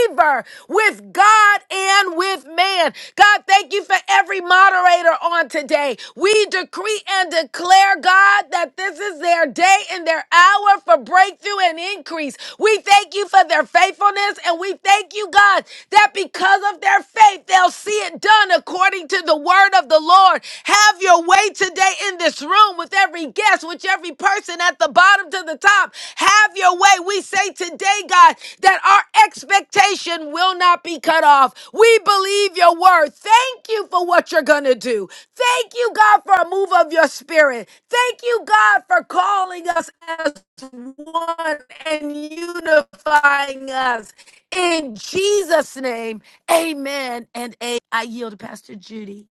Speaker 3: favor with God and with man. God, thank you for every moderator moderator on today. We decree and declare, God, that this is their day and their hour for breakthrough and increase. We thank you for their faithfulness and we thank you, God, that because of their faith, they'll see it done according to the word of the Lord. Have your way today in this room with every guest, with every person at the bottom to the top. Have your way. We say today, God that our expectation will not be cut off. We believe your word. Thank you for what you're going to do. Thank you, God, for a move of your spirit. Thank you, God, for calling us as one and unifying us. In Jesus' name, amen. And a- I yield to Pastor Judy.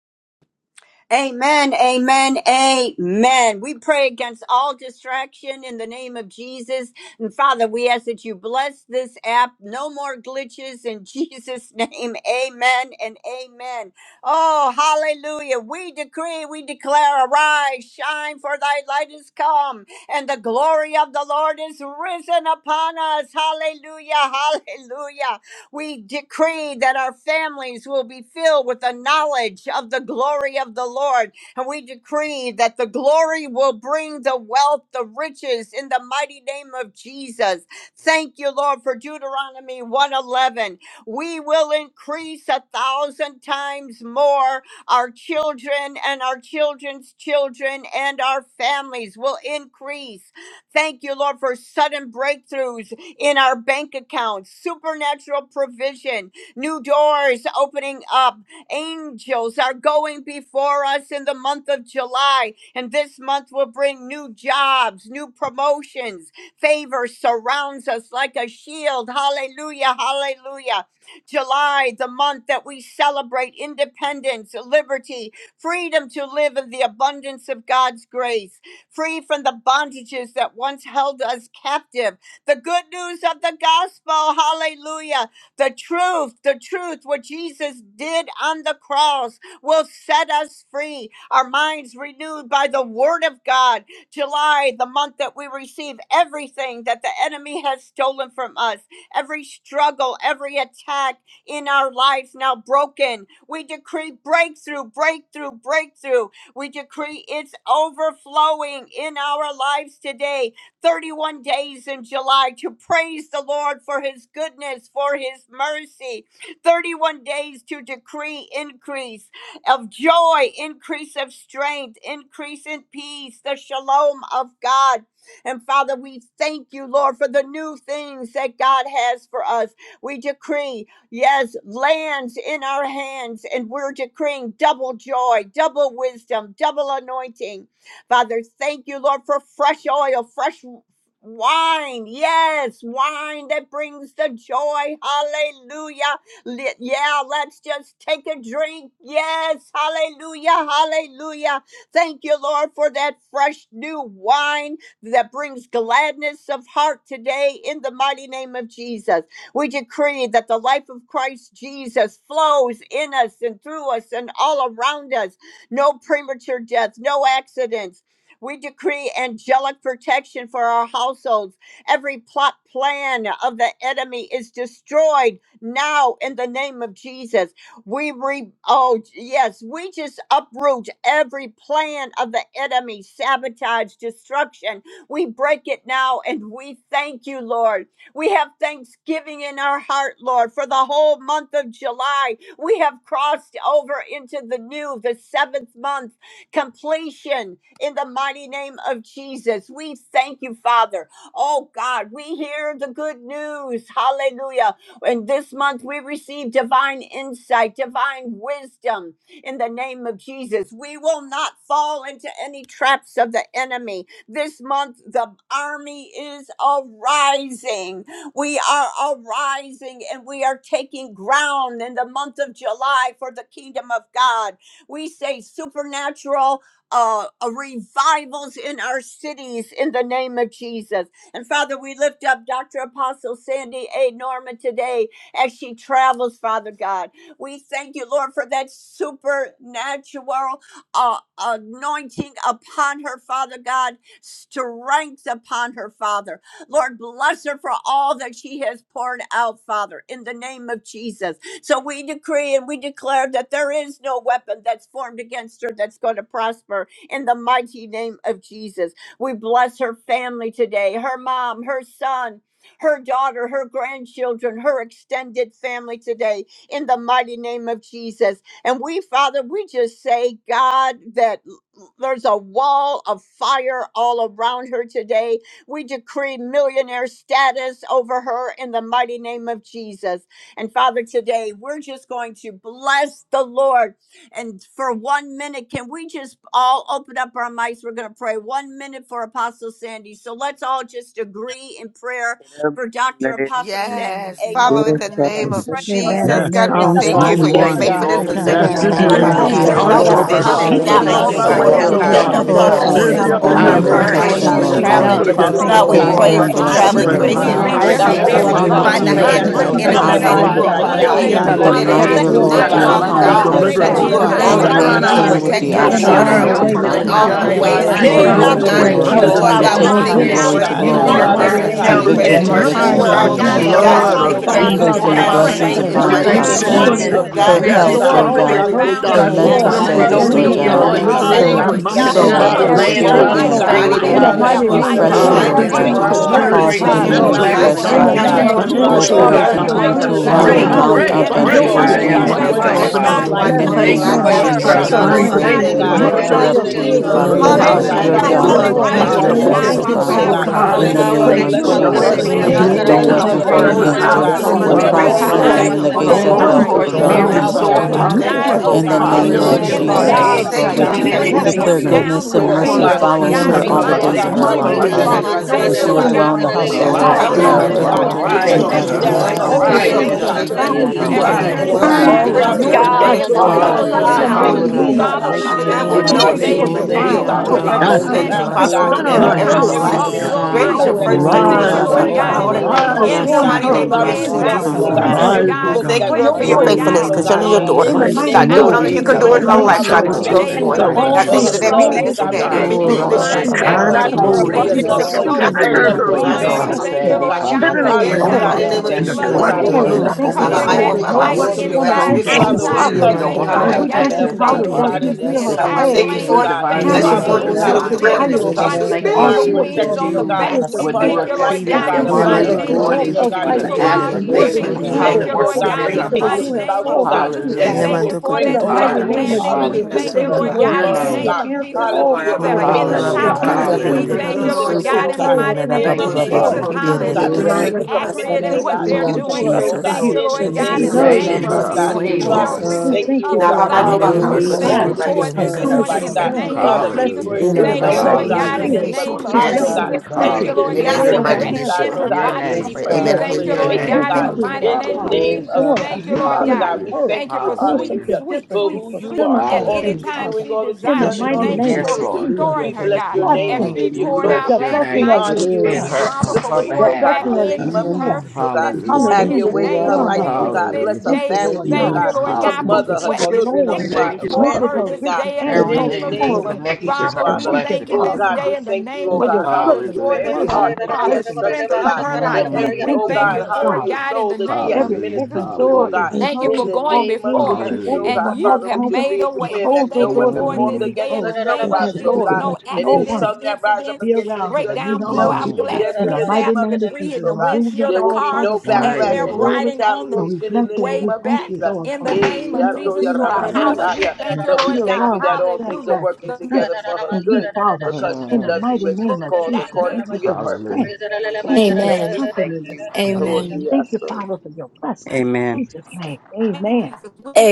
Speaker 7: Hallelujah. Somebody- just
Speaker 3: Amen.
Speaker 1: Yes, Father, in
Speaker 3: Amen.
Speaker 8: Yes,
Speaker 1: the
Speaker 8: God,
Speaker 1: name
Speaker 3: Jesus.
Speaker 1: of
Speaker 8: God,
Speaker 5: Amen,
Speaker 1: Jesus,
Speaker 2: Yes,
Speaker 1: God,
Speaker 5: amen.
Speaker 1: we
Speaker 5: Father
Speaker 2: Psalms
Speaker 8: thank
Speaker 1: thank
Speaker 5: God,
Speaker 1: you
Speaker 9: Lord,
Speaker 5: we
Speaker 8: you,
Speaker 1: for
Speaker 9: we
Speaker 5: bless
Speaker 1: your
Speaker 8: Lord,
Speaker 6: Yes,
Speaker 2: 91.
Speaker 5: you
Speaker 9: thank
Speaker 8: thank
Speaker 5: and
Speaker 9: you,
Speaker 5: we
Speaker 6: God,
Speaker 8: you.
Speaker 1: faithfulness
Speaker 6: in the
Speaker 9: Lord.
Speaker 7: a
Speaker 5: thank
Speaker 9: We
Speaker 5: you
Speaker 6: name of
Speaker 7: book
Speaker 5: right
Speaker 9: thank
Speaker 2: Yes,
Speaker 1: concerning
Speaker 3: So
Speaker 9: you
Speaker 1: your
Speaker 7: that
Speaker 12: Yes,
Speaker 5: now
Speaker 2: give
Speaker 6: Jesus,
Speaker 9: that
Speaker 7: I
Speaker 5: for
Speaker 12: thank
Speaker 2: your
Speaker 6: oh
Speaker 9: you
Speaker 12: you,
Speaker 4: We
Speaker 7: got
Speaker 8: Oh,
Speaker 1: daughter.
Speaker 9: re-
Speaker 6: God,
Speaker 12: Lord
Speaker 5: Apostle
Speaker 8: bless
Speaker 2: angels
Speaker 4: thank
Speaker 12: God,
Speaker 7: now.
Speaker 4: you,
Speaker 8: you.
Speaker 6: Lord,
Speaker 12: for
Speaker 5: Sandy,
Speaker 6: we
Speaker 4: Lord
Speaker 12: your
Speaker 1: God,
Speaker 2: charge
Speaker 1: we
Speaker 5: Lord,
Speaker 6: lift
Speaker 9: restore
Speaker 5: that
Speaker 3: so
Speaker 6: up
Speaker 4: God.
Speaker 12: daughter,
Speaker 2: over
Speaker 5: you
Speaker 1: stand
Speaker 9: her,
Speaker 8: Thank
Speaker 2: her.
Speaker 1: in
Speaker 5: would
Speaker 8: you,
Speaker 12: Father.
Speaker 1: the
Speaker 6: Apostle
Speaker 9: Father.
Speaker 5: touch
Speaker 2: Keep
Speaker 8: God.
Speaker 9: We
Speaker 12: Thank
Speaker 5: her
Speaker 4: Hallelujah
Speaker 2: her
Speaker 12: you,
Speaker 1: gap
Speaker 6: Sandy
Speaker 2: in
Speaker 1: for
Speaker 4: for
Speaker 12: God,
Speaker 9: thank
Speaker 6: to
Speaker 2: all
Speaker 9: you
Speaker 4: your
Speaker 1: your
Speaker 5: body,
Speaker 6: you
Speaker 12: for
Speaker 2: thy
Speaker 9: for
Speaker 12: the
Speaker 9: the
Speaker 6: right
Speaker 3: so
Speaker 1: daughter.
Speaker 2: ways,
Speaker 6: now,
Speaker 4: healing
Speaker 8: Cover,
Speaker 12: vessel
Speaker 1: We
Speaker 5: that
Speaker 8: oh,
Speaker 2: O
Speaker 9: virtue
Speaker 12: that
Speaker 5: you
Speaker 6: God.
Speaker 9: that
Speaker 12: she
Speaker 1: plead
Speaker 8: God,
Speaker 2: God.
Speaker 1: the
Speaker 9: have
Speaker 4: stream
Speaker 8: as
Speaker 12: is,
Speaker 5: strengthen
Speaker 9: been
Speaker 13: Oh,
Speaker 1: blood
Speaker 8: with
Speaker 5: her
Speaker 6: Father,
Speaker 1: of
Speaker 8: you
Speaker 5: from
Speaker 6: we
Speaker 5: the
Speaker 12: Father.
Speaker 9: poured
Speaker 4: flowing.
Speaker 2: Bear
Speaker 13: Father,
Speaker 8: go,
Speaker 6: thank
Speaker 2: thee
Speaker 5: crown
Speaker 1: Jesus
Speaker 4: We
Speaker 5: of
Speaker 8: God,
Speaker 2: up
Speaker 6: you,
Speaker 5: her
Speaker 6: oh
Speaker 2: in
Speaker 12: And
Speaker 4: thank
Speaker 9: out
Speaker 6: God,
Speaker 4: you,
Speaker 12: we
Speaker 1: over
Speaker 5: head
Speaker 2: their
Speaker 13: divine
Speaker 9: of
Speaker 6: for
Speaker 5: to
Speaker 12: come
Speaker 7: Hallelujah.
Speaker 5: the
Speaker 9: her,
Speaker 4: Lord
Speaker 6: her
Speaker 1: her
Speaker 2: hands,
Speaker 9: that
Speaker 4: God,
Speaker 12: into
Speaker 1: as
Speaker 5: soles
Speaker 6: life,
Speaker 3: Yamando
Speaker 4: in
Speaker 2: lest
Speaker 5: of
Speaker 9: you
Speaker 4: the
Speaker 6: God,
Speaker 13: protection,
Speaker 2: she
Speaker 5: her
Speaker 1: she's
Speaker 6: for
Speaker 3: koto
Speaker 13: Lord
Speaker 8: everywhere.
Speaker 2: dash
Speaker 12: agreement,
Speaker 7: Thank
Speaker 4: name
Speaker 5: feet
Speaker 7: you.
Speaker 6: what
Speaker 2: her
Speaker 12: Father.
Speaker 4: of
Speaker 9: restore
Speaker 6: you're
Speaker 3: toto
Speaker 5: down
Speaker 12: We
Speaker 1: traveling.
Speaker 9: her,
Speaker 2: foot
Speaker 8: The
Speaker 13: God,
Speaker 5: to
Speaker 6: yet
Speaker 12: agree
Speaker 5: her
Speaker 4: Jesus
Speaker 3: koto
Speaker 9: Father,
Speaker 2: against
Speaker 12: with
Speaker 4: for
Speaker 2: a
Speaker 6: doing,
Speaker 9: that
Speaker 12: every
Speaker 1: God,
Speaker 6: oh
Speaker 8: plane,
Speaker 3: raba
Speaker 1: we
Speaker 5: fingertips,
Speaker 9: you
Speaker 2: stone.
Speaker 6: God,
Speaker 9: are
Speaker 3: baba
Speaker 4: strengthening
Speaker 6: for
Speaker 13: favor
Speaker 8: God,
Speaker 12: prayer
Speaker 1: pray
Speaker 5: Lord.
Speaker 4: her
Speaker 6: what
Speaker 9: her
Speaker 13: and
Speaker 1: for
Speaker 3: baba
Speaker 6: you're
Speaker 2: She
Speaker 4: body.
Speaker 2: shall
Speaker 6: going to
Speaker 3: koto
Speaker 5: We
Speaker 9: shepherd,
Speaker 13: blessing,
Speaker 8: where
Speaker 1: traveling
Speaker 6: do,
Speaker 2: tread
Speaker 12: in
Speaker 8: our
Speaker 12: the
Speaker 13: Lord
Speaker 6: oh
Speaker 5: speak
Speaker 1: grace
Speaker 3: rianda
Speaker 2: upon
Speaker 8: feet
Speaker 4: We
Speaker 5: to
Speaker 2: the
Speaker 9: you
Speaker 12: name
Speaker 6: God.
Speaker 9: are
Speaker 5: her
Speaker 1: and
Speaker 12: of
Speaker 9: her
Speaker 3: raba
Speaker 13: God,
Speaker 4: thank
Speaker 2: lion,
Speaker 4: you,
Speaker 8: tread,
Speaker 3: so
Speaker 5: vocal
Speaker 6: God,
Speaker 4: her
Speaker 2: the
Speaker 1: mercy.
Speaker 6: we
Speaker 12: Jesus.
Speaker 2: adder,
Speaker 9: redeemer,
Speaker 12: You
Speaker 2: the
Speaker 8: God.
Speaker 6: ask
Speaker 4: very
Speaker 3: raba
Speaker 5: cords,
Speaker 12: call
Speaker 6: that
Speaker 1: We
Speaker 12: it
Speaker 2: young
Speaker 6: you
Speaker 9: Father.
Speaker 12: up,
Speaker 3: baba
Speaker 5: Father
Speaker 6: send
Speaker 2: lion
Speaker 12: up,
Speaker 1: bind
Speaker 4: bones
Speaker 1: the
Speaker 12: up,
Speaker 2: and
Speaker 13: unity,
Speaker 12: up,
Speaker 3: koto
Speaker 9: Thank
Speaker 5: God.
Speaker 9: you
Speaker 1: hand
Speaker 13: Lord
Speaker 12: shit,
Speaker 2: dragon
Speaker 5: We
Speaker 1: of
Speaker 8: cover,
Speaker 6: supernatural
Speaker 9: for
Speaker 1: the
Speaker 12: shit.
Speaker 2: shall
Speaker 13: God,
Speaker 3: rianda
Speaker 5: speak
Speaker 2: she
Speaker 4: vibrating
Speaker 5: to
Speaker 6: strength
Speaker 4: with
Speaker 1: enemy.
Speaker 12: Thank
Speaker 3: raba
Speaker 5: her
Speaker 8: God.
Speaker 6: to
Speaker 9: strengthening
Speaker 12: you,
Speaker 8: We
Speaker 6: her
Speaker 9: her
Speaker 2: trample
Speaker 13: power.
Speaker 3: so.
Speaker 4: health.
Speaker 1: Satan,
Speaker 12: Lord.
Speaker 8: rebuke
Speaker 1: you
Speaker 6: even
Speaker 9: body,
Speaker 1: are
Speaker 8: every
Speaker 5: eyesight,
Speaker 1: a
Speaker 2: underfoot.
Speaker 6: right
Speaker 9: Father.
Speaker 5: her
Speaker 4: We
Speaker 8: kind
Speaker 6: now,
Speaker 8: of
Speaker 6: oh
Speaker 9: Eh,
Speaker 4: thank
Speaker 8: sin,
Speaker 1: liar
Speaker 6: God,
Speaker 4: you,
Speaker 5: hearing,
Speaker 13: Let
Speaker 6: in the
Speaker 3: Yamando
Speaker 13: the
Speaker 2: Lord,
Speaker 12: Thank you,
Speaker 4: Father
Speaker 1: and
Speaker 6: name
Speaker 2: because
Speaker 1: a
Speaker 6: of
Speaker 3: koto
Speaker 13: might
Speaker 5: her
Speaker 2: you
Speaker 9: saladididi,
Speaker 13: of
Speaker 4: God,
Speaker 12: Lord.
Speaker 1: thief.
Speaker 13: the
Speaker 4: in
Speaker 2: set
Speaker 8: Lord
Speaker 6: Jesus,
Speaker 4: the
Speaker 3: toto
Speaker 1: We
Speaker 2: a
Speaker 9: shi
Speaker 5: voice,
Speaker 6: oh
Speaker 13: Lord
Speaker 2: love
Speaker 1: thank
Speaker 3: koto
Speaker 1: you,
Speaker 4: mighty
Speaker 13: be
Speaker 8: God.
Speaker 6: God.
Speaker 5: Father
Speaker 2: upon you,
Speaker 4: name
Speaker 1: Father
Speaker 2: you're
Speaker 12: Thank
Speaker 3: rianda
Speaker 13: upon
Speaker 4: of
Speaker 12: you,
Speaker 2: going
Speaker 13: her,
Speaker 2: to
Speaker 5: God,
Speaker 9: sakalate,
Speaker 6: Father,
Speaker 1: God,
Speaker 3: raba
Speaker 5: her
Speaker 12: Lord,
Speaker 6: that
Speaker 13: Father
Speaker 4: Jesus,
Speaker 8: Thank
Speaker 6: you
Speaker 8: you,
Speaker 3: so
Speaker 2: deliver
Speaker 4: the
Speaker 6: would
Speaker 1: that
Speaker 2: her.
Speaker 5: back,
Speaker 13: God.
Speaker 1: you
Speaker 8: Lord,
Speaker 2: You're
Speaker 5: her
Speaker 6: bless
Speaker 1: are
Speaker 6: her,
Speaker 3: rianda
Speaker 2: going to
Speaker 4: anti
Speaker 6: oh
Speaker 12: for
Speaker 8: for
Speaker 3: raba
Speaker 1: allowing
Speaker 2: set
Speaker 12: her,
Speaker 9: hukukula,
Speaker 5: legs,
Speaker 6: God,
Speaker 1: the
Speaker 3: baba
Speaker 2: her
Speaker 12: God,
Speaker 6: with
Speaker 4: venomous
Speaker 5: her
Speaker 2: on
Speaker 12: her
Speaker 13: Anoint
Speaker 9: shi-
Speaker 3: baba
Speaker 1: angels to
Speaker 4: blood
Speaker 8: recovery,
Speaker 13: her
Speaker 2: high
Speaker 6: traveling
Speaker 3: koto
Speaker 5: limbs.
Speaker 13: with
Speaker 4: of
Speaker 12: children,
Speaker 13: the
Speaker 1: protect
Speaker 6: mercies,
Speaker 12: her
Speaker 1: her,
Speaker 3: rianda
Speaker 2: because
Speaker 9: Your
Speaker 6: oh
Speaker 1: to
Speaker 8: the
Speaker 5: In
Speaker 4: Jesus
Speaker 2: she
Speaker 13: ox
Speaker 5: the
Speaker 3: raba
Speaker 6: God.
Speaker 1: guard
Speaker 12: family,
Speaker 2: has
Speaker 9: will,
Speaker 4: covering
Speaker 3: so.
Speaker 1: her
Speaker 5: mighty
Speaker 6: Father,
Speaker 12: God,
Speaker 4: her
Speaker 9: your
Speaker 2: known
Speaker 13: anointing,
Speaker 6: keep
Speaker 5: name
Speaker 2: her
Speaker 4: from
Speaker 6: her
Speaker 5: of
Speaker 8: restoration
Speaker 4: the
Speaker 1: on
Speaker 9: will
Speaker 2: name,
Speaker 9: be
Speaker 13: Father.
Speaker 2: oh
Speaker 4: crown
Speaker 5: Jesus,
Speaker 1: all
Speaker 4: of
Speaker 6: protected,
Speaker 5: we
Speaker 9: done
Speaker 1: her
Speaker 8: of
Speaker 4: her
Speaker 6: oh
Speaker 2: God.
Speaker 9: in
Speaker 8: the
Speaker 12: everything
Speaker 9: her
Speaker 6: God,
Speaker 4: head
Speaker 3: Yamando
Speaker 5: declare
Speaker 1: ways.
Speaker 4: to
Speaker 12: attached
Speaker 9: life,
Speaker 2: Keep
Speaker 4: the
Speaker 8: virtue
Speaker 12: to
Speaker 2: her
Speaker 1: Glory
Speaker 6: and
Speaker 13: Lord,
Speaker 3: koto
Speaker 1: be
Speaker 8: that
Speaker 12: her
Speaker 5: strength
Speaker 12: in
Speaker 1: to
Speaker 9: Father.
Speaker 12: the
Speaker 2: hidden
Speaker 6: covered
Speaker 4: soles
Speaker 13: build
Speaker 3: toto
Speaker 9: We
Speaker 4: of
Speaker 6: under
Speaker 13: her,
Speaker 8: was
Speaker 12: name
Speaker 1: God.
Speaker 2: away
Speaker 4: her
Speaker 5: and
Speaker 12: of
Speaker 6: your
Speaker 3: koto
Speaker 9: thank
Speaker 8: poured
Speaker 13: Lord.
Speaker 9: you,
Speaker 4: feet,
Speaker 2: under
Speaker 6: blood
Speaker 5: health
Speaker 2: the
Speaker 6: in
Speaker 8: out
Speaker 3: rianda
Speaker 6: the
Speaker 13: Continue
Speaker 9: Lord,
Speaker 12: Jesus.
Speaker 1: Lord
Speaker 13: to
Speaker 3: raba
Speaker 9: that
Speaker 1: God,
Speaker 6: name
Speaker 5: and
Speaker 2: cross,
Speaker 1: we
Speaker 13: take
Speaker 3: baba
Speaker 6: of
Speaker 13: her
Speaker 8: in
Speaker 2: under
Speaker 9: she
Speaker 1: thank
Speaker 8: the
Speaker 13: from
Speaker 12: Father,
Speaker 4: driving
Speaker 2: the
Speaker 6: Jesus,
Speaker 3: baba
Speaker 1: you,
Speaker 9: is,
Speaker 12: as
Speaker 8: name
Speaker 6: oh
Speaker 4: out
Speaker 13: glory
Speaker 8: of
Speaker 12: she's
Speaker 3: koto
Speaker 1: Lord,
Speaker 13: to
Speaker 5: mobility.
Speaker 2: shadow
Speaker 6: God.
Speaker 2: of
Speaker 12: poured
Speaker 2: the
Speaker 9: you
Speaker 3: rianda
Speaker 1: that
Speaker 5: In
Speaker 12: out,
Speaker 13: glory,
Speaker 1: you
Speaker 4: sickness
Speaker 5: the
Speaker 9: are
Speaker 1: are
Speaker 12: we
Speaker 8: Jesus.
Speaker 2: cross.
Speaker 3: raba
Speaker 6: Father,
Speaker 12: pray,
Speaker 13: Lord,
Speaker 9: her
Speaker 1: giving
Speaker 5: mighty
Speaker 4: and
Speaker 3: so
Speaker 1: her
Speaker 6: oh
Speaker 12: God, that
Speaker 5: name
Speaker 6: God,
Speaker 12: you
Speaker 3: yama.
Speaker 2: Keep
Speaker 5: of
Speaker 13: from
Speaker 9: help
Speaker 1: traveling
Speaker 8: Lift
Speaker 2: her
Speaker 12: pour
Speaker 4: disease.
Speaker 8: her
Speaker 5: Jesus,
Speaker 13: victory
Speaker 1: grace
Speaker 6: protect
Speaker 8: up,
Speaker 9: and
Speaker 1: and
Speaker 6: the
Speaker 12: back
Speaker 13: to
Speaker 5: that
Speaker 4: We
Speaker 8: oh
Speaker 9: her
Speaker 12: into
Speaker 1: mercy
Speaker 12: her
Speaker 1: as
Speaker 6: team,
Speaker 12: in
Speaker 4: thank
Speaker 2: dripping
Speaker 1: she
Speaker 13: victory,
Speaker 12: the
Speaker 4: you,
Speaker 8: God.
Speaker 6: oh
Speaker 2: wet
Speaker 5: tiredness
Speaker 6: God.
Speaker 12: name
Speaker 2: with
Speaker 5: will
Speaker 4: Lord
Speaker 1: travels.
Speaker 13: Father
Speaker 12: of
Speaker 3: Yamando
Speaker 2: the
Speaker 6: Keep
Speaker 5: leave
Speaker 8: Thank
Speaker 13: God.
Speaker 4: God,
Speaker 6: them
Speaker 4: in
Speaker 5: her
Speaker 3: koto
Speaker 4: the
Speaker 8: you,
Speaker 9: Shield,
Speaker 6: all
Speaker 8: God,
Speaker 1: God,
Speaker 5: body
Speaker 12: Jesus.
Speaker 8: as
Speaker 1: you're
Speaker 3: toto
Speaker 4: mighty
Speaker 2: blood
Speaker 9: Father.
Speaker 6: covered,
Speaker 8: you
Speaker 9: We
Speaker 6: oh
Speaker 2: of
Speaker 1: making
Speaker 3: koto
Speaker 4: name
Speaker 6: God,
Speaker 13: We
Speaker 5: Father
Speaker 1: every
Speaker 4: of
Speaker 6: as
Speaker 9: thank you
Speaker 6: they
Speaker 13: pray
Speaker 8: said,
Speaker 2: Jesus,
Speaker 3: rianda
Speaker 5: God,
Speaker 1: crooked
Speaker 13: for
Speaker 8: as
Speaker 9: for
Speaker 2: oh
Speaker 9: it,
Speaker 4: Jesus
Speaker 13: your
Speaker 14: Thank
Speaker 1: path
Speaker 3: raba
Speaker 6: travel,
Speaker 2: God.
Speaker 6: oh
Speaker 5: refresh
Speaker 9: Father.
Speaker 3: so
Speaker 13: blessings
Speaker 4: Thank
Speaker 1: straight
Speaker 6: God
Speaker 12: Hallelujah.
Speaker 4: you,
Speaker 5: her,
Speaker 8: you
Speaker 1: in
Speaker 2: Keep
Speaker 1: the
Speaker 3: koto
Speaker 13: upon
Speaker 9: We
Speaker 8: felt
Speaker 2: her
Speaker 13: her,
Speaker 4: Father
Speaker 8: a
Speaker 1: mighty
Speaker 2: from
Speaker 6: in
Speaker 1: name
Speaker 9: thank
Speaker 3: toto
Speaker 1: of
Speaker 6: the
Speaker 13: Father
Speaker 9: you,
Speaker 4: God, in the
Speaker 13: God,
Speaker 8: breakthrough,
Speaker 2: sin,
Speaker 3: koto
Speaker 9: Lord,
Speaker 1: Yeshua.
Speaker 8: Lord.
Speaker 6: name
Speaker 4: name
Speaker 5: rejuvenate
Speaker 9: that
Speaker 6: of
Speaker 5: her,
Speaker 4: of
Speaker 3: rianda
Speaker 2: sickness,
Speaker 13: her
Speaker 1: God,
Speaker 8: Felt,
Speaker 6: Jesus,
Speaker 4: Jesus,
Speaker 3: raba
Speaker 2: death,
Speaker 8: God.
Speaker 6: oh
Speaker 1: every
Speaker 4: that the
Speaker 13: health,
Speaker 9: riches
Speaker 5: restore
Speaker 6: God.
Speaker 2: hell,
Speaker 3: so.
Speaker 13: Lord
Speaker 2: and
Speaker 9: and
Speaker 1: need,
Speaker 2: the
Speaker 5: all
Speaker 4: thief
Speaker 5: the
Speaker 4: is
Speaker 13: God,
Speaker 6: Father,
Speaker 2: grave,
Speaker 1: every
Speaker 6: we
Speaker 2: oh
Speaker 1: need
Speaker 5: virtue
Speaker 4: bound.
Speaker 1: that
Speaker 13: her
Speaker 4: The
Speaker 6: thank
Speaker 5: and
Speaker 2: God.
Speaker 5: the
Speaker 1: she
Speaker 9: because
Speaker 8: Thank
Speaker 6: you,
Speaker 4: thief
Speaker 6: oh
Speaker 9: she's
Speaker 1: has,
Speaker 13: mental
Speaker 6: God,
Speaker 8: you,
Speaker 5: oil
Speaker 3: Yamando
Speaker 2: Keep
Speaker 1: God
Speaker 4: comes
Speaker 9: willing
Speaker 6: for
Speaker 2: her
Speaker 8: Lord.
Speaker 4: to
Speaker 9: and
Speaker 6: the
Speaker 3: koto
Speaker 5: that
Speaker 12: Thank
Speaker 13: status,
Speaker 12: you,
Speaker 5: has
Speaker 2: free,
Speaker 13: Lord
Speaker 12: Lord.
Speaker 4: steal,
Speaker 2: oh
Speaker 5: been
Speaker 3: toto
Speaker 6: anointing
Speaker 9: obedient,
Speaker 6: that
Speaker 2: God.
Speaker 13: God,
Speaker 6: is
Speaker 4: kill,
Speaker 5: poured
Speaker 9: Lord,
Speaker 6: on
Speaker 4: and
Speaker 3: koto
Speaker 9: you
Speaker 6: her
Speaker 5: out
Speaker 1: release
Speaker 9: said
Speaker 6: life,
Speaker 2: Liberate
Speaker 1: it.
Speaker 5: over
Speaker 9: she
Speaker 3: rianda
Speaker 2: her,
Speaker 4: destroy.
Speaker 13: her
Speaker 2: her
Speaker 6: God.
Speaker 5: this
Speaker 9: will
Speaker 6: We
Speaker 12: Keep her,
Speaker 9: eat
Speaker 3: raba
Speaker 9: the
Speaker 6: thank
Speaker 2: mind,
Speaker 4: But
Speaker 6: you,
Speaker 8: Encourage
Speaker 2: her
Speaker 6: oh
Speaker 1: Let
Speaker 12: Father.
Speaker 5: weekend,
Speaker 1: it
Speaker 9: good
Speaker 8: her
Speaker 6: God,
Speaker 5: the
Speaker 4: you've
Speaker 3: so
Speaker 1: be
Speaker 12: Keep
Speaker 8: and
Speaker 9: of
Speaker 6: for
Speaker 13: soul,
Speaker 9: the
Speaker 1: her
Speaker 2: body,
Speaker 12: her
Speaker 13: her
Speaker 4: come
Speaker 5: past
Speaker 6: every
Speaker 8: lift
Speaker 2: her
Speaker 3: koto
Speaker 12: mind.
Speaker 4: that
Speaker 5: few
Speaker 9: land,
Speaker 12: Keep
Speaker 1: portion
Speaker 4: you
Speaker 8: her
Speaker 12: her
Speaker 13: spirit
Speaker 8: up.
Speaker 2: soul,
Speaker 5: days,
Speaker 9: Father.
Speaker 6: assignment,
Speaker 2: and
Speaker 1: in
Speaker 4: might
Speaker 6: oh
Speaker 12: mind.
Speaker 9: We
Speaker 3: toto
Speaker 13: man,
Speaker 1: the
Speaker 5: Lord.
Speaker 4: have
Speaker 6: God,
Speaker 13: Father
Speaker 9: thank
Speaker 3: koto.
Speaker 1: mighty
Speaker 12: Pray
Speaker 2: spirit,
Speaker 9: you,
Speaker 12: for
Speaker 2: oh
Speaker 4: life
Speaker 5: In
Speaker 8: that
Speaker 1: name
Speaker 6: that
Speaker 8: I
Speaker 13: God.
Speaker 5: the
Speaker 1: of
Speaker 12: that
Speaker 4: and
Speaker 6: you
Speaker 12: you
Speaker 2: God.
Speaker 9: Father.
Speaker 12: give
Speaker 6: have
Speaker 8: know,
Speaker 12: her
Speaker 4: have
Speaker 5: mighty
Speaker 1: Yeshua.
Speaker 12: the
Speaker 8: God,
Speaker 6: given
Speaker 5: name
Speaker 6: her,
Speaker 4: life
Speaker 8: you're
Speaker 5: of
Speaker 13: Refresh
Speaker 6: oh
Speaker 2: Heal
Speaker 12: desires
Speaker 13: her,
Speaker 12: of
Speaker 4: more
Speaker 2: us
Speaker 5: Jesus,
Speaker 8: more
Speaker 6: God.
Speaker 1: Bind
Speaker 13: Lord
Speaker 3: Yamando
Speaker 6: We
Speaker 1: every
Speaker 8: for
Speaker 3: go
Speaker 9: Hallelujah,
Speaker 8: us
Speaker 13: God.
Speaker 5: continue
Speaker 6: thank
Speaker 8: in
Speaker 3: to
Speaker 1: work
Speaker 2: physically,
Speaker 12: the
Speaker 5: to
Speaker 6: you,
Speaker 8: the
Speaker 9: Father.
Speaker 1: of
Speaker 4: abundantly.
Speaker 3: to
Speaker 6: oh
Speaker 9: We
Speaker 8: world of
Speaker 3: to
Speaker 6: God,
Speaker 12: things
Speaker 3: go
Speaker 8: things,
Speaker 4: We
Speaker 1: darkness
Speaker 6: even
Speaker 13: Cause her
Speaker 3: to
Speaker 2: spiritually,
Speaker 6: for
Speaker 8: oh
Speaker 9: praise
Speaker 13: to
Speaker 5: multiply
Speaker 3: the
Speaker 4: thank
Speaker 6: the
Speaker 9: you.
Speaker 13: be
Speaker 4: you,
Speaker 3: end
Speaker 1: concerning
Speaker 9: We
Speaker 3: of
Speaker 8: God.
Speaker 5: her.
Speaker 1: her
Speaker 3: the
Speaker 4: Lord
Speaker 2: mentally,
Speaker 6: assignment
Speaker 4: God,
Speaker 2: oh
Speaker 1: life.
Speaker 4: for
Speaker 3: bus.
Speaker 12: like
Speaker 13: refreshed,
Speaker 9: magnify
Speaker 4: the
Speaker 6: room,
Speaker 5: In
Speaker 2: God,
Speaker 12: never
Speaker 5: the
Speaker 8: God,
Speaker 3: Go
Speaker 6: oh
Speaker 13: Father
Speaker 9: your
Speaker 8: that
Speaker 1: God,
Speaker 8: you
Speaker 3: to
Speaker 6: God.
Speaker 5: name
Speaker 8: will
Speaker 4: angels
Speaker 13: God.
Speaker 12: before,
Speaker 9: name
Speaker 5: of
Speaker 3: to
Speaker 4: of
Speaker 1: cover
Speaker 4: the
Speaker 3: to
Speaker 1: her
Speaker 12: God.
Speaker 3: go
Speaker 8: protect
Speaker 5: Jesus,
Speaker 1: with
Speaker 6: Father,
Speaker 4: Lord
Speaker 13: Let
Speaker 3: to.
Speaker 1: the
Speaker 2: financially,
Speaker 6: oh
Speaker 5: Father,
Speaker 13: her
Speaker 2: oh
Speaker 9: because
Speaker 6: God,
Speaker 5: with
Speaker 1: blood,
Speaker 6: we
Speaker 4: encamping
Speaker 5: your
Speaker 8: everything
Speaker 9: you
Speaker 2: God.
Speaker 13: continue
Speaker 9: are
Speaker 6: thank
Speaker 8: that
Speaker 4: round
Speaker 1: her
Speaker 8: the,
Speaker 9: the
Speaker 13: to
Speaker 6: you, oh
Speaker 5: wisdom,
Speaker 13: run
Speaker 6: God,
Speaker 5: your
Speaker 4: about
Speaker 2: Heal,
Speaker 13: and
Speaker 1: children,
Speaker 8: the
Speaker 4: her
Speaker 3: Yamando
Speaker 9: great,
Speaker 3: go
Speaker 5: knowledge,
Speaker 13: mount
Speaker 2: heal,
Speaker 3: to
Speaker 8: Son,
Speaker 1: her
Speaker 13: up
Speaker 6: hallelujah,
Speaker 4: and
Speaker 9: great,
Speaker 3: to
Speaker 4: her
Speaker 5: and
Speaker 3: to
Speaker 13: on
Speaker 2: abundant
Speaker 5: your
Speaker 9: great
Speaker 3: go
Speaker 8: oh
Speaker 6: for,
Speaker 3: to
Speaker 13: eagle's
Speaker 2: life,
Speaker 4: family.
Speaker 9: I
Speaker 1: grandchildren,
Speaker 6: oh
Speaker 3: the
Speaker 8: God,
Speaker 9: am
Speaker 4: We
Speaker 3: end
Speaker 13: wings,
Speaker 9: in
Speaker 1: everyone
Speaker 6: God,
Speaker 3: of
Speaker 5: understanding,
Speaker 9: her
Speaker 3: the
Speaker 1: that's
Speaker 4: thank
Speaker 13: Lord
Speaker 14: you.
Speaker 2: abundant
Speaker 4: you,
Speaker 6: what's
Speaker 9: life,
Speaker 8: in
Speaker 5: Father,
Speaker 13: God.
Speaker 8: the
Speaker 6: in
Speaker 3: bus.
Speaker 4: Lord
Speaker 1: connected
Speaker 3: To
Speaker 6: her
Speaker 1: to
Speaker 2: covenant
Speaker 8: name
Speaker 9: Father.
Speaker 3: The
Speaker 1: the
Speaker 4: God,
Speaker 8: of
Speaker 6: life
Speaker 13: In
Speaker 1: mighty
Speaker 5: bless
Speaker 13: the
Speaker 4: and
Speaker 6: and
Speaker 2: blessings,
Speaker 4: the
Speaker 1: woman
Speaker 5: her
Speaker 6: in
Speaker 1: of
Speaker 2: oh
Speaker 9: Thank
Speaker 13: name
Speaker 14: Lord,
Speaker 9: you
Speaker 6: her
Speaker 14: we
Speaker 1: God.
Speaker 8: Jesus,
Speaker 13: of
Speaker 9: for
Speaker 2: God.
Speaker 4: team.
Speaker 5: family,
Speaker 14: thank
Speaker 1: God,
Speaker 6: heart,
Speaker 9: your
Speaker 1: we
Speaker 14: you,
Speaker 4: We
Speaker 3: end
Speaker 6: oh
Speaker 3: of
Speaker 5: touch
Speaker 1: thank
Speaker 14: Father
Speaker 8: that
Speaker 1: you
Speaker 6: God,
Speaker 3: the
Speaker 4: thank
Speaker 13: Jesus,
Speaker 9: traveling
Speaker 5: her
Speaker 6: for
Speaker 1: for
Speaker 4: you,
Speaker 14: God,
Speaker 13: we
Speaker 8: you'll
Speaker 14: our
Speaker 6: your
Speaker 2: Divine
Speaker 3: bus.
Speaker 9: grace.
Speaker 8: have
Speaker 4: Lord
Speaker 5: family,
Speaker 1: increase.
Speaker 14: Apostle
Speaker 6: people,
Speaker 13: pray.
Speaker 8: your
Speaker 1: We
Speaker 3: To
Speaker 4: God,
Speaker 9: Thank
Speaker 6: oh
Speaker 4: in
Speaker 1: thank
Speaker 9: you
Speaker 13: We
Speaker 4: the
Speaker 14: Sandy
Speaker 1: you
Speaker 8: way,
Speaker 1: for
Speaker 9: for
Speaker 14: is
Speaker 2: completeness,
Speaker 6: God
Speaker 14: the
Speaker 5: move
Speaker 9: your
Speaker 4: mighty
Speaker 13: lift
Speaker 14: head and
Speaker 8: God,
Speaker 13: her
Speaker 5: by
Speaker 2: perfect
Speaker 14: not
Speaker 4: name
Speaker 6: in
Speaker 13: up
Speaker 5: your
Speaker 14: the
Speaker 1: multiplication.
Speaker 2: fruit,
Speaker 6: the
Speaker 1: We
Speaker 4: of
Speaker 13: to
Speaker 9: mercy.
Speaker 14: tail,
Speaker 1: thank
Speaker 8: that
Speaker 13: you,
Speaker 5: spirit
Speaker 1: you,
Speaker 6: name
Speaker 8: our
Speaker 14: above
Speaker 4: Jesus,
Speaker 1: Lord,
Speaker 3: The
Speaker 6: of
Speaker 13: Father
Speaker 1: for
Speaker 14: only
Speaker 2: oh
Speaker 8: name
Speaker 14: and
Speaker 6: Jesus,
Speaker 13: God,
Speaker 5: continually
Speaker 14: not
Speaker 1: divine
Speaker 4: footsteps
Speaker 6: oh
Speaker 8: goes
Speaker 2: God.
Speaker 5: on
Speaker 14: beneath.
Speaker 6: God.
Speaker 5: her
Speaker 14: We
Speaker 4: being
Speaker 13: your
Speaker 9: Hallelujah.
Speaker 2: The
Speaker 6: Father,
Speaker 14: thank
Speaker 8: before
Speaker 14: you,
Speaker 1: strategies,
Speaker 5: family,
Speaker 4: ordered
Speaker 2: blood
Speaker 13: daughter,
Speaker 8: her,
Speaker 14: Father
Speaker 2: of
Speaker 6: continue
Speaker 13: Lord
Speaker 5: Lord.
Speaker 4: aright
Speaker 14: God,
Speaker 6: to
Speaker 1: witty
Speaker 13: God,
Speaker 8: oh
Speaker 4: of
Speaker 14: that
Speaker 2: Jesus,
Speaker 13: your
Speaker 2: the
Speaker 14: you
Speaker 6: enlarge
Speaker 5: And
Speaker 4: you,
Speaker 14: can
Speaker 6: her
Speaker 5: we
Speaker 8: God,
Speaker 3: end
Speaker 2: blood
Speaker 3: of
Speaker 14: leap
Speaker 9: Hallelujah.
Speaker 8: in
Speaker 4: God,
Speaker 2: of
Speaker 1: inventions.
Speaker 5: thank
Speaker 13: vessel,
Speaker 8: the
Speaker 5: you,
Speaker 14: over
Speaker 1: Father
Speaker 2: Jesus
Speaker 6: territory,
Speaker 8: name
Speaker 6: oh
Speaker 14: truth.
Speaker 8: of
Speaker 1: God,
Speaker 13: Father.
Speaker 5: Father
Speaker 4: wherever
Speaker 2: over
Speaker 6: God.
Speaker 2: the
Speaker 4: the
Speaker 5: God
Speaker 1: we
Speaker 3: the
Speaker 14: Father
Speaker 13: In
Speaker 2: plane,
Speaker 8: Jesus,
Speaker 1: thank
Speaker 13: the
Speaker 2: the
Speaker 4: soles
Speaker 1: you,
Speaker 14: God,
Speaker 4: of
Speaker 6: Continue
Speaker 9: Hallelujah.
Speaker 3: bus.
Speaker 14: we
Speaker 4: her
Speaker 5: for
Speaker 1: Lord,
Speaker 6: to
Speaker 13: name
Speaker 5: the
Speaker 9: Thank
Speaker 14: thank
Speaker 1: that
Speaker 9: you
Speaker 13: of
Speaker 2: pilots,
Speaker 14: you,
Speaker 4: feet
Speaker 8: a
Speaker 1: you
Speaker 6: bless
Speaker 2: oh
Speaker 9: for
Speaker 6: her,
Speaker 1: are
Speaker 9: the
Speaker 14: Father
Speaker 6: oh
Speaker 8: name
Speaker 5: unity
Speaker 14: God,
Speaker 2: God.
Speaker 1: more
Speaker 4: is
Speaker 6: God.
Speaker 14: that
Speaker 5: that
Speaker 9: blood
Speaker 8: that's
Speaker 1: than
Speaker 14: it
Speaker 5: is
Speaker 13: Jesus,
Speaker 9: of
Speaker 2: The
Speaker 6: Continue
Speaker 13: Lord
Speaker 14: is
Speaker 4: planted,
Speaker 3: Yamando
Speaker 6: to
Speaker 1: enough,
Speaker 5: there
Speaker 3: go
Speaker 9: Jesus
Speaker 4: it
Speaker 13: God.
Speaker 8: honorable,
Speaker 6: do
Speaker 8: a
Speaker 3: to
Speaker 13: No
Speaker 2: blood
Speaker 9: that
Speaker 2: of
Speaker 3: to
Speaker 5: in
Speaker 1: that
Speaker 4: becomes
Speaker 5: her
Speaker 3: to
Speaker 6: exceeding
Speaker 9: covered
Speaker 13: weapon
Speaker 14: Shataralaba,
Speaker 8: name
Speaker 1: you're
Speaker 6: and
Speaker 2: Jesus,
Speaker 3: go
Speaker 14: great
Speaker 9: her
Speaker 13: formed
Speaker 3: to
Speaker 14: is
Speaker 4: holy
Speaker 9: and
Speaker 2: no
Speaker 1: able
Speaker 8: that's
Speaker 3: the
Speaker 5: family,
Speaker 9: her
Speaker 1: to
Speaker 3: end
Speaker 14: it
Speaker 6: abundantly,
Speaker 3: of
Speaker 13: against
Speaker 14: of
Speaker 6: oh
Speaker 1: do
Speaker 3: the
Speaker 4: ground.
Speaker 13: her
Speaker 5: Father
Speaker 14: a
Speaker 2: assignments,
Speaker 6: God,
Speaker 14: heart.
Speaker 3: bus.
Speaker 1: exceedingly
Speaker 5: God.
Speaker 2: any
Speaker 4: We
Speaker 9: household,
Speaker 3: To
Speaker 1: abundantly
Speaker 5: We
Speaker 3: The
Speaker 13: would
Speaker 8: reputable,
Speaker 1: above
Speaker 6: above
Speaker 3: end
Speaker 4: thank
Speaker 2: attack,
Speaker 9: Father.
Speaker 5: thank
Speaker 1: all
Speaker 4: you.
Speaker 14: Great
Speaker 2: oh
Speaker 6: all
Speaker 1: that
Speaker 14: is
Speaker 5: you,
Speaker 1: you
Speaker 8: God,
Speaker 4: Her
Speaker 6: that
Speaker 13: prosper.
Speaker 1: can
Speaker 8: a
Speaker 2: God.
Speaker 14: it
Speaker 6: she
Speaker 1: ask
Speaker 3: of
Speaker 5: Lord,
Speaker 13: Not
Speaker 1: to
Speaker 14: of
Speaker 3: the bus.
Speaker 14: a
Speaker 1: do
Speaker 6: asks
Speaker 9: Thank
Speaker 4: eyes
Speaker 13: even
Speaker 8: name
Speaker 9: you
Speaker 13: the
Speaker 6: or
Speaker 9: for
Speaker 4: do
Speaker 1: according
Speaker 9: her
Speaker 1: to
Speaker 5: for
Speaker 13: gates
Speaker 1: the
Speaker 6: thinks,
Speaker 2: Oh,
Speaker 14: Shatai,
Speaker 4: see
Speaker 13: of
Speaker 2: the
Speaker 4: and
Speaker 14: what
Speaker 9: vocal
Speaker 6: Father,
Speaker 1: power
Speaker 14: you're
Speaker 13: hell
Speaker 8: that's,
Speaker 4: her
Speaker 1: that
Speaker 2: people
Speaker 13: could
Speaker 2: are
Speaker 8: oh
Speaker 5: oneness,
Speaker 9: cords
Speaker 6: according
Speaker 14: doing in
Speaker 1: worketh
Speaker 6: to
Speaker 13: prevail
Speaker 4: ears
Speaker 8: God,
Speaker 14: her
Speaker 1: in
Speaker 6: the
Speaker 5: Lord,
Speaker 9: being
Speaker 14: life.
Speaker 8: that's
Speaker 1: her.
Speaker 2: surrounded
Speaker 5: and
Speaker 3: Yamando
Speaker 4: do
Speaker 6: power
Speaker 2: by
Speaker 13: against
Speaker 3: go
Speaker 13: her,
Speaker 4: hear
Speaker 6: that
Speaker 3: to
Speaker 9: restored,
Speaker 4: the
Speaker 2: an
Speaker 3: to
Speaker 1: God,
Speaker 8: highlighted,
Speaker 14: Korabara
Speaker 6: worketh
Speaker 3: to
Speaker 13: Father.
Speaker 8: oh
Speaker 3: go
Speaker 9: Father.
Speaker 6: in
Speaker 1: thank
Speaker 3: to
Speaker 1: you
Speaker 14: Shatai.
Speaker 4: desire
Speaker 6: her,
Speaker 1: for
Speaker 8: God,
Speaker 5: movability
Speaker 1: your
Speaker 3: the
Speaker 4: of
Speaker 6: oh
Speaker 2: innumerable
Speaker 13: In
Speaker 4: the
Speaker 3: end
Speaker 13: the
Speaker 3: of
Speaker 6: God.
Speaker 8: a
Speaker 3: the
Speaker 14: Ah,
Speaker 1: faithfulness
Speaker 4: enemy
Speaker 2: company
Speaker 13: name
Speaker 2: of
Speaker 3: bus.
Speaker 13: of
Speaker 6: Lord,
Speaker 5: that
Speaker 3: To The
Speaker 8: name,
Speaker 1: concerning
Speaker 3: end
Speaker 6: in
Speaker 3: of
Speaker 9: Hallelujah,
Speaker 3: the
Speaker 1: your
Speaker 5: is
Speaker 6: the
Speaker 14: tararara,
Speaker 3: bus. Yama. Yamando go to to to go
Speaker 8: oh
Speaker 4: in
Speaker 3: to the end of the bus. Go
Speaker 2: angels,
Speaker 4: the
Speaker 3: to
Speaker 1: daughter.
Speaker 2: oh
Speaker 6: name
Speaker 9: Father.
Speaker 14: barara,
Speaker 5: there.
Speaker 6: of
Speaker 3: to
Speaker 8: God,
Speaker 4: name
Speaker 14: barara,
Speaker 9: Eh,
Speaker 2: God.
Speaker 8: that
Speaker 3: to
Speaker 13: Jesus,
Speaker 4: of
Speaker 3: go
Speaker 1: Thank
Speaker 6: Jesus,
Speaker 14: barara,
Speaker 13: Lord,
Speaker 1: you,
Speaker 13: we
Speaker 5: Let
Speaker 3: to
Speaker 6: God,
Speaker 4: Jesus,
Speaker 6: we
Speaker 3: the
Speaker 1: Father
Speaker 13: tr-
Speaker 8: represents
Speaker 5: you
Speaker 14: barara,
Speaker 2: In
Speaker 3: end
Speaker 1: God.
Speaker 6: thank
Speaker 1: No
Speaker 3: of
Speaker 6: you
Speaker 8: you,
Speaker 3: the
Speaker 6: for
Speaker 4: bringing
Speaker 14: barara, barara,
Speaker 1: weapon
Speaker 5: bless,
Speaker 2: Jesus'
Speaker 1: formed
Speaker 13: declare
Speaker 9: sa-da-da-da-da-si.
Speaker 4: him
Speaker 3: bus.
Speaker 6: every
Speaker 1: against
Speaker 14: barara,
Speaker 1: her
Speaker 2: name.
Speaker 6: open
Speaker 4: down.
Speaker 13: goodness and
Speaker 4: We
Speaker 1: according
Speaker 6: door,
Speaker 14: shatarara,
Speaker 1: to
Speaker 8: Jesus,
Speaker 6: oh
Speaker 1: Isaiah
Speaker 13: mercy
Speaker 4: thank
Speaker 5: continue
Speaker 14: barara,
Speaker 4: you,
Speaker 6: God.
Speaker 8: God.
Speaker 5: to
Speaker 1: 54
Speaker 4: Lord
Speaker 9: Okolashi,
Speaker 1: and
Speaker 14: barara,
Speaker 13: follows
Speaker 6: We
Speaker 14: barara,
Speaker 4: God,
Speaker 5: use
Speaker 4: in
Speaker 13: her
Speaker 8: Thank
Speaker 4: the
Speaker 6: thank
Speaker 3: Yamando
Speaker 1: 17,
Speaker 8: you,
Speaker 5: her
Speaker 13: all
Speaker 6: you,
Speaker 3: go
Speaker 13: the
Speaker 1: shall
Speaker 4: mighty
Speaker 6: oh
Speaker 8: God,
Speaker 3: to
Speaker 13: days
Speaker 8: oh
Speaker 9: sakalate,
Speaker 12: Keep
Speaker 13: of
Speaker 3: to
Speaker 1: prosper.
Speaker 6: God,
Speaker 14: Shatai.
Speaker 4: name
Speaker 3: to
Speaker 13: her
Speaker 8: God,
Speaker 4: of
Speaker 3: go
Speaker 8: that our
Speaker 1: And
Speaker 13: life,
Speaker 6: hallelujah,
Speaker 3: to
Speaker 5: mightily,
Speaker 6: for
Speaker 1: any
Speaker 3: the
Speaker 4: Jesus.
Speaker 3: end
Speaker 1: time
Speaker 13: Father,
Speaker 9: kokolashi.
Speaker 1: that
Speaker 3: of
Speaker 5: Father,
Speaker 8: family
Speaker 6: every
Speaker 3: the
Speaker 1: rises
Speaker 8: is
Speaker 5: your
Speaker 13: and
Speaker 4: Thank
Speaker 6: word,
Speaker 1: against
Speaker 4: you,
Speaker 13: she
Speaker 6: oh
Speaker 3: bus.
Speaker 1: her
Speaker 12: her,
Speaker 8: saved,
Speaker 1: in
Speaker 13: will
Speaker 6: God,
Speaker 4: Lord
Speaker 12: Father,
Speaker 5: battering
Speaker 13: dwell
Speaker 1: judgment,
Speaker 4: God,
Speaker 6: that
Speaker 13: in
Speaker 12: by
Speaker 8: our
Speaker 6: you
Speaker 13: the
Speaker 4: for
Speaker 5: ram.
Speaker 13: house
Speaker 1: she
Speaker 13: of the
Speaker 8: family
Speaker 12: the
Speaker 1: has
Speaker 8: is
Speaker 1: the
Speaker 4: renewing
Speaker 13: Lord
Speaker 4: the
Speaker 5: Father
Speaker 12: time.
Speaker 6: impart
Speaker 1: power
Speaker 9: Arise
Speaker 6: to
Speaker 9: in
Speaker 1: to
Speaker 5: God,
Speaker 6: her,
Speaker 9: her,
Speaker 8: secured,
Speaker 4: freshness
Speaker 5: as
Speaker 6: oh
Speaker 3: Yamando
Speaker 13: forever
Speaker 12: Feel her
Speaker 4: of
Speaker 1: condemn.
Speaker 9: Father.
Speaker 6: God
Speaker 5: your
Speaker 4: a
Speaker 3: koto
Speaker 8: our
Speaker 1: Thank you,
Speaker 12: nature,
Speaker 4: flesh,
Speaker 3: toto
Speaker 9: Arise
Speaker 6: put
Speaker 13: and
Speaker 5: breaker
Speaker 1: Lord,
Speaker 5: of
Speaker 1: for
Speaker 8: family,
Speaker 9: in
Speaker 6: deep
Speaker 8: oh
Speaker 4: making
Speaker 9: her,
Speaker 1: your
Speaker 3: kotori
Speaker 4: it
Speaker 13: ever.
Speaker 6: down
Speaker 9: Lord.
Speaker 3: ede
Speaker 6: in
Speaker 1: blood.
Speaker 8: God,
Speaker 3: da
Speaker 6: her
Speaker 4: fresher
Speaker 8: is
Speaker 5: all
Speaker 4: than
Speaker 1: Thank
Speaker 4: a
Speaker 1: you,
Speaker 3: baso
Speaker 1: Lord,
Speaker 6: spirit,
Speaker 9: Arise
Speaker 5: things
Speaker 1: for
Speaker 9: in
Speaker 6: oh
Speaker 1: your
Speaker 8: protected.
Speaker 5: that
Speaker 3: koto
Speaker 4: baby's
Speaker 6: God,
Speaker 9: her.
Speaker 6: to
Speaker 4: flesh,
Speaker 13: Ororobosiki
Speaker 1: faithfulness.
Speaker 3: toto
Speaker 6: release
Speaker 5: bound
Speaker 6: to
Speaker 1: Thank you,
Speaker 8: Everything
Speaker 12: Thank
Speaker 4: and
Speaker 6: your
Speaker 12: you,
Speaker 3: kotori
Speaker 1: Lord,
Speaker 5: people.
Speaker 1: for
Speaker 8: that
Speaker 3: ede
Speaker 8: she
Speaker 1: your
Speaker 12: Lord.
Speaker 6: people,
Speaker 3: da
Speaker 9: Arise
Speaker 6: oh
Speaker 4: returning
Speaker 9: and
Speaker 4: her
Speaker 1: oil.
Speaker 6: God.
Speaker 13: arararabasi
Speaker 5: Continue
Speaker 8: owns
Speaker 3: baso
Speaker 8: is
Speaker 4: as
Speaker 5: to
Speaker 1: Thank
Speaker 9: shine.
Speaker 1: you,
Speaker 3: koto
Speaker 1: Lord, for
Speaker 6: Father,
Speaker 4: unto the
Speaker 1: your
Speaker 6: we
Speaker 5: anoint
Speaker 8: protected.
Speaker 3: toto
Speaker 6: thank
Speaker 4: day
Speaker 5: her,
Speaker 1: anointing.
Speaker 4: of the
Speaker 6: you,
Speaker 8: Oh
Speaker 3: kotori
Speaker 6: oh
Speaker 1: Thank
Speaker 5: Father,
Speaker 3: ede
Speaker 1: you,
Speaker 8: God,
Speaker 4: youth
Speaker 13: arararabasiya.
Speaker 6: God.
Speaker 3: da
Speaker 1: Lord,
Speaker 4: of
Speaker 1: for
Speaker 8: in
Speaker 4: her
Speaker 8: the
Speaker 1: your
Speaker 5: in
Speaker 9: Hallelujah.
Speaker 6: We
Speaker 8: name
Speaker 5: the
Speaker 8: of
Speaker 3: basiam.
Speaker 1: power
Speaker 6: thank
Speaker 5: mighty
Speaker 1: and
Speaker 4: childhood.
Speaker 6: you,
Speaker 1: your
Speaker 6: oh
Speaker 8: Jesus,
Speaker 5: name
Speaker 9: Hallelujah.
Speaker 5: of
Speaker 1: peace.
Speaker 6: God,
Speaker 4: Father,
Speaker 8: thank
Speaker 4: we
Speaker 8: you
Speaker 1: Father
Speaker 6: hallelujah,
Speaker 8: for
Speaker 5: Jesus.
Speaker 1: God,
Speaker 4: thank
Speaker 6: even
Speaker 4: you
Speaker 1: we
Speaker 9: What
Speaker 8: meeting
Speaker 6: for
Speaker 9: do
Speaker 5: We
Speaker 6: the
Speaker 4: this
Speaker 9: I
Speaker 1: know
Speaker 13: Oradabasheteria
Speaker 8: every
Speaker 3: Yamando
Speaker 5: thank
Speaker 9: hear
Speaker 1: that
Speaker 5: you
Speaker 4: day
Speaker 1: it
Speaker 6: chain
Speaker 5: for
Speaker 4: in
Speaker 1: is
Speaker 8: need.
Speaker 9: you
Speaker 3: koto
Speaker 4: the
Speaker 1: your
Speaker 8: Thank
Speaker 6: breakers,
Speaker 8: you
Speaker 9: saying,
Speaker 3: toto
Speaker 6: oh
Speaker 13: sonderia
Speaker 4: name
Speaker 8: for
Speaker 5: divine
Speaker 1: will,
Speaker 6: God,
Speaker 4: of
Speaker 9: Father?
Speaker 8: the
Speaker 6: for
Speaker 1: your
Speaker 5: health,
Speaker 3: kotori
Speaker 6: the
Speaker 3: ede
Speaker 1: purpose,
Speaker 4: Jesus,
Speaker 2: That's
Speaker 3: da
Speaker 1: and
Speaker 8: overflow.
Speaker 6: stunning
Speaker 2: oh
Speaker 1: plan
Speaker 5: divine
Speaker 3: baba
Speaker 9: Hallelujah.
Speaker 1: is
Speaker 13: andalabasia.
Speaker 4: standing
Speaker 6: crowns,
Speaker 2: God,
Speaker 6: oh
Speaker 3: baba
Speaker 5: strength,
Speaker 6: God.
Speaker 1: prospering
Speaker 8: Oh oh
Speaker 2: son
Speaker 4: strong
Speaker 1: in
Speaker 4: in
Speaker 3: kotori
Speaker 2: of
Speaker 4: the
Speaker 1: every
Speaker 3: ede
Speaker 6: Father,
Speaker 8: God,
Speaker 3: da
Speaker 1: area
Speaker 6: for
Speaker 1: of her
Speaker 13: Yararana
Speaker 4: power
Speaker 6: every
Speaker 2: righteousness,
Speaker 8: in
Speaker 1: life.
Speaker 5: mobility,
Speaker 3: basi.
Speaker 2: oh
Speaker 8: the
Speaker 4: of
Speaker 2: God.
Speaker 8: name
Speaker 5: and
Speaker 4: your
Speaker 8: of
Speaker 6: ministry,
Speaker 9: Mm,
Speaker 1: Great
Speaker 6: oh
Speaker 1: is
Speaker 4: might
Speaker 13: masaya
Speaker 1: your
Speaker 6: God,
Speaker 5: power
Speaker 6: that
Speaker 5: and
Speaker 6: is
Speaker 1: faith-
Speaker 8: Jesus,
Speaker 13: larara
Speaker 4: we
Speaker 5: might
Speaker 3: O
Speaker 4: thank
Speaker 1: faithfulness
Speaker 6: underneath
Speaker 4: you,
Speaker 8: God,
Speaker 5: from
Speaker 6: her,
Speaker 2: Arise,
Speaker 8: the
Speaker 2: O
Speaker 3: raba
Speaker 4: Lord
Speaker 5: you,
Speaker 6: oh
Speaker 1: concerning your
Speaker 13: mashaya
Speaker 6: God,
Speaker 2: God,
Speaker 4: God,
Speaker 3: baba
Speaker 6: in
Speaker 4: in
Speaker 6: the
Speaker 3: baba
Speaker 5: Father,
Speaker 4: the
Speaker 1: daughter
Speaker 6: name
Speaker 8: overflow
Speaker 6: of
Speaker 9: mm,
Speaker 4: name
Speaker 8: into
Speaker 2: arise
Speaker 3: baba
Speaker 4: of
Speaker 8: our,
Speaker 1: in
Speaker 6: Jesus,
Speaker 1: the
Speaker 13: blessing
Speaker 5: upon
Speaker 2: upon
Speaker 3: koto
Speaker 6: God.
Speaker 4: Jesus,
Speaker 1: mighty
Speaker 2: her, O
Speaker 5: her,
Speaker 13: upon
Speaker 1: name
Speaker 8: our,
Speaker 4: being
Speaker 3: toto
Speaker 1: of
Speaker 6: Father,
Speaker 8: our
Speaker 2: God.
Speaker 6: we
Speaker 4: led
Speaker 5: through
Speaker 3: toto
Speaker 13: blessing
Speaker 1: Yeshua,
Speaker 8: heart,
Speaker 4: by
Speaker 5: her,
Speaker 6: thank
Speaker 8: oh
Speaker 4: the
Speaker 3: raba
Speaker 13: upon
Speaker 1: Jesus
Speaker 6: you,
Speaker 1: the
Speaker 6: oh
Speaker 3: baba
Speaker 6: God,
Speaker 8: God,
Speaker 5: in
Speaker 1: Christ.
Speaker 6: for
Speaker 4: Spirit
Speaker 3: baba
Speaker 5: her,
Speaker 4: of
Speaker 9: mm.
Speaker 13: blessing,
Speaker 2: Arise,
Speaker 6: every
Speaker 2: O
Speaker 1: And we
Speaker 8: God,
Speaker 4: God.
Speaker 13: Lord,
Speaker 6: book
Speaker 4: We
Speaker 1: thank
Speaker 3: kotori.
Speaker 2: God,
Speaker 1: you,
Speaker 5: for
Speaker 6: that
Speaker 8: our
Speaker 1: Lord,
Speaker 4: thank
Speaker 5: your
Speaker 6: she
Speaker 1: for
Speaker 4: you,
Speaker 8: heart
Speaker 13: in
Speaker 6: will
Speaker 1: your
Speaker 13: the
Speaker 2: arise,
Speaker 4: Lord
Speaker 5: glory,
Speaker 2: O
Speaker 6: release,
Speaker 8: needs,
Speaker 4: God,
Speaker 1: faithfulness
Speaker 4: as
Speaker 13: name
Speaker 6: oh
Speaker 5: Father.
Speaker 4: she
Speaker 2: God.
Speaker 13: of
Speaker 8: our
Speaker 6: God,
Speaker 1: concerning your
Speaker 4: goes
Speaker 8: heart
Speaker 3: Yamando
Speaker 1: daughter.
Speaker 5: In
Speaker 6: in
Speaker 5: the
Speaker 6: the
Speaker 8: posture.
Speaker 2: Light,
Speaker 3: koto
Speaker 5: mighty
Speaker 13: Jesus.
Speaker 1: God,
Speaker 6: name
Speaker 3: toto
Speaker 1: do
Speaker 5: name
Speaker 1: it
Speaker 6: of
Speaker 4: throughout
Speaker 5: of
Speaker 1: on
Speaker 8: God,
Speaker 1: the,
Speaker 2: glory,
Speaker 8: in
Speaker 4: this
Speaker 1: you
Speaker 3: kotori
Speaker 8: the
Speaker 1: can
Speaker 6: Jesus,
Speaker 5: Jesus,
Speaker 1: do
Speaker 3: ede
Speaker 6: oh
Speaker 8: name
Speaker 1: in
Speaker 5: we
Speaker 4: morning,
Speaker 8: of
Speaker 3: da
Speaker 1: her
Speaker 6: God.
Speaker 5: thank
Speaker 1: life,
Speaker 5: you,
Speaker 6: Father,
Speaker 3: baso
Speaker 1: God,
Speaker 4: throughout
Speaker 5: Lord
Speaker 6: we
Speaker 1: as
Speaker 4: the
Speaker 1: she
Speaker 8: Jesus,
Speaker 2: immortality,
Speaker 6: thank
Speaker 1: goes
Speaker 6: you,
Speaker 3: kotori
Speaker 4: day.
Speaker 6: oh
Speaker 1: forth.
Speaker 3: ede
Speaker 4: We
Speaker 5: that
Speaker 8: oh
Speaker 6: God,
Speaker 3: da
Speaker 8: God,
Speaker 4: thank you
Speaker 5: all
Speaker 1: God,
Speaker 6: for
Speaker 2: incorruption,
Speaker 8: oh
Speaker 4: for
Speaker 1: thank you
Speaker 5: things
Speaker 6: her
Speaker 4: the
Speaker 1: that
Speaker 5: are
Speaker 3: basi.
Speaker 9: Ikalashishakalatatataririsi.
Speaker 1: every
Speaker 6: love,
Speaker 8: God.
Speaker 5: new
Speaker 1: need
Speaker 4: souls,
Speaker 6: oh
Speaker 5: this
Speaker 2: substance,
Speaker 1: is
Speaker 2: O
Speaker 6: God,
Speaker 5: day
Speaker 6: for
Speaker 1: met,
Speaker 4: even
Speaker 6: your
Speaker 2: God.
Speaker 4: as
Speaker 5: for
Speaker 9: Thank
Speaker 3: O
Speaker 5: her.
Speaker 9: you,
Speaker 4: she's
Speaker 6: people,
Speaker 1: everything
Speaker 3: raba
Speaker 6: oh
Speaker 9: Lord.
Speaker 1: is,
Speaker 6: God,
Speaker 1: is
Speaker 4: flying
Speaker 5: She's
Speaker 3: baba
Speaker 9: Thank
Speaker 6: in the
Speaker 9: you,
Speaker 1: met.
Speaker 4: back
Speaker 6: name
Speaker 3: baba
Speaker 9: Lord.
Speaker 6: of
Speaker 2: Shekinah
Speaker 4: in.
Speaker 5: refreshed.
Speaker 1: God, as
Speaker 6: Jesus,
Speaker 3: kotori
Speaker 1: she
Speaker 6: for
Speaker 2: glory,
Speaker 3: ede
Speaker 4: Thank
Speaker 6: your
Speaker 4: you
Speaker 3: da
Speaker 1: delights
Speaker 5: She's
Speaker 9: Hallelujah.
Speaker 4: for
Speaker 6: love
Speaker 4: the
Speaker 1: herself in
Speaker 6: for
Speaker 3: baso
Speaker 1: you, God,
Speaker 4: souls
Speaker 1: you're
Speaker 4: that
Speaker 6: her
Speaker 5: rejuvenated.
Speaker 4: will
Speaker 1: giving
Speaker 2: Shekinah
Speaker 9: Thank
Speaker 3: kotori
Speaker 6: love
Speaker 4: be
Speaker 1: her
Speaker 9: you
Speaker 1: the
Speaker 3: ede
Speaker 9: for
Speaker 6: for
Speaker 2: her,
Speaker 3: da
Speaker 2: O
Speaker 5: She's
Speaker 9: your
Speaker 1: desires
Speaker 4: won.
Speaker 1: of her
Speaker 3: basi.
Speaker 4: We
Speaker 2: God.
Speaker 9: daughter,
Speaker 1: heart.
Speaker 6: evangelism,
Speaker 4: thank
Speaker 5: rested.
Speaker 4: you,
Speaker 6: oh
Speaker 9: Sandy,
Speaker 4: Lord
Speaker 6: God.
Speaker 5: She's
Speaker 9: Father.
Speaker 4: God,
Speaker 9: I
Speaker 2: Hidden
Speaker 4: the
Speaker 9: thank
Speaker 6: Father,
Speaker 9: you
Speaker 1: In
Speaker 9: for
Speaker 6: oh
Speaker 2: away
Speaker 1: the
Speaker 4: anti
Speaker 5: restored.
Speaker 6: God,
Speaker 3: Yamando
Speaker 1: mighty
Speaker 6: we
Speaker 9: Apostle
Speaker 1: name
Speaker 3: koto
Speaker 1: of
Speaker 4: venomous
Speaker 2: in
Speaker 6: thank
Speaker 9: Sandy
Speaker 2: the
Speaker 5: She's
Speaker 9: for
Speaker 4: blood
Speaker 6: you,
Speaker 1: Yeshua,
Speaker 3: koto
Speaker 6: oh
Speaker 4: of
Speaker 9: what
Speaker 2: cleft
Speaker 1: God.
Speaker 6: God.
Speaker 9: you're
Speaker 3: koto
Speaker 6: We
Speaker 2: of
Speaker 5: repaired.
Speaker 2: the
Speaker 9: doing,
Speaker 4: Jesus
Speaker 5: We
Speaker 2: rock,
Speaker 9: for
Speaker 3: rianda
Speaker 6: bless
Speaker 5: thank
Speaker 1: It's
Speaker 6: your
Speaker 5: you,
Speaker 2: O
Speaker 1: not
Speaker 9: opening
Speaker 1: by
Speaker 6: name
Speaker 9: up
Speaker 3: rabasi
Speaker 4: covering
Speaker 6: and
Speaker 2: God.
Speaker 1: my
Speaker 5: Father,
Speaker 6: we
Speaker 3: and
Speaker 4: that
Speaker 1: will,
Speaker 9: doors,
Speaker 5: that
Speaker 1: by
Speaker 6: give you
Speaker 5: no
Speaker 1: power,
Speaker 9: Father.
Speaker 4: flight
Speaker 1: but it's
Speaker 5: weapon
Speaker 3: rabasi.
Speaker 6: glory,
Speaker 1: truly
Speaker 6: oh
Speaker 3: ma.
Speaker 1: by
Speaker 5: formed
Speaker 1: your
Speaker 6: God.
Speaker 4: inside,
Speaker 2: In
Speaker 5: against
Speaker 9: Closing
Speaker 1: spirit.
Speaker 5: her
Speaker 1: It's a
Speaker 9: those
Speaker 5: shall
Speaker 6: Father, we
Speaker 1: true
Speaker 9: doors
Speaker 2: Jesus'
Speaker 4: outside.
Speaker 9: that
Speaker 1: and
Speaker 2: name.
Speaker 4: We
Speaker 9: you
Speaker 5: prosper.
Speaker 6: cover,
Speaker 9: don't
Speaker 1: living
Speaker 3: Yamando
Speaker 4: thank
Speaker 6: oh
Speaker 9: want
Speaker 4: you,
Speaker 9: her to
Speaker 6: God,
Speaker 5: And
Speaker 3: koto
Speaker 6: the
Speaker 9: have
Speaker 4: Lord
Speaker 1: God.
Speaker 5: we
Speaker 4: God,
Speaker 5: thank
Speaker 6: woman
Speaker 3: koto
Speaker 4: in
Speaker 5: you,
Speaker 4: the
Speaker 6: of
Speaker 9: access
Speaker 3: koto
Speaker 6: God,
Speaker 9: to,
Speaker 4: name
Speaker 5: Father,
Speaker 6: oh
Speaker 4: of
Speaker 5: that
Speaker 3: rianda
Speaker 6: God,
Speaker 9: Father.
Speaker 6: in
Speaker 5: you
Speaker 4: Jesus,
Speaker 6: the
Speaker 5: hear
Speaker 4: the
Speaker 5: her
Speaker 6: name
Speaker 9: That
Speaker 6: of
Speaker 3: rabasi.
Speaker 1: God,
Speaker 9: she
Speaker 1: we
Speaker 4: entire
Speaker 5: prayers,
Speaker 1: thank
Speaker 6: Jesus,
Speaker 9: stay
Speaker 5: that
Speaker 1: you
Speaker 9: in
Speaker 4: plane.
Speaker 6: oh
Speaker 5: you
Speaker 9: your
Speaker 1: for it.
Speaker 6: God.
Speaker 1: We
Speaker 4: Thank
Speaker 9: divine
Speaker 4: you for
Speaker 1: bless you
Speaker 5: answer
Speaker 6: Father,
Speaker 9: will,
Speaker 3: Yamando
Speaker 1: for
Speaker 5: her,
Speaker 1: it.
Speaker 9: your
Speaker 6: oh
Speaker 1: We
Speaker 5: that
Speaker 3: koto
Speaker 5: her
Speaker 1: seal
Speaker 6: God,
Speaker 1: it with
Speaker 4: angels
Speaker 6: we
Speaker 9: divine
Speaker 1: the
Speaker 3: koto
Speaker 4: being
Speaker 1: blood,
Speaker 6: thank
Speaker 1: and
Speaker 4: in
Speaker 5: desires
Speaker 4: the
Speaker 6: you,
Speaker 3: koto
Speaker 9: purpose,
Speaker 1: it's
Speaker 6: oh
Speaker 1: in
Speaker 4: front
Speaker 6: God, for
Speaker 9: Father.
Speaker 3: rianda
Speaker 1: Jesus'
Speaker 6: your
Speaker 9: Thank
Speaker 5: are
Speaker 4: on
Speaker 9: you
Speaker 4: the
Speaker 6: divine
Speaker 3: rabasi
Speaker 5: good,
Speaker 1: name.
Speaker 3: koto
Speaker 4: wings,
Speaker 5: Lord,
Speaker 9: that
Speaker 6: protection,
Speaker 4: on the
Speaker 1: We
Speaker 6: oh
Speaker 5: because
Speaker 3: rianda
Speaker 9: you
Speaker 6: God,
Speaker 5: she
Speaker 1: pray.
Speaker 4: back.
Speaker 5: is the
Speaker 4: We
Speaker 9: will
Speaker 3: rabasi.
Speaker 6: upon
Speaker 9: do
Speaker 4: thank
Speaker 6: her
Speaker 5: righteous.
Speaker 4: you,
Speaker 6: life,
Speaker 1: Ask
Speaker 4: Lord
Speaker 1: it
Speaker 6: oh
Speaker 5: We
Speaker 1: all.
Speaker 4: God,
Speaker 9: exceedingly
Speaker 6: God,
Speaker 4: in
Speaker 5: thank
Speaker 4: the
Speaker 5: you,
Speaker 6: upon
Speaker 1: Amen.
Speaker 5: Lord,
Speaker 4: mighty
Speaker 9: abundantly
Speaker 5: that
Speaker 3: Yamando
Speaker 6: her
Speaker 5: she
Speaker 4: name of
Speaker 9: more
Speaker 3: koto
Speaker 6: anointing,
Speaker 9: than
Speaker 5: walk
Speaker 6: oh
Speaker 9: she
Speaker 3: koto
Speaker 4: Jesus.
Speaker 9: can
Speaker 6: God, in
Speaker 5: upright
Speaker 6: the
Speaker 9: even
Speaker 3: koto
Speaker 6: name
Speaker 1: Amen
Speaker 6: of
Speaker 3: rianda
Speaker 1: and
Speaker 9: ask
Speaker 4: Fuselage
Speaker 9: or
Speaker 5: and
Speaker 6: Jesus.
Speaker 5: live
Speaker 1: amen
Speaker 9: think
Speaker 3: rabaso
Speaker 5: an
Speaker 9: with
Speaker 4: working.
Speaker 9: the
Speaker 4: We
Speaker 6: We
Speaker 3: rianda
Speaker 9: power
Speaker 6: thank
Speaker 4: thank
Speaker 5: example
Speaker 9: that
Speaker 1: again.
Speaker 4: you,
Speaker 5: of-
Speaker 6: you, oh
Speaker 9: working
Speaker 5: to
Speaker 4: Lord
Speaker 3: rabasi
Speaker 5: the
Speaker 6: God,
Speaker 3: and
Speaker 6: for
Speaker 9: within
Speaker 4: God, in
Speaker 6: the
Speaker 9: her,
Speaker 4: the
Speaker 1: Great
Speaker 5: people that
Speaker 6: kingdom
Speaker 4: mighty
Speaker 9: Father.
Speaker 5: you
Speaker 1: is your
Speaker 5: have
Speaker 3: rabasi.
Speaker 4: name
Speaker 6: spouse, oh
Speaker 4: of
Speaker 5: called her
Speaker 6: God,
Speaker 4: Jesus.
Speaker 5: to,
Speaker 6: that
Speaker 9: Hallelujah.
Speaker 1: faithfulness.
Speaker 6: you
Speaker 5: Father.
Speaker 4: Thank you
Speaker 6: will
Speaker 3: Yamando
Speaker 4: for
Speaker 5: In
Speaker 6: bring,
Speaker 3: koto
Speaker 5: the
Speaker 4: that
Speaker 6: oh
Speaker 1: Lord,
Speaker 3: koto
Speaker 1: I
Speaker 4: safe
Speaker 5: mighty
Speaker 6: God,
Speaker 1: got
Speaker 3: koto
Speaker 1: my
Speaker 6: who-
Speaker 5: name
Speaker 9: Hallelujah,
Speaker 5: of
Speaker 3: rianda
Speaker 1: shit.
Speaker 4: landing.
Speaker 9: Father
Speaker 4: We
Speaker 5: Jesus,
Speaker 6: hallelujah,
Speaker 5: we
Speaker 4: thank
Speaker 6: for,
Speaker 3: rabaso
Speaker 4: you,
Speaker 5: thank
Speaker 6: to
Speaker 5: you,
Speaker 4: Lord
Speaker 3: rianda
Speaker 6: look
Speaker 5: Lord,
Speaker 4: God,
Speaker 6: for
Speaker 9: your
Speaker 5: how
Speaker 4: in the
Speaker 6: her,
Speaker 5: you
Speaker 6: oh
Speaker 9: name.
Speaker 5: will
Speaker 3: rabasi.
Speaker 4: name
Speaker 6: God,
Speaker 4: of
Speaker 5: answer
Speaker 4: Jesus. The
Speaker 1: Oh,
Speaker 5: all
Speaker 6: hallelujah,
Speaker 1: ra-
Speaker 4: people
Speaker 6: to
Speaker 1: ba-
Speaker 4: that
Speaker 5: her
Speaker 1: ba-
Speaker 4: are
Speaker 1: ba-
Speaker 6: take
Speaker 4: in
Speaker 3: O
Speaker 6: her,
Speaker 4: the
Speaker 5: requests
Speaker 6: oh
Speaker 5: and
Speaker 9: Hallelujah.
Speaker 6: God,
Speaker 5: do
Speaker 4: towers,
Speaker 1: shekara
Speaker 5: the
Speaker 3: rabakata
Speaker 1: di- ya-
Speaker 6: hallelujah,
Speaker 4: we
Speaker 5: things
Speaker 3: rianda
Speaker 6: away
Speaker 5: that
Speaker 9: Hallelujah.
Speaker 4: thank
Speaker 6: from
Speaker 5: she
Speaker 4: you, Lord
Speaker 3: rabaso
Speaker 6: singleness,
Speaker 5: is
Speaker 4: God,
Speaker 6: oh
Speaker 4: in
Speaker 3: koto
Speaker 4: the
Speaker 1: Sunday.
Speaker 6: God
Speaker 5: calling
Speaker 4: mighty
Speaker 3: rianda
Speaker 5: upon
Speaker 6: in
Speaker 4: name
Speaker 6: the
Speaker 5: you
Speaker 1: Do
Speaker 9: Thank
Speaker 1: it
Speaker 4: of
Speaker 9: you,
Speaker 1: for the
Speaker 6: name
Speaker 3: rababa
Speaker 5: for
Speaker 6: of
Speaker 4: Jesus.
Speaker 9: Father.
Speaker 5: and
Speaker 3: koto
Speaker 1: glory,
Speaker 6: Jesus,
Speaker 5: believe in
Speaker 1: God.
Speaker 6: oh
Speaker 3: rianda
Speaker 5: you.
Speaker 1: Ye-
Speaker 5: And
Speaker 6: God, and
Speaker 5: we
Speaker 1: come
Speaker 6: to
Speaker 4: Hallelujah.
Speaker 1: on,
Speaker 5: thank
Speaker 6: make
Speaker 3: rabasi.
Speaker 1: la-
Speaker 6: a
Speaker 5: you,
Speaker 1: la-
Speaker 5: Father, how
Speaker 4: Accurate
Speaker 6: commitment,
Speaker 4: in
Speaker 6: oh
Speaker 5: faith
Speaker 4: what
Speaker 5: is
Speaker 1: Sunday.
Speaker 6: God,
Speaker 5: in
Speaker 4: they're
Speaker 3: Oh,
Speaker 5: you, how
Speaker 6: to her,
Speaker 4: doing.
Speaker 5: trust
Speaker 4: We
Speaker 1: Thank
Speaker 6: oh
Speaker 5: is in
Speaker 1: you,
Speaker 6: God,
Speaker 4: thank
Speaker 3: Jesus,
Speaker 4: you,
Speaker 5: you,
Speaker 1: Lord,
Speaker 6: in
Speaker 1: for
Speaker 6: the
Speaker 1: your
Speaker 4: Lord
Speaker 5: that
Speaker 4: God,
Speaker 1: goodness
Speaker 5: you
Speaker 8: Dear
Speaker 4: in
Speaker 6: name
Speaker 1: and
Speaker 4: the
Speaker 3: Jesus,
Speaker 6: of
Speaker 5: love
Speaker 1: mercy,
Speaker 5: you,
Speaker 9: Creating
Speaker 4: name
Speaker 1: which
Speaker 8: Allah,
Speaker 4: of
Speaker 6: Jesus,
Speaker 1: was
Speaker 9: her
Speaker 5: Lord,
Speaker 9: a
Speaker 8: your
Speaker 6: God.
Speaker 3: Jesus,
Speaker 4: Jesus.
Speaker 1: concerning
Speaker 5: Father
Speaker 1: your
Speaker 4: She
Speaker 9: clean
Speaker 5: God.
Speaker 8: kingdom
Speaker 1: daughter.
Speaker 6: Father,
Speaker 4: shall
Speaker 9: heart.
Speaker 6: we
Speaker 3: Jesus.
Speaker 4: reach
Speaker 5: We
Speaker 8: come,
Speaker 4: the
Speaker 6: thank
Speaker 5: thank
Speaker 6: you,
Speaker 5: you,
Speaker 6: oh
Speaker 4: other
Speaker 1: Not by
Speaker 6: God,
Speaker 5: Lord,
Speaker 1: my
Speaker 5: that
Speaker 3: In
Speaker 4: side.
Speaker 3: the
Speaker 1: mobile
Speaker 5: you
Speaker 9: Renew
Speaker 8: your
Speaker 3: river,
Speaker 6: hallelujah,
Speaker 9: her
Speaker 1: power,
Speaker 4: We
Speaker 6: for
Speaker 1: but
Speaker 3: so
Speaker 8: will
Speaker 4: thank
Speaker 5: multiply
Speaker 3: go
Speaker 6: all
Speaker 9: strength.
Speaker 1: surely
Speaker 8: be
Speaker 4: you
Speaker 1: by
Speaker 3: to
Speaker 6: that
Speaker 1: your
Speaker 3: the
Speaker 6: you're
Speaker 4: for it
Speaker 3: end
Speaker 5: her
Speaker 1: spirit,
Speaker 3: of the
Speaker 4: this
Speaker 6: doing in
Speaker 1: says
Speaker 8: done
Speaker 6: her
Speaker 1: the
Speaker 3: river,
Speaker 5: comings
Speaker 4: morning
Speaker 5: and
Speaker 6: life,
Speaker 4: in
Speaker 5: her
Speaker 1: truth
Speaker 4: the
Speaker 3: see.
Speaker 6: God.
Speaker 1: and the
Speaker 5: goings, that
Speaker 4: name
Speaker 1: living
Speaker 15: Good.
Speaker 5: you
Speaker 4: of
Speaker 6: Father,
Speaker 1: God.
Speaker 5: bless
Speaker 6: keep
Speaker 4: Jesus.
Speaker 5: in
Speaker 6: her
Speaker 9: Hallelujah.
Speaker 5: the
Speaker 6: in
Speaker 3: In
Speaker 8: in
Speaker 3: the
Speaker 8: our
Speaker 6: good
Speaker 5: city,
Speaker 4: Thank
Speaker 3: river,
Speaker 5: you
Speaker 6: health,
Speaker 4: you,
Speaker 3: so
Speaker 1: Great
Speaker 5: bless
Speaker 6: oh
Speaker 3: we
Speaker 4: Lord
Speaker 5: in
Speaker 8: lifetime.
Speaker 5: the
Speaker 6: God,
Speaker 1: is
Speaker 3: get
Speaker 4: God,
Speaker 6: in
Speaker 1: your
Speaker 6: the
Speaker 9: Hallelujah.
Speaker 4: in
Speaker 3: the
Speaker 5: field.
Speaker 4: the
Speaker 3: river,
Speaker 6: name of
Speaker 3: so
Speaker 4: name
Speaker 3: we
Speaker 5: She
Speaker 4: of
Speaker 3: to
Speaker 6: Jesus,
Speaker 8: God,
Speaker 3: the
Speaker 6: oh
Speaker 1: faithfulness.
Speaker 8: God,
Speaker 5: blessing
Speaker 6: God,
Speaker 3: river.
Speaker 5: the
Speaker 8: we
Speaker 4: Jesus.
Speaker 6: as
Speaker 4: Thank
Speaker 8: bind
Speaker 6: she
Speaker 8: up
Speaker 4: you,
Speaker 5: country.
Speaker 8: the
Speaker 1: And
Speaker 4: Lord
Speaker 1: it
Speaker 9: Hallelujah.
Speaker 8: hand
Speaker 6: continues
Speaker 1: is
Speaker 4: God,
Speaker 8: of
Speaker 1: in
Speaker 9: Your
Speaker 6: to
Speaker 1: the
Speaker 5: Whatever
Speaker 4: for
Speaker 8: the
Speaker 5: her
Speaker 1: mighty name
Speaker 8: enemy.
Speaker 1: of
Speaker 9: name.
Speaker 4: rest
Speaker 5: hands
Speaker 6: exercise,
Speaker 4: in
Speaker 1: Yeshua.
Speaker 6: oh
Speaker 4: her
Speaker 5: touch,
Speaker 9: Your
Speaker 6: God,
Speaker 5: the
Speaker 6: and to
Speaker 4: body.
Speaker 1: We
Speaker 8: Yes,
Speaker 6: keep
Speaker 1: pray.
Speaker 9: name.
Speaker 6: her
Speaker 5: prosper,
Speaker 4: We
Speaker 1: Amen.
Speaker 8: God,
Speaker 5: Lord.
Speaker 6: temple
Speaker 4: thank
Speaker 8: it
Speaker 6: in
Speaker 4: you,
Speaker 1: Hallelujah.
Speaker 8: up
Speaker 9: Your
Speaker 8: on
Speaker 6: shape,
Speaker 4: Lord
Speaker 1: Amen.
Speaker 9: name,
Speaker 6: oh
Speaker 5: We
Speaker 4: God, in
Speaker 6: God,
Speaker 4: the
Speaker 5: thank
Speaker 1: Amen.
Speaker 9: Father.
Speaker 5: you,
Speaker 1: Amen.
Speaker 4: mighty
Speaker 5: Lord
Speaker 6: in the
Speaker 4: name
Speaker 5: God,
Speaker 4: of
Speaker 9: Hallelujah.
Speaker 8: oh
Speaker 5: for
Speaker 6: name
Speaker 4: Jesus.
Speaker 6: of
Speaker 5: doing
Speaker 8: God,
Speaker 5: a
Speaker 4: Thank
Speaker 6: Jesus,
Speaker 4: you,
Speaker 5: new
Speaker 4: Lord
Speaker 6: Father
Speaker 5: thing
Speaker 4: God.
Speaker 6: God.
Speaker 5: for
Speaker 6: We
Speaker 9: Hallelujah.
Speaker 5: her,
Speaker 6: thank
Speaker 4: Thank you
Speaker 6: you,
Speaker 4: for
Speaker 5: doing
Speaker 4: sweet,
Speaker 9: Hallelujah.
Speaker 6: hallelujah,
Speaker 5: something
Speaker 4: sweet,
Speaker 5: different
Speaker 6: for
Speaker 5: and
Speaker 4: sweet
Speaker 6: who
Speaker 8: my
Speaker 6: you
Speaker 4: sleep
Speaker 6: are,
Speaker 5: fulfilling
Speaker 6: for
Speaker 4: at
Speaker 8: God,
Speaker 5: all
Speaker 6: all
Speaker 4: any
Speaker 6: that
Speaker 5: things,
Speaker 9: Hallelujah.
Speaker 6: you're
Speaker 4: time
Speaker 5: Father.
Speaker 6: doing,
Speaker 4: she
Speaker 6: all that you've
Speaker 5: In the
Speaker 4: desires
Speaker 6: done,
Speaker 16: Bless
Speaker 6: and
Speaker 16: your
Speaker 4: it.
Speaker 6: all
Speaker 5: mighty
Speaker 16: name,
Speaker 4: Thank
Speaker 6: that
Speaker 4: you
Speaker 6: you
Speaker 5: name
Speaker 9: Yes,
Speaker 4: for
Speaker 5: of
Speaker 16: Jesus.
Speaker 6: will
Speaker 9: Lord.
Speaker 6: do.
Speaker 16: Thank
Speaker 5: Jesus,
Speaker 8: hallelujah,
Speaker 6: We
Speaker 4: restoring
Speaker 16: you,
Speaker 4: her,
Speaker 6: bless
Speaker 16: Lord.
Speaker 4: God.
Speaker 6: your name.
Speaker 4: As
Speaker 6: We
Speaker 5: blessing,
Speaker 9: Mm,
Speaker 4: she
Speaker 6: give you
Speaker 9: we
Speaker 4: poured
Speaker 8: hallelujah.
Speaker 16: Thank you,
Speaker 4: out
Speaker 9: bless
Speaker 6: glory.
Speaker 5: the
Speaker 9: your
Speaker 4: last
Speaker 6: We
Speaker 5: blessing
Speaker 9: name
Speaker 4: night,
Speaker 5: of
Speaker 8: It
Speaker 6: honor
Speaker 4: we
Speaker 6: you and
Speaker 9: in
Speaker 8: is
Speaker 4: thank
Speaker 5: Yeshua,
Speaker 6: we
Speaker 4: you,
Speaker 8: so.
Speaker 16: Father.
Speaker 6: give
Speaker 9: her
Speaker 6: you
Speaker 4: Father,
Speaker 9: on
Speaker 6: the
Speaker 4: for
Speaker 9: her
Speaker 6: praise,
Speaker 5: the
Speaker 6: oh
Speaker 4: pouring
Speaker 9: behalf,
Speaker 6: God,
Speaker 4: back
Speaker 6: in
Speaker 5: blessing
Speaker 6: the
Speaker 5: of
Speaker 9: Father.
Speaker 6: name
Speaker 4: into
Speaker 6: of
Speaker 16: Hallelujah,
Speaker 5: Yeshua.
Speaker 4: her
Speaker 6: Jesus,
Speaker 16: Lord.
Speaker 6: oh God.
Speaker 16: We
Speaker 4: this
Speaker 9: Hallelujah.
Speaker 16: just
Speaker 4: morning
Speaker 6: Have
Speaker 4: in
Speaker 16: thank
Speaker 6: your
Speaker 5: Hallelujah,
Speaker 16: you
Speaker 4: the
Speaker 16: Jesus,
Speaker 5: is
Speaker 8: Oh,
Speaker 6: way in
Speaker 16: for
Speaker 4: name
Speaker 6: her
Speaker 8: Rabbi,
Speaker 5: upon
Speaker 4: of
Speaker 6: life,
Speaker 8: my
Speaker 5: her.
Speaker 6: oh
Speaker 16: this
Speaker 4: Jesus
Speaker 8: son,
Speaker 6: God.
Speaker 4: this
Speaker 9: Hallelujah.
Speaker 6: Bless her
Speaker 5: Thank you,
Speaker 4: day.
Speaker 8: restoration.
Speaker 5: Lord
Speaker 16: new
Speaker 6: family, oh
Speaker 4: Thank
Speaker 5: God,
Speaker 4: you,
Speaker 5: the
Speaker 6: God.
Speaker 16: month, Jesus.
Speaker 4: Lord
Speaker 6: Her
Speaker 4: God,
Speaker 16: We
Speaker 4: for
Speaker 9: Hallelujah.
Speaker 5: blessing
Speaker 6: mother,
Speaker 16: just
Speaker 6: her
Speaker 5: of the
Speaker 4: sweatless
Speaker 6: children, oh
Speaker 5: Lord.
Speaker 16: thank you,
Speaker 6: God.
Speaker 4: victory
Speaker 9: Thank
Speaker 6: Her
Speaker 9: you,
Speaker 16: keep
Speaker 9: Lord.
Speaker 5: Look
Speaker 4: for
Speaker 5: at
Speaker 4: her
Speaker 5: her
Speaker 6: grandchildren,
Speaker 4: this
Speaker 5: rich
Speaker 6: God.
Speaker 5: and
Speaker 4: day in the
Speaker 5: added
Speaker 6: In
Speaker 5: no
Speaker 16: covering,
Speaker 6: the
Speaker 4: name
Speaker 9: everything
Speaker 4: of
Speaker 16: keep
Speaker 9: that's
Speaker 4: Jesus.
Speaker 5: sorrow
Speaker 6: name
Speaker 16: covering.
Speaker 5: with
Speaker 6: of
Speaker 5: it.
Speaker 16: We
Speaker 9: connected to
Speaker 6: Jesus,
Speaker 16: just
Speaker 4: Father,
Speaker 9: her.
Speaker 16: bless
Speaker 4: we
Speaker 6: Father.
Speaker 16: you.
Speaker 5: Thank
Speaker 9: Bless
Speaker 5: you,
Speaker 9: you,
Speaker 4: thank you
Speaker 6: Oh
Speaker 5: Father
Speaker 4: this
Speaker 9: Father.
Speaker 6: God,
Speaker 5: God.
Speaker 6: we
Speaker 4: day in the
Speaker 6: thank you, oh
Speaker 4: name
Speaker 5: for
Speaker 16: Thank
Speaker 4: of
Speaker 16: you,
Speaker 6: God,
Speaker 5: your
Speaker 4: Jesus
Speaker 5: goodness,
Speaker 6: hallelujah, for
Speaker 4: for
Speaker 5: your
Speaker 9: Hallelujah.
Speaker 4: this.
Speaker 6: every
Speaker 16: Lord.
Speaker 5: mercy,
Speaker 6: heart
Speaker 4: You
Speaker 5: your
Speaker 6: that
Speaker 4: are
Speaker 6: she
Speaker 4: the
Speaker 6: has
Speaker 5: grace, and your
Speaker 6: touched,
Speaker 4: strength
Speaker 6: oh
Speaker 4: of
Speaker 6: God,
Speaker 5: favor.
Speaker 4: her
Speaker 6: for
Speaker 4: life.
Speaker 16: Thank
Speaker 5: We
Speaker 9: Mm.
Speaker 16: you,
Speaker 6: every,
Speaker 4: We
Speaker 5: thank
Speaker 6: oh
Speaker 5: you,
Speaker 4: thank
Speaker 16: Lord.
Speaker 6: God,
Speaker 4: you
Speaker 5: Father
Speaker 4: for
Speaker 5: God.
Speaker 4: it,
Speaker 6: hallelujah,
Speaker 4: God, in
Speaker 6: soul
Speaker 4: the
Speaker 6: that she
Speaker 4: name
Speaker 6: has
Speaker 5: Every
Speaker 4: of
Speaker 9: Hallelujah.
Speaker 6: ministered
Speaker 4: Jesus.
Speaker 5: open
Speaker 6: to, oh
Speaker 5: door
Speaker 9: Hallelujah.
Speaker 6: God.
Speaker 5: is
Speaker 16: Thank
Speaker 4: Thank
Speaker 16: you,
Speaker 4: you
Speaker 6: In
Speaker 5: closed
Speaker 16: Jesus.
Speaker 4: for
Speaker 6: the
Speaker 5: to
Speaker 4: going
Speaker 5: all
Speaker 6: name of
Speaker 5: hands
Speaker 4: before
Speaker 5: that
Speaker 4: her,
Speaker 5: you
Speaker 6: Jesus, oh
Speaker 5: open
Speaker 9: Hallelujah.
Speaker 4: and
Speaker 6: God,
Speaker 5: from all
Speaker 4: you
Speaker 6: Father,
Speaker 4: have
Speaker 6: we
Speaker 5: Father
Speaker 4: made
Speaker 6: decree
Speaker 4: a
Speaker 6: and
Speaker 5: and
Speaker 4: way.
Speaker 6: declare
Speaker 4: We
Speaker 5: close
Speaker 6: that
Speaker 5: those
Speaker 6: no
Speaker 4: thank you
Speaker 5: doors
Speaker 6: weapon
Speaker 5: that
Speaker 4: for it
Speaker 5: need to
Speaker 6: formed
Speaker 4: this
Speaker 9: Mm.
Speaker 5: be
Speaker 4: day
Speaker 6: against
Speaker 4: in
Speaker 5: closed.
Speaker 4: the
Speaker 6: us shall
Speaker 4: name
Speaker 16: Thank
Speaker 4: of
Speaker 16: you
Speaker 6: prosper,
Speaker 16: for
Speaker 5: And
Speaker 6: oh
Speaker 4: Jesus.
Speaker 5: Lord,
Speaker 6: God.
Speaker 5: let
Speaker 4: No
Speaker 16: supernatural
Speaker 6: And
Speaker 5: no
Speaker 6: any
Speaker 5: one
Speaker 16: breakthrough.
Speaker 4: accidents,
Speaker 6: tongue that rise up
Speaker 4: incidents,
Speaker 5: be
Speaker 6: against us
Speaker 5: around
Speaker 6: in
Speaker 5: her to meet
Speaker 6: judgment
Speaker 4: breakdown,
Speaker 5: her
Speaker 6: shall
Speaker 16: Thank
Speaker 5: harm.
Speaker 6: be
Speaker 4: blowout,
Speaker 16: you,
Speaker 9: Mm.
Speaker 16: Jesus.
Speaker 4: flats,
Speaker 6: condemned
Speaker 5: In
Speaker 6: in
Speaker 5: the
Speaker 6: the
Speaker 5: mighty
Speaker 6: name
Speaker 4: mishaps,
Speaker 6: of
Speaker 5: name of
Speaker 6: Jesus,
Speaker 5: Jesus,
Speaker 4: debris in
Speaker 14: Mm.
Speaker 4: the
Speaker 6: oh God.
Speaker 5: remove them
Speaker 4: windshield
Speaker 6: There
Speaker 4: of
Speaker 6: will
Speaker 5: all,
Speaker 6: be
Speaker 4: cars
Speaker 5: Father
Speaker 6: no
Speaker 5: God,
Speaker 9: My
Speaker 4: as
Speaker 5: for
Speaker 6: backlash
Speaker 4: they're
Speaker 5: your
Speaker 6: and
Speaker 9: name.
Speaker 6: no
Speaker 5: glory.
Speaker 4: riding on
Speaker 5: And
Speaker 4: the
Speaker 5: we
Speaker 6: retaliation
Speaker 5: bless
Speaker 6: in the
Speaker 5: you and
Speaker 6: name
Speaker 4: way
Speaker 5: we
Speaker 6: of
Speaker 5: thank
Speaker 4: back
Speaker 5: you,
Speaker 6: Jesus.
Speaker 5: Lord,
Speaker 4: in
Speaker 5: for
Speaker 4: the
Speaker 5: the
Speaker 4: name
Speaker 6: Hey,
Speaker 4: of
Speaker 6: I
Speaker 5: continual
Speaker 6: know
Speaker 14: Thank
Speaker 4: Jesus
Speaker 6: your
Speaker 4: to
Speaker 5: obedience to
Speaker 4: our
Speaker 5: you
Speaker 4: house.
Speaker 9: Hallelujah.
Speaker 4: We
Speaker 6: Rabasataya.
Speaker 5: and the
Speaker 4: thank you,
Speaker 6: But we
Speaker 4: Lord
Speaker 5: continual
Speaker 6: thank
Speaker 4: God.
Speaker 6: you
Speaker 5: love
Speaker 6: that
Speaker 5: and
Speaker 6: all things are
Speaker 4: Hallelujah
Speaker 5: steadfast
Speaker 6: working
Speaker 5: and
Speaker 4: The
Speaker 5: strength.
Speaker 6: together for her
Speaker 5: And you,
Speaker 6: good
Speaker 5: Father,
Speaker 6: because she
Speaker 5: in
Speaker 9: Mm.
Speaker 5: the
Speaker 6: loves you
Speaker 5: mighty
Speaker 6: and she's
Speaker 5: name
Speaker 4: broke
Speaker 5: of
Speaker 6: called
Speaker 4: down
Speaker 5: Jesus,
Speaker 4: this
Speaker 6: according
Speaker 5: thank
Speaker 6: to
Speaker 5: you
Speaker 6: your
Speaker 5: for the
Speaker 6: purpose.
Speaker 9: Hallelujah.
Speaker 5: strength.
Speaker 6: In
Speaker 5: Thank you
Speaker 6: Jesus'
Speaker 5: for
Speaker 6: name
Speaker 3: Amen.
Speaker 6: we thank
Speaker 5: strengthening
Speaker 6: you.
Speaker 5: this, Father.
Speaker 9: Mm.
Speaker 6: Lord, we
Speaker 5: Thank
Speaker 6: ask
Speaker 5: you,
Speaker 6: so.
Speaker 5: Father, for your blessing.
Speaker 7: Amen.
Speaker 5: In Jesus' name,
Speaker 4: morning,
Speaker 5: amen.
Speaker 4: Jesus. We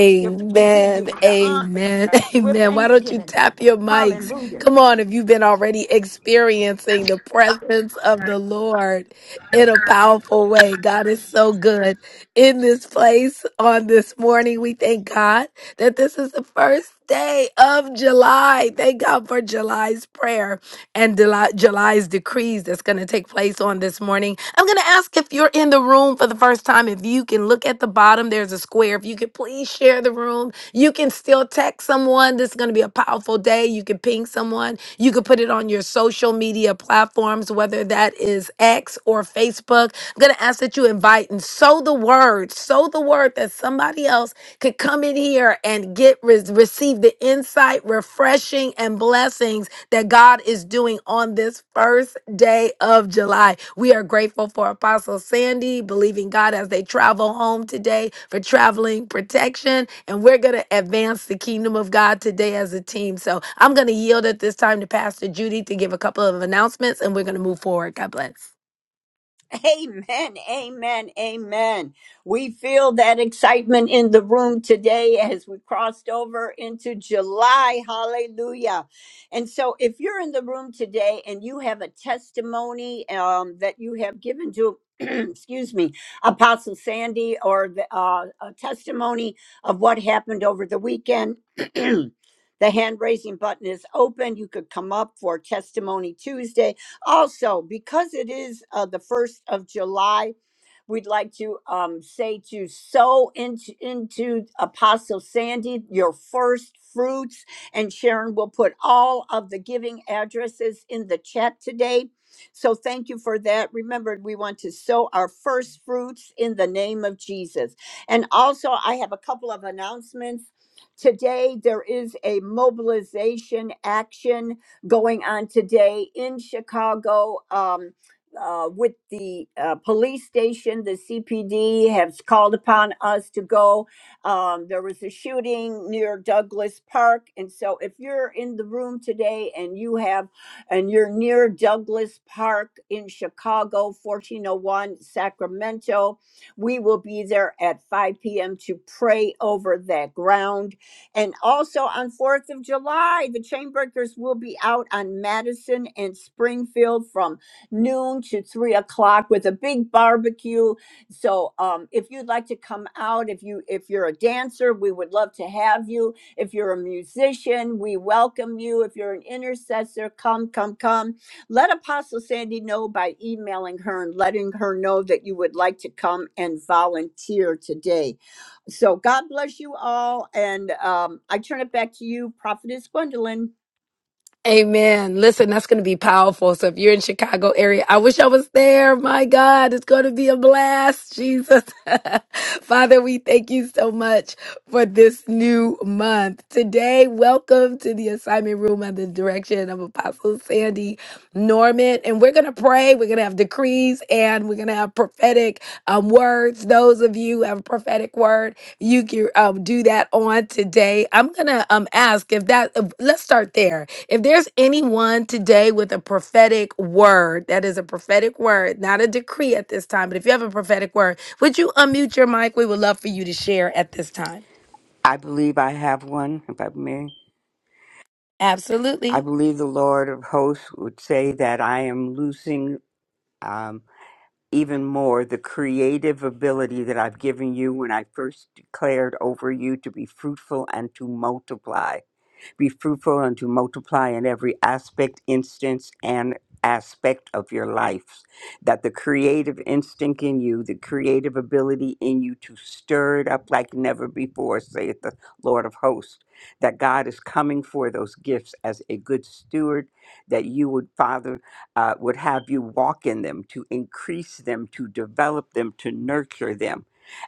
Speaker 4: give you the honor
Speaker 3: Amen.
Speaker 4: with
Speaker 3: Amen. Why don't you
Speaker 4: thanksgiving.
Speaker 3: tap your mics?
Speaker 4: Hallelujah.
Speaker 3: Come on, if you've been already experiencing the presence of the Lord in a powerful way. God is so good in this place on this morning. We thank God that this is the first day of July. Thank God for July's prayer and Deli- July's decrees that's going to take place on this morning. I'm going to ask if you're in the room for the first time, if you can look at the bottom, there's a square. If you could please share the room, you can still text someone. This is going to be a powerful day. You can ping someone. You could put it on your social media platforms, whether that is X or Facebook. I'm going to ask that you invite and sow the word, sow the word that somebody else could come in here and get re- receive the insight, refreshing, and blessings that God is doing on this first day of July. We are grateful for Apostle Sandy, believing God as they travel home today for traveling protection. And we're going to advance the kingdom of God today as a team. So I'm going to yield at this time to Pastor Judy to give a couple of announcements and we're going to move forward. God bless. Amen. Listen, that's going to be powerful. So if you're in Chicago area, I wish I was there. My God, it's going to be a blast. Jesus. Father, we thank you so much for this new month. Today, welcome to the assignment room under the direction of Apostle Sandy Norman. And we're going to pray. We're going to have decrees and we're going to have prophetic um, words. Those of you who have a prophetic word, you can um, do that on today. I'm going to um, ask if that, let's start there if there's anyone today with a prophetic word, that is a prophetic word, not a decree at this time, but if you have a prophetic word, would you unmute your mic? We would love for you to share at this time.
Speaker 7: I believe I have one, if I may. I
Speaker 3: Absolutely.
Speaker 7: believe the Lord of hosts would say that I am losing um, even more the creative ability that I've given you when I first declared over you to be fruitful and to multiply. Be fruitful and to multiply in every aspect, instance, and aspect of your life. That the creative instinct in you, the creative ability in you to stir it up like never before, saith the Lord of hosts. That God is coming for those gifts as a good steward, that you would, Father, uh, would have you walk in them, to increase them, to develop them, to nurture them,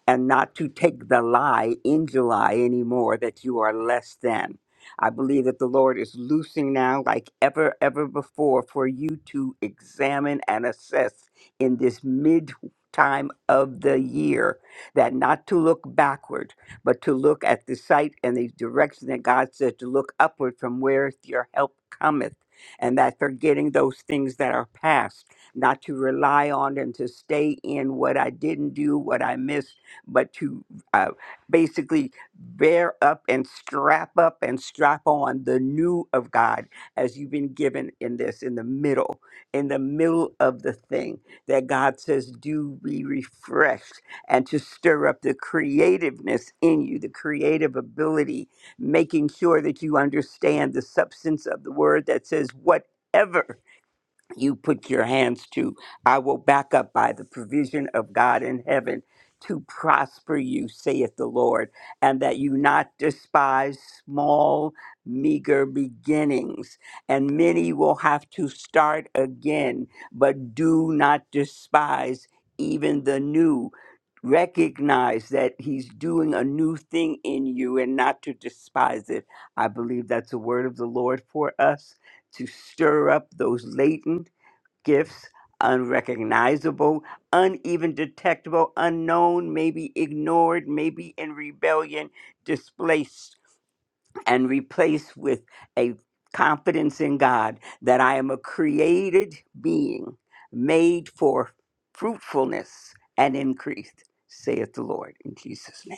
Speaker 7: and not to take the lie in July anymore that you are less than. I believe that the Lord is loosing now, like ever, ever before, for you to examine and assess in this mid time of the year, that not to look backward, but to look at the sight and the direction that God said to look upward from where your help cometh. And that forgetting those things that are past, not to rely on and to stay in what I didn't do, what I missed, but to uh, basically bear up and strap up and strap on the new of God as you've been given in this, in the middle, in the middle of the thing that God says, do be refreshed and to stir up the creativeness in you, the creative ability, making sure that you understand the substance of the word that says, whatever you put your hands to. I will back up by the provision of God in heaven to prosper you, saith the Lord, and that you not despise small, meager beginnings. And many will have to start again, but do not despise even the new. Recognize that he's doing a new thing in you and not to despise it. I believe that's a word of the Lord for us to stir up those latent gifts, unrecognizable, uneven detectable, unknown, maybe ignored, maybe in rebellion, displaced, and replaced with a confidence in God that I am a created being made for fruitfulness and increase, saith the Lord in Jesus' name.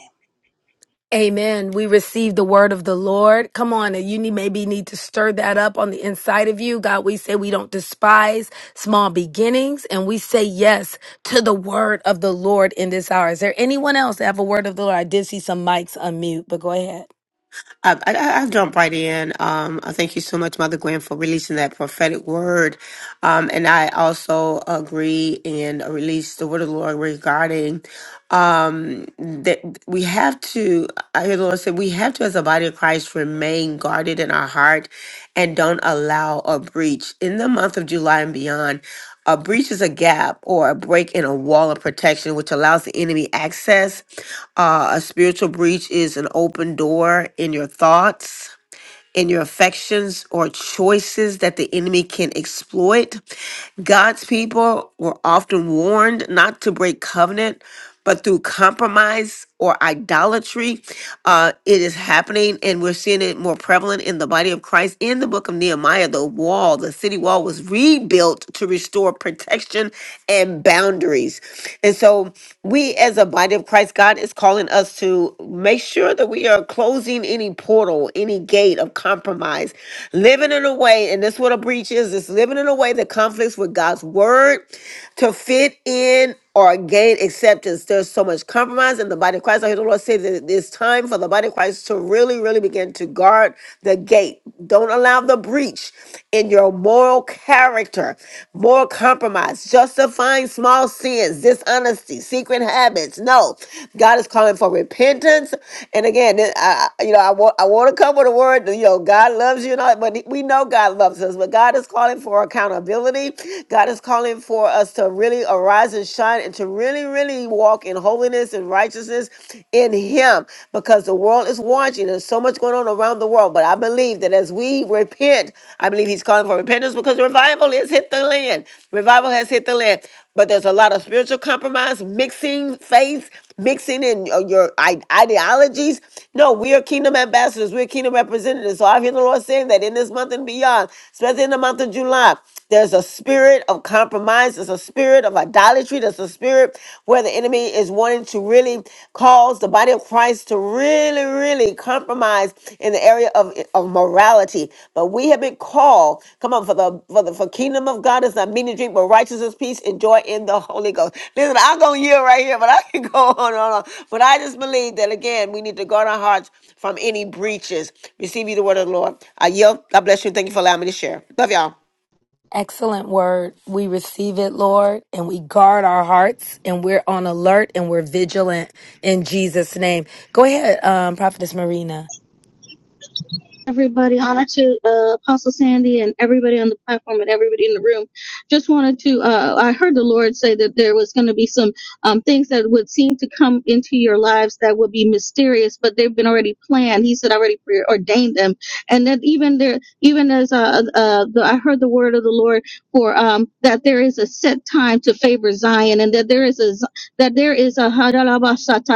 Speaker 3: Amen. We receive the word of the Lord. Come on, you need, maybe need to stir that up on the inside of you. God, we say we don't despise small beginnings and we say yes to the word of the Lord in this hour. Is there anyone else that have a word of the Lord? I did see some mics unmute, but go ahead.
Speaker 1: I, I, I'll jump right in. Um, I thank you so much, Mother Gwen, for releasing that prophetic word. Um, and I also agree and release the word of the Lord regarding um, that we have to, I hear the Lord say, we have to, as a body of Christ, remain guarded in our heart and don't allow a breach. In the month of July and beyond, a breach is a gap or a break in a wall of protection, which allows the enemy access uh, a spiritual breach is an open door in your thoughts, in your affections, or choices that the enemy can exploit. God's people were often warned not to break covenant, but through compromise or idolatry, uh, it is happening, and we're seeing it more prevalent in the body of Christ. In the book of Nehemiah, the wall, the city wall, was rebuilt to restore protection and boundaries. And so, we as a body of Christ, God is calling us to make sure that we are closing any portal, any gate of compromise, living in a way, and this is what a breach is: it's living in a way that conflicts with God's word to fit in or gain acceptance. There's so much compromise in the body of Christ. I hear the Lord say that it's time for the body of Christ to really, really begin to guard the gate. Don't allow the breach in your moral character, moral compromise, justifying small sins, dishonesty, secret habits. No, God is calling for repentance. And again, I, I- you know, I want I want to come with a word. You know, God loves you, and all, but we know God loves us. But God is calling for accountability accountability. God is calling for us to really arise and shine and to really, really walk in holiness and righteousness in Him because the world is watching. There's so much going on around the world. But I believe that as we repent, I believe He's calling for repentance because revival has hit the land. Revival has hit the land. But there's a lot of spiritual compromise, mixing faith mixing in your your i- ideologies. No, we are kingdom ambassadors. We're kingdom representatives. So I hear the Lord saying that in this month and beyond, especially in the month of July, there's a spirit of compromise. There's a spirit of idolatry. There's a spirit where the enemy is wanting to really cause the body of Christ to really, really compromise in the area of, of morality. But we have been called, come on, for the for the for kingdom of God is not meat and drink, but righteousness, peace, and joy in the Holy Ghost. Listen, I'm gonna yield right here, but I can go on and on. But I just believe that again, we need to guard our hearts from any breaches. Receive you the word of the Lord. I yield. God bless you. Thank you for allowing me to share. Love y'all.
Speaker 3: Excellent word. We receive it, Lord, and we guard our hearts and we're on alert and we're vigilant in Jesus' name. Go ahead, um, Prophetess Marina.
Speaker 14: everybody. Honor to uh, Apostle Sandy and everybody on the platform and everybody in the room. Just wanted to. Uh, I heard the Lord say that there was going to be some um, things that would seem to come into your lives that would be mysterious, but they've been already planned. He said already preordained them, and that even there, even as uh, uh, the, I heard the word of the Lord for um, that there is a set time to favor Zion, and that there is a Z- that there is a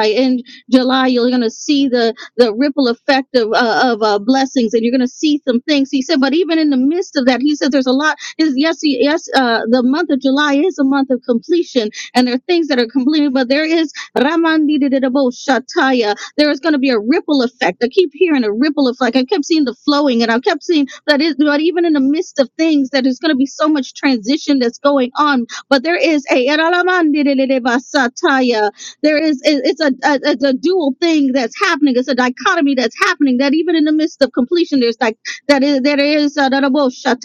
Speaker 14: in July. You're going to see the the ripple effect of uh, of uh, blessings, and you're going to see some things. He said, but even in the midst of that, he said, there's a lot. Is yes, he- yes, uh, the month of July is a month of completion, and there are things that are completed, but there is Ramandidididabo Shataya. There is going to be a ripple effect. I keep hearing a ripple effect. I kept seeing the flowing, and I kept seeing that is, but even in the midst of things, that is going to be so much transition that's going on. But there is a there is it- it's a, a it's a dual thing that's happening it's a dichotomy that's happening that even in the midst of completion there's like that is that is uh, that a will shut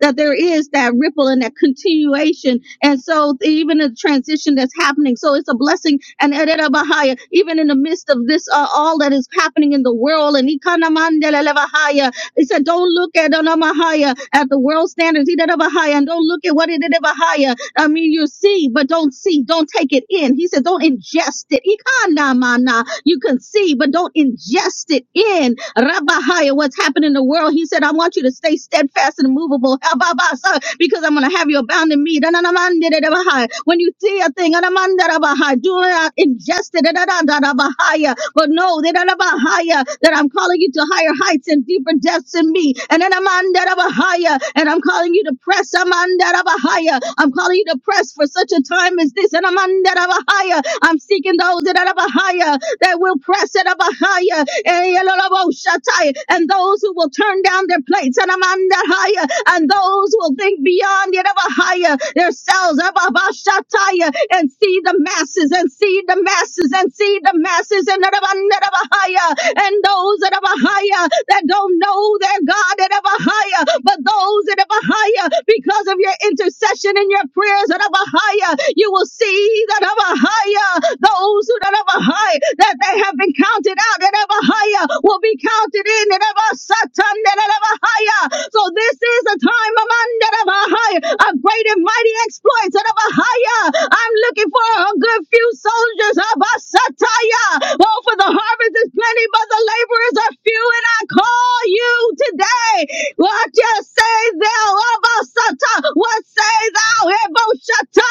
Speaker 14: that there is that ripple and that continuation and so th- even the transition that's happening so it's a blessing and uh, that, uh, Bahaya, even in the midst of this uh, all that is happening in the world and Ikanamandelele Bahaya, he said don't look at uh, Bahaya, at the world standards He did a Bahaya, and don't look at what it did a Bahaya I mean, you see, but don't see. Don't take it in. He said, don't ingest it. Ikanamana. You can see, but don't ingest it in. Rabahaya, what's happening in the world? He said, I want you to stay steadfast and immovable. Hababasa, Because I'm going to have you abound in me. Dananamandidabahaya. When you see a thing, anamandarabahaya, do not ingest it. Dadadadadabahaya. But no, they don't have higher, that I'm calling you to higher heights and deeper depths in me. And then I'm on that of a higher, and I'm calling you to press. I'm on that of a higher. I'm calling you to press for such a time as this. And I'm on that of a higher. I'm seeking those that are of higher that will press it up higher. Eh, yalalawo shatai. And those who will turn down their plates and I'm under higher. And those who will think beyond yet of a higher themselves and see the masses and see the masses masses and see the masses and the higher and those that are higher that don't know their God that are higher, but those that are higher because of your intercession and your prayers that are higher, you will see that are higher those who that are ever high that they have been counted out and ever higher will be counted in and ever satan and ever higher. So this is a time of under ever higher of great and mighty exploits and ever higher. I'm looking for a good few soldiers of a satire. Oh, for the harvest is plenty, but the laborers are few, and I call you today. What you say thou of a sata? What say thou, Ebo Shatta?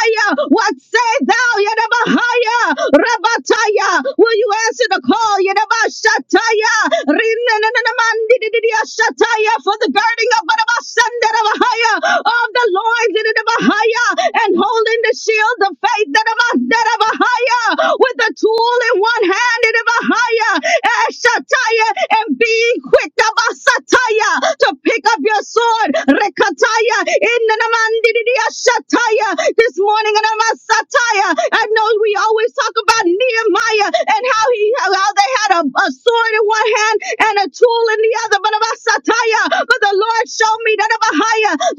Speaker 14: What say thou, Yadabahaya? Rabataya, will you answer the call, Yadabashataya? Rinananamandidididiyashataya, For the girding of Barabasandadabahaya, of the loins Yadabahaya, and holding the shield of faith Yadabasdadabahaya, with the tool in one hand Yadabahaya, Ashataya, and being quick Yadabasataya, to pick up your sword Rekataya, in the Namandidia Shataya, this morning in Sataya. I know we always talk about Nehemiah and how he how they had a, a sword in one hand and a tool in the other, but about Sataya. But the Lord showed me that about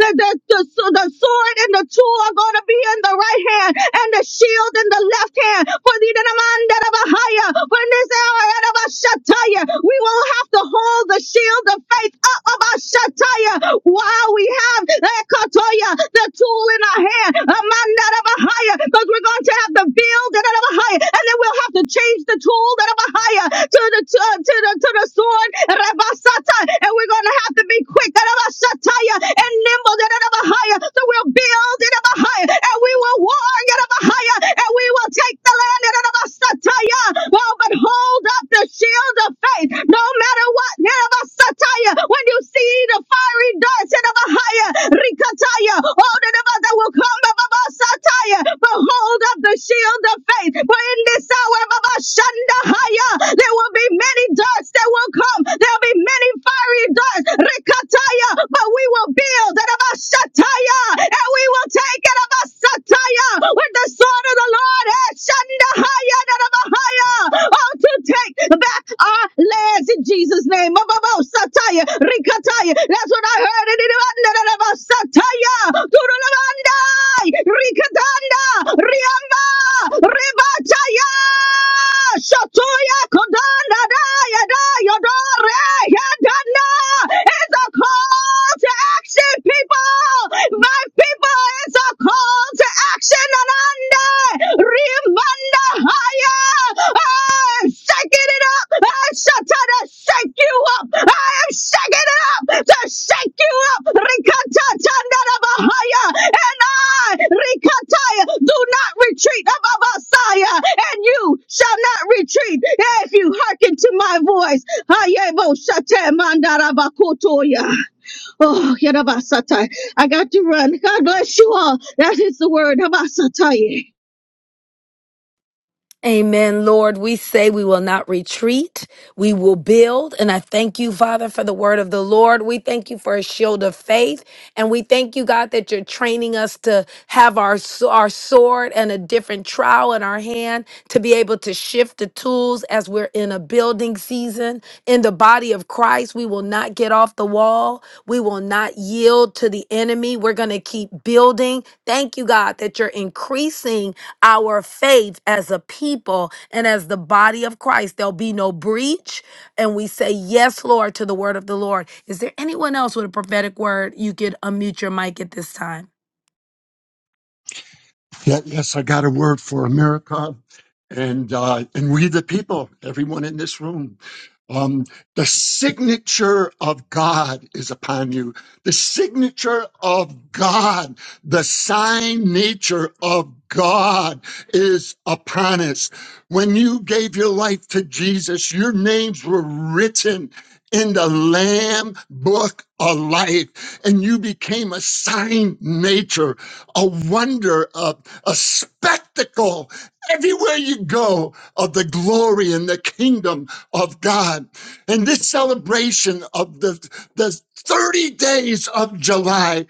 Speaker 14: that the, the, the sword and the tool are going to be in the right hand and the shield in the left hand. For the Namandidia Shataya, for in this hour, Shataya, we will have to hold the shield of faith up of our shataya while we have eh, katoya, the tool in our hand, amanda of a higher, because we're going to have the build and of a higher, and then we'll have to change the tool that of a higher to the to, to the to the sword, rabasata, and we're going to have to be quick and of a shataya and nimble and of a higher, so we'll build and of a higher, and we will war and of a higher, and we will take the land and of a Sataya. Oh, but hold up the shield of faith. No matter what, Neraba Sataya, when you see the fiery darts in the higher, Rikataya, all the Neraba that will come, Baba Sataya, but hold up the shield of faith. For in this hour, Baba Shanda Haya, there will be many darts that will come. There'll be many fiery darts, Rikataya, but we will build, Neraba Shataya, and we will take it, Sataya with the sword of the Lord. eh, Shandahaya, Dadabahaya. Oh, to take back our lands in Jesus' name. Mababo, Sataya, Rikataya. That's what I heard. in the Rwanda, Dadaba, Sataya, Turulabandai, Rikatanda, Riamba, Ribataya, Shatoya, Kodanda, Daya, Daya, Dore, Yadanda. It's a call Call to action, people! My people, it's a call to action and under! Remanda higher! I'm shaking it up! I'm shaking to shake you up! I am shaking it up to shake you up! Rikata tandara bahaya! And I, Rikata, do not retreat above Messiah, and you shall not retreat if you hearken to my voice. Hayebo shate mandara bakotoya. Oh, Yadabasatai. I got to run. God bless you all. That is the word. Habasatai.
Speaker 3: Amen, Lord. We say we will not retreat. We will build. And I thank you, Father, for the word of the Lord. We thank you for a shield of faith. And we thank you, God, that you're training us to have our, s- our sword and a different trowel in our hand to be able to shift the tools as we're in a building season. In the body of Christ, we will not get off the wall. We will not yield to the enemy. We're going to keep building. Thank you, God, that you're increasing our faith as a people and as the body of Christ. There'll be no breach. And we say, Yes, Lord, to the word of the Lord. Is there anyone else with a prophetic word? You could unmute your mic at this time.
Speaker 2: Yeah, yes, I got a word for America and uh, and we the people, everyone in this room. Um, the signature of God is upon you. The signature of God, the sign nature of God is upon us. When you gave your life to Jesus, your names were written in the Lamb book of life, and you became a sign nature, a wonder, a spectacle everywhere you go of the glory and the kingdom of God. And this celebration of the, the 30 days of July,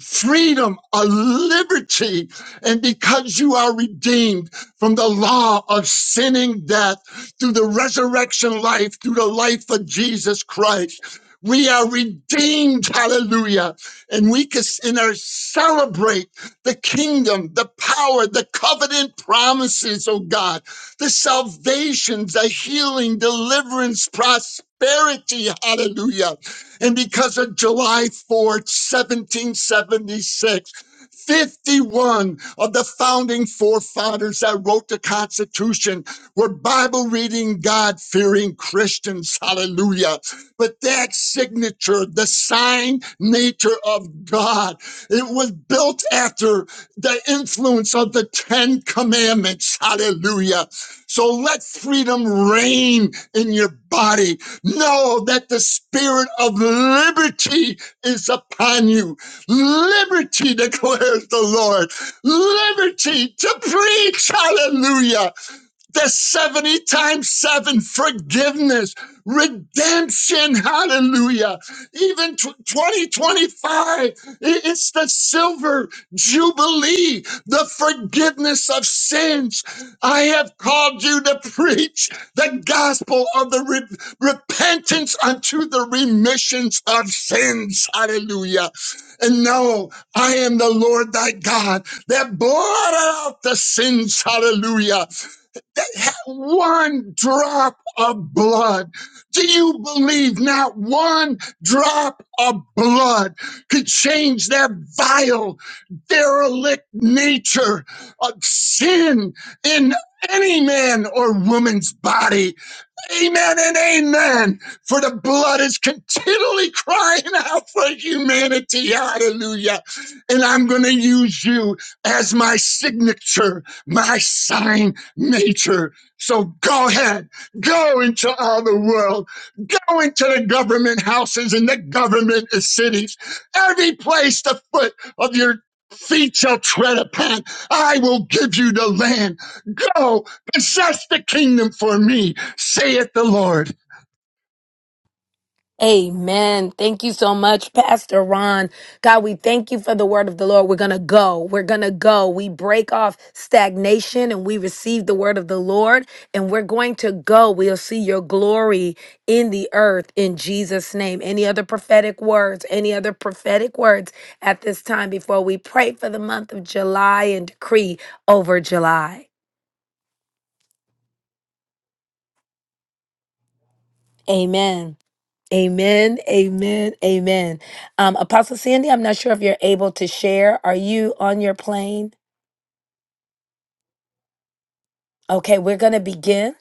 Speaker 2: freedom, a liberty, and because you are redeemed from the law of sinning death through the resurrection life, through the life of Jesus Christ. We are redeemed, hallelujah. And we can and are celebrate the kingdom, the power, the covenant promises, oh God, the salvations, the healing, deliverance, prosperity, hallelujah. And because of July 4th, seventy-six, fifty-one of the founding forefathers that wrote the Constitution were Bible reading, God fearing Christians. Hallelujah. But that signature, the sign nature of God, it was built after the influence of the Ten Commandments. Hallelujah. So let freedom reign in your body. Know that the spirit of liberty is upon you. Liberty declares the Lord. Liberty to preach. Hallelujah the 70 times 7 forgiveness redemption hallelujah even 2025 it's the silver jubilee the forgiveness of sins i have called you to preach the gospel of the re- repentance unto the remissions of sins hallelujah and know i am the lord thy god that blotted out the sins hallelujah they had one drop of blood. Do you believe not one drop of blood could change that vile, derelict nature of sin in any man or woman's body? Amen and amen. For the blood is continually crying out for humanity. Hallelujah. And I'm going to use you as my signature, my sign nature. So go ahead, go into all the world, go into the government houses and the government cities, every place the foot of your feet shall tread upon. I will give you the land. Go possess the kingdom for me saith the Lord.
Speaker 3: Amen. Thank you so much, Pastor Ron. God, we thank you for the word of the Lord. We're going to go. We're going to go. We break off stagnation and we receive the word of the Lord and we're going to go. We'll see your glory in the earth in Jesus' name. Any other prophetic words? Any other prophetic words at this time before we pray for the month of July and decree over July? Amen. Amen, amen, amen. Um, Apostle Sandy, I'm not sure if you're able to share. Are you on your plane? Okay, we're going to begin.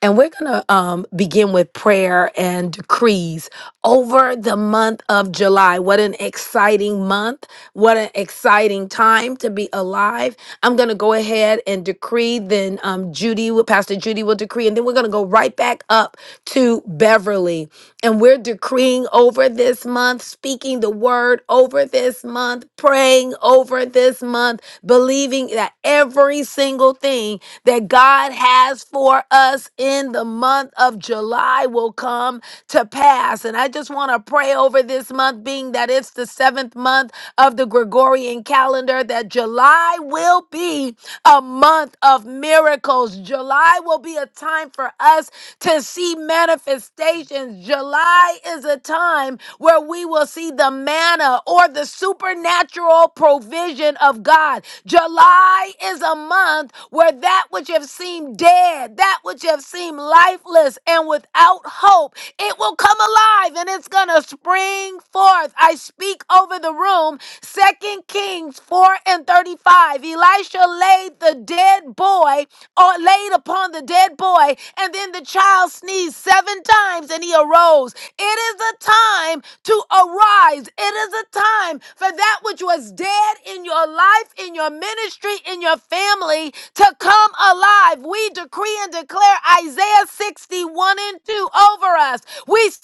Speaker 3: And we're going to um, begin with prayer and decrees over the month of July. What an exciting month. What an exciting time to be alive. I'm going to go ahead and decree. Then um, Judy, will- Pastor Judy will decree. And then we're going to go right back up to Beverly. And we're decreeing over this month, speaking the word over this month, praying over this month, believing that every single thing that God has for us in the month of July will come to pass. And I just want to pray over this month, being that it's the seventh month of the Gregorian calendar, that July will be a month of miracles. July will be a time for us to see manifestations. July is a time where we will see the manna or the supernatural provision of God. July is a month where that which have seemed dead, that which have seemed lifeless and without hope, it will come alive and it's going to spring forth. I speak over the room. Second Kings 4 and 35. Elisha laid the dead boy or laid upon the dead boy, and then the child sneezed seven times and he arose. It is a time to arise. It is a time for that which was dead in your life, in your ministry, in your family to come alive. We decree and declare Isaiah 61 and 2 over us. We say,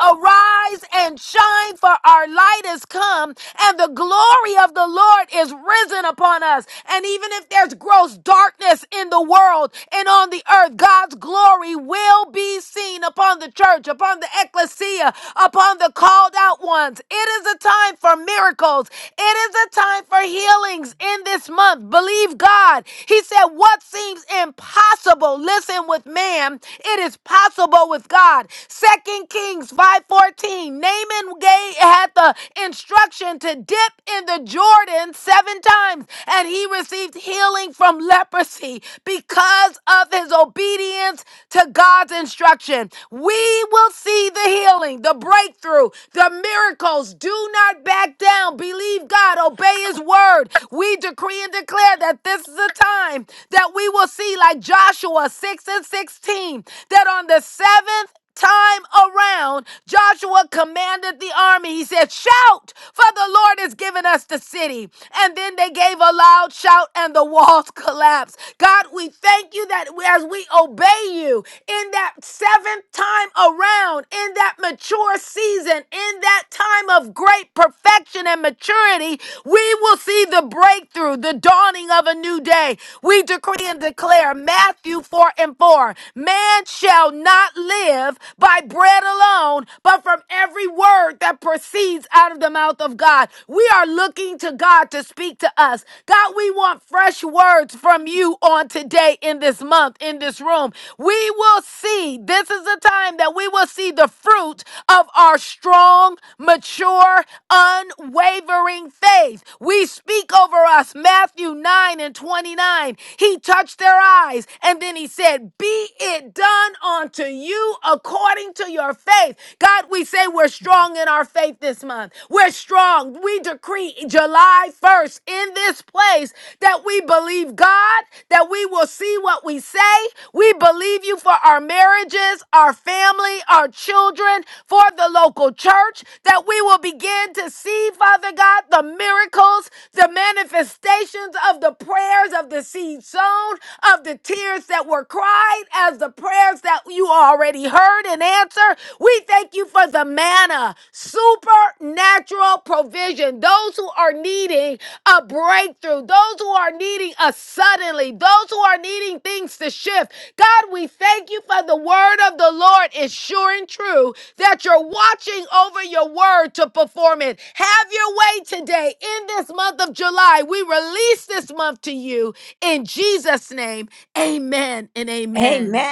Speaker 3: Arise and shine, for our light is come, and the glory of the Lord is risen upon us. And even if there's gross darkness in the world and on the earth, God's glory will be seen upon the church, upon the ecclesia, upon the the called out ones. It is a time for miracles. It is a time for healings in this month. Believe God. He said, What seems impossible, listen with man, it is possible with God. Second Kings 5:14. Naaman gave, had the instruction to dip in the Jordan seven times, and he received healing from leprosy because of his obedience to God's instruction. We will see the healing, the breakthrough breakthrough, the miracles. Do not back down. Believe God, obey His word. We decree and declare that this is a time that we will see, like Joshua 6 and 16, that on the seventh time around, Joshua commanded the army. He said, Shout, for the Lord has given us the city. And then they gave a loud shout, and the walls collapsed. God, we thank you that as we obey you in that seventh time around, in that mature our season, in that time of great perfection and maturity, we will see the breakthrough, the dawning of a new day. We decree and declare Matthew 4 and 4 Man shall not live by bread alone, but from every word that proceeds out of the mouth of God. We are looking to God to speak to us. God, we want fresh words from you on today, in this month, in this room. We will see, this is the time that we will see the fruit of our strong, mature, unwavering faith. We speak over us, Matthew 9 and 29. He touched their eyes and then he said, Be it done unto you according to your faith. God, we say we're strong in our faith this month. We're strong. We decree July 1st in this place that we believe God, that we will see what we say. We believe you for our marriages, our family, our children for the local church, that we will begin to see, Father God, the miracles, the manifestations of the prayers of the seed sown, of the tears that were cried, as the prayers that you already heard and answered. We thank you for the manna, supernatural provision. Those who are needing a breakthrough, those who are needing a suddenly, those who are needing things to shift. God, we thank you for the word of the Lord is sure and true that you're watching over your word to perform it. Have your way today in this month of July. We release this month to you in Jesus' name. Amen and amen.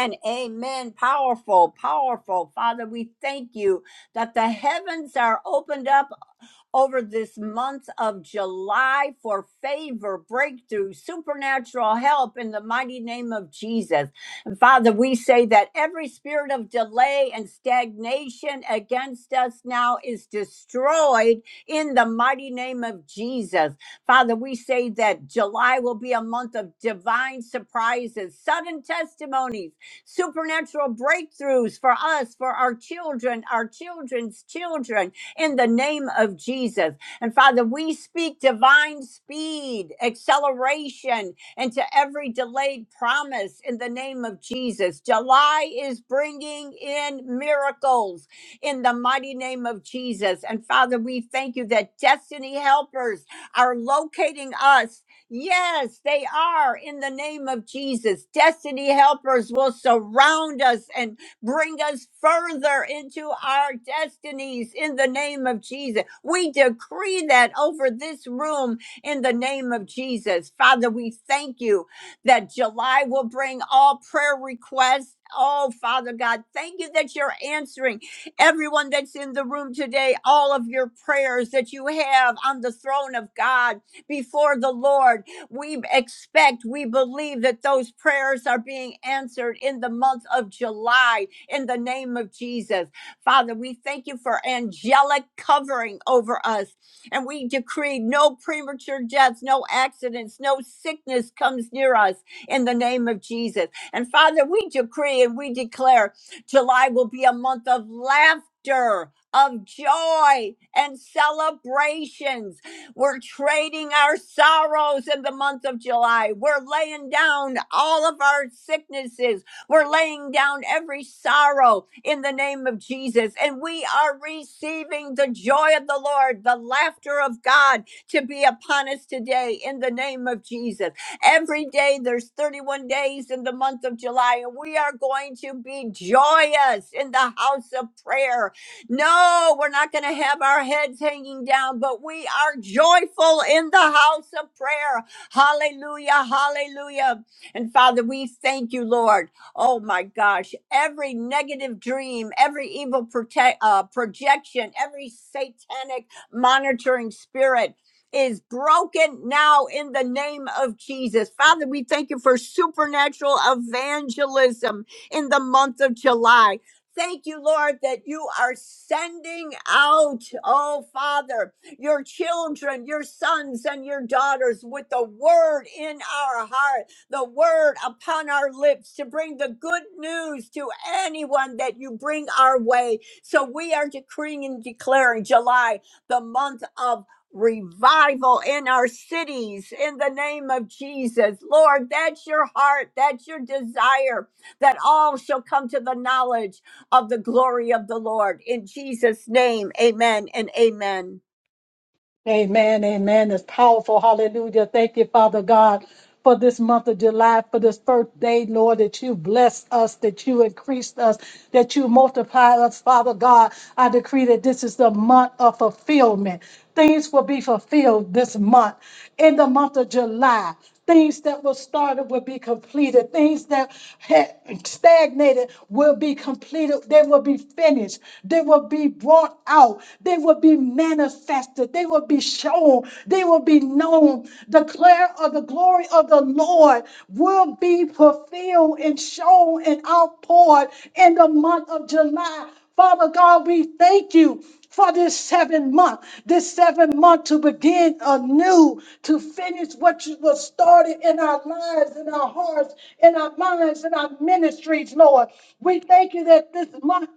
Speaker 5: Amen. It's powerful. Hallelujah. Thank you, Father God, for this month of July, for this first day, Lord, that you blessed us, that you increased us, that you multiplied us, Father God. I decree that this is the month of fulfillment. Things will be fulfilled this month, in the month of July. Things that were started will be completed. Things that had stagnated will be completed. They will be finished. They will be brought out. They will be manifested. They will be shown. They will be known. Declare of the glory of the Lord will be fulfilled and shown and outpoured in the month of July. Father God, we thank you for this seventh month, this seventh month to begin anew, to finish what you was started in our lives, in our hearts, in our minds, in our ministries, Lord. We thank you that this month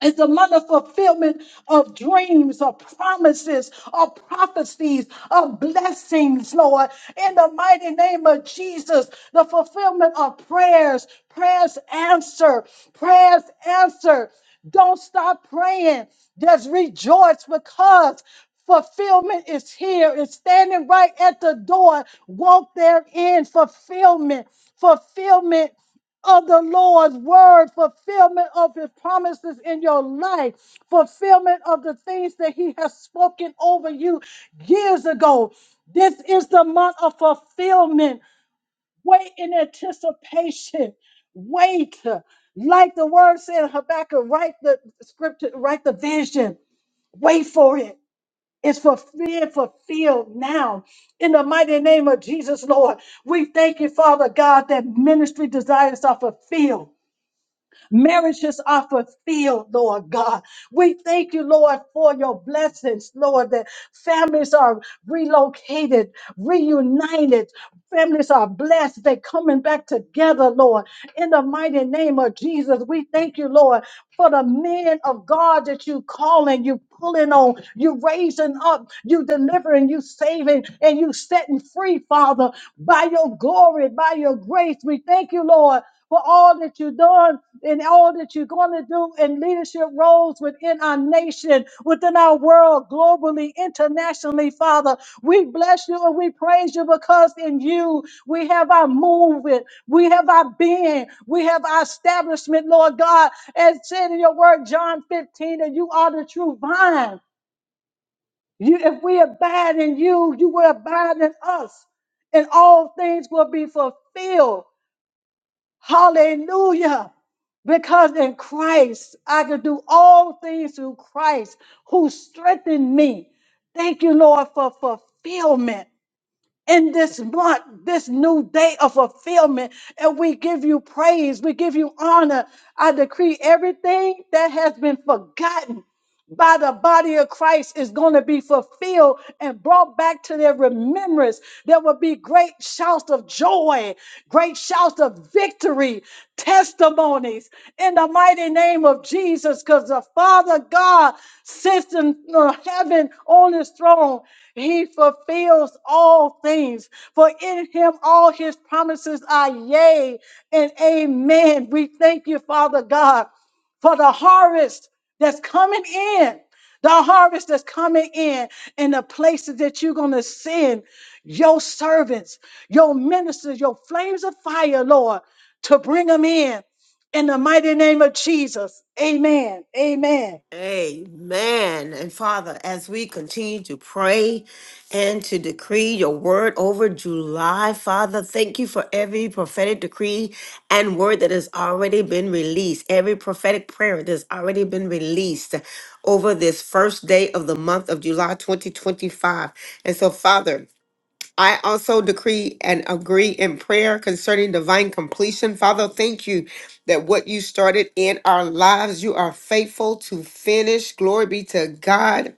Speaker 5: it's a month of fulfillment of dreams, of promises, of prophecies, of blessings, Lord. In the mighty name of Jesus, the fulfillment of prayers, prayers answer, prayers answer. Don't stop praying. Just rejoice because fulfillment is here. It's standing right at the door. Walk therein. Fulfillment, fulfillment of the Lord's word, fulfillment of his promises in your life, fulfillment of the things that he has spoken over you years ago. This is the month of fulfillment. Wait in anticipation. Wait. Like the word said, in Habakkuk, write the scripture, write the vision. Wait for it. It's fulfilled, fulfilled now. In the mighty name of Jesus, Lord, we thank you, Father God, that ministry desires are fulfilled Marriages are fulfilled, Lord God. We thank you, Lord, for your blessings, Lord, that families are relocated, reunited. Families are blessed. They're coming back together, Lord. In the mighty name of Jesus, we thank you, Lord, for the men of God that you calling, you pulling on, you raising up, you delivering, you saving, and you setting free, Father, by your glory, by your grace. We thank you, Lord, for all that you've done in all that you're going to do in leadership roles within our nation, within our world, globally, internationally, Father. We bless you and we praise you because in you we have our movement, we have our being, we have our establishment, Lord God. As said in your word, John 15, that you are the true vine. You, if we abide in you, you will abide in us, and all things will be fulfilled. Hallelujah. Because in Christ, I can do all things through Christ who strengthened me. Thank you, Lord, for fulfillment in this month, this new day of fulfillment. And we give you praise, we give you honor. I decree everything that has been forgotten by the body of Christ is going to be fulfilled and brought back to their remembrance. There will be great shouts of joy, great shouts of victory, testimonies in the mighty name of Jesus, because the Father God sits in uh, heaven on his throne he fulfills all things, for in him all his promises are yea and amen. We thank you, Father God, for the harvest that's coming in, the harvest that's coming in, and the places that you're going to send your servants, your ministers, your flames of fire, Lord, to bring them in. In the mighty name of Jesus, amen. Amen.
Speaker 1: Amen. And Father, as we continue to pray and to decree your word over July, Father, thank you for every prophetic decree and word that has already been released, every prophetic prayer that has already been released over this first day of the month of July 2025. And so, Father, I also decree and agree in prayer concerning divine completion. Father, thank you that what you started in our lives, you are faithful to finish. Glory be to God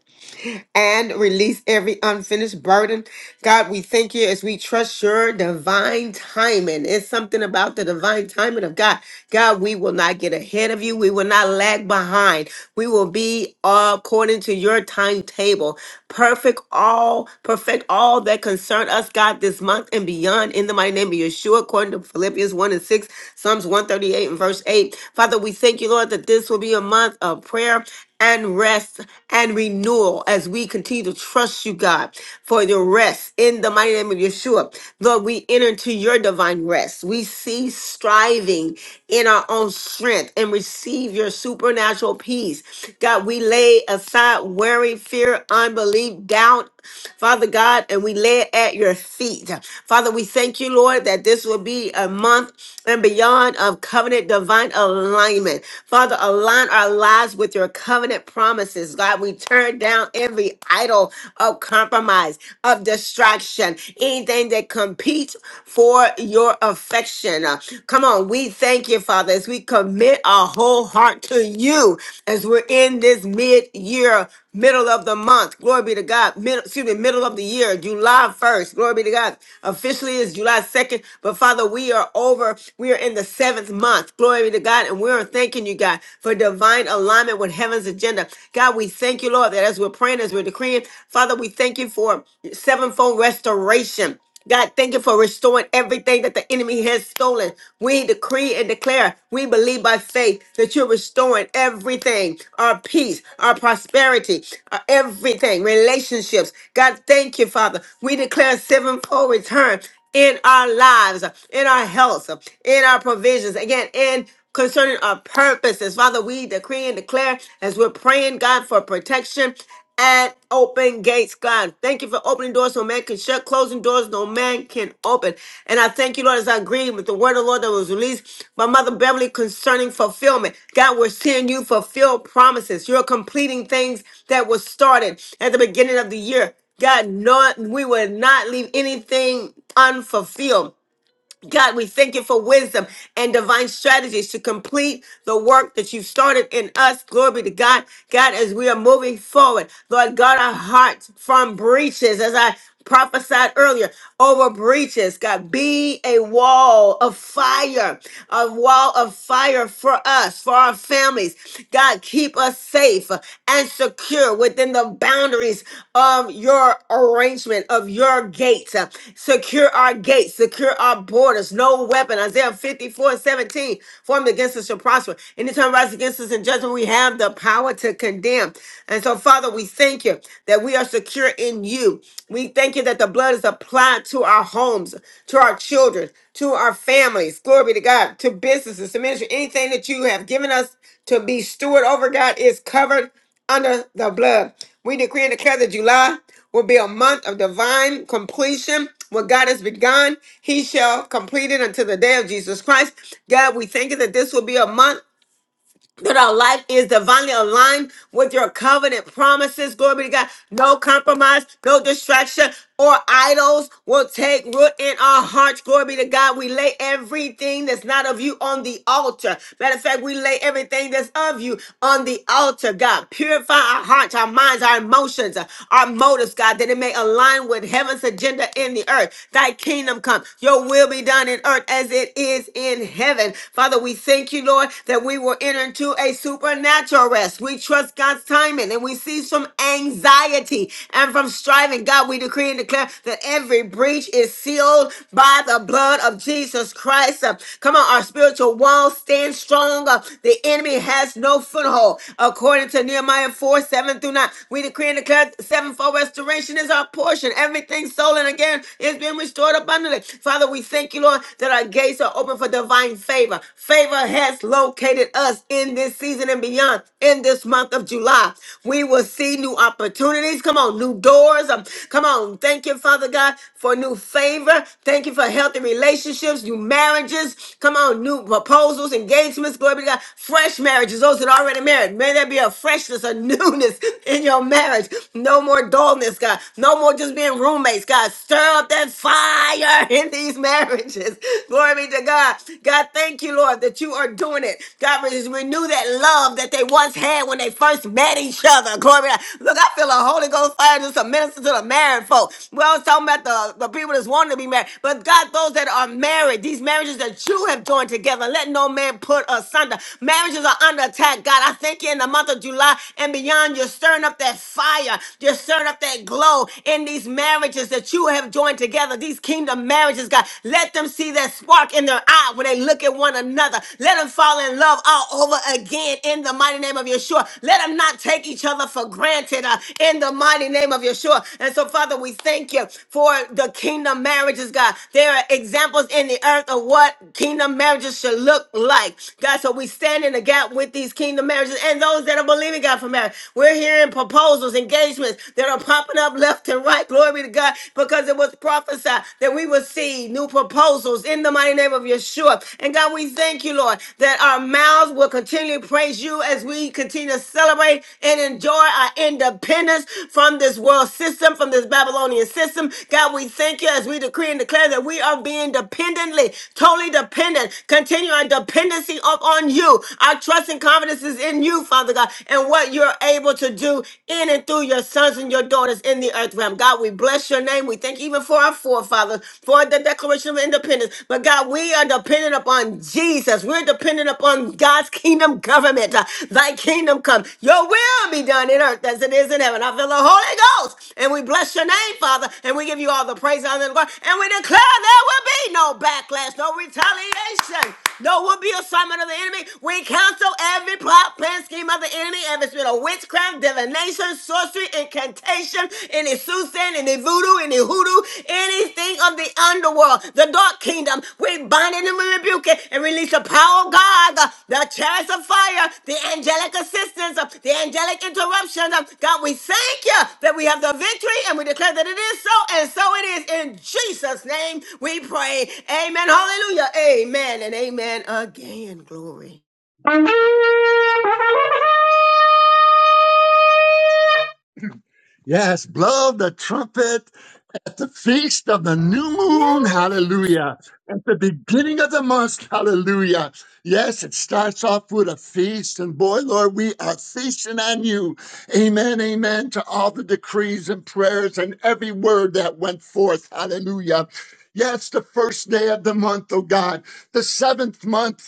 Speaker 1: and release every unfinished burden. God, we thank you as we trust your divine timing. It's something about the divine timing of God. God, we will not get ahead of you. We will not lag behind. We will be according to your timetable. Perfect all, perfect all that concern us, God, this month and beyond in the mighty name of Yeshua, according to Philippians 1 and 6, Psalms 138 and verse 8. Father, we thank you, Lord, that this will be a month of prayer and rest and renewal as we continue to trust you, God, for the rest in the mighty name of Yeshua. Lord, we enter into your divine rest. We cease striving in our own strength and receive your supernatural peace. God, we lay aside worry, fear, unbelief, doubt, Father God, and we lay it at your feet. Father, we thank you, Lord, that this will be a month and beyond of covenant divine alignment. Father, to align our lives with your covenant promises. God, we turn down every idol of compromise, of distraction, anything that competes for your affection. Uh, Come on, we thank you, Father, as we commit our whole heart to you as we're in this mid year middle of the month. Glory be to God. Middle, excuse me, middle of the year, July 1st. Glory be to God. Officially is July 2nd, but Father, we are over. We are in the seventh month. Glory be to God. And we are thanking you, God, for divine alignment with heaven's agenda. God, we thank you, Lord, that as we're praying, as we're decreeing, Father, we thank you for sevenfold restoration. God, thank you for restoring everything that the enemy has stolen. We decree and declare, we believe by faith that you're restoring everything our peace, our prosperity, our everything, relationships. God, thank you, Father. We declare sevenfold return in our lives, in our health, in our provisions, again, in concerning our purposes. Father, we decree and declare as we're praying, God, for protection and open gates, God. Thank you for opening doors no man can shut, closing doors no man can open. And I thank you, Lord, as I agree with the word of the Lord that was released by Mother Beverly concerning fulfillment. God, we're seeing you fulfill promises. You're completing things that were started at the beginning of the year. God, not, we would not leave anything unfulfilled. God, we thank you for wisdom and divine strategies to complete the work that you've started in us. Glory be to God. God, as we are moving forward, Lord God, our hearts from breaches, as I prophesied earlier, over breaches. God, be a wall of fire, a wall of fire for us, for our families. God, keep us safe and secure within the boundaries of your arrangement arrangement of your gates. Uh, Secure our gates, secure our borders. No weapon, Isaiah 54 17, formed against us shall prosper. Anytime rise against us in judgment, we have the power to condemn. And so, Father, we thank you that we are secure in you. We thank you that the blood is applied to our homes, to our children, to our families. Glory be to God, to businesses, to ministry. Anything that you have given us to be steward over, God, is covered under the blood. We decree and declare that July will be a month of divine completion. What God has begun, He shall complete it until the day of Jesus Christ. God, we thank you that this will be a month that our life is divinely aligned with your covenant promises. Glory be to God. No compromise, no distraction or idols will take root in our hearts. Glory be to God. We lay everything that's not of you on the altar. Matter of fact, we lay everything that's of you on the altar, God. Purify our hearts, our minds, our emotions, uh, our motives, God, that it may align with heaven's agenda in the earth. Thy kingdom come. Your will be done in earth as it is in heaven. Father, we we thank you, Lord, that we will enter into a supernatural rest. We trust God's timing and we cease from anxiety and from striving. God, we decree and declare that every breach is sealed by the blood of Jesus Christ. Uh, Come on, our spiritual walls stand strong. Uh, The enemy has no foothold. According to Nehemiah 4 7 through 9, we decree and declare sevenfold restoration is our portion. Everything stolen again is being restored abundantly. Father, we thank you, Lord, that our gates gates are open for divine favor. Favor has located us in this season and beyond, in this month of July. We will see new opportunities. Come on, new doors. Um, Come on. Thank you, Father God, for new favor. Thank you for healthy relationships, new marriages. Come on, new proposals, engagements. Glory be to God. Fresh marriages, those that are already married. May there be a freshness, a newness in your marriage. No more dullness, God. No more just being roommates, God. Stir up that fire. in these marriages. Glory be to God. God, thank you, Lord, that you are doing it. God, re- renew that love that they once had when they first met each other. Glory be to God. Look, I feel a Holy Ghost fire just a minister to the married folk. We always talking about the, the people that's wanting to be married. But God, those that are married, these marriages that you have joined together, let no man put asunder. Marriages are under attack. God, I thank you in the month of July and beyond, you're stirring up that fire. You're stirring up that glow in these marriages marriages that you have joined together, these kingdom marriages, God. Let them see that spark in their eye when they look at one another. Let them fall in love all over again in the mighty name of Yeshua. Let them not take each other for granted uh, in the mighty name of Yeshua. And so, Father, we thank you for the kingdom marriages, God. There are examples in the earth of what kingdom marriages should look like. God, so we stand in the gap with these kingdom marriages and those that are believing God for marriage. We're hearing proposals, engagements that are popping up left and right. Glory to God, because it was prophesied that we would see new proposals in the mighty name of Yeshua. And God, we thank you, Lord, that our mouths will continue to praise you as we continue to celebrate and enjoy our independence from this world system, from this Babylonian system. God, we thank you as we decree and declare that we are being dependently, totally dependent. Continue our dependency up on you. Our trust and confidence is in you, Father God, and what you're able to do in and through your sons and your daughters in the earth realm. God, we bless your name. We thank you even for our forefathers, for the Declaration of Independence. But God, we are dependent upon Jesus. We're dependent upon God's kingdom government. Uh, Thy kingdom come. Your will be done in earth as it is in heaven. I feel the Holy Ghost. And we bless your name, Father. And we give you all the praise, honor, and glory. And we declare there will be no backlash, no retaliation. No will be assignment of the enemy. We cancel every plot, plan, scheme, scheme of the enemy, every spirit of witchcraft, divination, sorcery, incantation, any soothsaying, any voodoo, any hoodoo, anything of the underworld, the dark kingdom. We bind it and we rebuke it and release the power of God, the, the chariots of fire, the angelic assistance, uh, the angelic interruptions. Uh, God, we thank you that we have the victory and we declare that it is so and so it is. In Jesus' name we pray. Amen. Hallelujah. Amen and amen again. Glory.
Speaker 2: Yes, blow the trumpet at the feast of the new moon. Hallelujah. At the beginning of the month. Hallelujah. Yes, it starts off with a feast. And boy, Lord, we are feasting on you. Amen. Amen to all the decrees and prayers and every word that went forth. Hallelujah. Yes, the first day of the month, oh God, the seventh month.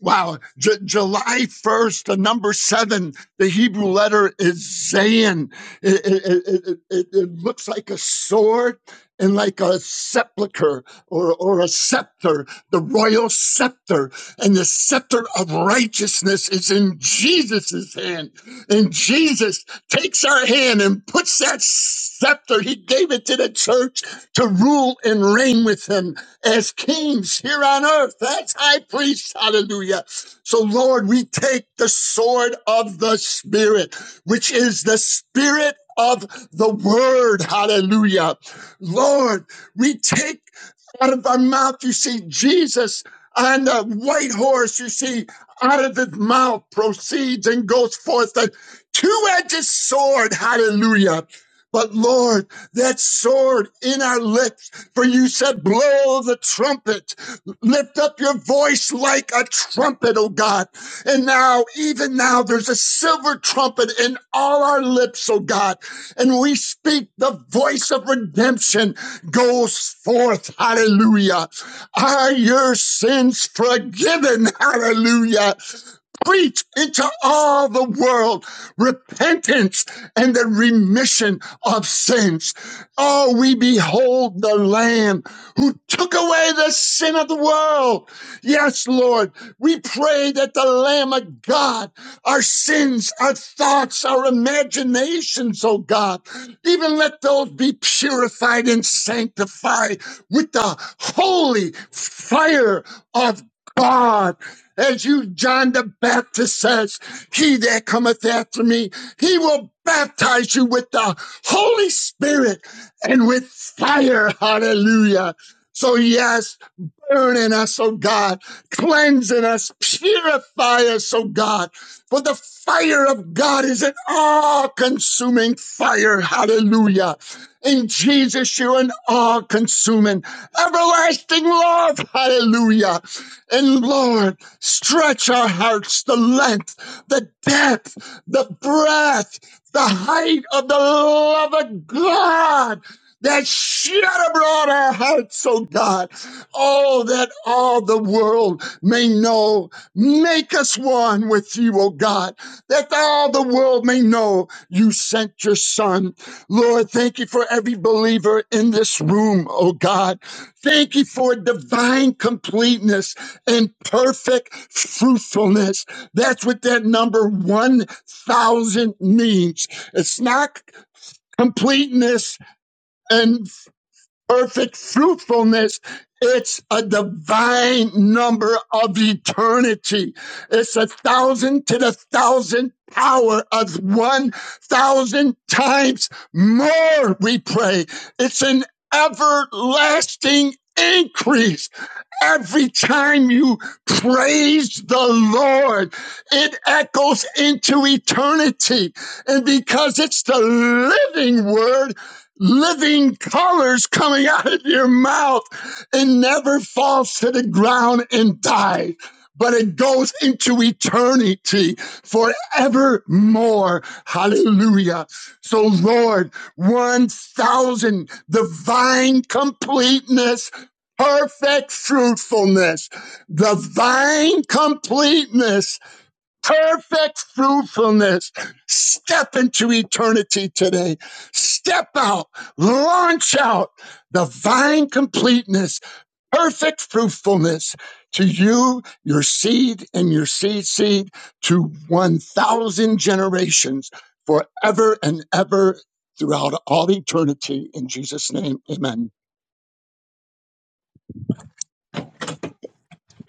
Speaker 2: Wow, J- July 1st, the number seven, the Hebrew letter is Zayin. It, it, it, it, it looks like a sword and like a sepulcher or, or a scepter, the royal scepter. And the scepter of righteousness is in Jesus' hand. And Jesus takes our hand and puts that scepter, he gave it to the church to rule and reign with him as kings here on earth. That's high priest. Hallelujah. So Lord, we take the sword of the spirit, which is the spirit of the word. Hallelujah. Lord, we take out of our mouth, you see Jesus on the white horse, you see out of his mouth proceeds and goes forth a two-edged sword. Hallelujah. But Lord, that sword in our lips for you said, blow the trumpet, lift up your voice like a trumpet, oh God. And now, even now, there's a silver trumpet in all our lips, oh God. And we speak the voice of redemption goes forth. Hallelujah. Are your sins forgiven? Hallelujah preach into all the world repentance and the remission of sins. Oh, we behold the Lamb who took away the sin of the world. Yes, Lord, we pray that the Lamb of God, our sins, our thoughts, our imaginations, oh God, even let those be purified and sanctified with the holy fire of God. As you, John the Baptist says, he that cometh after me, he will baptize you with the Holy Spirit and with fire. Hallelujah. So, yes, burn in us, oh God, cleanse in us, purify us, oh God. For the fire of God is an all consuming fire. Hallelujah. In Jesus, you're an all consuming, everlasting love. Hallelujah. And Lord, stretch our hearts the length, the depth, the breadth, the height of the love of God that shed abroad our hearts, O God. Oh, that all the world may know. Make us one with you, O God, that all the world may know you sent your son. Lord, thank you for every believer in this room, O God. Thank you for divine completeness and perfect fruitfulness. That's what that number 1,000 means. It's not completeness and perfect fruitfulness. It's a divine number of eternity. It's a thousand to the thousand power of one thousand times more, we pray. It's an everlasting increase. Every time you praise the Lord, it echoes into eternity. And because it's the living word, living colors coming out of your mouth. It never falls to the ground and dies, but it goes into eternity forevermore. Hallelujah. So, Lord, 1,000 divine completeness. Perfect fruitfulness, divine completeness perfect fruitfulness. Step into eternity today. Step out, launch out divine completeness, perfect fruitfulness to you, your seed, and your seed seed to 1,000 generations forever and ever throughout all eternity. In Jesus' name, amen.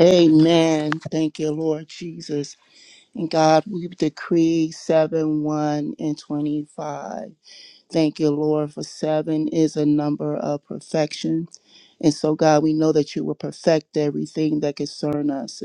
Speaker 8: Amen. Thank you, Lord Jesus. And God, we decree 7 1 and 25. Thank you, Lord, for seven is a number of perfection. And so, God, we know that you will perfect everything that concern us.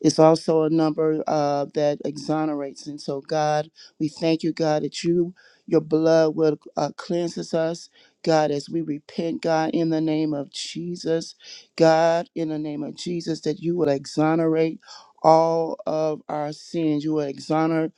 Speaker 8: It's also a number uh, that exonerates. And so, God, we thank you, God, that you, your blood will uh, cleanses us, God, as we repent, God, in the name of Jesus, God, in the name of Jesus, that you will exonerate all of our sins. You will exonerate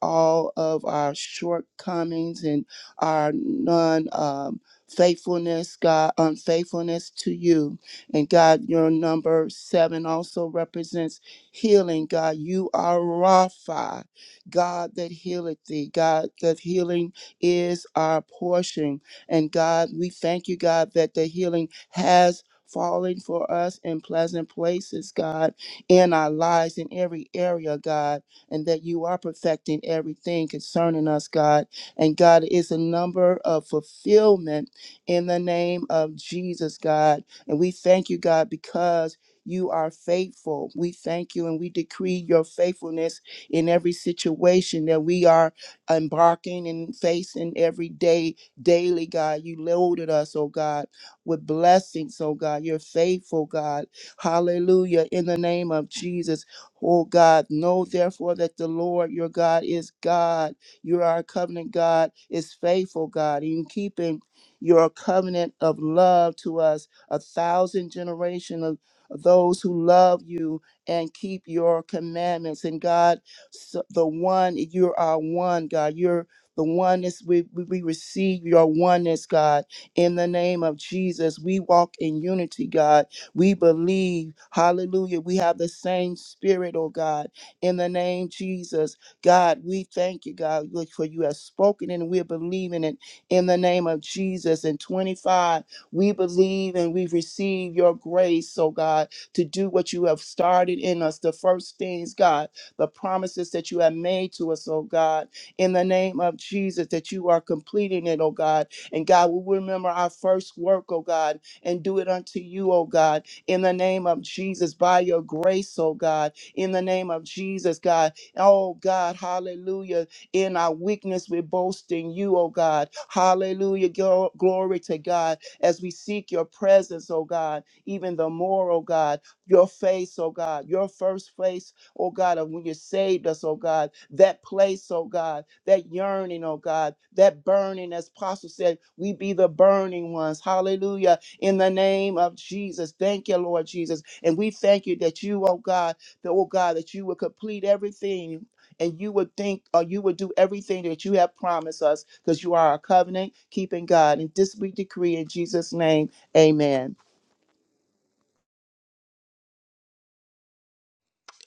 Speaker 8: all of our shortcomings and our non um, faithfulness, God, unfaithfulness to you. And God, your number seven also represents healing, God. You are Rapha, God that healeth thee. God, that healing is our portion. And God, we thank you, God, that the healing has fallen for us in pleasant places, God, in our lives, in every area, God, and that you are perfecting everything concerning us, God. And God is a number of fulfillment in the name of Jesus, God. And we thank you, God, because you are faithful. We thank you and we decree your faithfulness in every situation that we are embarking and facing every day, daily, God. You loaded us, oh God, with blessings, oh God. You're faithful, God. Hallelujah. In the name of Jesus, oh God, know therefore that the Lord your God is God. You are a covenant God, is faithful, God, in keeping your covenant of love to us a thousand generations those who love you and keep your commandments. And God, so the one, you are one, God. You're the oneness we, we we receive your oneness, God. In the name of Jesus, we walk in unity, God. We believe, hallelujah, we have the same spirit, oh God. In the name Jesus, God, we thank you, God, Lord, for you have spoken and we're believing it in the name of Jesus. And 25. We believe and we receive your grace, oh God, to do what you have started in us, the first things, God, the promises that you have made to us, oh God, in the name of Jesus, that you are completing it, oh God. And God, we remember our first work, oh God, and do it unto you, oh God, in the name of Jesus, by your grace, oh God, in the name of Jesus, God. Oh God, hallelujah. In our weakness, we boast in you, oh God. Hallelujah. Glo- Glory to God as we seek your presence, oh God, even the more, oh God, your face, oh God, your first face, oh God, of when you saved us, oh God, that place, oh God, that yearning, oh God, that burning, as Apostle said, we be the burning ones. Hallelujah. In the name of Jesus. Thank you, Lord Jesus. And we thank you that you, oh God, that, oh God, that you will complete everything and you would think or you would do everything that you have promised us because you are a covenant keeping God. And this we decree in Jesus' name, amen.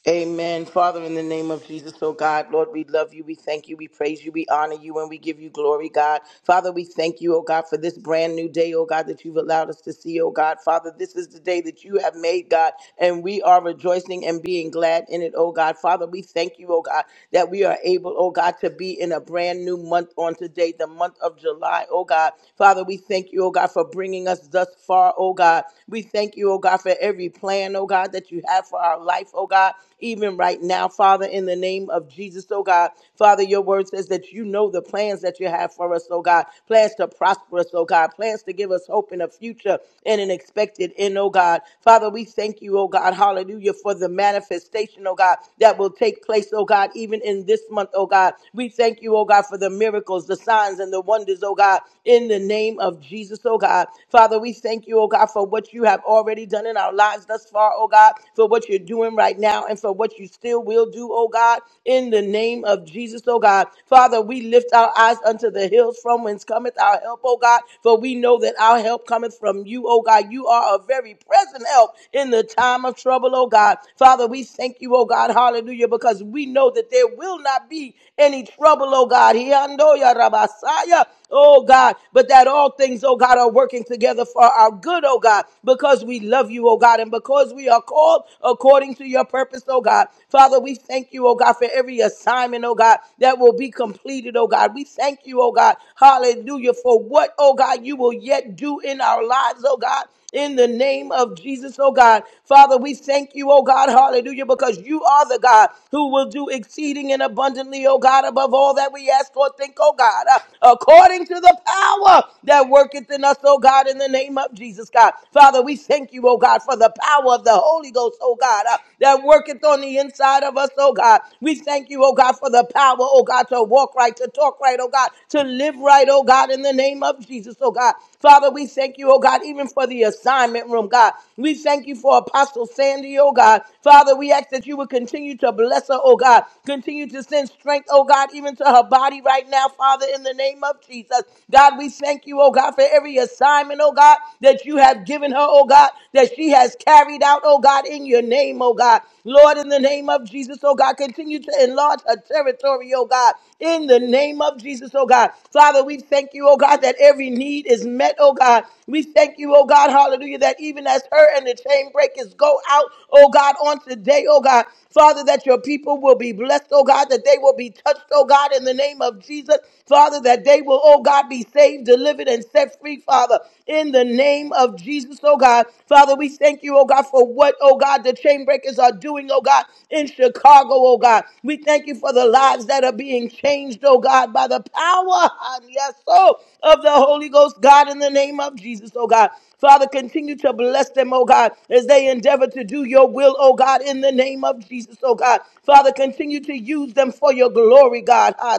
Speaker 6: Amen. Father, in the name of Jesus, oh God, Lord, we love you. We thank you. We praise you. We honor you and we give you glory, God. Father, we thank you, oh God, for this brand new day, oh God, that you've allowed us to see, oh God. Father, this is the day that you have made, God, and we are rejoicing and being glad in it, oh God. Father, we thank you, oh God, that we are able, oh God, to be in a brand new month on today, the month of July, oh God. Father, we thank you, oh God, for bringing us thus far, oh God. We thank you, oh God, for every plan, oh God, that you have for our life, life, oh God, even right now, Father, in the name of Jesus, oh God. Father, your word says that you know the plans that you have for us, oh God. Plans to prosper us, oh God. Plans to give us hope in a future and an expected end, oh God. Father, we thank you, oh God, hallelujah, for the manifestation, oh God, that will take place, oh God, even in this month, oh God. We thank you, oh God, for the miracles, the signs, and the wonders, oh God, in the name of Jesus, oh God. Father, we thank you, oh God, for what you have already done in our lives thus far, oh God, for you're doing right now and for what you still will do, oh God, in the name of Jesus, oh God. Father, we lift our eyes unto the hills from whence cometh our help, oh God, for we know that our help cometh from you, oh God. You are a very present help in the time of trouble, oh God. Father, we thank you, oh God, hallelujah, because we know that there will not be any trouble, oh God. Hiandoya rabasaya, Oh God, but that all things, oh God, are working together for our good, oh God, because we love you, oh God, and because we are called according to your purpose, oh God. Father, we thank you, oh God, for every assignment, oh God, that will be completed, oh God. We thank you, oh God, hallelujah, for what, oh God, you will yet do in our lives, oh God in the name of Jesus, oh God. Father, we thank you, oh God, hallelujah, because you are the God who will do exceeding and abundantly, oh God, above all that we ask or think, oh God, uh, according to the power that worketh in us, oh God, in the name of Jesus, God. Father, we thank you, oh God, for the power of the Holy Ghost, oh God, uh, that worketh on the inside of us, oh God. We thank you, oh God, for the power, oh God, to walk right, to talk right, oh God, to live right, oh God, in God, in the name of Jesus, oh God. Father, we thank you, oh God, even for the assignment room, God. We thank you for Apostle Sandy, oh God. Father, we ask that you would continue to bless her, oh God. Continue to send strength, oh God, even to her body right now, Father, in the name of Jesus. God, we thank you, oh God, for every assignment, oh God, that you have given her, oh God, that she has carried out, oh God, in your name, oh God. Lord, in the name of Jesus, oh God, continue to enlarge her territory, authority, oh God, in the name of Jesus, oh God. Father, we thank you, oh God, that every need is met, oh God. We thank you, oh God, hallelujah, that even as her and the chain breakers go out, oh God, on today, oh God, Father, that your people will be blessed, oh God, that they will be touched, oh God, in the name of Jesus, Father, that they will, oh God, be saved, delivered, and set free, Father, in the name of Jesus, oh God. Father, we thank you, oh God, for what, oh God, the chain breakers are doing, doing, oh God, in Chicago, oh God. We thank you for the lives that are being changed, oh God, by the power, yes, oh, of the Holy Ghost, God, in the name of Jesus, oh God. Father, continue to bless them, oh God, as they endeavor to do your will, oh God, in the name of Jesus, oh God. Father, continue to use them for your glory, God. Ah,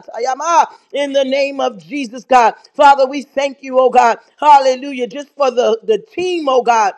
Speaker 6: In the name of Jesus, God. Father, we thank you, oh God. Hallelujah. Just for the, the team, oh God.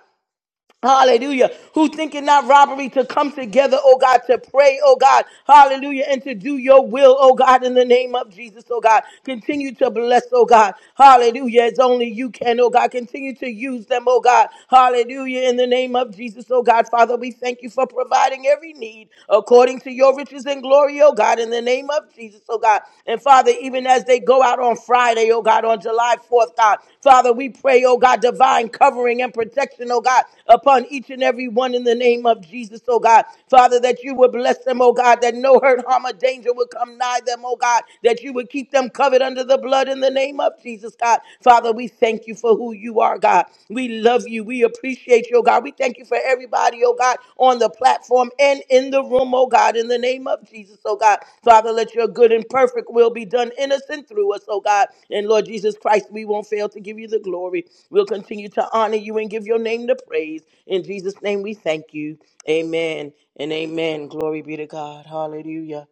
Speaker 6: Hallelujah. Who think it not robbery to come together, oh God, to pray, oh God. Hallelujah. And to do your will, oh God, in the name of Jesus, oh God. Continue to bless, oh God. Hallelujah. It's only you can, oh God. Continue to use them, oh God. Hallelujah. In the name of Jesus, oh God. Father, we thank you for providing every need according to your riches and glory, oh God. In the name of Jesus, oh oh God. And Father, even as they go out on Friday, oh God, on July 4th, God, Father, we pray, oh God, divine covering and protection, oh God, upon each and every one in the name of Jesus, oh God. Father, that you would bless them, oh God, that no hurt, harm, or danger would come nigh them, oh God, that you would keep them covered under the blood in the name of Jesus, God. Father, we thank you for who you are, God. We love you. We appreciate you, oh God. We thank you for everybody, oh God, on the platform and in the room, oh God, in the name of Jesus, oh God. Father, let your good and perfect will be done in us and through us, oh God. And Lord Jesus Christ, we won't fail to give you the glory. We'll continue to honor you and give your name the praise. In Jesus' name we thank you. Amen and amen. Glory be to God. Hallelujah.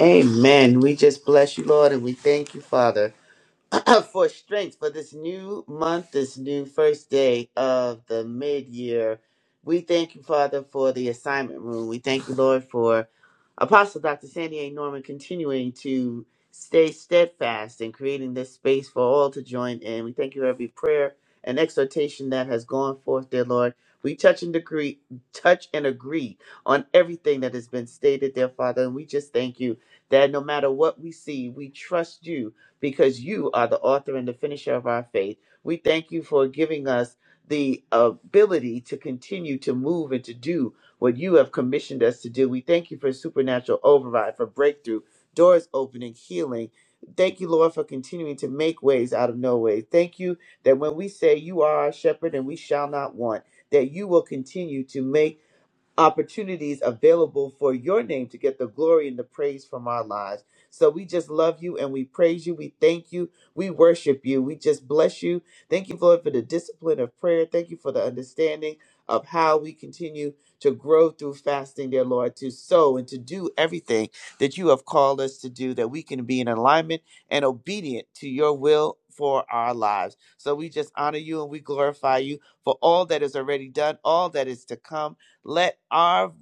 Speaker 16: Amen. We just bless you, Lord, and we thank you, Father. for strength for this new month, this new first day of the mid year. We thank you, Father, for the assignment room. We thank you, Lord, for Apostle Dr. Sandy A. Norman continuing to stay steadfast in creating this space for all to join in. We thank you for every prayer and exhortation that has gone forth, dear Lord. We touch and agree, touch and agree on everything that has been stated, dear Father, and we just thank you that no matter what we see, we trust you because you are the author and the finisher of our faith. We thank you for giving us the ability to continue to move and to do what you have commissioned us to do. We thank you for supernatural override, for breakthrough, doors opening, healing. Thank you, Lord, for continuing to make ways out of no way. Thank you that when we say you are our shepherd and we shall not want, that you will continue to make opportunities available for your name to get the glory and the praise from our lives. So we just love you and we praise you. We thank you. We worship you. We just bless you. Thank you, Lord, for the discipline of prayer. Thank you for the understanding of how we continue to grow through fasting, dear Lord, to sow and to do everything that you have called us to do, that we can be in alignment and obedient to your will for our lives. So we just honor you and we glorify you for all that is already done, all that is to come let our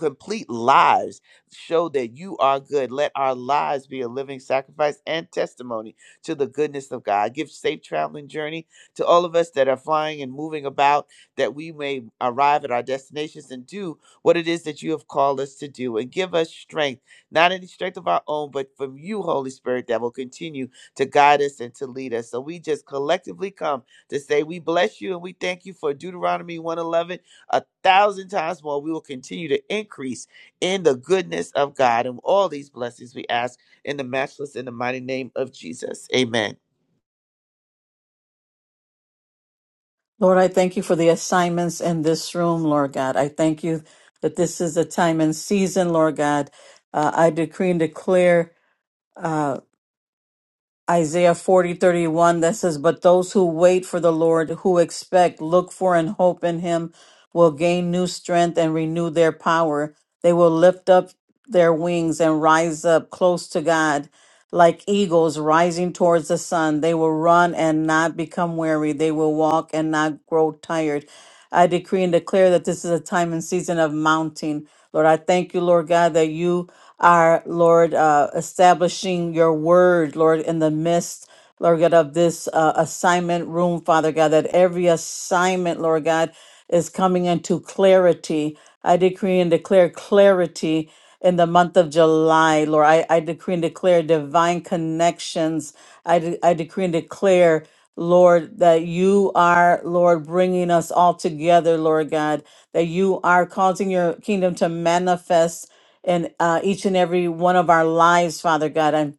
Speaker 16: complete lives show that you are good. Let our lives be a living sacrifice and testimony to the goodness of God. Give safe traveling journey to all of us that are flying and moving about, that we may arrive at our destinations and do what it is that you have called us to do. And give us strength, not any strength of our own, but from you, Holy Spirit, that will continue to guide us and to lead us. So we just collectively come to say we bless you and we thank you for Deuteronomy 111 a thousand times more. We will continue to increase in the goodness of God and all these blessings we ask in the matchless and the mighty name of Jesus. Amen.
Speaker 13: Lord, I thank you for the assignments in this room, Lord God. I thank you that this is a time and season, Lord God. Uh, I decree and declare uh, Isaiah 40 31 that says, But those who wait for the Lord, who expect, look for, and hope in him, will gain new strength and renew their power. They will lift up their wings and rise up close to God. Like eagles rising towards the sun, they will run and not become weary. They will walk and not grow tired. I decree and declare that this is a time and season of mounting. Lord, I thank you, Lord God, that you are, Lord, uh, establishing your word, Lord, in the midst. Lord God, of this uh, assignment room, Father God, that every assignment, Lord God, is coming into clarity. I decree and declare clarity in the month of July, Lord. I, I decree and declare divine connections. I, de- I decree and declare, Lord, that you are, Lord, bringing us all together, Lord God, that you are causing your kingdom to manifest in uh, each and every one of our lives, Father God.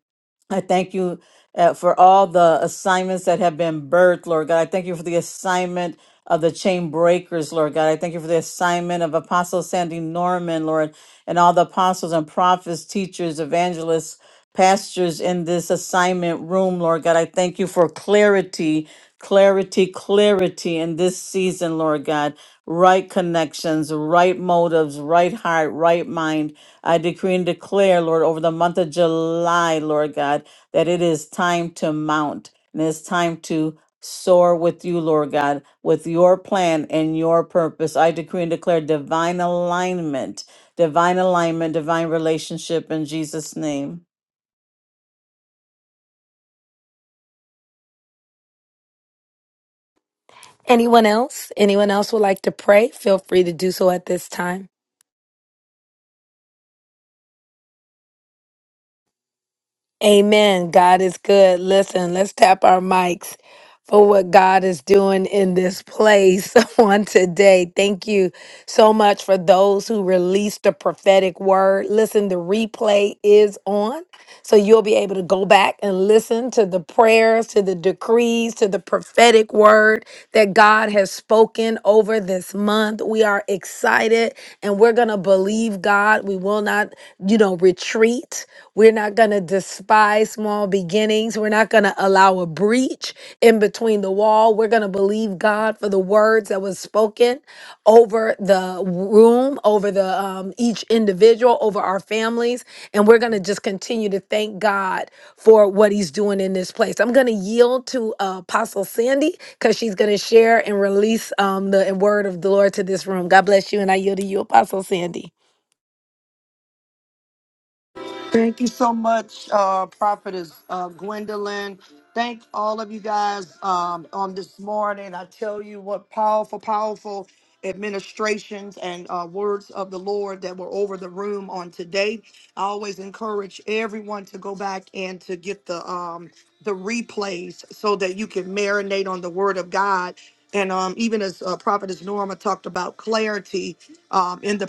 Speaker 13: I thank you uh, for all the assignments that have been birthed, Lord God. I thank you for the assignment of the chain breakers, Lord God. I thank you for the assignment of Apostle Sandy Norman, Lord, and all the apostles and prophets, teachers, evangelists, pastors in this assignment room, Lord God. I thank you for clarity, clarity, clarity in this season, Lord God right connections, right motives, right heart, right mind. I decree and declare, Lord, over the month of July, Lord God, that it is time to mount and it's time to soar with you, Lord God, with your plan and your purpose. I decree and declare divine alignment, divine alignment, divine relationship in Jesus' name.
Speaker 3: Anyone else? Anyone else would like to pray? Feel free to do so at this time. Amen. God is good. Listen, let's tap our mics. for what God is doing in this place on today. Thank you so much for those who released the prophetic word. Listen, the replay is on. So you'll be able to go back and listen to the prayers, to the decrees, to the prophetic word that God has spoken over this month. We are excited and we're going to believe God. We will not, you know, retreat. We're not going to despise small beginnings. We're not going to allow a breach in between the wall. We're going to believe God for the words that was spoken over the room, over the um, each individual, over our families, and we're going to just continue to thank God for what He's doing in this place. I'm going to yield to uh, Apostle Sandy because she's going to share and release um, the word of the Lord to this room. God bless you, and I yield to you, Apostle Sandy.
Speaker 11: Thank you so much, uh, Prophetess uh, Gwendolyn. Thank all of you guys um, on this morning. I tell you what powerful, powerful administrations and uh, words of the Lord that were over the room on today. I always encourage everyone to go back and to get the um, the replays so that you can marinate on the Word of God. And um, even as uh, Prophetess Nora, clarity um, in the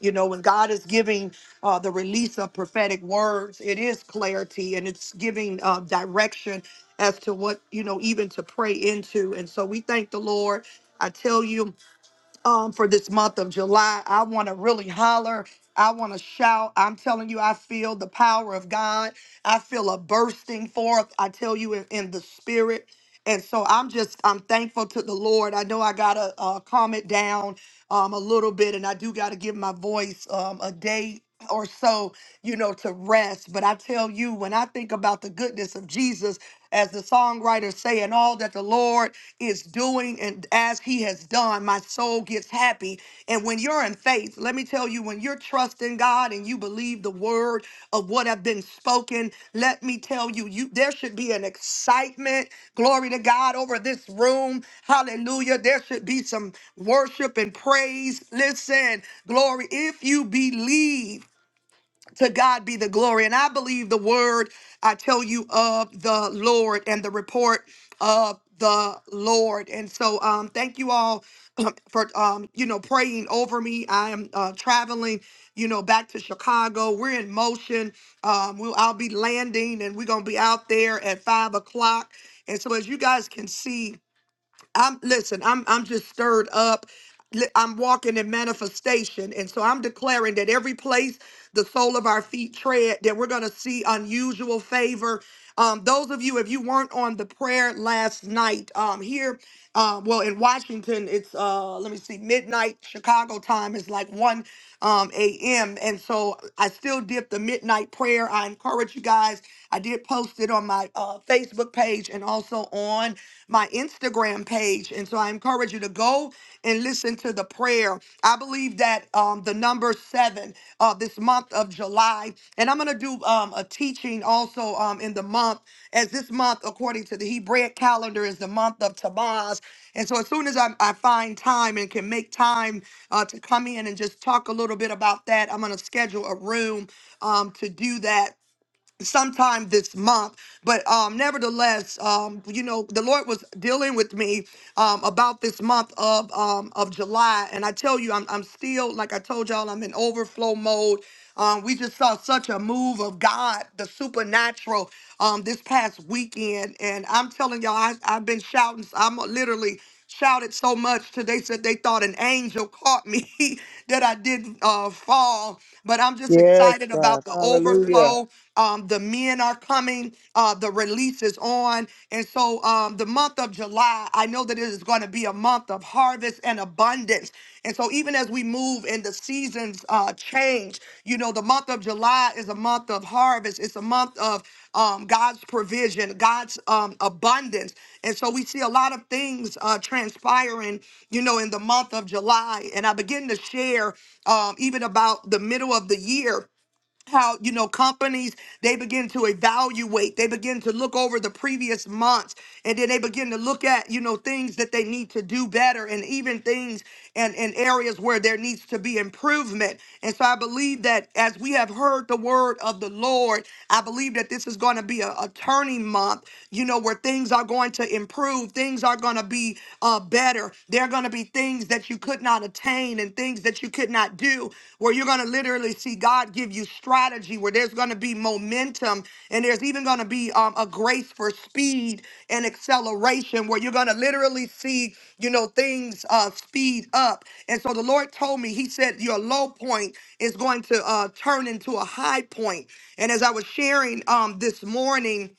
Speaker 11: you know when god is giving uh, the release of prophetic words it is clarity and it's giving uh, direction as to what you know even to pray into and so we thank the lord i tell you um, for this month of july i want to really holler i want to shout i'm telling you i feel the power of god i feel a bursting forth i tell you in, in the spirit and so i'm just i'm thankful to the lord i know i gotta uh, calm it down um, a little bit, and I do got to give my voice um, a day or so, you know, to rest. But I tell you, when I think about the goodness of Jesus, as the songwriters say, and all that the Lord is doing and as He has done, my soul gets happy. And when you're in faith, let me let me tell you, when you're trusting God and you believe the word of what have been spoken, let me tell you, you there should be an excitement, glory to God, over this room. Hallelujah. There should be some worship and praise. Listen, glory, if you believe. To God be the glory. And I believe the word I tell you of the Lord and the report of the Lord. And so um thank you all um, for um you know praying over me. I am uh traveling, you know, back to Chicago. We're in motion. Um we'll I'll be landing and we're gonna be out there at five o'clock. And so as you guys can see, I'm listen, I'm I'm just stirred up. Li- I'm walking in manifestation. And so I'm declaring that every place the sole of our feet tread, that we're gonna see unusual favor. Um, those of you, if you weren't on the prayer last night, um, here, uh, well, in Washington, it's uh, let me see, midnight Chicago time is like one um, a.m. And so I still did the midnight prayer. I encourage you guys. I did post it on my uh, Facebook page and also on my Instagram page. And so I encourage you to go and listen to the prayer. I believe that um, the number seven uh, this month month of July. And I'm going to do um, a teaching also um, in the month, as this month, according to the Hebraic calendar, is the month of Tabaz. And so as soon as I, I find time and can make time uh, to come in and just talk a little bit about that, I'm going to schedule a room um, to do that sometime this month but um nevertheless um you know the lord was dealing with me um about this month of um of july and i tell you i'm, I'm still like i told y'all i'm in overflow mode um we just saw such a move of god the supernatural um this past weekend and i'm telling y'all I, i've been shouting i'm literally shouted so much today said they thought an angel caught me that i didn't uh fall but i'm just
Speaker 8: Yes,
Speaker 11: excited
Speaker 8: God.
Speaker 11: about the
Speaker 8: Hallelujah.
Speaker 11: overflow um, the men are coming. Uh, the release is on. And so um, the month of July, I know that it is going to be a month of harvest and abundance. And so even as we move and the seasons uh, change, you know, the month of July is a month of harvest. It's a month of um, God's provision, God's um, abundance. And so we see a lot of things uh, transpiring, you know, in the month of July. And I begin to share um, even about the middle of the year how you know companies they begin to evaluate they begin to look over the previous months and then they begin to look at you know things that they need to do better and even things and and areas where there needs to be improvement and so i believe that as we have heard the word of the lord i believe that this is going to be a, a turning month you know where things are going to improve things are going to be uh better they're going to be literally things that you could not attain and things that you could not do, where you're going to literally see God give you strategy, where there's going to be momentum and there's even going to be um, a grace for speed and acceleration, where you're going to literally see, you know, things uh, speed up. And so the Lord told me, He said, Your low point is going to uh, turn into a high point. And as I was sharing um, this morning,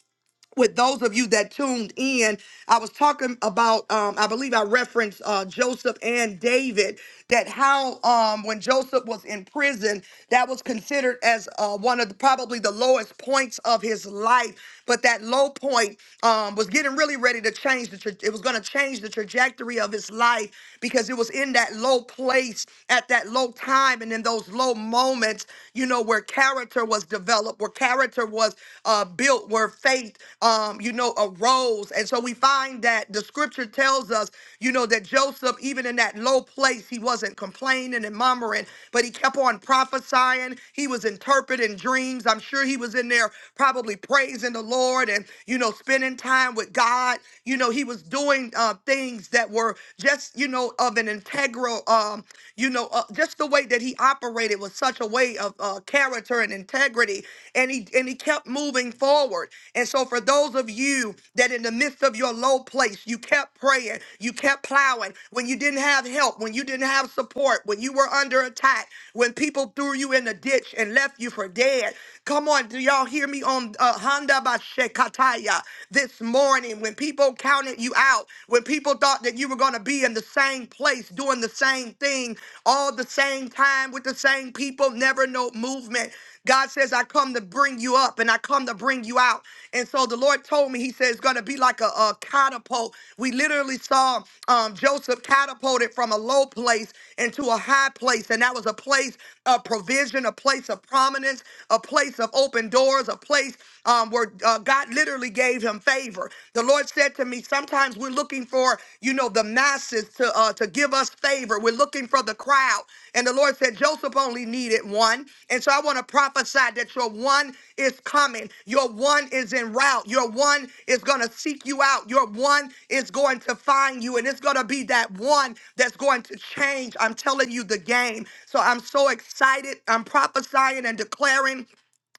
Speaker 11: with those of you that tuned in, I was talking about, um, I believe I referenced uh, Joseph and David, that how um, when Joseph was in prison, that was considered as uh, one of the, probably the lowest points of his life. But that low point um, was getting really ready to change the, tra- it was going to change the trajectory of his life because it was in that low place at that low time and in those low moments, you know, where character character was developed, where character was uh, built, where faith, um, you know, arose. And so we find that the scripture tells us, you know, that Joseph, even in that low place, he wasn't complaining and murmuring, but he kept on prophesying. He was interpreting dreams. I'm sure he was in there probably praising the Lord and, you know, spending time with God. You know, he was doing uh, things that were just, you know, of an integral, um, you know, uh, just the way that he operated was such a way of uh, character and integrity, and he and he kept moving forward. And so, for those of you that in the midst of your low place, you kept praying, you kept plowing when you didn't have help, when you didn't have support, when you were under attack, when people threw you in the ditch and left you for dead. Come on, do y'all hear me on uh, Honda Bashekataya this morning? When people counted you out, when people thought thought that you were going to be in the same place doing the same thing all the same time with the same people, never no movement. God says, I come to bring you up and I come to bring you out. And so the Lord told me, He says, it's going to be like a, a catapult. We literally saw um, Joseph catapulted from a low place into a high place. And that was a place of provision, a place of prominence, a place of open doors, a place um, where uh, God literally gave gave him favor. The Lord said to me, sometimes we're looking for, you know, the masses to uh, to give us favor. We're looking for the crowd. And the Lord said, Joseph only needed one. And so I want to prophesy that your one is coming. Your one is en route. Your one is going to seek you out. Your one is going to find you. And it's going to be that one that's going to change. I'm telling you the game. So I'm so excited. I'm prophesying and declaring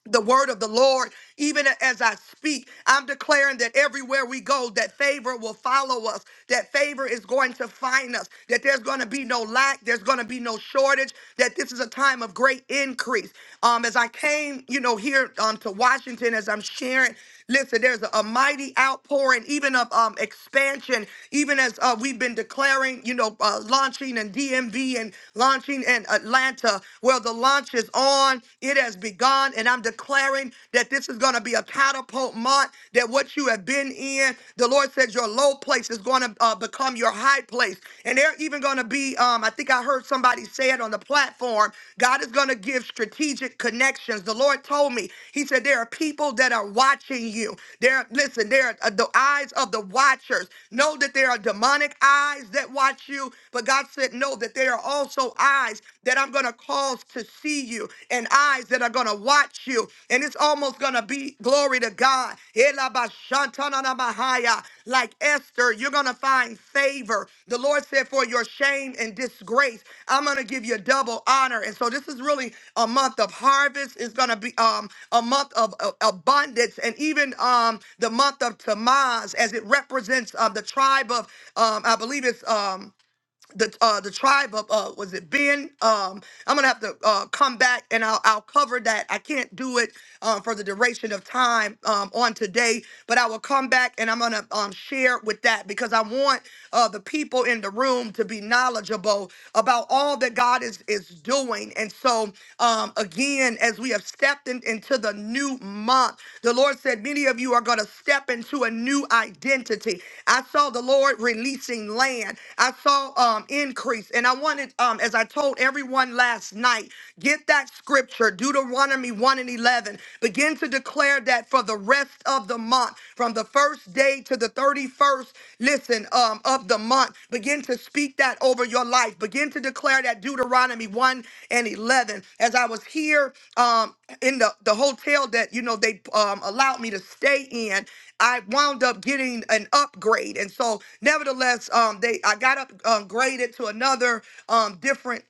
Speaker 11: the word of the Lord, even as I speak. I'm declaring that everywhere we go, that favor will follow us, that favor is going to find us, that there's going to be no lack, there's going to be no shortage, that this is a time of great increase. Um, as I came, you know, here um, to Washington, as I'm sharing, listen, there's a, a mighty outpouring, even of um, expansion, even as uh, we've been declaring, you know, uh, launching and DMV and launching in Atlanta. Well, the launch launch is on. It has begun. And I'm declaring that this is going to be a catapult month, that what you have been in, the Lord says your low place is going to uh, become your high place. And they're even going to be, um, I think I heard somebody say it on the platform, God is going to give strategic connections. The Lord told me, He said, there are people that are watching you. There, listen, there are uh, the eyes of the watchers. Know that there are demonic eyes that watch you, but God said, no, that there are also also eyes that I'm going to cause to see you and eyes that are going to watch you. And it's almost going to be glory to God. Elabashantananamahaya. Like Esther, you're going to find favor. The Lord said, For your shame and disgrace, I'm going to give you double honor. And so this is really a month of harvest. It's going to be um, a month of uh, abundance and even um, the month of Tamaz as it represents uh, the tribe of, um, I believe it's. Um, the uh the tribe of uh was it Ben? Um I'm gonna have to uh come back and I'll I'll cover that. I can't do it um for the duration of time um on today, but I will come back and I'm gonna um share with that because I want uh the people in the room to be knowledgeable about all that God is is doing. And so um again, as we have have stepped in- into the new month. The Lord said, Many of you are going to step into a new identity. I saw the Lord releasing land, I saw um, increase. And I wanted, um, as I told everyone last night, get that scripture, Deuteronomy 1 and 11. Begin to declare that for the rest of the month, from the first day to the 31st 31st, listen, um, of the month. Begin to speak that over your life. Begin to declare that Deuteronomy 1 and 11. As I was here um, in the, the hotel that, you know, they um, allowed me to stay in, I wound up getting an upgrade. And so, nevertheless, um, they I got upgraded to another um, different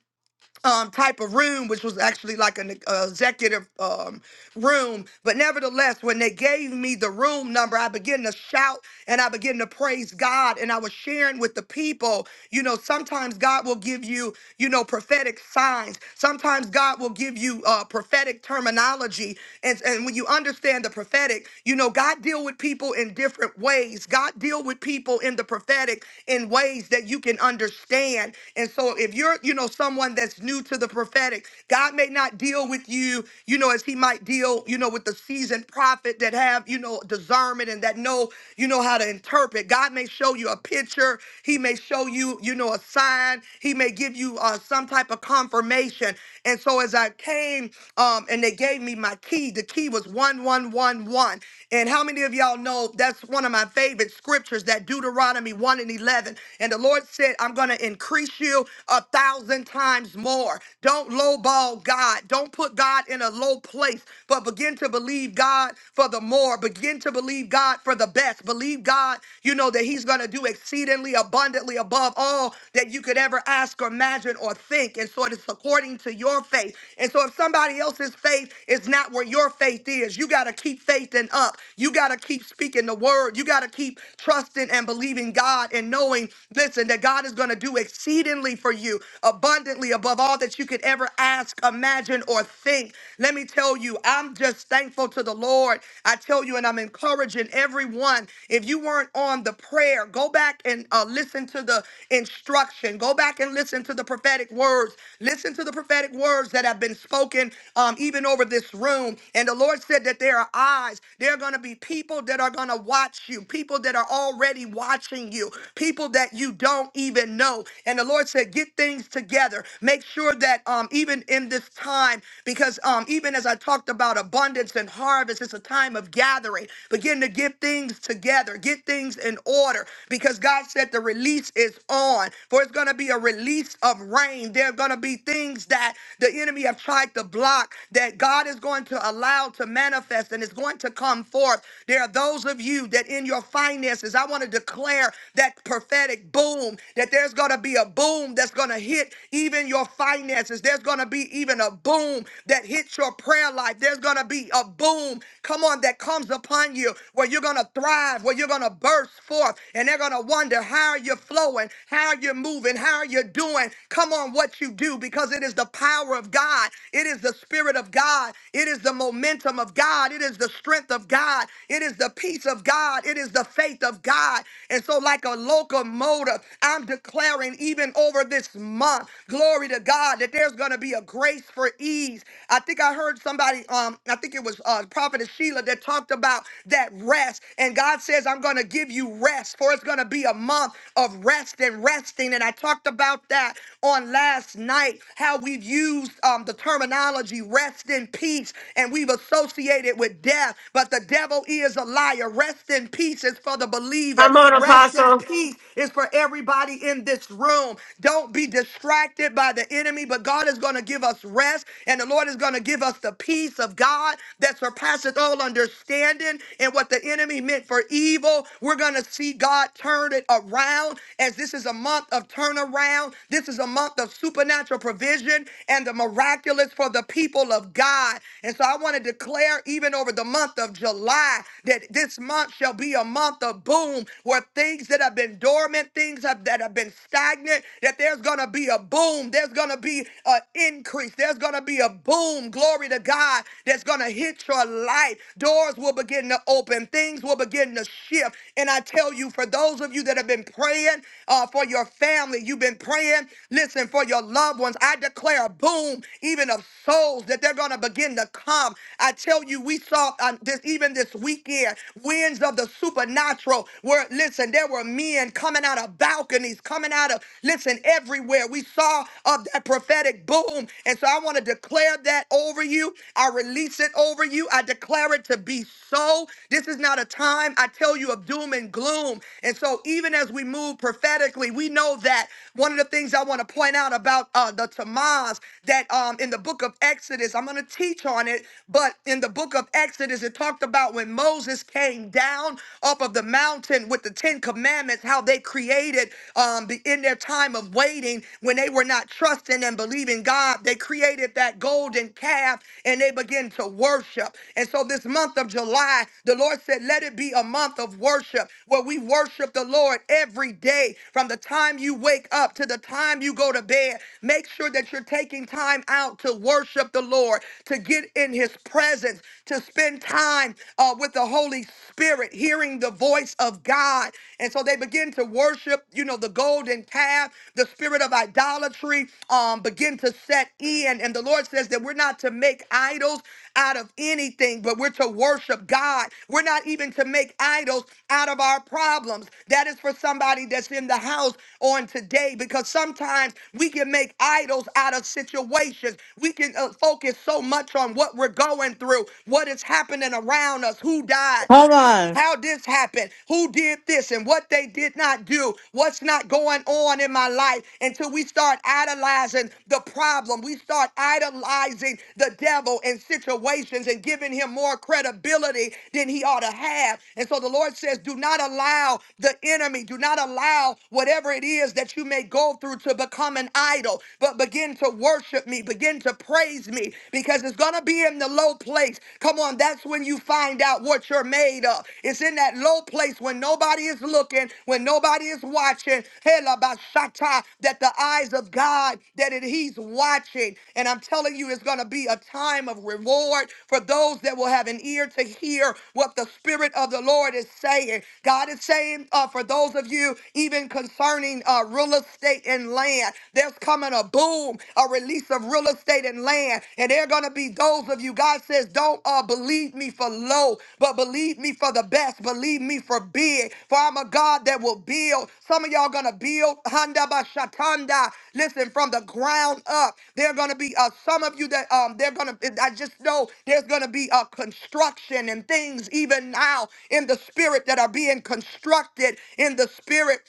Speaker 11: um, type of room, which was actually like an e, uh, executive um, room. But nevertheless, when they gave me the room number, I began to shout and I began to praise God. And I was sharing with the people, you know, sometimes God will give you, you know, prophetic signs. Sometimes God will give you uh, prophetic terminology. And, and when you understand the prophetic, you know, God deal with people in different ways. God deal with people in the prophetic in ways that you can understand. And so if you're, you know, someone someone that's new to the prophetic. God may not deal with you, you know, as he might deal, you know, with the seasoned prophet that have, you know, discernment and that know, you know, how to interpret. God may show you a picture. He may show you, you know, a sign. He may give you uh, some type of confirmation. And so as I came um, and they gave me my key, the key was 1111. And how many of y'all know that's one of my favorite scriptures, that Deuteronomy 1 and 11. And the Lord said, I'm going to increase you a thousand times more. Don't lowball God. Don't put God in a low place, but begin to believe God for the more. Begin to believe God for the best. Believe God, you know, that He's going to do exceedingly abundantly above all that you could ever ask or imagine or think. And so it is according to your faith. And so if somebody else's faith is not is not where your faith is. You got to keep faithing up. You got to keep speaking the word. You got to keep trusting and believing God and knowing, listen, that God is going to do exceedingly for you, abundantly above all that you could ever ask, imagine, or think. Let me tell you, I'm just thankful to the Lord. I tell you, and I'm encouraging everyone. If you weren't on the prayer, go back and uh, listen to the instruction. Go back and listen to the prophetic words. Listen to the prophetic words prophetic words that have been spoken um, even over this room. And the Lord said that there are eyes. There are going to be people that are going to watch you, people that are already watching you, people that you don't even know. And the Lord said, get things together. Make sure that um, even in this time, because um, even as I talked about abundance and harvest, it's a time of gathering. Begin to get things together, get things in order, because God said the release is on. For it's going to be a release release of rain. There are going to be things that the enemy have tried to block that God is going to allow to manifest and is going to come forth. There are those of you that in your finances, I want to declare that prophetic boom, that there's going to be a boom that's going to hit even your finances. There's going to be even a boom that hits your prayer life. There's going to be a boom, come on, that comes upon you where you're going to thrive, where you're going to burst forth, and they're going to wonder wonder how you're flowing, how you're moving, how you're doing. Come on, what you do, because it is the power of God. It is the spirit of God. It is the momentum of God. It is the strength of God. It is the peace of God. It is the faith of God. And so, like a locomotive, I'm declaring even over this month, glory to God, that there's going to be a grace for ease. I think I heard somebody, um, I think it was uh, Prophet Sheila, that talked about that rest. And God God says, I'm going to give you rest, for it's going to be a month of rest and resting. And I talked about that on last night, how we've used um, the terminology rest in peace, and we've associated with death. But the devil is a liar. Rest in peace is for the believer,
Speaker 1: Come on,
Speaker 11: rest in
Speaker 1: Apostle.
Speaker 11: peace is for everybody in this room. Don't be distracted by the enemy, but God is going to give us rest, and the Lord is going to give us the peace of God that surpasses. all soul understanding and what the enemy meant for evil. We're going to see God turn it around as this is a month of turnaround. This is a month of supernatural provision and the miraculous for the people of God. And so I want to declare even over the month of July that this month shall be a month of boom where things that have been dormant, things have, that have been stagnant, that there's going to be a boom. There's going to be an increase. There's going to be a boom glory to God that's going to hit your life. Doors will begin to open, things will begin to shift. And I tell you, for those of you that have been praying uh, for your family, you've been praying, listen, for your loved ones, I declare a boom, even of souls, that they're going to begin to come. I tell you, we saw um, this even this weekend, winds of the supernatural, where, listen, there were men coming out of balconies, coming out of, listen, everywhere. We saw of that prophetic prophetic boom. And so I want to declare that over you. I release it over you. I declare it to be so. This is not a time I tell you of doom and gloom. And so even as we move prophetically, we know that one of the things I want to point out about uh, the Tamaz that um, in the book of Exodus, I'm going to teach on it, but in the book of Exodus, it talked about when Moses came down off of the mountain with the Ten Commandments, how they created um, the, in their their time of waiting, when they were not trusting and believing God, they created that golden calf and they began to worship. And so, this month of July, the Lord said, Let it be a month of worship where we worship the Lord every day from the time you wake up to the time you go to bed. Make sure that you're taking time out to worship the Lord, to get in His presence, to spend time uh, with the Holy Spirit, hearing the voice of God. And so they begin to worship, you know, the golden calf, the spirit of idolatry um, begin to set in. And the Lord says that we're not to make idols out of anything, but we're to worship God. We're not even to make idols out of our problems. That is for somebody that's in the house on today, because sometimes we can make idols out of situations. We can uh, focus so much on what we're going through, what is happening around us, who died,
Speaker 13: Come on.
Speaker 11: how this happened, who did this, and what they did not do, what's not going on in my life until we start idolizing the problem. We start idolizing the devil in situations and giving him more credibility than he ought to have. And so the Lord says, Do not allow the enemy, do not allow whatever it is that you may go through to become an idol, but begin to worship me, begin to praise me, because it's going to be in the in the low place. Come on, that's when you find out what you're made of. It's in that low place when nobody is looking, when nobody is watching. Hela basata, That the eyes of God, that it, He's watching. And I'm telling you, it's going to be a time of reward for those that will have an ear to hear what the Spirit of the Lord is saying. God is saying uh, for those of you, even concerning uh, real estate and land, there's coming a boom boom, a release of real estate and land. And there are going to be those of you, God says, don't uh, believe me for low, but believe me for the best. Believe me for big, for I'm a God that will build. Some of y'all going to build Handa Bashatanda. Listen, from the ground up, there are going to be uh, some of you that um, they're going to, I just know there's going to be a construction and things even now in the spirit that are being constructed in the spirit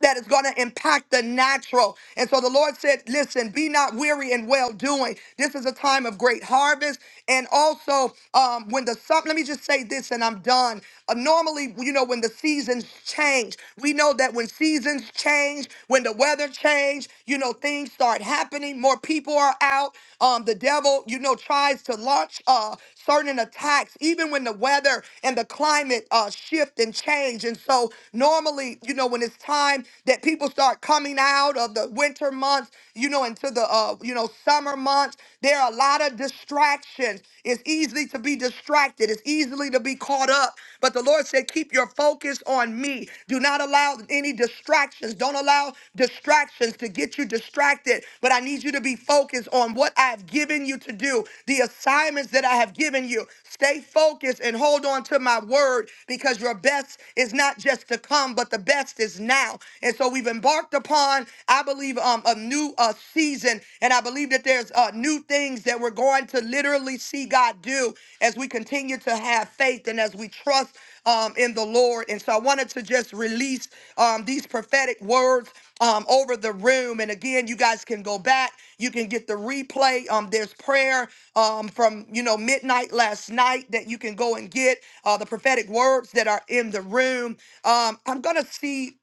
Speaker 11: that is going to impact the natural. And so the Lord said, Listen, be not weary in well doing. This is a time of great harvest. And also, um, when the sun, let me just say this and I'm done. Uh, normally, you know, when the seasons change, we know that when seasons change, when the weather change, you know, things start happening. More people are out. Um, the devil, you know, tries to launch uh, certain attacks, even when the weather and the climate uh, shift and change. And so, normally, you know, when it's time, time that people start coming out of the winter months, you know, into the uh, you know, summer months. There are a lot of distractions. It's easy to be distracted. It's easily to be caught up. But the Lord said, keep your focus on me. Do not allow any distractions. Don't allow distractions to get you distracted. But I need you to be focused on what I've given you to do, the assignments that I have given you. Stay focused and hold on to my word because your best is not just to come, but the best is now now. And so we've embarked upon, I believe, um, a new uh, season. And I believe that there's uh, new things that we're going to literally see God do as we continue to have faith and as we trust um, in the Lord. And so I wanted to just release um, these prophetic words um, over the room. And again, you guys can go back. You can get the replay. Um, there's prayer um, from you know midnight last night that you can go and get uh, the prophetic words that are in the room. Um, I'm gonna see.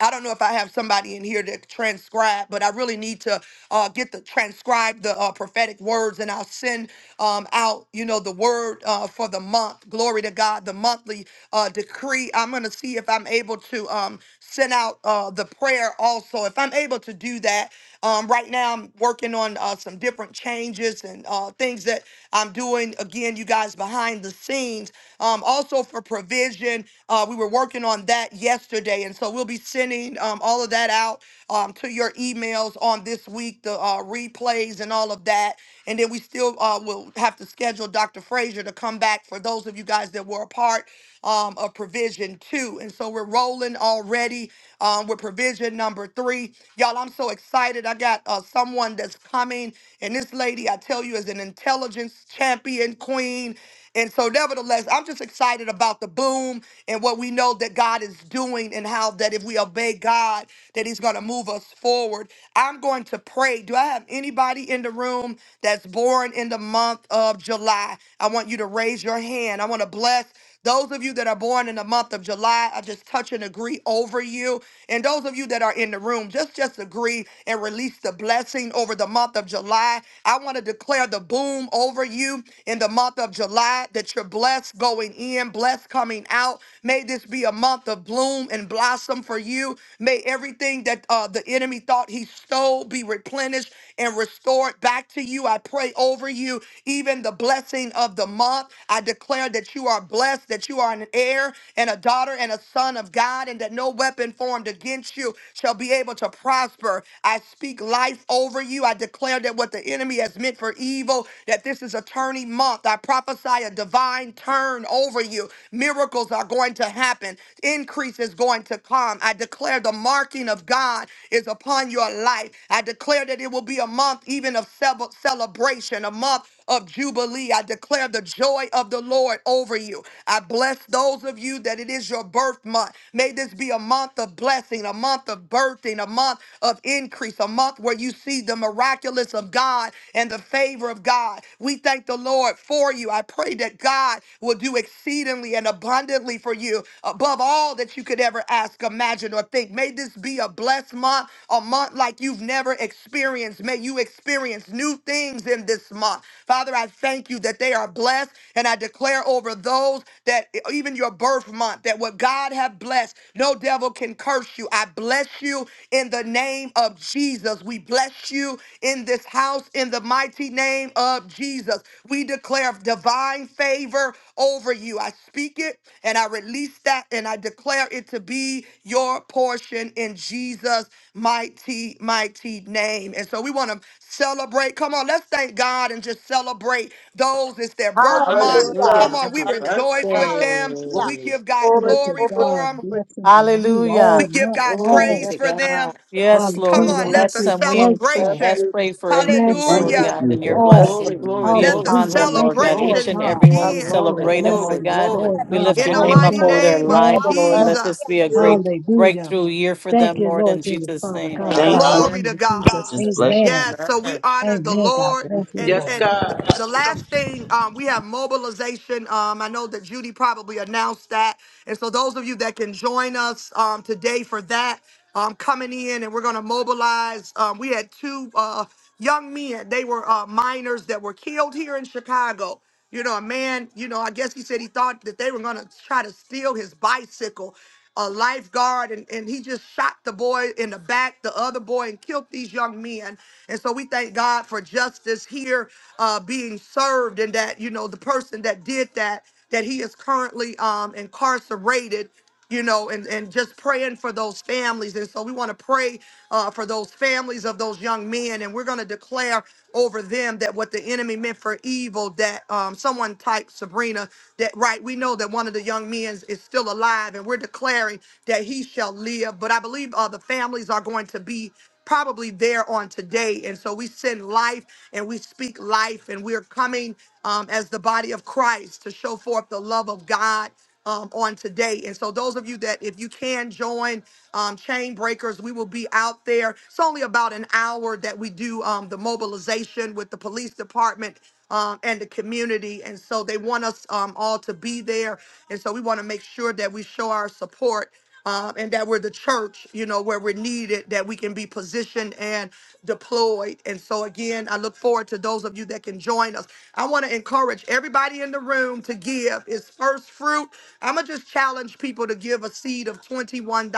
Speaker 11: I don't know if I have somebody in here to transcribe, but I really need to uh, get the transcribe the uh, prophetic words, and I'll send um, out, you know, the word uh, for the month. Glory to God, the monthly uh, decree. I'm gonna see if I'm able to um, send out uh, the prayer also. If I'm able to do that, um, right now I'm working on uh, some different changes and uh, things that I'm doing. Again, you guys behind the scenes, um, also for provision. Uh, we were working on that yesterday, and so we'll be sending um, all of that out um, to your emails on this week, the uh, replays and all of that. And then we still uh, will have to schedule Dr. Frazier to come back for those of you guys that were a part um, of provision two. And so we're rolling already um, with provision number three. Y'all, I'm so excited. I got uh, someone that's coming, and this lady, I tell you, is an intelligence champion queen. And so, nevertheless, I'm just excited about the boom and what we know that God is doing, and how that if we obey God, that He's going to move us forward. I'm going to pray. Do I have anybody in the room that's born in the month of July? I want you to raise your hand. I want to bless. Those of you that are born in the month of July, I just touch and agree over you. And those of you that are in the room, just just agree and release the blessing over the month of July. I want to declare declare the boom over you in the month of July that you're blessed going in, blessed coming out. May this be a month of bloom and blossom for you. May everything that uh, the enemy thought he stole be replenished and restored back to you. I pray over you, even the blessing of the month. I declare that you are blessed, that you are an heir and a daughter and a son of God, and that no weapon formed against you shall be able to prosper. I speak speak life over you. I declare that what the enemy has meant for evil, that this is a turning month. I prophesy a divine turn over you. Miracles are going to happen, increase is going to come. I declare the marking of God is upon your life. I declare that it will be a month even of cel- celebration, a month of Jubilee. I declare the joy of the Lord over you. I bless those of you that it is your birth month. May this be a month of blessing, a month of birthing, a month of increase, a month where you see the miraculous of God and the favor of God. We thank the Lord for you. I pray that God will do exceedingly and abundantly for you, above all that you could ever ask, imagine, or think. May this be a blessed month, a month like you've never experienced. May you experience new things in this month. Father, I thank you that they are blessed, and I declare over those that even your birth month, that what God have blessed, no devil can curse you. I bless you in the name of Jesus. We bless bless you in this house in the mighty name of Jesus. We declare divine favor over you. I speak it and I release that and I declare it to be your portion in Jesus' mighty, mighty name. And so we want to celebrate. Come on, let's thank God and just celebrate those. It's their birth month.
Speaker 8: Hallelujah.
Speaker 11: Come
Speaker 1: Hallelujah.
Speaker 11: on, we
Speaker 1: Happy
Speaker 11: rejoice
Speaker 8: Hallelujah.
Speaker 11: with
Speaker 1: birthday.
Speaker 11: them. We give God
Speaker 5: Glory
Speaker 8: Glory,
Speaker 5: to
Speaker 11: glory
Speaker 8: glory,
Speaker 11: for
Speaker 5: God.
Speaker 11: them.
Speaker 8: glory.
Speaker 5: Blessing to you
Speaker 13: Hallelujah.
Speaker 5: all
Speaker 11: We give
Speaker 5: month
Speaker 11: God
Speaker 1: Glory be
Speaker 5: long.
Speaker 8: Yes,
Speaker 11: praise
Speaker 1: to
Speaker 11: for
Speaker 1: God.
Speaker 11: them.
Speaker 8: the
Speaker 13: Yes,
Speaker 8: first
Speaker 13: Lord,
Speaker 8: one.
Speaker 11: Come
Speaker 13: we
Speaker 5: Hallelujah.
Speaker 11: on, let
Speaker 13: bless
Speaker 11: the
Speaker 5: Happy
Speaker 13: them. We incre-
Speaker 5: birthday,
Speaker 8: Bless
Speaker 11: celebration,
Speaker 13: ask,
Speaker 8: you.
Speaker 13: pray for
Speaker 8: Bless the
Speaker 13: increase,
Speaker 8: one
Speaker 5: blessings
Speaker 13: Lord
Speaker 8: year.
Speaker 11: hallelujah,
Speaker 13: God,
Speaker 5: of
Speaker 13: and
Speaker 5: you
Speaker 13: your
Speaker 1: Oh,
Speaker 8: Bless
Speaker 5: all.
Speaker 1: Glory,
Speaker 13: blessing
Speaker 1: glory,
Speaker 13: be
Speaker 11: let
Speaker 1: glory,
Speaker 11: the
Speaker 13: upon
Speaker 5: Hallelujah.
Speaker 13: them,
Speaker 1: glory,
Speaker 5: Thank
Speaker 13: Lord
Speaker 5: you,
Speaker 13: God.
Speaker 1: glory,
Speaker 5: Lord
Speaker 13: Each
Speaker 11: celebrations
Speaker 13: and
Speaker 5: God,
Speaker 13: every
Speaker 8: the
Speaker 13: one,
Speaker 8: other.
Speaker 13: we
Speaker 11: begin
Speaker 5: for
Speaker 1: glory,
Speaker 5: the
Speaker 13: celebrate
Speaker 8: year.
Speaker 13: them,
Speaker 1: glory,
Speaker 13: Lord
Speaker 5: blessings,
Speaker 13: God.
Speaker 1: glory.
Speaker 5: Lord
Speaker 13: We
Speaker 5: God,
Speaker 13: lift
Speaker 11: in
Speaker 13: your
Speaker 11: the
Speaker 5: all
Speaker 13: name
Speaker 5: of
Speaker 8: Hallelujah.
Speaker 13: up
Speaker 11: mighty
Speaker 5: them
Speaker 13: over
Speaker 5: that were
Speaker 13: their
Speaker 11: name of
Speaker 13: life,
Speaker 5: born this
Speaker 8: Double
Speaker 13: Lord.
Speaker 5: month.
Speaker 13: Let
Speaker 8: blessings
Speaker 13: this
Speaker 8: to
Speaker 13: be
Speaker 11: Jesus.
Speaker 13: a
Speaker 8: you.
Speaker 13: great
Speaker 5: Hallelujah.
Speaker 13: breakthrough year for
Speaker 5: Thank
Speaker 13: them,
Speaker 5: you,
Speaker 13: Lord,
Speaker 5: Lord
Speaker 13: in
Speaker 5: Jesus,
Speaker 13: Jesus'
Speaker 5: Father
Speaker 13: name.
Speaker 16: Thank
Speaker 5: God, in
Speaker 16: Thank
Speaker 5: the
Speaker 16: you, you,
Speaker 11: Glory
Speaker 1: Hallelujah.
Speaker 5: name
Speaker 11: to
Speaker 5: of
Speaker 16: We
Speaker 11: God.
Speaker 16: just
Speaker 5: Jesus.
Speaker 16: Jesus. bless Thank your
Speaker 5: Amen.
Speaker 11: Yes, so we
Speaker 1: Amen.
Speaker 11: honor the
Speaker 5: Amen. God
Speaker 11: Lord.
Speaker 16: name.
Speaker 5: bless you,
Speaker 11: And
Speaker 16: you.
Speaker 6: Yes,
Speaker 5: Lord.
Speaker 11: and
Speaker 5: We
Speaker 11: th-
Speaker 6: God.
Speaker 11: the last thing, um, we have mobilization. Um, I know that Judy probably announced that. And so those of you that can join us um, today for that, um, coming in and we're going to mobilize. Um, we had two uh, young men. They were uh, minors that were killed here in Chicago. You know, a man, you know, I guess he said he thought that they were going to try to steal his bicycle, a lifeguard, and, and he just shot the boy in the back, the other boy, and killed these young men. And so we thank God for justice here uh, being served and that, you know, the person that did that, that he is currently um, incarcerated you know, and, and just praying for those families. And so we want to pray uh, for those families of those young men. And we're going to declare over them that what the enemy meant for evil, that um, someone typed Sabrina, that right, we know that one of the young men is still alive and we're declaring that he shall live. But I believe uh, the families are going to be probably there on today. And so we send life and we speak life and we're coming um, as the body of Christ to show forth the love of God um, on today. And so, those of you that, if you can join um, Chain Breakers, we will be out there. It's only about an hour that we do um, the mobilization with the police department. Um, and the community. And so they want us um, all to be there. And so we want to make sure that we show our support um, and that we're the church, you know, where we're needed, that we can be positioned and deployed. And so, again, I look forward to those of you that can join us. I want to encourage everybody in the room to give. It's first fruit. I'm going to just challenge people to give a seed of $21.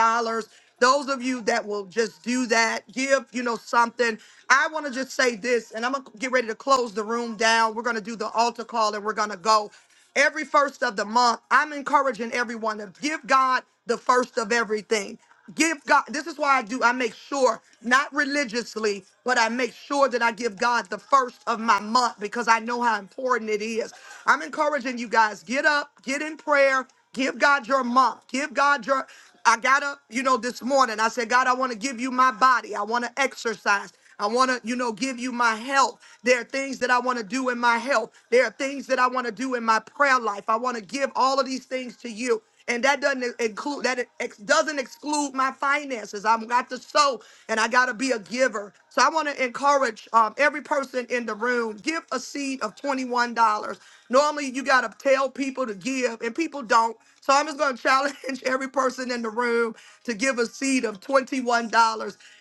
Speaker 11: Those of you that will just do that, give, you know, something. I want to just say this, and I'm going to get ready to close the room down. We're going to do the altar call and we're going to go every first of the month. I'm encouraging everyone to give God the first of everything. Give God, this is why I do, I make sure, not religiously, but I make sure that I give God the first of my month because I know how important it is. I'm encouraging you guys, get up, get in prayer, give God your month, give God your. I got up, you know, this morning. I said, God, I want to give you my body. I want to exercise. I want to, you know, give you my health. There are things that I want to do in my health. There are things that I want to do in my prayer life. I want to give all of these things to you. And that doesn't include that it ex- doesn't exclude my finances. I'm got to sow and I got to be a giver. So I want to encourage um, every person in the room give a seed of twenty one dollars. Normally you got to tell people to give, and people don't don't. So I'm just going to challenge every person in the room to give a seed of $21.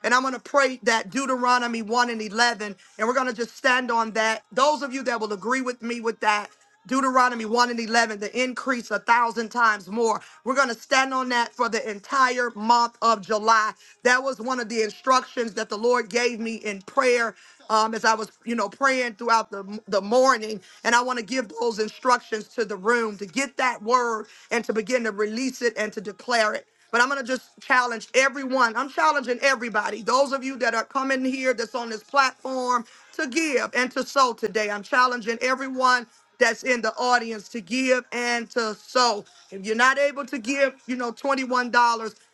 Speaker 11: And I'm going to pray that Deuteronomy 1 and 11. And we're going to just stand on that. Those of you that will agree with me with that, Deuteronomy 1 and 11, the increase a thousand times more. We're going to stand on that for the entire month of July. That was one of the instructions that the Lord gave me in prayer um, as I was, you know, praying throughout the, the morning. And I want to give those instructions those instructions to the room to get that word and to begin to release it and to declare it. But I'm going to just challenge everyone. I'm challenging everybody. Those of you that are coming here, that's on this platform, to give and to sow today. I'm challenging everyone that's in the audience to give and to sow. If you're not able to give, you know, $21.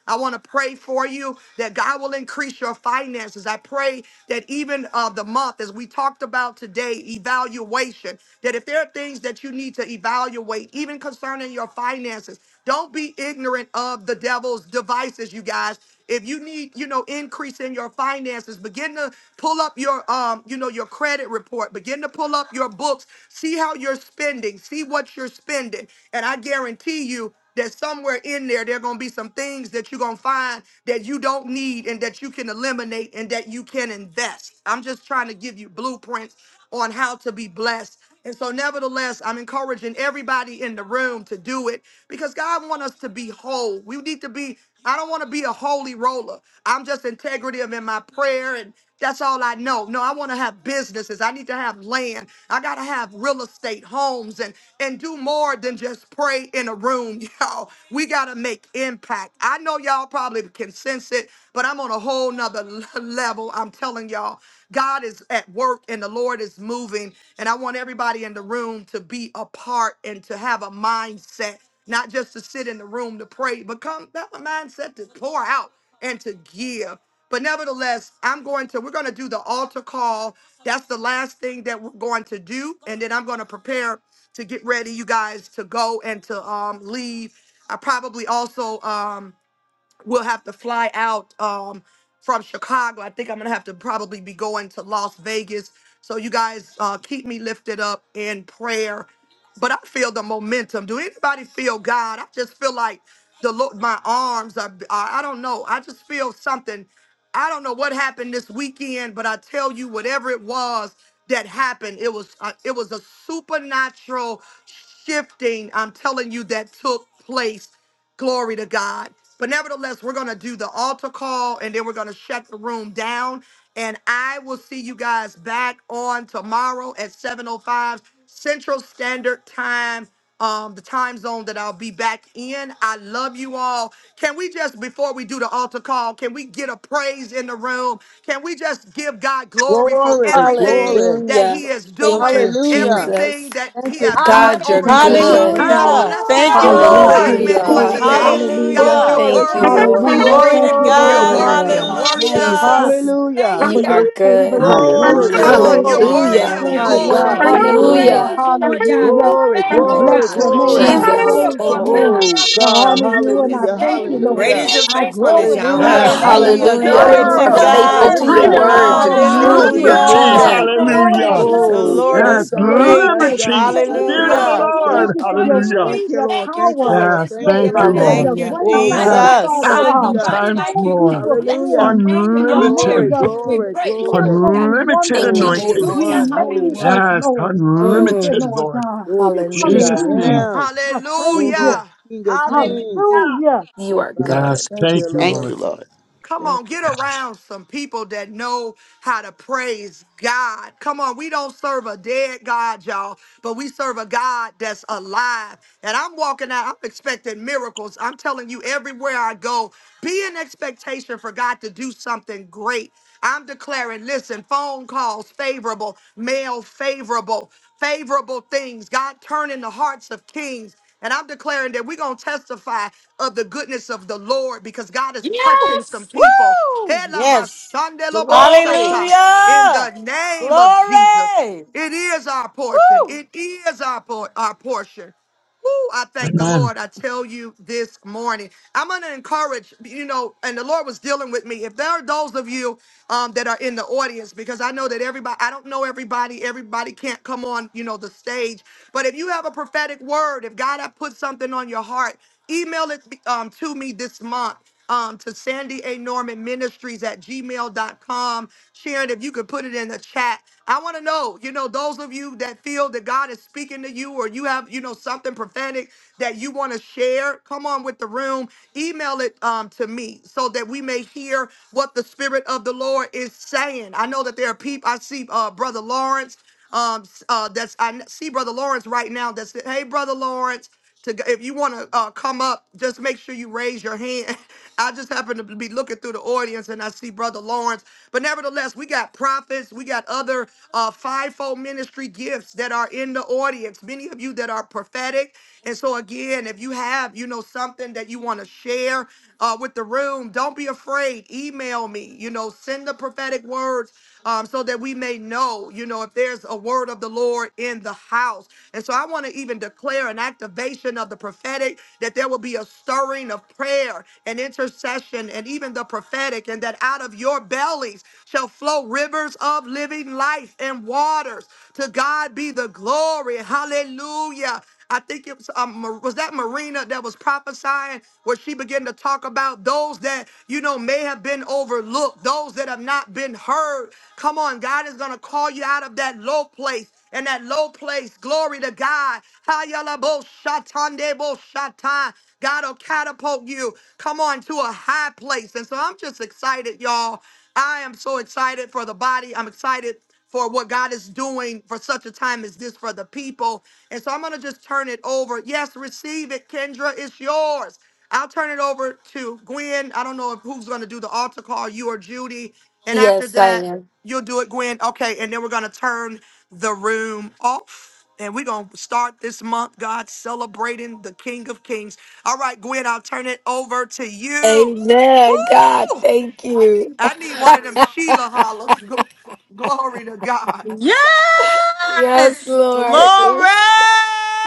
Speaker 11: I want to pray for you that God will increase your finances. I pray that even of the month, as we talked about today, evaluation, that if there are things that you need to evaluate, even concerning your finances, don't be ignorant of the devil's devices, you guys. If you need, you know, increase in your finances, begin to pull up your, um, you know, your credit report. Begin to pull up your books. See how you're spending. See what you're spending. And I guarantee you that somewhere in there there are going to be some things that you're going to find that you don't need and that you can eliminate and that you can invest i'm just trying to give you blueprints on how to be blessed and so nevertheless i'm encouraging everybody in the room to do it because god wants us to be whole we need to be i don't want to be a holy roller i'm just integrative in my prayer and. That's all I know. No, I want to have businesses. I need to have land. I got to have real estate, homes, and and do more than just pray in a room, y'all. We got to make impact. I know y'all probably can sense it, but I'm on a whole nother level. I'm telling y'all, God is at work and the Lord is moving. And I want everybody in the room to be a part and to have a mindset, not just to sit in the room to pray, but come have a mindset to pour out and to give. But nevertheless, I'm going to, we're going to do the altar call. That's the last thing that we're going to do. And then I'm going to prepare to get ready, you guys, to go and to um, leave. I probably also, um, we'll have to fly out um, from Chicago. I think I'm gonna have to probably be going to Las Vegas. So you guys uh, keep me lifted up in prayer. But I feel the momentum. Do anybody feel God? I just feel like the Lord. My arms are. are I don't know. I just feel something. I don't know what happened this weekend, but I tell you, whatever it was that happened, it was uh, it was a supernatural shifting. I'm telling you that took place Glory to God. But nevertheless, we're going to do the altar call and then we're going to shut the room down. And I will see you guys back on tomorrow at 7.05 Central Standard Time, um, the time zone that I'll be back in. I love you all. Can we just, before we do do the altar call? Can we get a praise in the room? Can we just give God glory for
Speaker 8: Glory,
Speaker 11: everything
Speaker 8: glory.
Speaker 11: that
Speaker 3: Hallelujah.
Speaker 11: He is
Speaker 3: Thank
Speaker 11: doing,
Speaker 3: you,
Speaker 8: Hallelujah.
Speaker 11: everything
Speaker 3: Jesus.
Speaker 11: that
Speaker 8: Thank
Speaker 11: He
Speaker 8: you,
Speaker 11: have done
Speaker 3: God,
Speaker 8: Jesus.
Speaker 11: over
Speaker 3: you're
Speaker 5: Thank
Speaker 11: the
Speaker 5: you,
Speaker 8: Thank you,
Speaker 11: month?
Speaker 5: Father
Speaker 3: good.
Speaker 8: Jesus.
Speaker 11: Come
Speaker 5: God.
Speaker 11: on,
Speaker 13: Hallelujah.
Speaker 11: let's get
Speaker 13: Thank
Speaker 4: Hallelujah.
Speaker 5: We
Speaker 13: you,
Speaker 11: some
Speaker 4: We
Speaker 5: bless
Speaker 8: Glory to
Speaker 5: you
Speaker 13: Lord.
Speaker 5: and
Speaker 11: excitement
Speaker 3: Hallelujah,
Speaker 8: God.
Speaker 4: praise you,
Speaker 11: on
Speaker 5: praise you.
Speaker 3: Father.
Speaker 11: today.
Speaker 4: Jesus. Thank
Speaker 5: Hallelujah.
Speaker 11: God, you're
Speaker 13: Hallelujah.
Speaker 4: you
Speaker 8: Glory
Speaker 3: Thank
Speaker 1: Hallelujah.
Speaker 4: for
Speaker 8: to
Speaker 3: you,
Speaker 11: worthy
Speaker 4: the
Speaker 8: God.
Speaker 11: of
Speaker 3: Lord.
Speaker 5: Hallelujah.
Speaker 4: abundance
Speaker 13: Glory
Speaker 11: glory.
Speaker 13: to
Speaker 5: Thank
Speaker 4: that
Speaker 5: you,
Speaker 4: you
Speaker 5: Lord
Speaker 11: You're
Speaker 8: Glory
Speaker 4: poured
Speaker 13: God.
Speaker 8: to
Speaker 5: God,
Speaker 4: out
Speaker 5: for
Speaker 11: worthy
Speaker 8: God.
Speaker 11: of
Speaker 5: your
Speaker 3: Mm,
Speaker 4: for us. We
Speaker 11: worship.
Speaker 5: mighty
Speaker 4: praise
Speaker 13: Hallelujah.
Speaker 3: Jesus,
Speaker 5: goodness.
Speaker 4: your
Speaker 8: Hallelujah.
Speaker 4: Name
Speaker 5: for
Speaker 3: you are
Speaker 5: your
Speaker 4: God.
Speaker 5: favor,
Speaker 3: good.
Speaker 5: your
Speaker 8: Glory,
Speaker 5: grace,
Speaker 4: Hallelujah.
Speaker 5: your
Speaker 11: Come
Speaker 16: Hallelujah.
Speaker 11: on,
Speaker 4: In
Speaker 11: you're
Speaker 8: glory.
Speaker 5: mercy.
Speaker 4: this
Speaker 11: worthy
Speaker 3: Hallelujah.
Speaker 4: month
Speaker 11: of
Speaker 5: Thank
Speaker 4: of
Speaker 1: Hallelujah.
Speaker 8: My
Speaker 5: you,
Speaker 1: Glory
Speaker 8: God,
Speaker 5: Lord.
Speaker 1: be
Speaker 4: July,
Speaker 11: glory.
Speaker 1: to
Speaker 8: thank
Speaker 4: we
Speaker 8: you,
Speaker 1: God.
Speaker 5: Hallelujah.
Speaker 8: Lord.
Speaker 3: Hallelujah.
Speaker 4: praise you, Lord God.
Speaker 5: Hallelujah.
Speaker 4: We
Speaker 8: Glory,
Speaker 5: I
Speaker 4: thank you,
Speaker 1: Glory,
Speaker 8: glory,
Speaker 5: bless
Speaker 4: God.
Speaker 5: your
Speaker 1: glory,
Speaker 5: name.
Speaker 8: glory.
Speaker 5: I
Speaker 1: glory,
Speaker 3: Jesus,
Speaker 1: glory,
Speaker 4: Hallelujah
Speaker 5: praise
Speaker 4: for
Speaker 5: your
Speaker 3: thank
Speaker 1: glory.
Speaker 3: you.
Speaker 5: name.
Speaker 4: allowing
Speaker 8: Oh
Speaker 4: us
Speaker 5: I
Speaker 4: to
Speaker 8: God,
Speaker 4: come
Speaker 5: honor you
Speaker 4: into
Speaker 5: and
Speaker 4: this
Speaker 5: I
Speaker 8: hallelujah,
Speaker 5: thank
Speaker 4: day.
Speaker 5: you,
Speaker 16: Thank
Speaker 4: We
Speaker 1: Great
Speaker 5: Lord.
Speaker 8: hallelujah.
Speaker 1: is
Speaker 16: you,
Speaker 1: your
Speaker 4: bless your
Speaker 16: Jesus.
Speaker 5: I
Speaker 1: faithfulness,
Speaker 4: name
Speaker 5: glorify
Speaker 4: this
Speaker 2: Yes,
Speaker 5: your
Speaker 1: Yahweh.
Speaker 8: Hallelujah.
Speaker 4: day
Speaker 5: name.
Speaker 4: in
Speaker 2: hallelujah.
Speaker 4: the
Speaker 5: I
Speaker 13: Hallelujah.
Speaker 3: Hallelujah.
Speaker 4: name
Speaker 13: Glory
Speaker 5: worship
Speaker 3: You
Speaker 4: of
Speaker 13: to
Speaker 3: are
Speaker 5: you.
Speaker 8: Hallelujah.
Speaker 4: Jesus.
Speaker 3: faithful
Speaker 13: God.
Speaker 3: to
Speaker 5: Thank you,
Speaker 3: your
Speaker 4: Thank
Speaker 8: Hallelujah.
Speaker 4: you,
Speaker 5: Lord
Speaker 3: word,
Speaker 4: Lord
Speaker 3: your
Speaker 5: God.
Speaker 2: Freedom!
Speaker 4: God.
Speaker 5: Thank
Speaker 3: truth, you're
Speaker 5: you.
Speaker 4: Allow us
Speaker 2: Liberty!
Speaker 4: to
Speaker 8: Jesus.
Speaker 5: Thank you
Speaker 3: moving.
Speaker 13: Hallelujah.
Speaker 5: for
Speaker 4: bring
Speaker 16: Thank
Speaker 3: Thank
Speaker 5: all
Speaker 16: you,
Speaker 3: you,
Speaker 5: your
Speaker 2: Hallelujah!
Speaker 4: praise
Speaker 16: Jesus.
Speaker 13: The
Speaker 8: Oh,
Speaker 4: to
Speaker 5: blessings.
Speaker 8: we
Speaker 3: Jesus.
Speaker 16: Thank
Speaker 13: Lord
Speaker 5: Thank
Speaker 4: you
Speaker 8: bless
Speaker 2: Yes,
Speaker 5: you
Speaker 13: is
Speaker 5: for your
Speaker 8: God.
Speaker 4: Give
Speaker 8: We
Speaker 13: great.
Speaker 8: bless
Speaker 5: newness.
Speaker 8: God.
Speaker 2: liberty,
Speaker 8: Bless
Speaker 4: thanksgiving.
Speaker 5: Hallelujah.
Speaker 2: Spirit of
Speaker 8: God.
Speaker 2: the
Speaker 13: Hallelujah.
Speaker 8: Bless
Speaker 4: Hallelujah
Speaker 2: Lord.
Speaker 5: Thank
Speaker 8: God.
Speaker 5: you
Speaker 4: for
Speaker 5: for your
Speaker 4: you.
Speaker 2: Hallelujah.
Speaker 8: Thank
Speaker 5: strength,
Speaker 4: We
Speaker 8: you,
Speaker 5: your
Speaker 8: Lord.
Speaker 4: thank you
Speaker 8: Thank you,
Speaker 5: power,
Speaker 4: for it
Speaker 8: Lord.
Speaker 2: Yes,
Speaker 4: this
Speaker 5: your
Speaker 8: Thank
Speaker 4: day
Speaker 8: you,
Speaker 2: thank
Speaker 4: in the
Speaker 2: you,
Speaker 8: Lord.
Speaker 5: favor,
Speaker 4: name of
Speaker 2: Lord.
Speaker 13: Thank
Speaker 5: your
Speaker 13: you,
Speaker 4: Jesus.
Speaker 3: Hallelujah.
Speaker 5: grace.
Speaker 8: Oh
Speaker 5: Thank
Speaker 4: Nobody
Speaker 2: Yes,
Speaker 5: you,
Speaker 8: God.
Speaker 4: like you,
Speaker 5: Father
Speaker 13: Jesus.
Speaker 4: God.
Speaker 5: God.
Speaker 2: thousand
Speaker 8: Hallelujah.
Speaker 4: Nobody
Speaker 2: times
Speaker 4: like
Speaker 5: Thank
Speaker 4: you.
Speaker 5: you
Speaker 4: We
Speaker 2: more.
Speaker 5: for
Speaker 4: bless
Speaker 8: Hallelujah.
Speaker 4: your
Speaker 5: being
Speaker 4: name in
Speaker 5: mighty
Speaker 4: all the
Speaker 5: among
Speaker 2: Unlimited,
Speaker 8: Glory,
Speaker 4: earth.
Speaker 5: us
Speaker 4: We
Speaker 5: and
Speaker 8: glory,
Speaker 4: praise you,
Speaker 8: glory.
Speaker 4: Lord God.
Speaker 5: fearfully,
Speaker 2: unlimited
Speaker 3: Thank
Speaker 8: Oh,
Speaker 3: you,
Speaker 5: wonderfully.
Speaker 8: Holy
Speaker 2: anointing.
Speaker 5: You
Speaker 4: Hallelujah.
Speaker 3: Jesus.
Speaker 8: One, Holy
Speaker 4: Hallelujah.
Speaker 5: made us,
Speaker 8: One,
Speaker 2: Yes,
Speaker 5: Lord.
Speaker 8: One.
Speaker 5: Thank you,
Speaker 2: unlimited,
Speaker 3: Mm,
Speaker 5: Lord
Speaker 2: Lord.
Speaker 5: God.
Speaker 8: Oh, you're great I
Speaker 2: Jesus'
Speaker 3: hallelujah.
Speaker 2: name.
Speaker 5: Hallelujah.
Speaker 8: am.
Speaker 5: I praise
Speaker 8: Oh,
Speaker 5: you.
Speaker 11: Hallelujah.
Speaker 8: King of
Speaker 16: you,
Speaker 8: Kings.
Speaker 16: Jesus.
Speaker 5: Hallelujah.
Speaker 3: You
Speaker 8: Oh,
Speaker 3: are
Speaker 8: God.
Speaker 2: Yes,
Speaker 3: good.
Speaker 8: Thank
Speaker 2: thank
Speaker 8: you,
Speaker 2: you,
Speaker 16: Thank
Speaker 8: Lord.
Speaker 16: you,
Speaker 2: Lord.
Speaker 16: Lord.
Speaker 11: Come
Speaker 8: Thank
Speaker 11: on, get around some people that know how to praise God. Come on, we don't serve a dead God, y'all, but we serve a God that's alive. And I'm walking out, I'm expecting miracles. I'm telling you, everywhere I go, be an expectation for God to do something great. I'm declaring, listen, phone calls favorable, mail favorable, favorable things. God turning the hearts of kings. And I'm declaring that we're going to testify of the goodness of the Lord because God is touching some
Speaker 1: Yes.
Speaker 11: people.
Speaker 13: Woo!
Speaker 11: Hela ba
Speaker 13: Yes.
Speaker 11: shandelo bo
Speaker 1: Glory.
Speaker 11: shata. In
Speaker 13: Hallelujah.
Speaker 11: the name of Jesus,
Speaker 13: Glory.
Speaker 11: it is our portion.
Speaker 13: Woo!
Speaker 11: It is our, por- our portion. Woo, I thank the
Speaker 2: Amen.
Speaker 11: Lord. I tell you this morning, I'm going to encourage, you know, and the Lord was dealing with me. If there are those of you um, that are in the audience, because I know that everybody, I don't know everybody, everybody can't come on, you know, the stage. But if you have a prophetic word, if God has put something on your heart, Email it um, to me this month um, to Sandy A. Norman Ministries at gmail dot com. Sharon, if you could put it in the chat. I want to know, you know, those of you that feel that God is speaking to you or you have, you know, something prophetic that you want to share, come on with the room. Email it um, to me so that we may hear what the Spirit of the Lord is saying. I know that there are people, I see uh, Brother Lawrence. Um, uh, that's I see Brother Lawrence right now. That's it. Hey, Brother Lawrence, to g- if you want to uh, come up, just make sure you raise your hand. I just happen to be looking through the audience and I see Brother Lawrence. But nevertheless, we got prophets, we got other uh, fivefold ministry gifts that are in the audience. Many of you that are prophetic. And so again, if you have you know something that you want to share uh, with the room, don't be afraid great. Email me, you know, send the prophetic words um, so that we may know, you know, if there's a word of the Lord in the house. And so I want to even declare an activation of the prophetic that there will be a stirring of prayer and intercession and even the prophetic, and that out of your bellies shall flow rivers of living life and waters. To God be the glory. Hallelujah. I think it was um, Ma- was that Marina that was prophesying where she began to talk about those that you know may have been overlooked, those that have not been heard. Come on, God is gonna call you out of that low place. And that low place, glory to God. Hayalabo shatandebo shatan. God will catapult you. Come on to a high place. And so I'm just excited, y'all. I am so excited for the body. I'm excited for what God is doing for such a time as this for the people. And so I'm going to just turn it over. Yes, receive it, Kendra. It's yours. I'll turn it over to Gwen. I don't know if who's going to do the altar call, you or Judy. And after
Speaker 3: Yes, I
Speaker 11: that,
Speaker 3: am.
Speaker 11: you'll do it, Gwen. Okay. And then we're going to turn the room off. And we're going to start this month, God, celebrating the King of Kings. All right, Gwen, I'll turn it over to you.
Speaker 3: Amen. God,
Speaker 11: Woo!
Speaker 3: thank you.
Speaker 11: I need one of them Sheila hollers. Glory to God.
Speaker 3: Yes,
Speaker 1: Yes!
Speaker 3: Lord.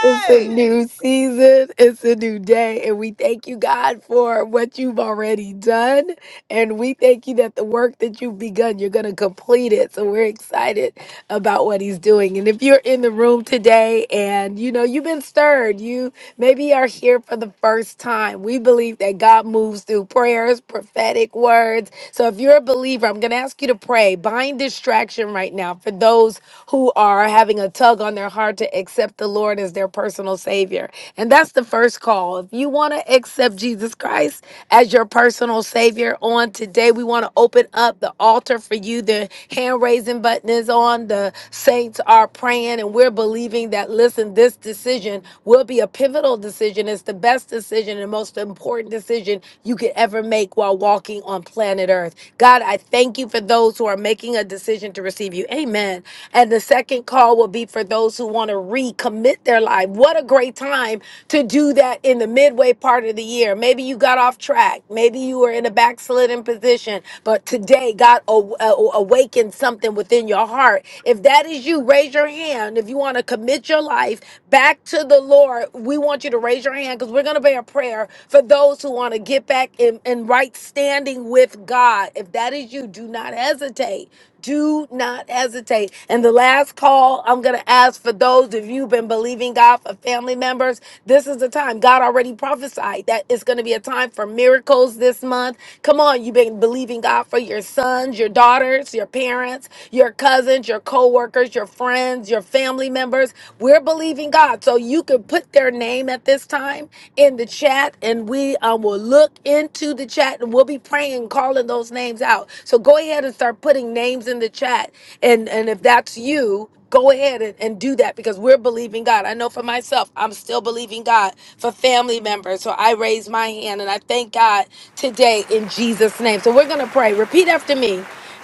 Speaker 3: It's a new season. It's a new day. And we thank you, God, for what you've already done. And we thank you that the work that you've begun, you're going to complete it. So we're excited about what he's doing. And if you're in the room today and you know you've been stirred, you maybe are here for the first time. We believe that God moves through prayers, prophetic words. So if you're a believer, I'm going to ask you to pray. Bind distraction right now for those who are having a tug tug on their heart to accept the Lord as their personal Savior. And that's the first call. If you want to accept Jesus Christ as your personal Savior on today, we want to open up the altar for you. The hand raising button is on. The saints are praying, and we're believing that, listen, this decision will be a pivotal decision. It's the best decision and most important decision you could ever make while walking on planet Earth. God, I thank you for those who are making a decision to receive you. Amen. And the second call will be for those who want to recommit their life. What a great time to do that in the midway part of the year. Maybe you got off track. Maybe you were in a backslidden position, but today God aw- aw- awakened something within your heart. If that is you, raise your hand. If you want to commit your life back to the Lord, we want you to raise your hand because we're going to pray a prayer for those who want to get back in, in right standing with God. If that is you, do not hesitate. Do not hesitate. And the last call I'm going to ask for those of you who've been believing God for family members, this is the time. God already prophesied that it's going to be a time for miracles this month. Come on, you've been believing God for your sons, your daughters, your parents, your cousins, your co workers, your friends, your family members. We're believing God. So you can put their name at this time in the chat and we um, will look into the chat and we'll be praying and calling those names out so go ahead and start putting names in the chat and and if that's you go ahead and, and do that because we're believing god i know for myself i'm still believing god for family members so i raise my hand and i thank god today in jesus name so we're gonna pray repeat after me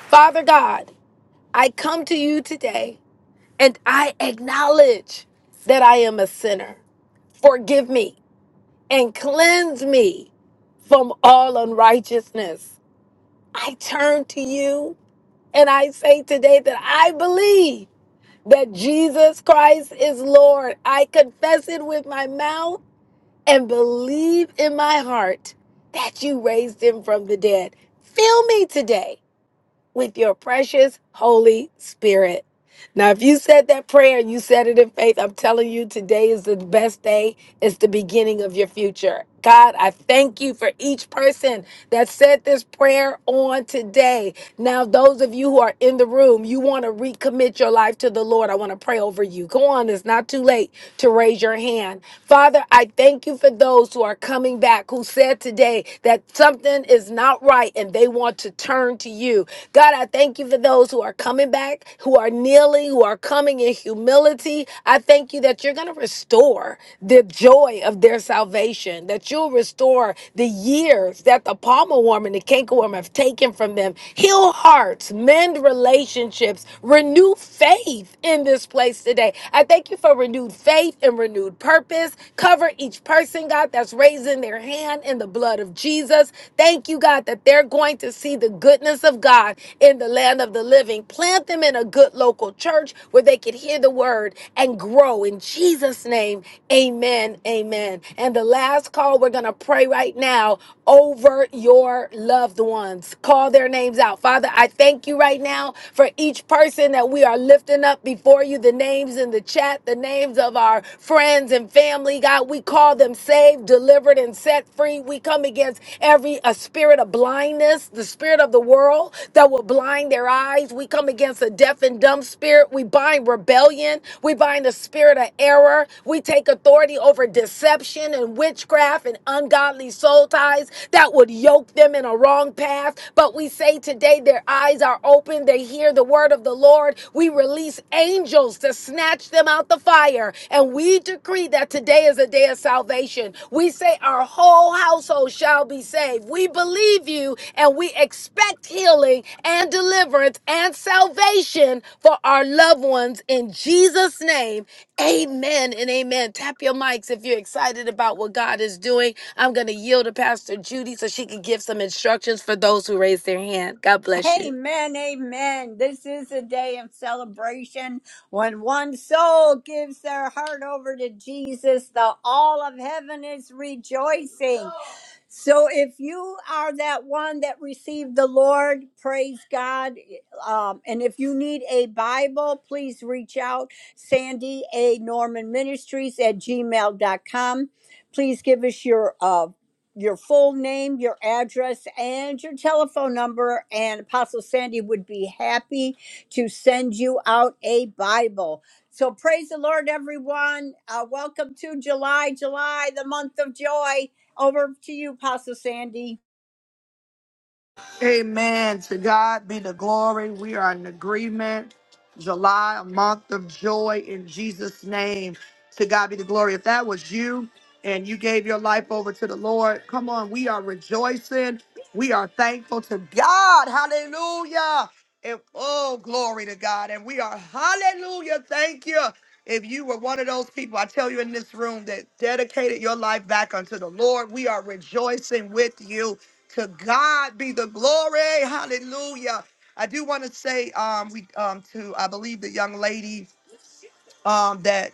Speaker 3: father god i come to you today and i acknowledge that i am a sinner forgive me and cleanse me from all unrighteousness. I turn to you and I say today that I believe that Jesus Christ is Lord. I confess it with my mouth and believe in my heart that you raised him from the dead. Fill me today with your precious Holy Spirit. Now, if you said that prayer, and you said it in faith. I'm telling you, today is the best day is the beginning of your future. God, I thank you for each person that said this prayer on today. Now, those of you who are in the room, you want to recommit your life to the Lord. I want to pray over you. Go on, it's not too late to raise your hand. Father, I thank you for those who are coming back who said today that something is not right and they want to turn to you. God, I thank you for those who are coming back, who are kneeling, who are coming in humility. I thank you that you're going to restore restore the joy of their salvation, that you'll restore the years that the palmer worm and the canker worm have taken from them. Heal hearts, mend relationships, renew faith in this place today. I thank you for renewed faith and renewed purpose. Cover each person, God, that's raising their hand in the blood of Jesus. Thank you, God, that they're going to see the goodness of God in the land of the living. Plant them in a good local church where they can hear the word and grow in Jesus' name. Jesus' name, amen, amen. And the last call we're going to pray right now over your loved ones. Call their names out. Father, I thank you right now for each person that we are lifting up before you, the names in the chat, the names of our friends and family. God, we call them saved, delivered, and set free. We come against every a spirit of blindness, the spirit of the world that will blind their eyes. We come against a deaf and dumb spirit. We bind rebellion. We bind the spirit of error. We take authority over deception and witchcraft and ungodly soul ties that would yoke them in a wrong path. But we say today their eyes are open. They hear the word of the Lord. We release angels to snatch them out the fire. And we decree that today is a day of salvation. We say our whole household shall be saved. We believe you and we expect healing and deliverance and salvation for our loved ones in Jesus' name. Amen and amen. Tap your mics if you're excited about what God is doing. I'm going to yield to Pastor Judy so she can give some instructions for those who raise their hand. God bless you.
Speaker 11: Amen. To God be the glory. We are in agreement. July, a month of joy in Jesus' name. To God be the glory. If that was you and you gave your life over to the Lord, come on. We are rejoicing. We are thankful to God. Hallelujah. And oh, glory to God. And we are, hallelujah. Thank you. If you were one of those people, I tell you in this room that dedicated your life back unto the Lord, we are rejoicing with you. To God be the glory. Hallelujah. I do want to say um we um to I believe the young lady um that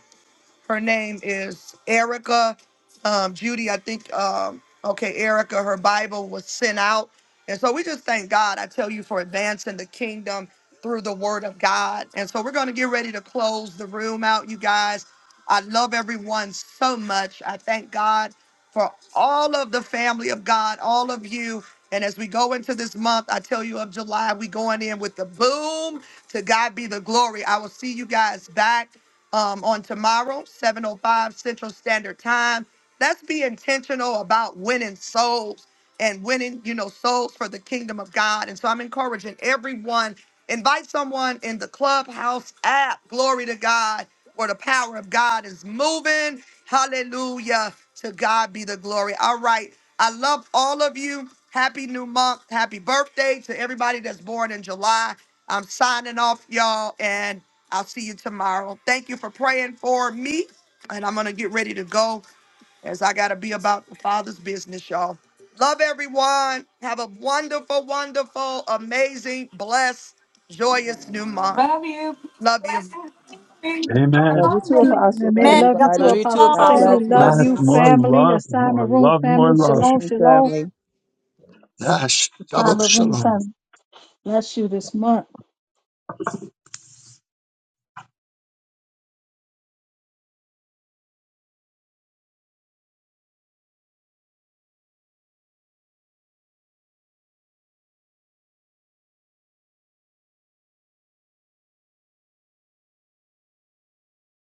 Speaker 11: her name is Erica um Judy I think um okay Erica her Bible was sent out and so we just thank God I tell you for advancing the kingdom through the word of God. And so we're going to get ready to close the room out, you guys. I love everyone so much. I thank God for all of the family of God, all of you. And as we go into this month, I tell you of July, we going in with the boom. To God be the glory. I will see you guys back um, on tomorrow, 7.05 Central Standard Time. Let's be intentional about winning souls and winning, you know, souls for the kingdom of God. And so I'm encouraging everyone Invite someone in the Clubhouse app. Glory to God, where the power of God is moving. Hallelujah. To God be the glory. All right. I love all of you. Happy new month. Happy birthday to everybody that's born in July. I'm signing off, y'all, and I'll see you tomorrow. Thank you for praying for me. And I'm going to get ready to go as I got to be about the Father's business, y'all. Love everyone. Have a wonderful, wonderful, amazing, blessed, joyous new month.
Speaker 4: Love you. Peace,
Speaker 11: Love you.
Speaker 4: blessings, and
Speaker 8: you. Love
Speaker 2: Amen.
Speaker 8: you too,
Speaker 4: abundance.
Speaker 8: Apostle. Love
Speaker 5: Amen. Love you too,
Speaker 13: Love
Speaker 8: everybody.
Speaker 13: you too,
Speaker 5: Apostle
Speaker 8: God
Speaker 5: Sandy.
Speaker 13: Apostle.
Speaker 8: bless you,
Speaker 5: Love
Speaker 8: and
Speaker 2: Yes,
Speaker 5: you,
Speaker 13: Blessings.
Speaker 2: more
Speaker 5: family.
Speaker 2: love,
Speaker 5: Assignment
Speaker 2: more
Speaker 5: room,
Speaker 2: love,
Speaker 5: family.
Speaker 2: more love.
Speaker 5: Shalom,
Speaker 8: blessing
Speaker 5: shalom.
Speaker 8: family.
Speaker 2: Yes, double
Speaker 5: Assignment room,
Speaker 2: shalom.
Speaker 5: family. Bless you this month.